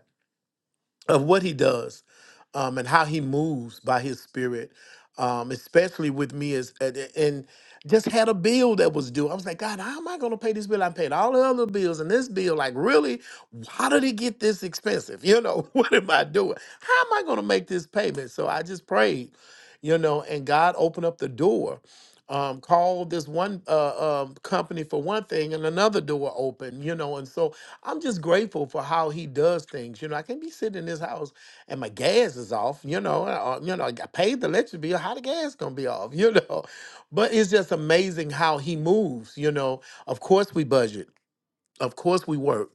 Speaker 14: of what he does um, and how he moves by his spirit um, especially with me as and, just had a bill that was due. I was like, God, how am I going to pay this bill? I paid all the other bills and this bill. Like, really? How did it get this expensive? You know, [LAUGHS] what am I doing? How am I going to make this payment? So I just prayed, you know, and God opened up the door. Um, called this one uh, um, company for one thing and another door opened, you know. And so I'm just grateful for how he does things. You know, I can be sitting in this house and my gas is off, you know, uh, you know, I paid the electric bill. How the gas gonna be off, [LAUGHS] you know? But it's just amazing how he moves, you know. Of course we budget. Of course we work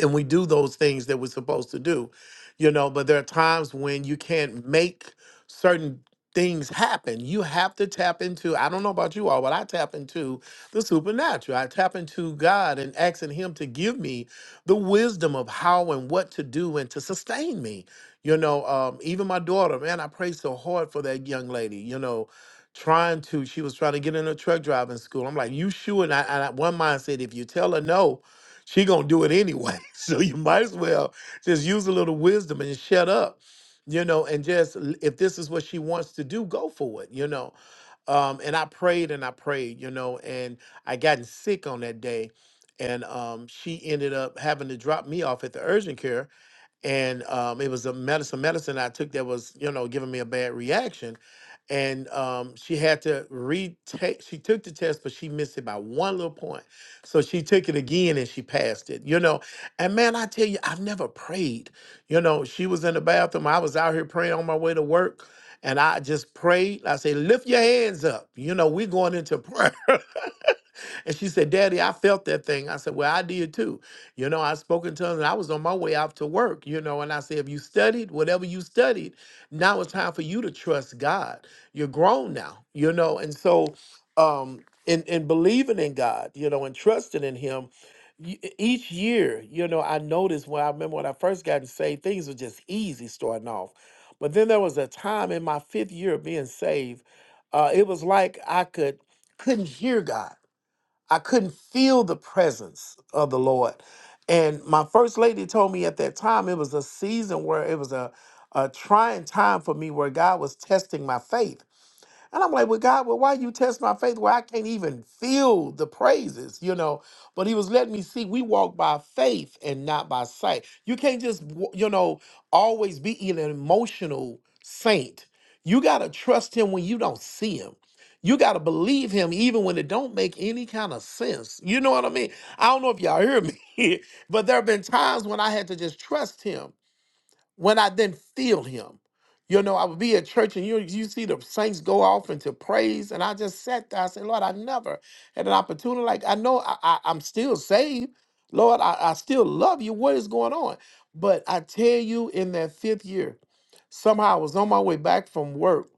Speaker 14: and we do those things that we're supposed to do you know but there are times when you can't make certain things happen you have to tap into i don't know about you all but i tap into the supernatural i tap into god and asking him to give me the wisdom of how and what to do and to sustain me you know um, even my daughter man i prayed so hard for that young lady you know trying to she was trying to get in a truck driving school i'm like you sure and, I, and I, one mind said if you tell her no she gonna do it anyway. [LAUGHS] So you might as well just use a little wisdom and shut up, you know, and just l- if this is what she wants to do, go for it, you know. Um, and I prayed and I prayed, you know, and I gotten sick on that day, and um, she ended up having to drop me off at the urgent care and um, it was a medicine medicine I took that was you know giving me a bad reaction, and um, she had to retake. She took the test, but she missed it by one little point, so she took it again and she passed it. You know, and man, I tell you, I've never prayed. You know, she was in the bathroom. I was out here praying on my way to work. And I just prayed. I say, lift your hands up. You know, we're going into prayer. [LAUGHS] And she said, Daddy, I felt that thing. I said, Well, I did too. You know, I spoke in tongues and I was on my way out to work, you know, and I said, If you studied whatever you studied, now it's time for you to trust God. You're grown now, you know, and so um in, in believing in God, you know, and trusting in Him, y- e, each year, you know, I noticed when I remember when I first got saved, things were just easy starting off. But then there was a time in my fifth year of being saved, uh, it was like I could couldn't hear God. I couldn't feel the presence of the Lord. And my first lady told me at that time it was a season where it was a, a trying time for me where God was testing my faith and I'm like, well, God, well, why you test my faith where I can't even feel the praises, you know? But he was letting me see we walk by faith and not by sight. You can't just, w- you know, always be an emotional saint. You got to trust him when you don't see him. You got to believe him even when it don't make any kind of sense. You know what I mean? I don't know if y'all hear me, [LAUGHS] but there have been times when I had to just trust him when I then feel him. You know, I would be at church and you you see the saints go off into praise, and I just sat there. I said, Lord, I never had an opportunity. Like I know I, I I'm still saved. Lord, I, I still love you. What is going on? But I tell you, in that fifth year, somehow I was on my way back from work,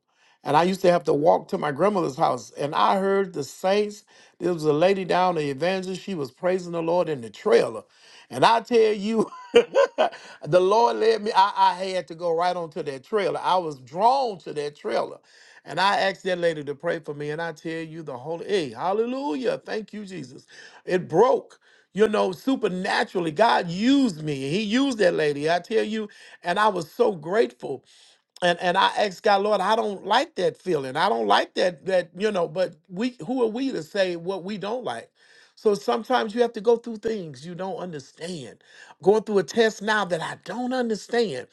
Speaker 14: and I used to have to walk to my grandmother's house, and I heard the saints. There was a lady down the evangelist. She was praising the Lord in the trailer. And I tell you, [LAUGHS] the Lord led me. I, I had to go right onto that trailer. I was drawn to that trailer. And I asked that lady to pray for me. And I tell you, the Holy, hey, hallelujah. Thank you, Jesus. It broke. You know, supernaturally, God used me. He used that lady. I tell you, and I was so grateful and and I asked God, Lord, I don't like that feeling. I don't like that that you know. But we, who are we to say what we don't like? So sometimes you have to go through things you don't understand. Going through a test now that I don't understand,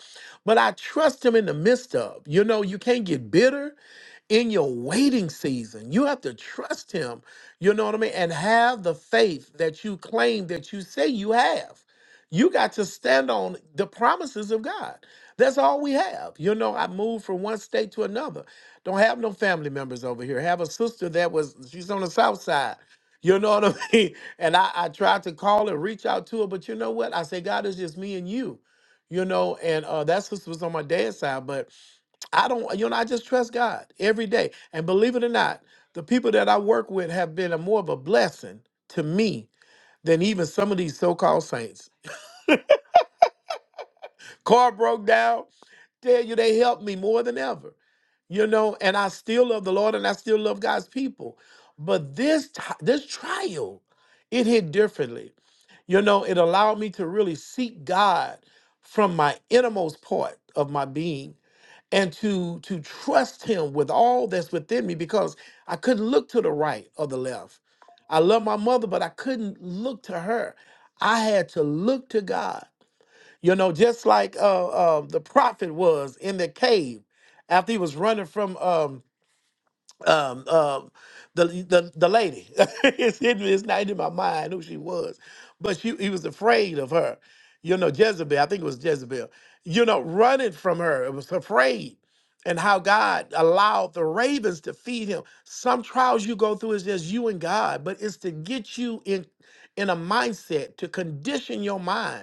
Speaker 14: but I trust Him in the midst of. You know, you can't get bitter in your waiting season. You have to trust him, you know what I mean? And have the faith that you claim that you say you have. You got to stand on the promises of God. That's all we have. You know, I moved from one state to another. Don't have no family members over here. Have a sister that was, she's on the south side. [LAUGHS] You know what I mean? [LAUGHS] And I, I tried to call her, reach out to her, but you know what? I said, God, it's just me and you you know, and uh, that's what was on my dad's side. But I don't, you know, I just trust God every day. And believe it or not, the people that I work with have been a more of a blessing to me than even some of these so-called saints. Car broke down, tell you they helped me more than ever. You know, and I still love the Lord and I still love God's people. But this ti- this trial, it hit differently. You know, it allowed me to really seek God from my innermost part of my being and to to trust him with all that's within me because I couldn't look to the right or the left. I love my mother, but I couldn't look to her. I had to look to God. You know, just like uh, uh, the prophet was in the cave after he was running from um, um, um, the the the lady. [LAUGHS] it's hidden. It's not in my mind who she was, but she he was afraid of her. You know, Jezebel. I think it was Jezebel. You know, running from her. It was afraid, and how God allowed the ravens to feed him. Some trials you go through is just you and God, but it's to get you in in a mindset to condition your mind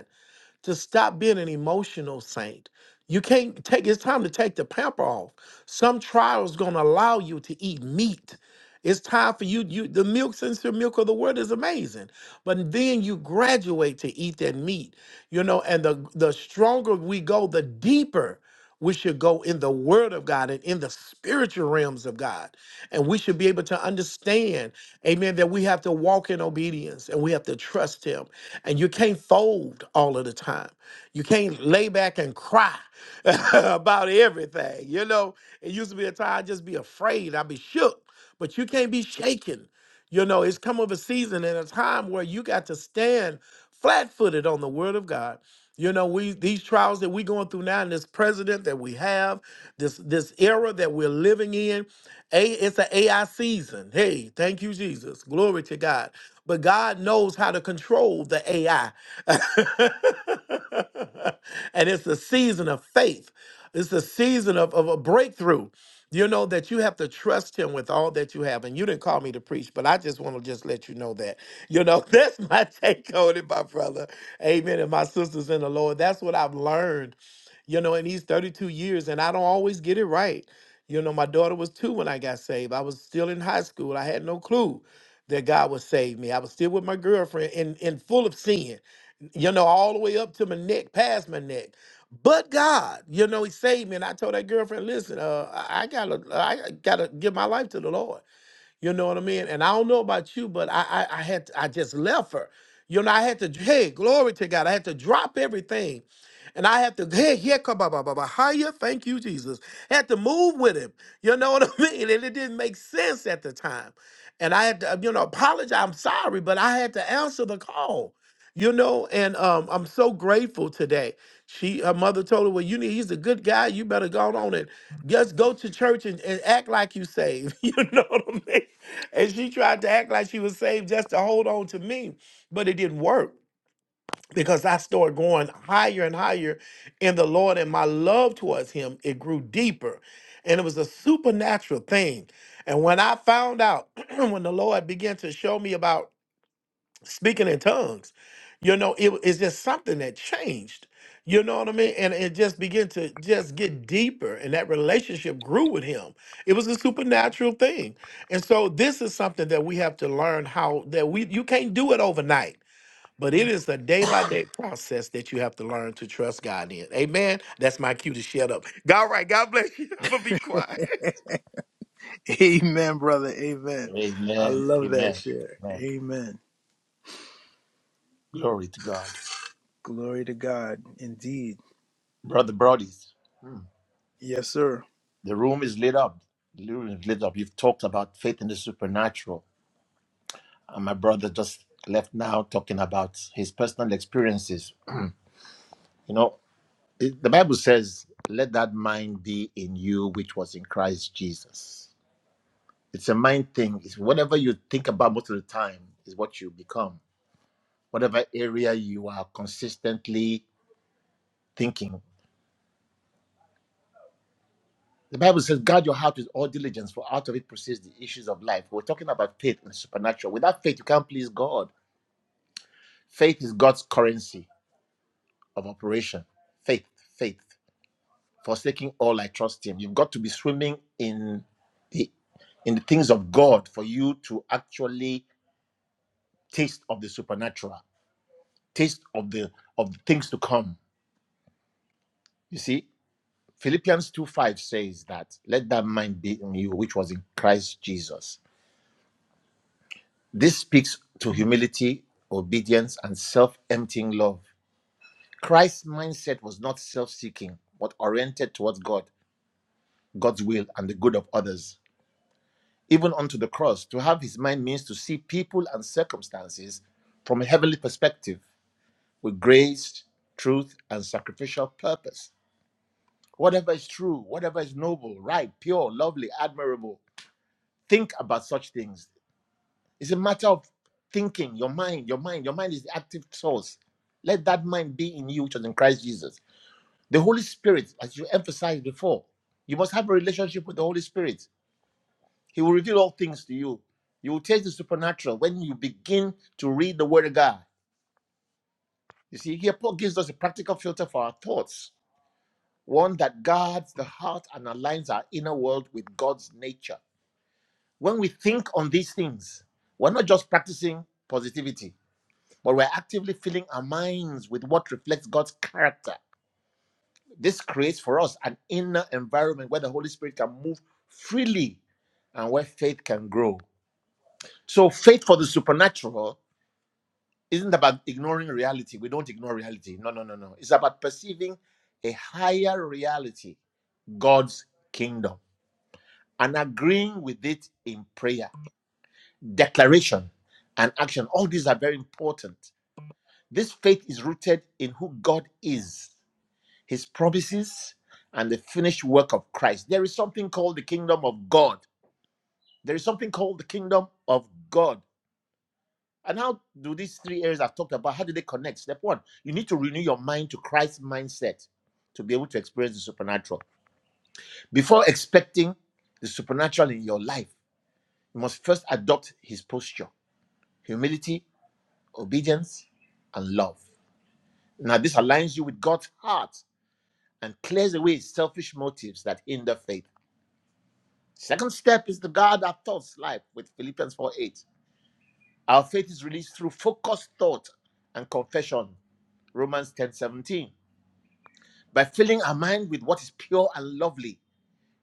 Speaker 14: to stop being an emotional saint. You can't take it's time to take the pamper off. Some trials gonna allow you to eat meat. It's time for you, you the milk sincere milk of the word is amazing. But then you graduate to eat that meat, you know, and the the stronger we go, the deeper we should go in the word of God and in the spiritual realms of God. And we should be able to understand, amen, that we have to walk in obedience and we have to trust him and you can't fold all of the time. You can't lay back and cry [LAUGHS] about everything. You know, it used to be a time I'd just be afraid, I'd be shook, but you can't be shaken. You know, it's come of a season and a time where you got to stand flat footed on the word of God you know, we these trials that we're going through now, and this president that we have, this this era that we're living in, a it's an AI season. Hey, thank you, Jesus. Glory to God. But God knows how to control the AI. [LAUGHS] and it's a season of faith. It's a season of, of a breakthrough. You know that you have to trust him with all that you have. And you didn't call me to preach, but I just want to just let you know that. You know, [LAUGHS] that's my take on it, my brother. Amen. And my sisters in the Lord, that's what I've learned, you know, in these 32 years. And I don't always get it right. You know, my daughter was two when I got saved. I was still in high school. I had no clue that God would save me. I was still with my girlfriend and, and full of sin, you know, all the way up to my neck, past my neck. But God, you know, He saved me. And I told that girlfriend, listen, uh, I I gotta, I gotta give my life to the Lord. You know what I mean? And I don't know about you, but I I, I had to, I just left her. You know, I had to hey, glory to God. I had to drop everything. And I had to, hey, yeah, come ba ba ba ba, hiya, thank you, Jesus. Had to move with him. You know what [LAUGHS] I mean? And it didn't make sense at the time. And I had to, you know, apologize. I'm sorry, but I had to answer the call. You know, and um, I'm so grateful today. She, her mother told her, "Well, you need. He's a good guy. You better go on and just go to church and, and act like you saved. [LAUGHS] You know what I mean? And she tried to act like she was saved just to hold on to me, but it didn't work because I started going higher and higher in the Lord and my love towards him it grew deeper. And it was a supernatural thing. And when I found out [CLEARS THROAT] when the Lord began to show me about speaking in tongues. You know, it, it's just something that changed. You know what I mean? And it just began to just get deeper, and that relationship grew with him. It was a supernatural thing, and so this is something that we have to learn how that we you can't do it overnight, but it is a day by day process that you have to learn to trust God in. Amen. That's my cue to shut up. All right, God bless you. [LAUGHS] I'm gonna be quiet.
Speaker 2: [LAUGHS] amen, brother. Amen. I
Speaker 13: Amen.
Speaker 2: love that
Speaker 13: Amen.
Speaker 2: share.
Speaker 13: Amen.
Speaker 2: Amen.
Speaker 13: Glory to God.
Speaker 2: Glory to God, indeed.
Speaker 13: Brother Brodies,
Speaker 2: Yes, sir.
Speaker 13: the room is lit up. The room is lit up. You've talked about faith in the supernatural. And my brother just left now talking about his personal experiences. [CLEARS THROAT] you know, it- the Bible says, let that mind be in you which was in Christ Jesus. It's a mind thing. It's whatever you think about most of the time is what you become. whatever area you are consistently thinking. The Bible says, guard your heart with all diligence, for out of it proceeds the issues of life. We're talking about faith and supernatural. Without faith, you can't please God. Faith is God's currency of operation. Faith, faith. Forsaking all, I trust Him. You've got to be swimming in the in the things of God for you to actually taste of the supernatural, taste of the of the things to come. You see? Philippians 2 5 says that, let that mind be in you, which was in Christ Jesus. This speaks to humility, obedience, and self emptying love. Christ's mindset was not self seeking, but oriented towards God, God's will, and the good of others. Even unto the cross, to have his mind means to see people and circumstances from a heavenly perspective with grace, truth, and sacrificial purpose. Whatever is true, whatever is noble, right, pure, lovely, admirable, think about such things. It's a matter of thinking, your mind, your mind, your mind is the active source. Let that mind be in you, which was in Christ Jesus. The Holy Spirit, as you emphasized before, you must have a relationship with the Holy Spirit. He will reveal all things to you. You will taste the supernatural when you begin to read the Word of God. You see, here Paul gives us a practical filter for our thoughts, one that guards the heart and aligns our inner world with God's nature. When we think on these things, we're not just practicing positivity but we're actively filling our minds with what reflects God's character. This creates for us an inner environment where the Holy Spirit can move freely and where faith can grow. So, faith for the supernatural isn't about ignoring reality. We don't ignore reality. No, no, no, no. It's about perceiving a higher reality, God's kingdom, and agreeing with it in prayer, declaration, and action. All these are very important. This faith is rooted in who God is his promises, and the finished work of Christ. There is something called the kingdom of God. There is something called the kingdom of God. And how do these three areas I've talked about, how do they connect? Step one, you need to renew your mind to Christ's mindset to be able to experience the supernatural. Before expecting the supernatural in your life, you must first adopt his posture, humility, obedience, and love. Now, this aligns you with God's heart and clears away selfish motives that hinder faith. Second step is the guard our thoughts life with Philippians 4 8. Our faith is released through focused thought and confession, Romans ten seventeen. By filling our mind with what is pure and lovely,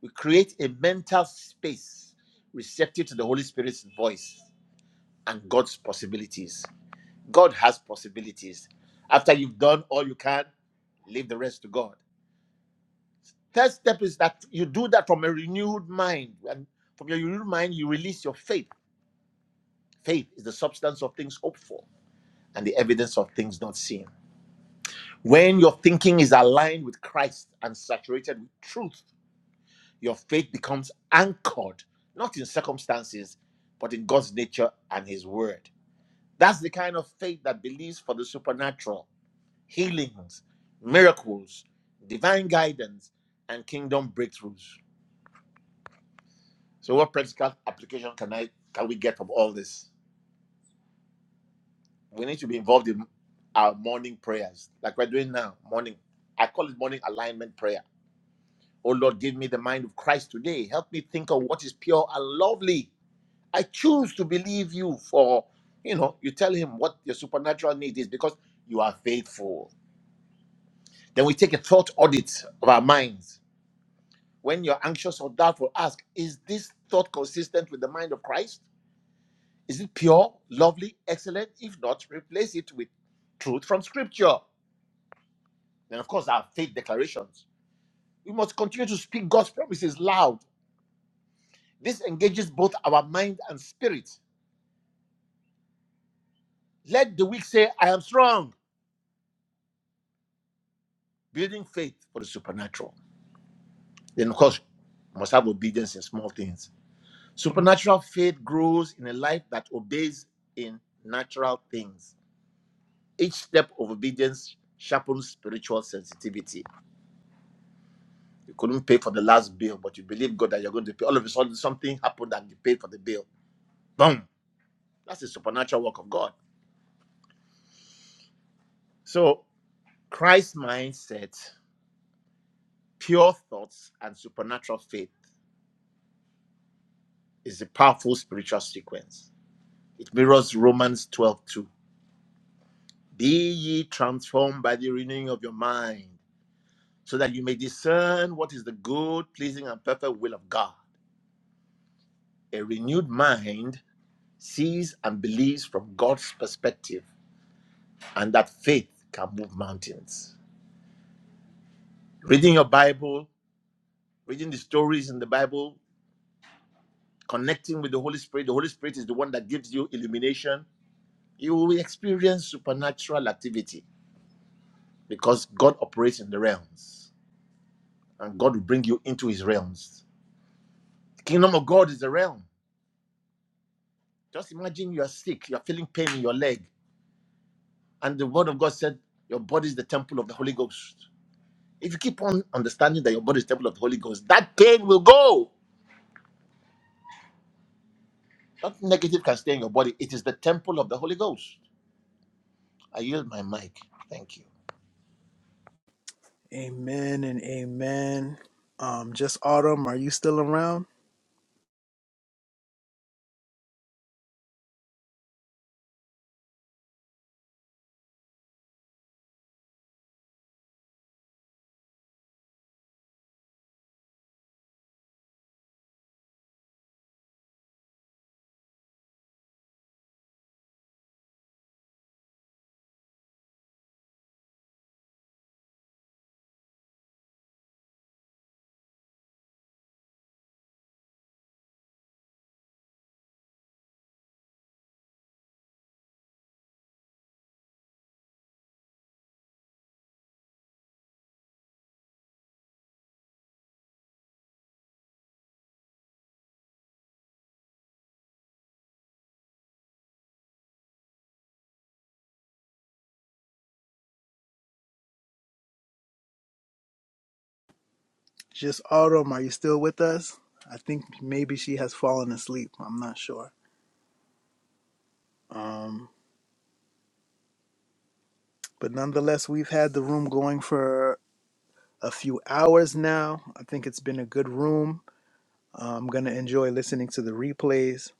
Speaker 13: we create a mental space receptive to the Holy Spirit's voice and God's possibilities. God has possibilities. After you've done all you can, leave the rest to God. Third step is that you do that from a renewed mind. And from your renewed mind, you release your faith Faith is the substance of things hoped for and the evidence of things not seen. When your thinking is aligned with Christ and saturated with truth, your faith becomes anchored not in circumstances, but in God's nature and His word. That's the kind of faith that believes for the supernatural, healings, miracles, divine guidance, and kingdom breakthroughs. So, what practical application can I can we get from all this? we need to be involved in our morning prayers, like we're doing now. Morning, I call it morning alignment prayer. Oh Lord, give me the mind of Christ today. Help me think of what is pure and lovely. I choose to believe you for, you know, you tell him what your supernatural need is because you are faithful. Then we take a thought audit of our minds. When you're anxious or doubtful, ask, is this thought consistent with the mind of Christ? Is it pure, lovely, excellent? If not, replace it with truth from scripture. Then, of course, our faith declarations. We must continue to speak God's promises loud. This engages both our mind and spirit. Let the weak say, I am strong, building faith for the supernatural. Then, of course, we must have obedience in small things. Supernatural faith grows in a life that obeys in natural things. Each step of obedience sharpens spiritual sensitivity. You couldn't pay for the last bill, but you believe God that you're going to pay. All of a sudden, something happened and you paid for the bill. Boom. That's the supernatural work of God. So, Christ's mindset, pure thoughts, and supernatural faith is a powerful spiritual sequence. It mirrors Romans 12 2: Be ye transformed by the renewing of your mind, so that you may discern what is the good, pleasing, and perfect will of God. A renewed mind sees and believes from God's perspective, and that faith can move mountains. Reading your Bible, reading the stories in the Bible connecting with the Holy Spirit. The Holy Spirit is the one that gives you illumination. You will experience supernatural activity because God operates in the realms and God will bring you into his realms. The kingdom of God is a realm. Just imagine you are sick, you are feeling pain in your leg, and the word of God said, Your body is the temple of the Holy Ghost. If you keep on understanding that your body is the temple of the Holy Ghost, that pain will go. Nothing negative can stay in your body. It is the temple of the Holy Ghost. I yield my mic. Thank you.
Speaker 2: Amen and amen. Um, just Autumn, are you still around? Just Autumn, are you still with us? I think maybe she has fallen asleep. I'm not sure. Um, but nonetheless, we've had the room going for a few hours now. I think it's been a good room. Uh, I'm gonna enjoy listening to the replays.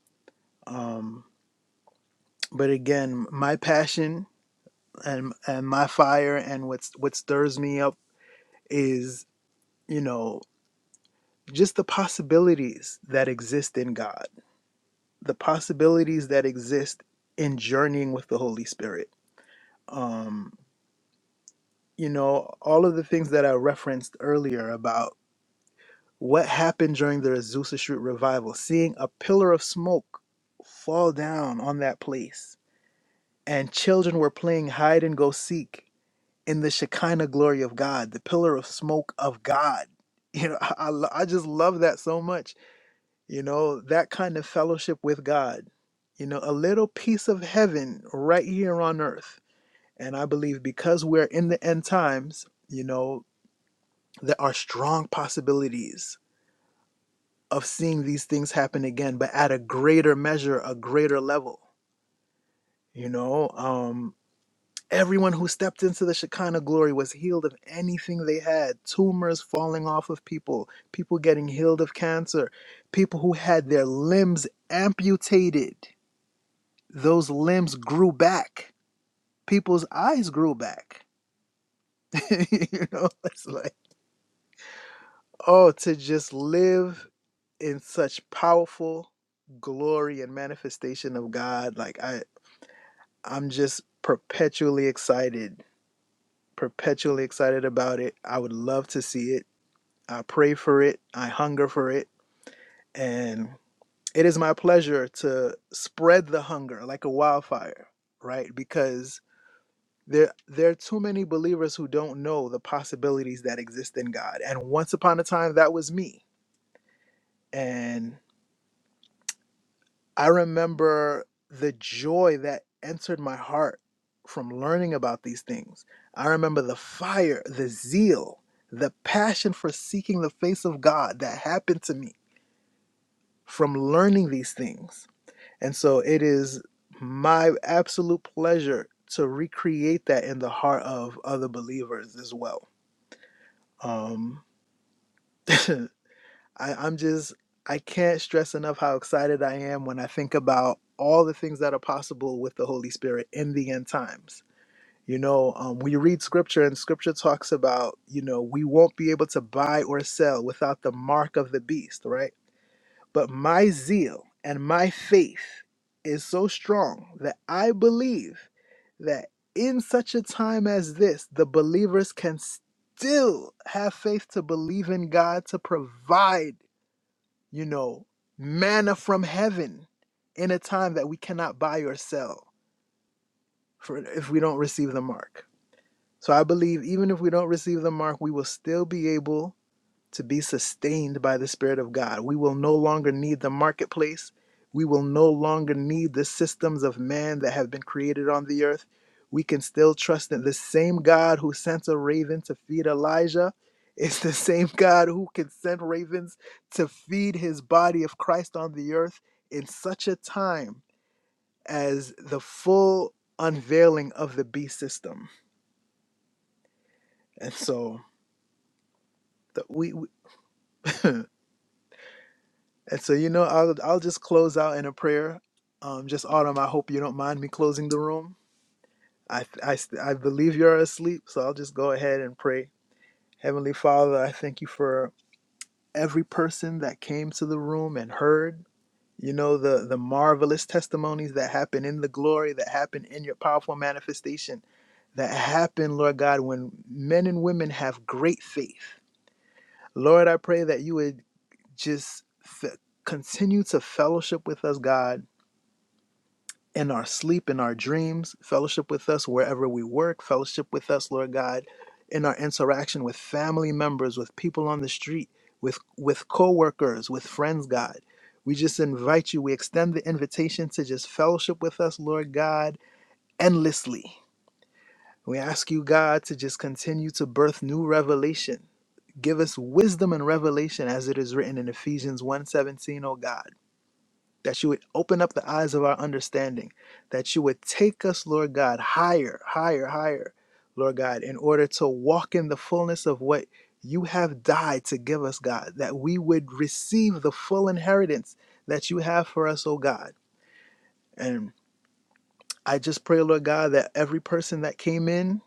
Speaker 2: Um, but again, my passion and and my fire and what's what stirs me up is you know just the possibilities that exist in God, the possibilities that exist in journeying with the Holy Spirit. Um, you know, all of the things that I referenced earlier about what happened during the Azusa Street revival, seeing a pillar of smoke fall down on that place, and children were playing hide and go seek in the Shekinah glory of God, the pillar of smoke of God. You know, [LAUGHS] I, I lo- I just love that so much you know, that kind of fellowship with God, you know, a little piece of heaven right here on earth. And I believe because we're in the end times, you know, there are strong possibilities of seeing these things happen again, but at a greater measure, a greater level, you know. Um, everyone who stepped into the Shekinah glory was healed of anything they had tumors falling off of people, people getting healed of cancer, people who had their limbs amputated those limbs grew back. People's eyes grew back. [LAUGHS] you know, it's like, oh, to just live in such powerful glory and manifestation of God. Like I I'm just perpetually excited, perpetually excited about it. I would love to see it. I pray for it. I hunger for it. And it is my pleasure to spread the hunger like a wildfire, right? Because There, there are too many believers who don't know the possibilities that exist in God. And once upon a time, that was me. And I remember the joy that entered my heart from learning about these things. I remember the fire, the zeal, the passion for seeking the face of God that happened to me from learning these things. And so it is my absolute pleasure to recreate that in the heart of other believers as well. Um, [COUGHS] [CLEARS THROAT] I, I'm just, I can't stress enough how excited I am when I think about all the things that are possible with the Holy Spirit in the end times. You know, um, we read scripture and scripture talks about, you know, we won't be able to buy or sell without the mark of the beast, right? But my zeal and my faith is so strong that I believe that in such a time as this, the believers can still have faith to believe in God to provide you know, manna from heaven in a time that we cannot buy or sell for if we don't receive the mark. So I believe even if we don't receive the mark, we will still be able to be sustained by the Spirit of God. We will no longer need the marketplace. We will no longer need the systems of man that have been created on the earth. We can still trust in the same God who sent a raven to feed Elijah. [LAUGHS] It's the same God who can send ravens to feed his body of Christ on the earth in such a time as the full unveiling of the beast system. And so the, we. And so, you know, I'll I'll just close out in a prayer. Um, just Autumn, I hope you don't mind me closing the room. I I I believe you're asleep, so I'll just go ahead and pray. Heavenly Father, I thank you for every person that came to the room and heard. You know the the marvelous testimonies that happen in the glory that happen in your powerful manifestation that happen, Lord God, when men and women have great faith. Lord, I pray that you would just f- continue to fellowship with us, God in our sleep, in our dreams, fellowship with us wherever we work, fellowship with us, Lord God, in our interaction with family members, with people on the street, with with coworkers, with friends, God. We just invite you, we extend the invitation to just fellowship with us, Lord God, endlessly. We ask you, God, to just continue to birth new revelation. Give us wisdom and revelation as it is written in Ephesians 1:17, oh God that you would open up the eyes of our understanding, that you would take us, Lord God, higher, higher, higher, Lord God, in order to walk in the fullness of what you have died to give us, God, that we would receive the full inheritance that you have for us, oh God. And I just pray, Lord God, that every person that came in,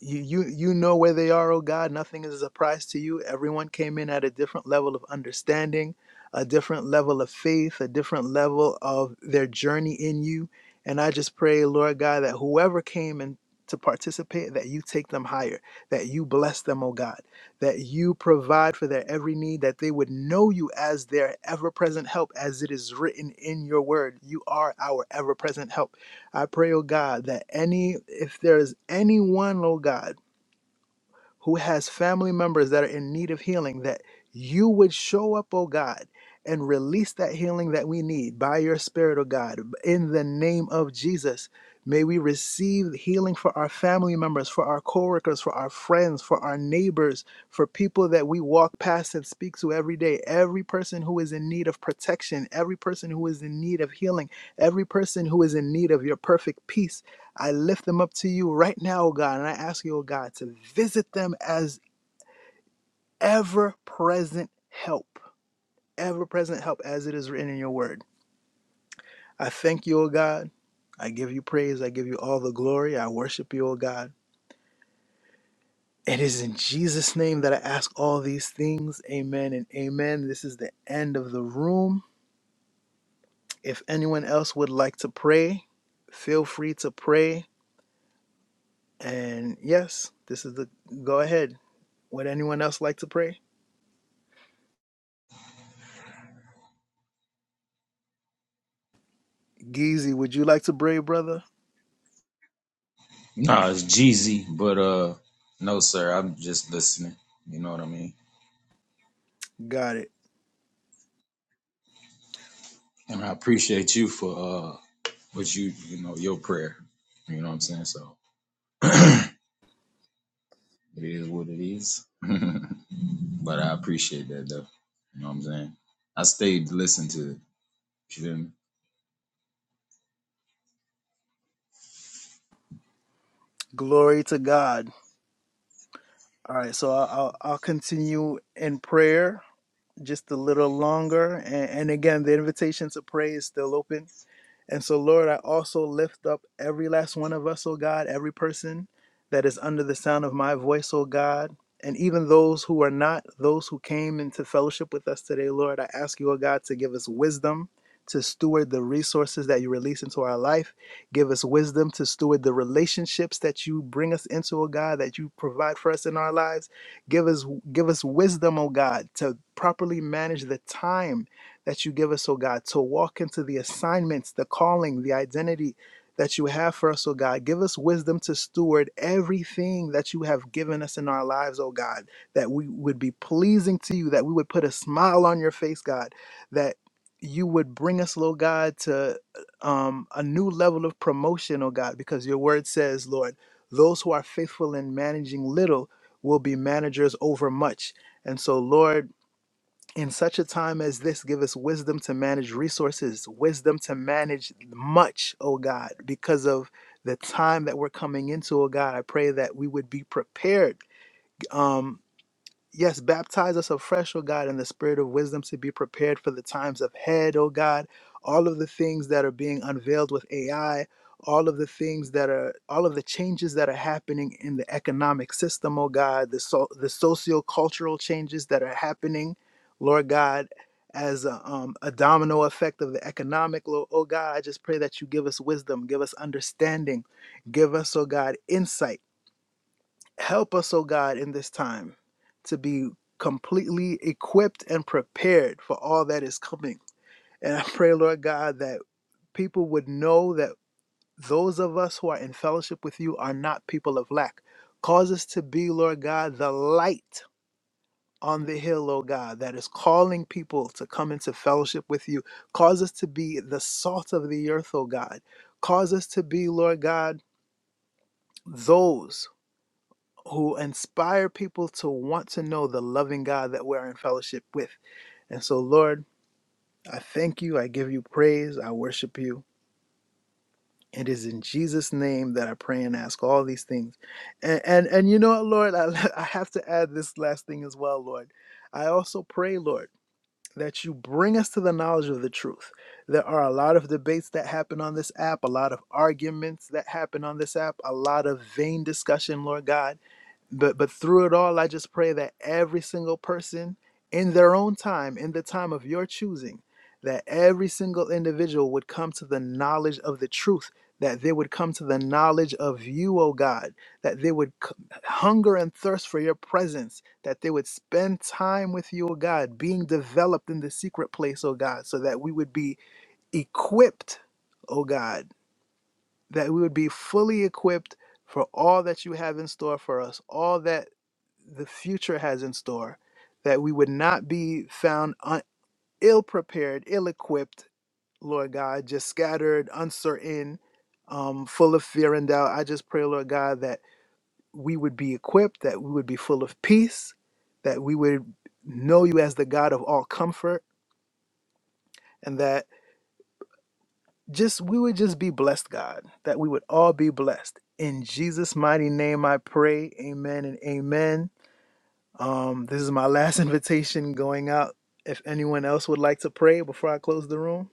Speaker 2: you you you know where they are, oh God. Nothing is a surprise to you. Everyone came in at a different level of understanding, a different level of faith, a different level of their journey in you. And I just pray, Lord God, that whoever came in to participate, that you take them higher, that you bless them, oh God, that you provide for their every need, that they would know you as their ever present help, as it is written in your word. You are our ever present help I pray, oh God, that any, if there is anyone, oh God, who has family members that are in need of healing, that you would show up, oh God, and release that healing that we need by your Spirit, oh God. In the name of Jesus, may we receive healing for our family members, for our coworkers, for our friends, for our neighbors, for people that we walk past and speak to every day. Every person who is in need of protection, every person who is in need of healing, every person who is in need of your perfect peace. I lift them up to you right now, oh God, and I ask you, oh God, to visit them as ever present help, ever present help as it is written in your word. I thank you, oh God. I give you praise. I give you all the glory. I worship you, oh God. It is in Jesus' name that I ask all these things. Amen and amen. This is the end of the room. If anyone else would like to pray, feel free to pray. And yes, this is the go ahead. Would anyone else like to pray? Geezy, would you like to pray, brother?
Speaker 15: Nah, it's Jeezy, but uh, no, sir. I'm just listening. You know what I mean.
Speaker 2: Got it.
Speaker 15: And I appreciate you for uh, what you you know your prayer. You know what I'm saying. So [CLEARS THROAT] it is what it is. [LAUGHS] but I appreciate that though. You know what I'm saying. I stayed to listen to it. You feel me?
Speaker 2: Glory to God. All right, so I- I'll, I'll continue in prayer. just a little longer. And, and again, the invitation to pray is still open. And so, Lord, I also lift up every last one of us, oh God, every person that is under the sound of my voice, oh God, and even those who are not, those who came into fellowship with us today, Lord, I ask you, oh God, to give us wisdom to steward the resources that you release into our life. Give us wisdom to steward the relationships that you bring us into, oh God, that you provide for us in our lives. Give us give us wisdom, O God, to properly manage the time that you give us, O God, to walk into the assignments, the calling, the identity that you have for us, O God. Give us wisdom to steward everything that you have given us in our lives, O God, that we would be pleasing to you, that we would put a smile on your face, God, that you would bring us, Lord God, to um, a new level of promotion, oh God, because your word says, Lord, those who are faithful in managing little will be managers over much. And so, Lord, in such a time as this, give us wisdom to manage resources, wisdom to manage much, oh God, because of the time that we're coming into, oh God. I pray that we would be prepared. Um, Yes, baptize us afresh, O God, in the spirit of wisdom to be prepared for the times ahead, O God. All of the things that are being unveiled with AI, all of the things that are, all of the changes that are happening in the economic system, O God, the, so, the socio-cultural changes that are happening, Lord God, as a, um, a domino effect of the economic, Lord, oh God, I just pray that you give us wisdom, give us understanding, give us, oh God, insight Help us, O God, in this time to be completely equipped and prepared for all that is coming. And I pray, Lord God, that people would know that those of us who are in fellowship with you are not people of lack. Cause us to be, Lord God, the light on the hill, O God, that is calling people to come into fellowship with you. Cause us to be the salt of the earth, O God. Cause us to be, Lord God, those. who inspire people to want to know the loving God that we're in fellowship with. And so, Lord, I thank you. I give you praise. I worship you. It is in Jesus' name that I pray and ask all these things. And and, and you know what, Lord, I, [LAUGHS] I have to add this last thing as well, Lord. I also pray, Lord, that you bring us to the knowledge of the truth. There are a lot of debates that happen on this app, a lot of arguments that happen on this app, a lot of vain discussion, Lord God but but through it all i just pray that every single person in their own time in the time of your choosing that every single individual would come to the knowledge of the truth that they would come to the knowledge of you o god that they would c- hunger and thirst for your presence that they would spend time with you o god being developed in the secret place o god so that we would be equipped o god that we would be fully equipped for all that you have in store for us all that the future has in store, that we would not be found un- ill prepared, ill equipped, Lord God, just scattered, uncertain, um, full of fear and doubt. I just pray, Lord God, that we would be equipped, that we would be full of peace, that we would know you as the God of all comfort, and that just we would just be blessed, God, that we would all be blessed. In Jesus' mighty name I pray. Amen and amen. Um, this is my [LAUGHS] last invitation going out. If anyone else would like to pray before I close the room,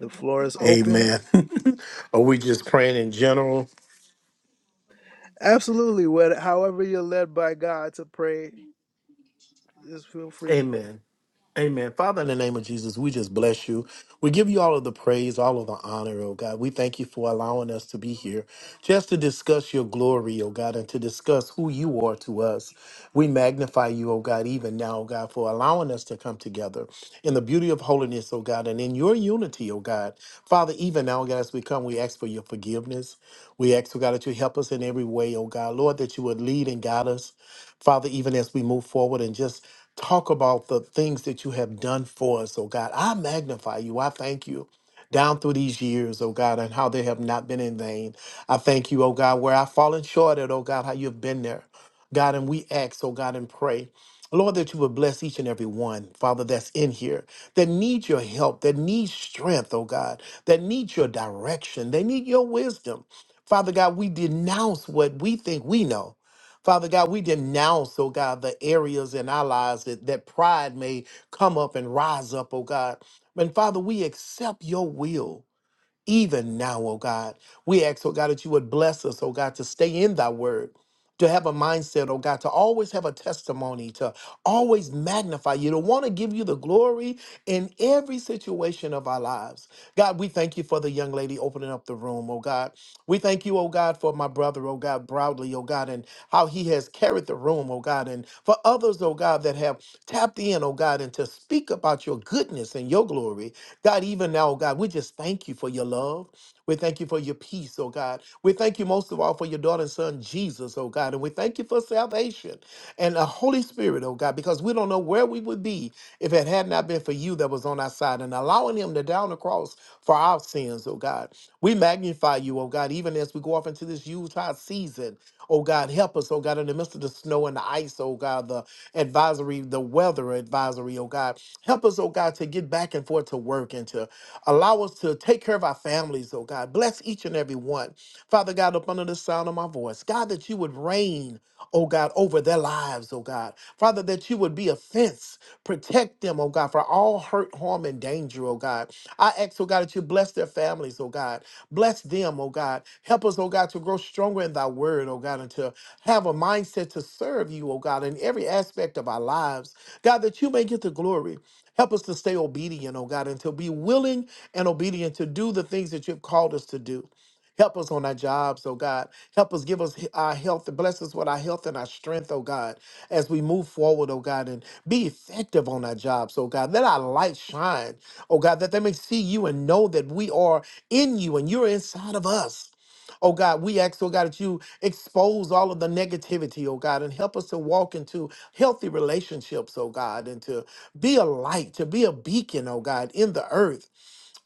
Speaker 2: the floor is open.
Speaker 14: Amen. [LAUGHS] Are we just praying in general?
Speaker 2: Absolutely. What, however, you're led by God to pray, just feel free to pray.
Speaker 14: Amen. Amen. Father, in the name of Jesus, we just bless you. We give you all of the praise, all of the honor, oh God. We thank you for allowing us to be here just to discuss your glory, oh God, and to discuss who you are to us. We magnify you, oh God, even now, oh God, for allowing us to come together in the beauty of holiness, oh God, and in your unity, oh God. Father, even now, oh God, as we come, we ask for your forgiveness. We ask, oh God, that you help us in every way, oh God. Lord, that you would lead and guide us. Father, even as we move forward and just Talk about the things that you have done for us, oh God. I magnify you. I thank you down through these years, oh God, and how they have not been in vain. I thank you, oh God, where I've fallen short at, oh God, how you've been there. God, and we ask, oh God, and pray. Lord, that you would bless each and every one, Father, that's in here, that needs your help, that needs strength, oh God, that needs your direction, they need your wisdom. Father God, we denounce what we think we know Father God, we denounce, oh God, the areas in our lives that, that pride may come up and rise up, oh God. And Father, we accept your will even now, oh God. We ask, oh God, that you would bless us, oh God, to stay in thy word, to have a mindset, oh God, to always have a testimony, to always magnify you, to want to give you the glory in every situation of our lives. God, we thank you for the young lady opening up the room, oh God. We thank you, oh God, for my brother, oh God, broadly, oh God, and how he has carried the room, oh God, and for others, oh God, that have tapped in, oh God, and to speak about your goodness and your glory. God, even now, oh God, we just thank you for your love. We thank you for your peace, oh God. We thank you most of all for your daughter and son, Jesus, oh God. And we thank you for salvation and the Holy Spirit, oh God, because we don't know where we would be if it had not been for you that was on our side and allowing him to down the cross for our sins, oh God. We magnify you, oh God, even as we go off into this Utah season. Oh God, help us, oh God, in the midst of the snow and the ice, oh God, the advisory, the weather advisory, oh God. Help us, oh God, to get back and forth to work and to allow us to take care of our families, oh God. Bless each and every one. Father God, up under the sound of my voice, God, that you would reign, oh God, over their lives, oh God. Father, that you would be a fence, protect them, oh God, for all hurt, harm, and danger, oh God. I ask, oh God, that you bless their families, oh God. Bless them, oh God. Help us, oh God, to grow stronger in thy word, oh God, and to have a mindset to serve you, oh God, in every aspect of our lives. God, that you may get the glory. Help us to stay obedient, oh God, and to be willing and obedient to do the things that you've called us to do. Help us on our jobs, oh God. Help us give us our health and bless us with our health and our strength, oh God, as we move forward, oh God, and be effective on our jobs, oh God. Let our light shine, oh God, that they may see you and know that we are in you and you're inside of us. Oh God, we ask, oh God, that you expose all of the negativity, oh God, and help us to walk into healthy relationships, oh God, and to be a light, to be a beacon, oh God, in the earth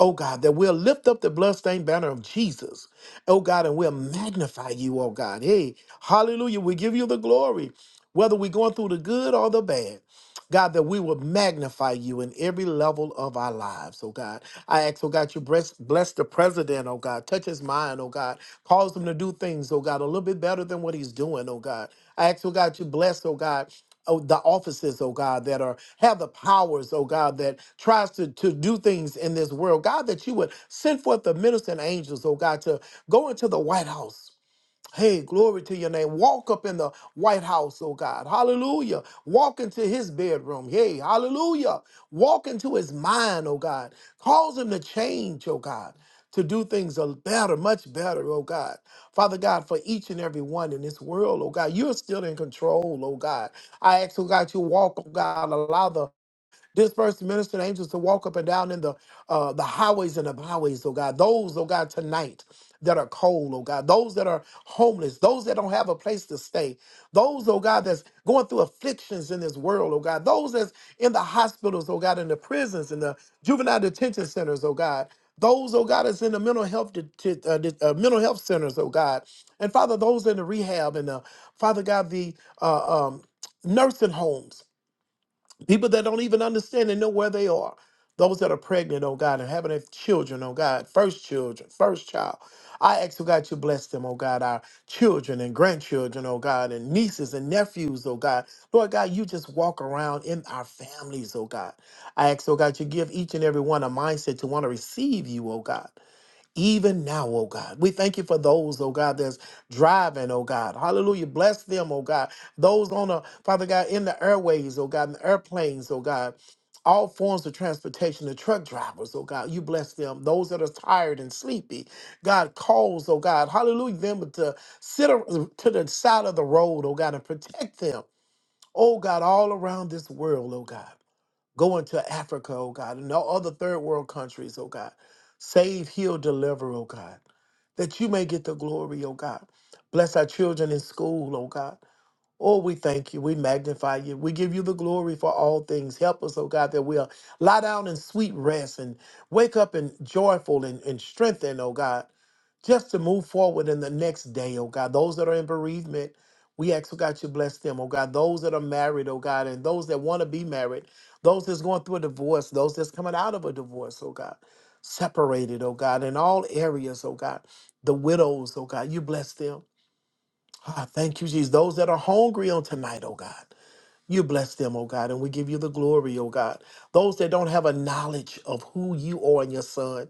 Speaker 14: oh God, that we'll lift up the bloodstained banner of Jesus, oh God, and we'll magnify you, oh God. Hey, hallelujah, we give you the glory, whether we're going through the good or the bad. God, that we will magnify you in every level of our lives, oh God. I ask, oh God, you bless, bless the president, oh God. Touch his mind, oh God. Cause him to do things, oh God, a little bit better than what he's doing, oh God. I ask, oh God, you bless, oh God oh, the offices, oh God, that are have the powers, oh God, that tries to, to do things in this world. God, that you would send forth the ministering angels, oh God, to go into the White House. Hey, glory to your name. Walk up in the White House, oh God. Hallelujah. Walk into his bedroom. Hey, hallelujah. Walk into his mind, oh God. Cause him to change, oh God, to do things a better, much better, oh God. Father God, for each and every one in this world, oh God, you're still in control, oh God. I ask, oh God, you walk, oh God, allow the Disperse the ministering angels to walk up and down in the uh, the highways and the byways, oh God. Those, oh God, tonight that are cold, oh God. Those that are homeless. Those that don't have a place to stay. Those, oh God, that's going through afflictions in this world, oh God. Those that's in the hospitals, oh God, in the prisons, in the juvenile detention centers, oh God. Those, oh God, that's in the mental health det- det- uh, det- uh, mental health centers, oh God. And Father, those in the rehab and the Father God, the uh, um, nursing homes people that don't even understand and know where they are. Those that are pregnant, oh God, and having their children, oh God, first children, first child. I ask, oh God, to bless them, oh God, our children and grandchildren, oh God, and nieces and nephews, oh God. Lord God, you just walk around in our families, oh God. I ask, oh God, to give each and every one a mindset to want to receive you, oh God even now, oh God. We thank you for those, oh God, that's driving, oh God. Hallelujah. Bless them, oh God. Those on the, Father God, in the airways, oh God, in the airplanes, oh God. All forms of transportation, the truck drivers, oh God, you bless them. Those that are tired and sleepy, God calls, oh God, hallelujah, them to sit ar- to the side of the road, oh God, and protect them, oh God, all around this world, oh God. Go into Africa, oh God, and all other third world countries, oh God. Save, heal, deliver, oh God, that you may get the glory, oh God. Bless our children in school, oh God. Oh, we thank you. We magnify you. We give you the glory for all things. Help us, oh God, that we'll lie down in sweet rest and wake up in joyful and, and strengthened, oh God, just to move forward in the next day, oh God. Those that are in bereavement, we ask, oh God, you bless them, oh God. Those that are married, oh God, and those that want to be married, those that's going through a divorce, those that's coming out of a divorce, oh God, separated, oh God, in all areas, oh God. The widows, oh God, you bless them. Ah, thank you, Jesus. Those that are hungry on tonight, oh God, you bless them, oh God, and we give you the glory, oh God. Those that don't have a knowledge of who you are and your son,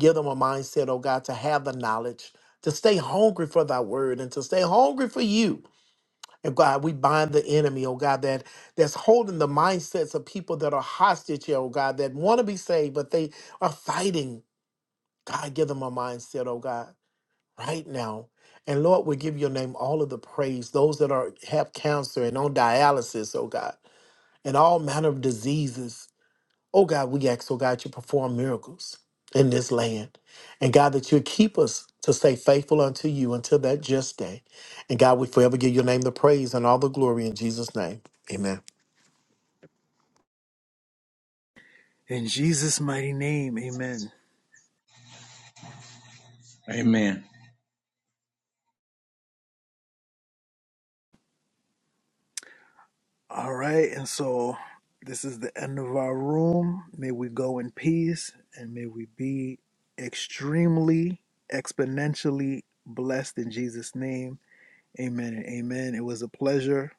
Speaker 14: give them a mindset, oh God, to have the knowledge, to stay hungry for thy word and to stay hungry for you. And God, we bind the enemy, oh God, that that's holding the mindsets of people that are hostage here, oh God, that want to be saved, but they are fighting. God, give them a mindset, oh God right now. And Lord, we give your name all of the praise. Those that are have cancer and on dialysis, oh God, and all manner of diseases. Oh God, we ask, oh God, you perform miracles in this land. And God, that you keep us to stay faithful unto you until that just day. And God, we forever give your name the praise and all the glory in Jesus' name. Amen.
Speaker 2: In Jesus' mighty name, amen.
Speaker 15: Amen.
Speaker 2: All right. And so this is the end of our room. May we go in peace and may we be extremely, exponentially blessed in Jesus' name. Amen and amen. It was a pleasure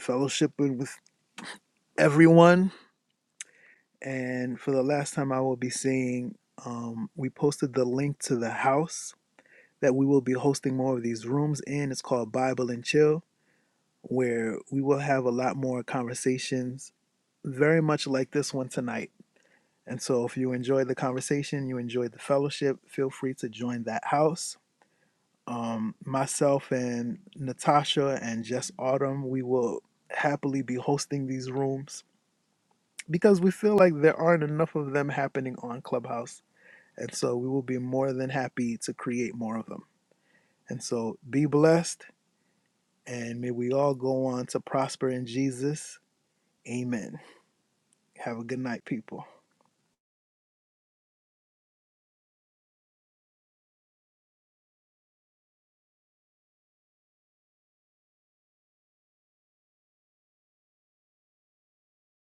Speaker 2: fellowshipping with everyone. And for the last time, I will be saying Um, we posted the link to the house that we will be hosting more of these rooms in. It's called Bible and Chill, where we will have a lot more conversations, very much like this one tonight. And so, if you enjoyed the conversation, you enjoyed the fellowship, feel free to join that house. Um, myself and Natasha and Jess Autumn, we will happily be hosting these rooms because we feel like there aren't enough of them happening on Clubhouse. And so we will be more than happy to create more of them. And so be blessed and may we all go on to prosper in Jesus. Amen. Have a good night, people.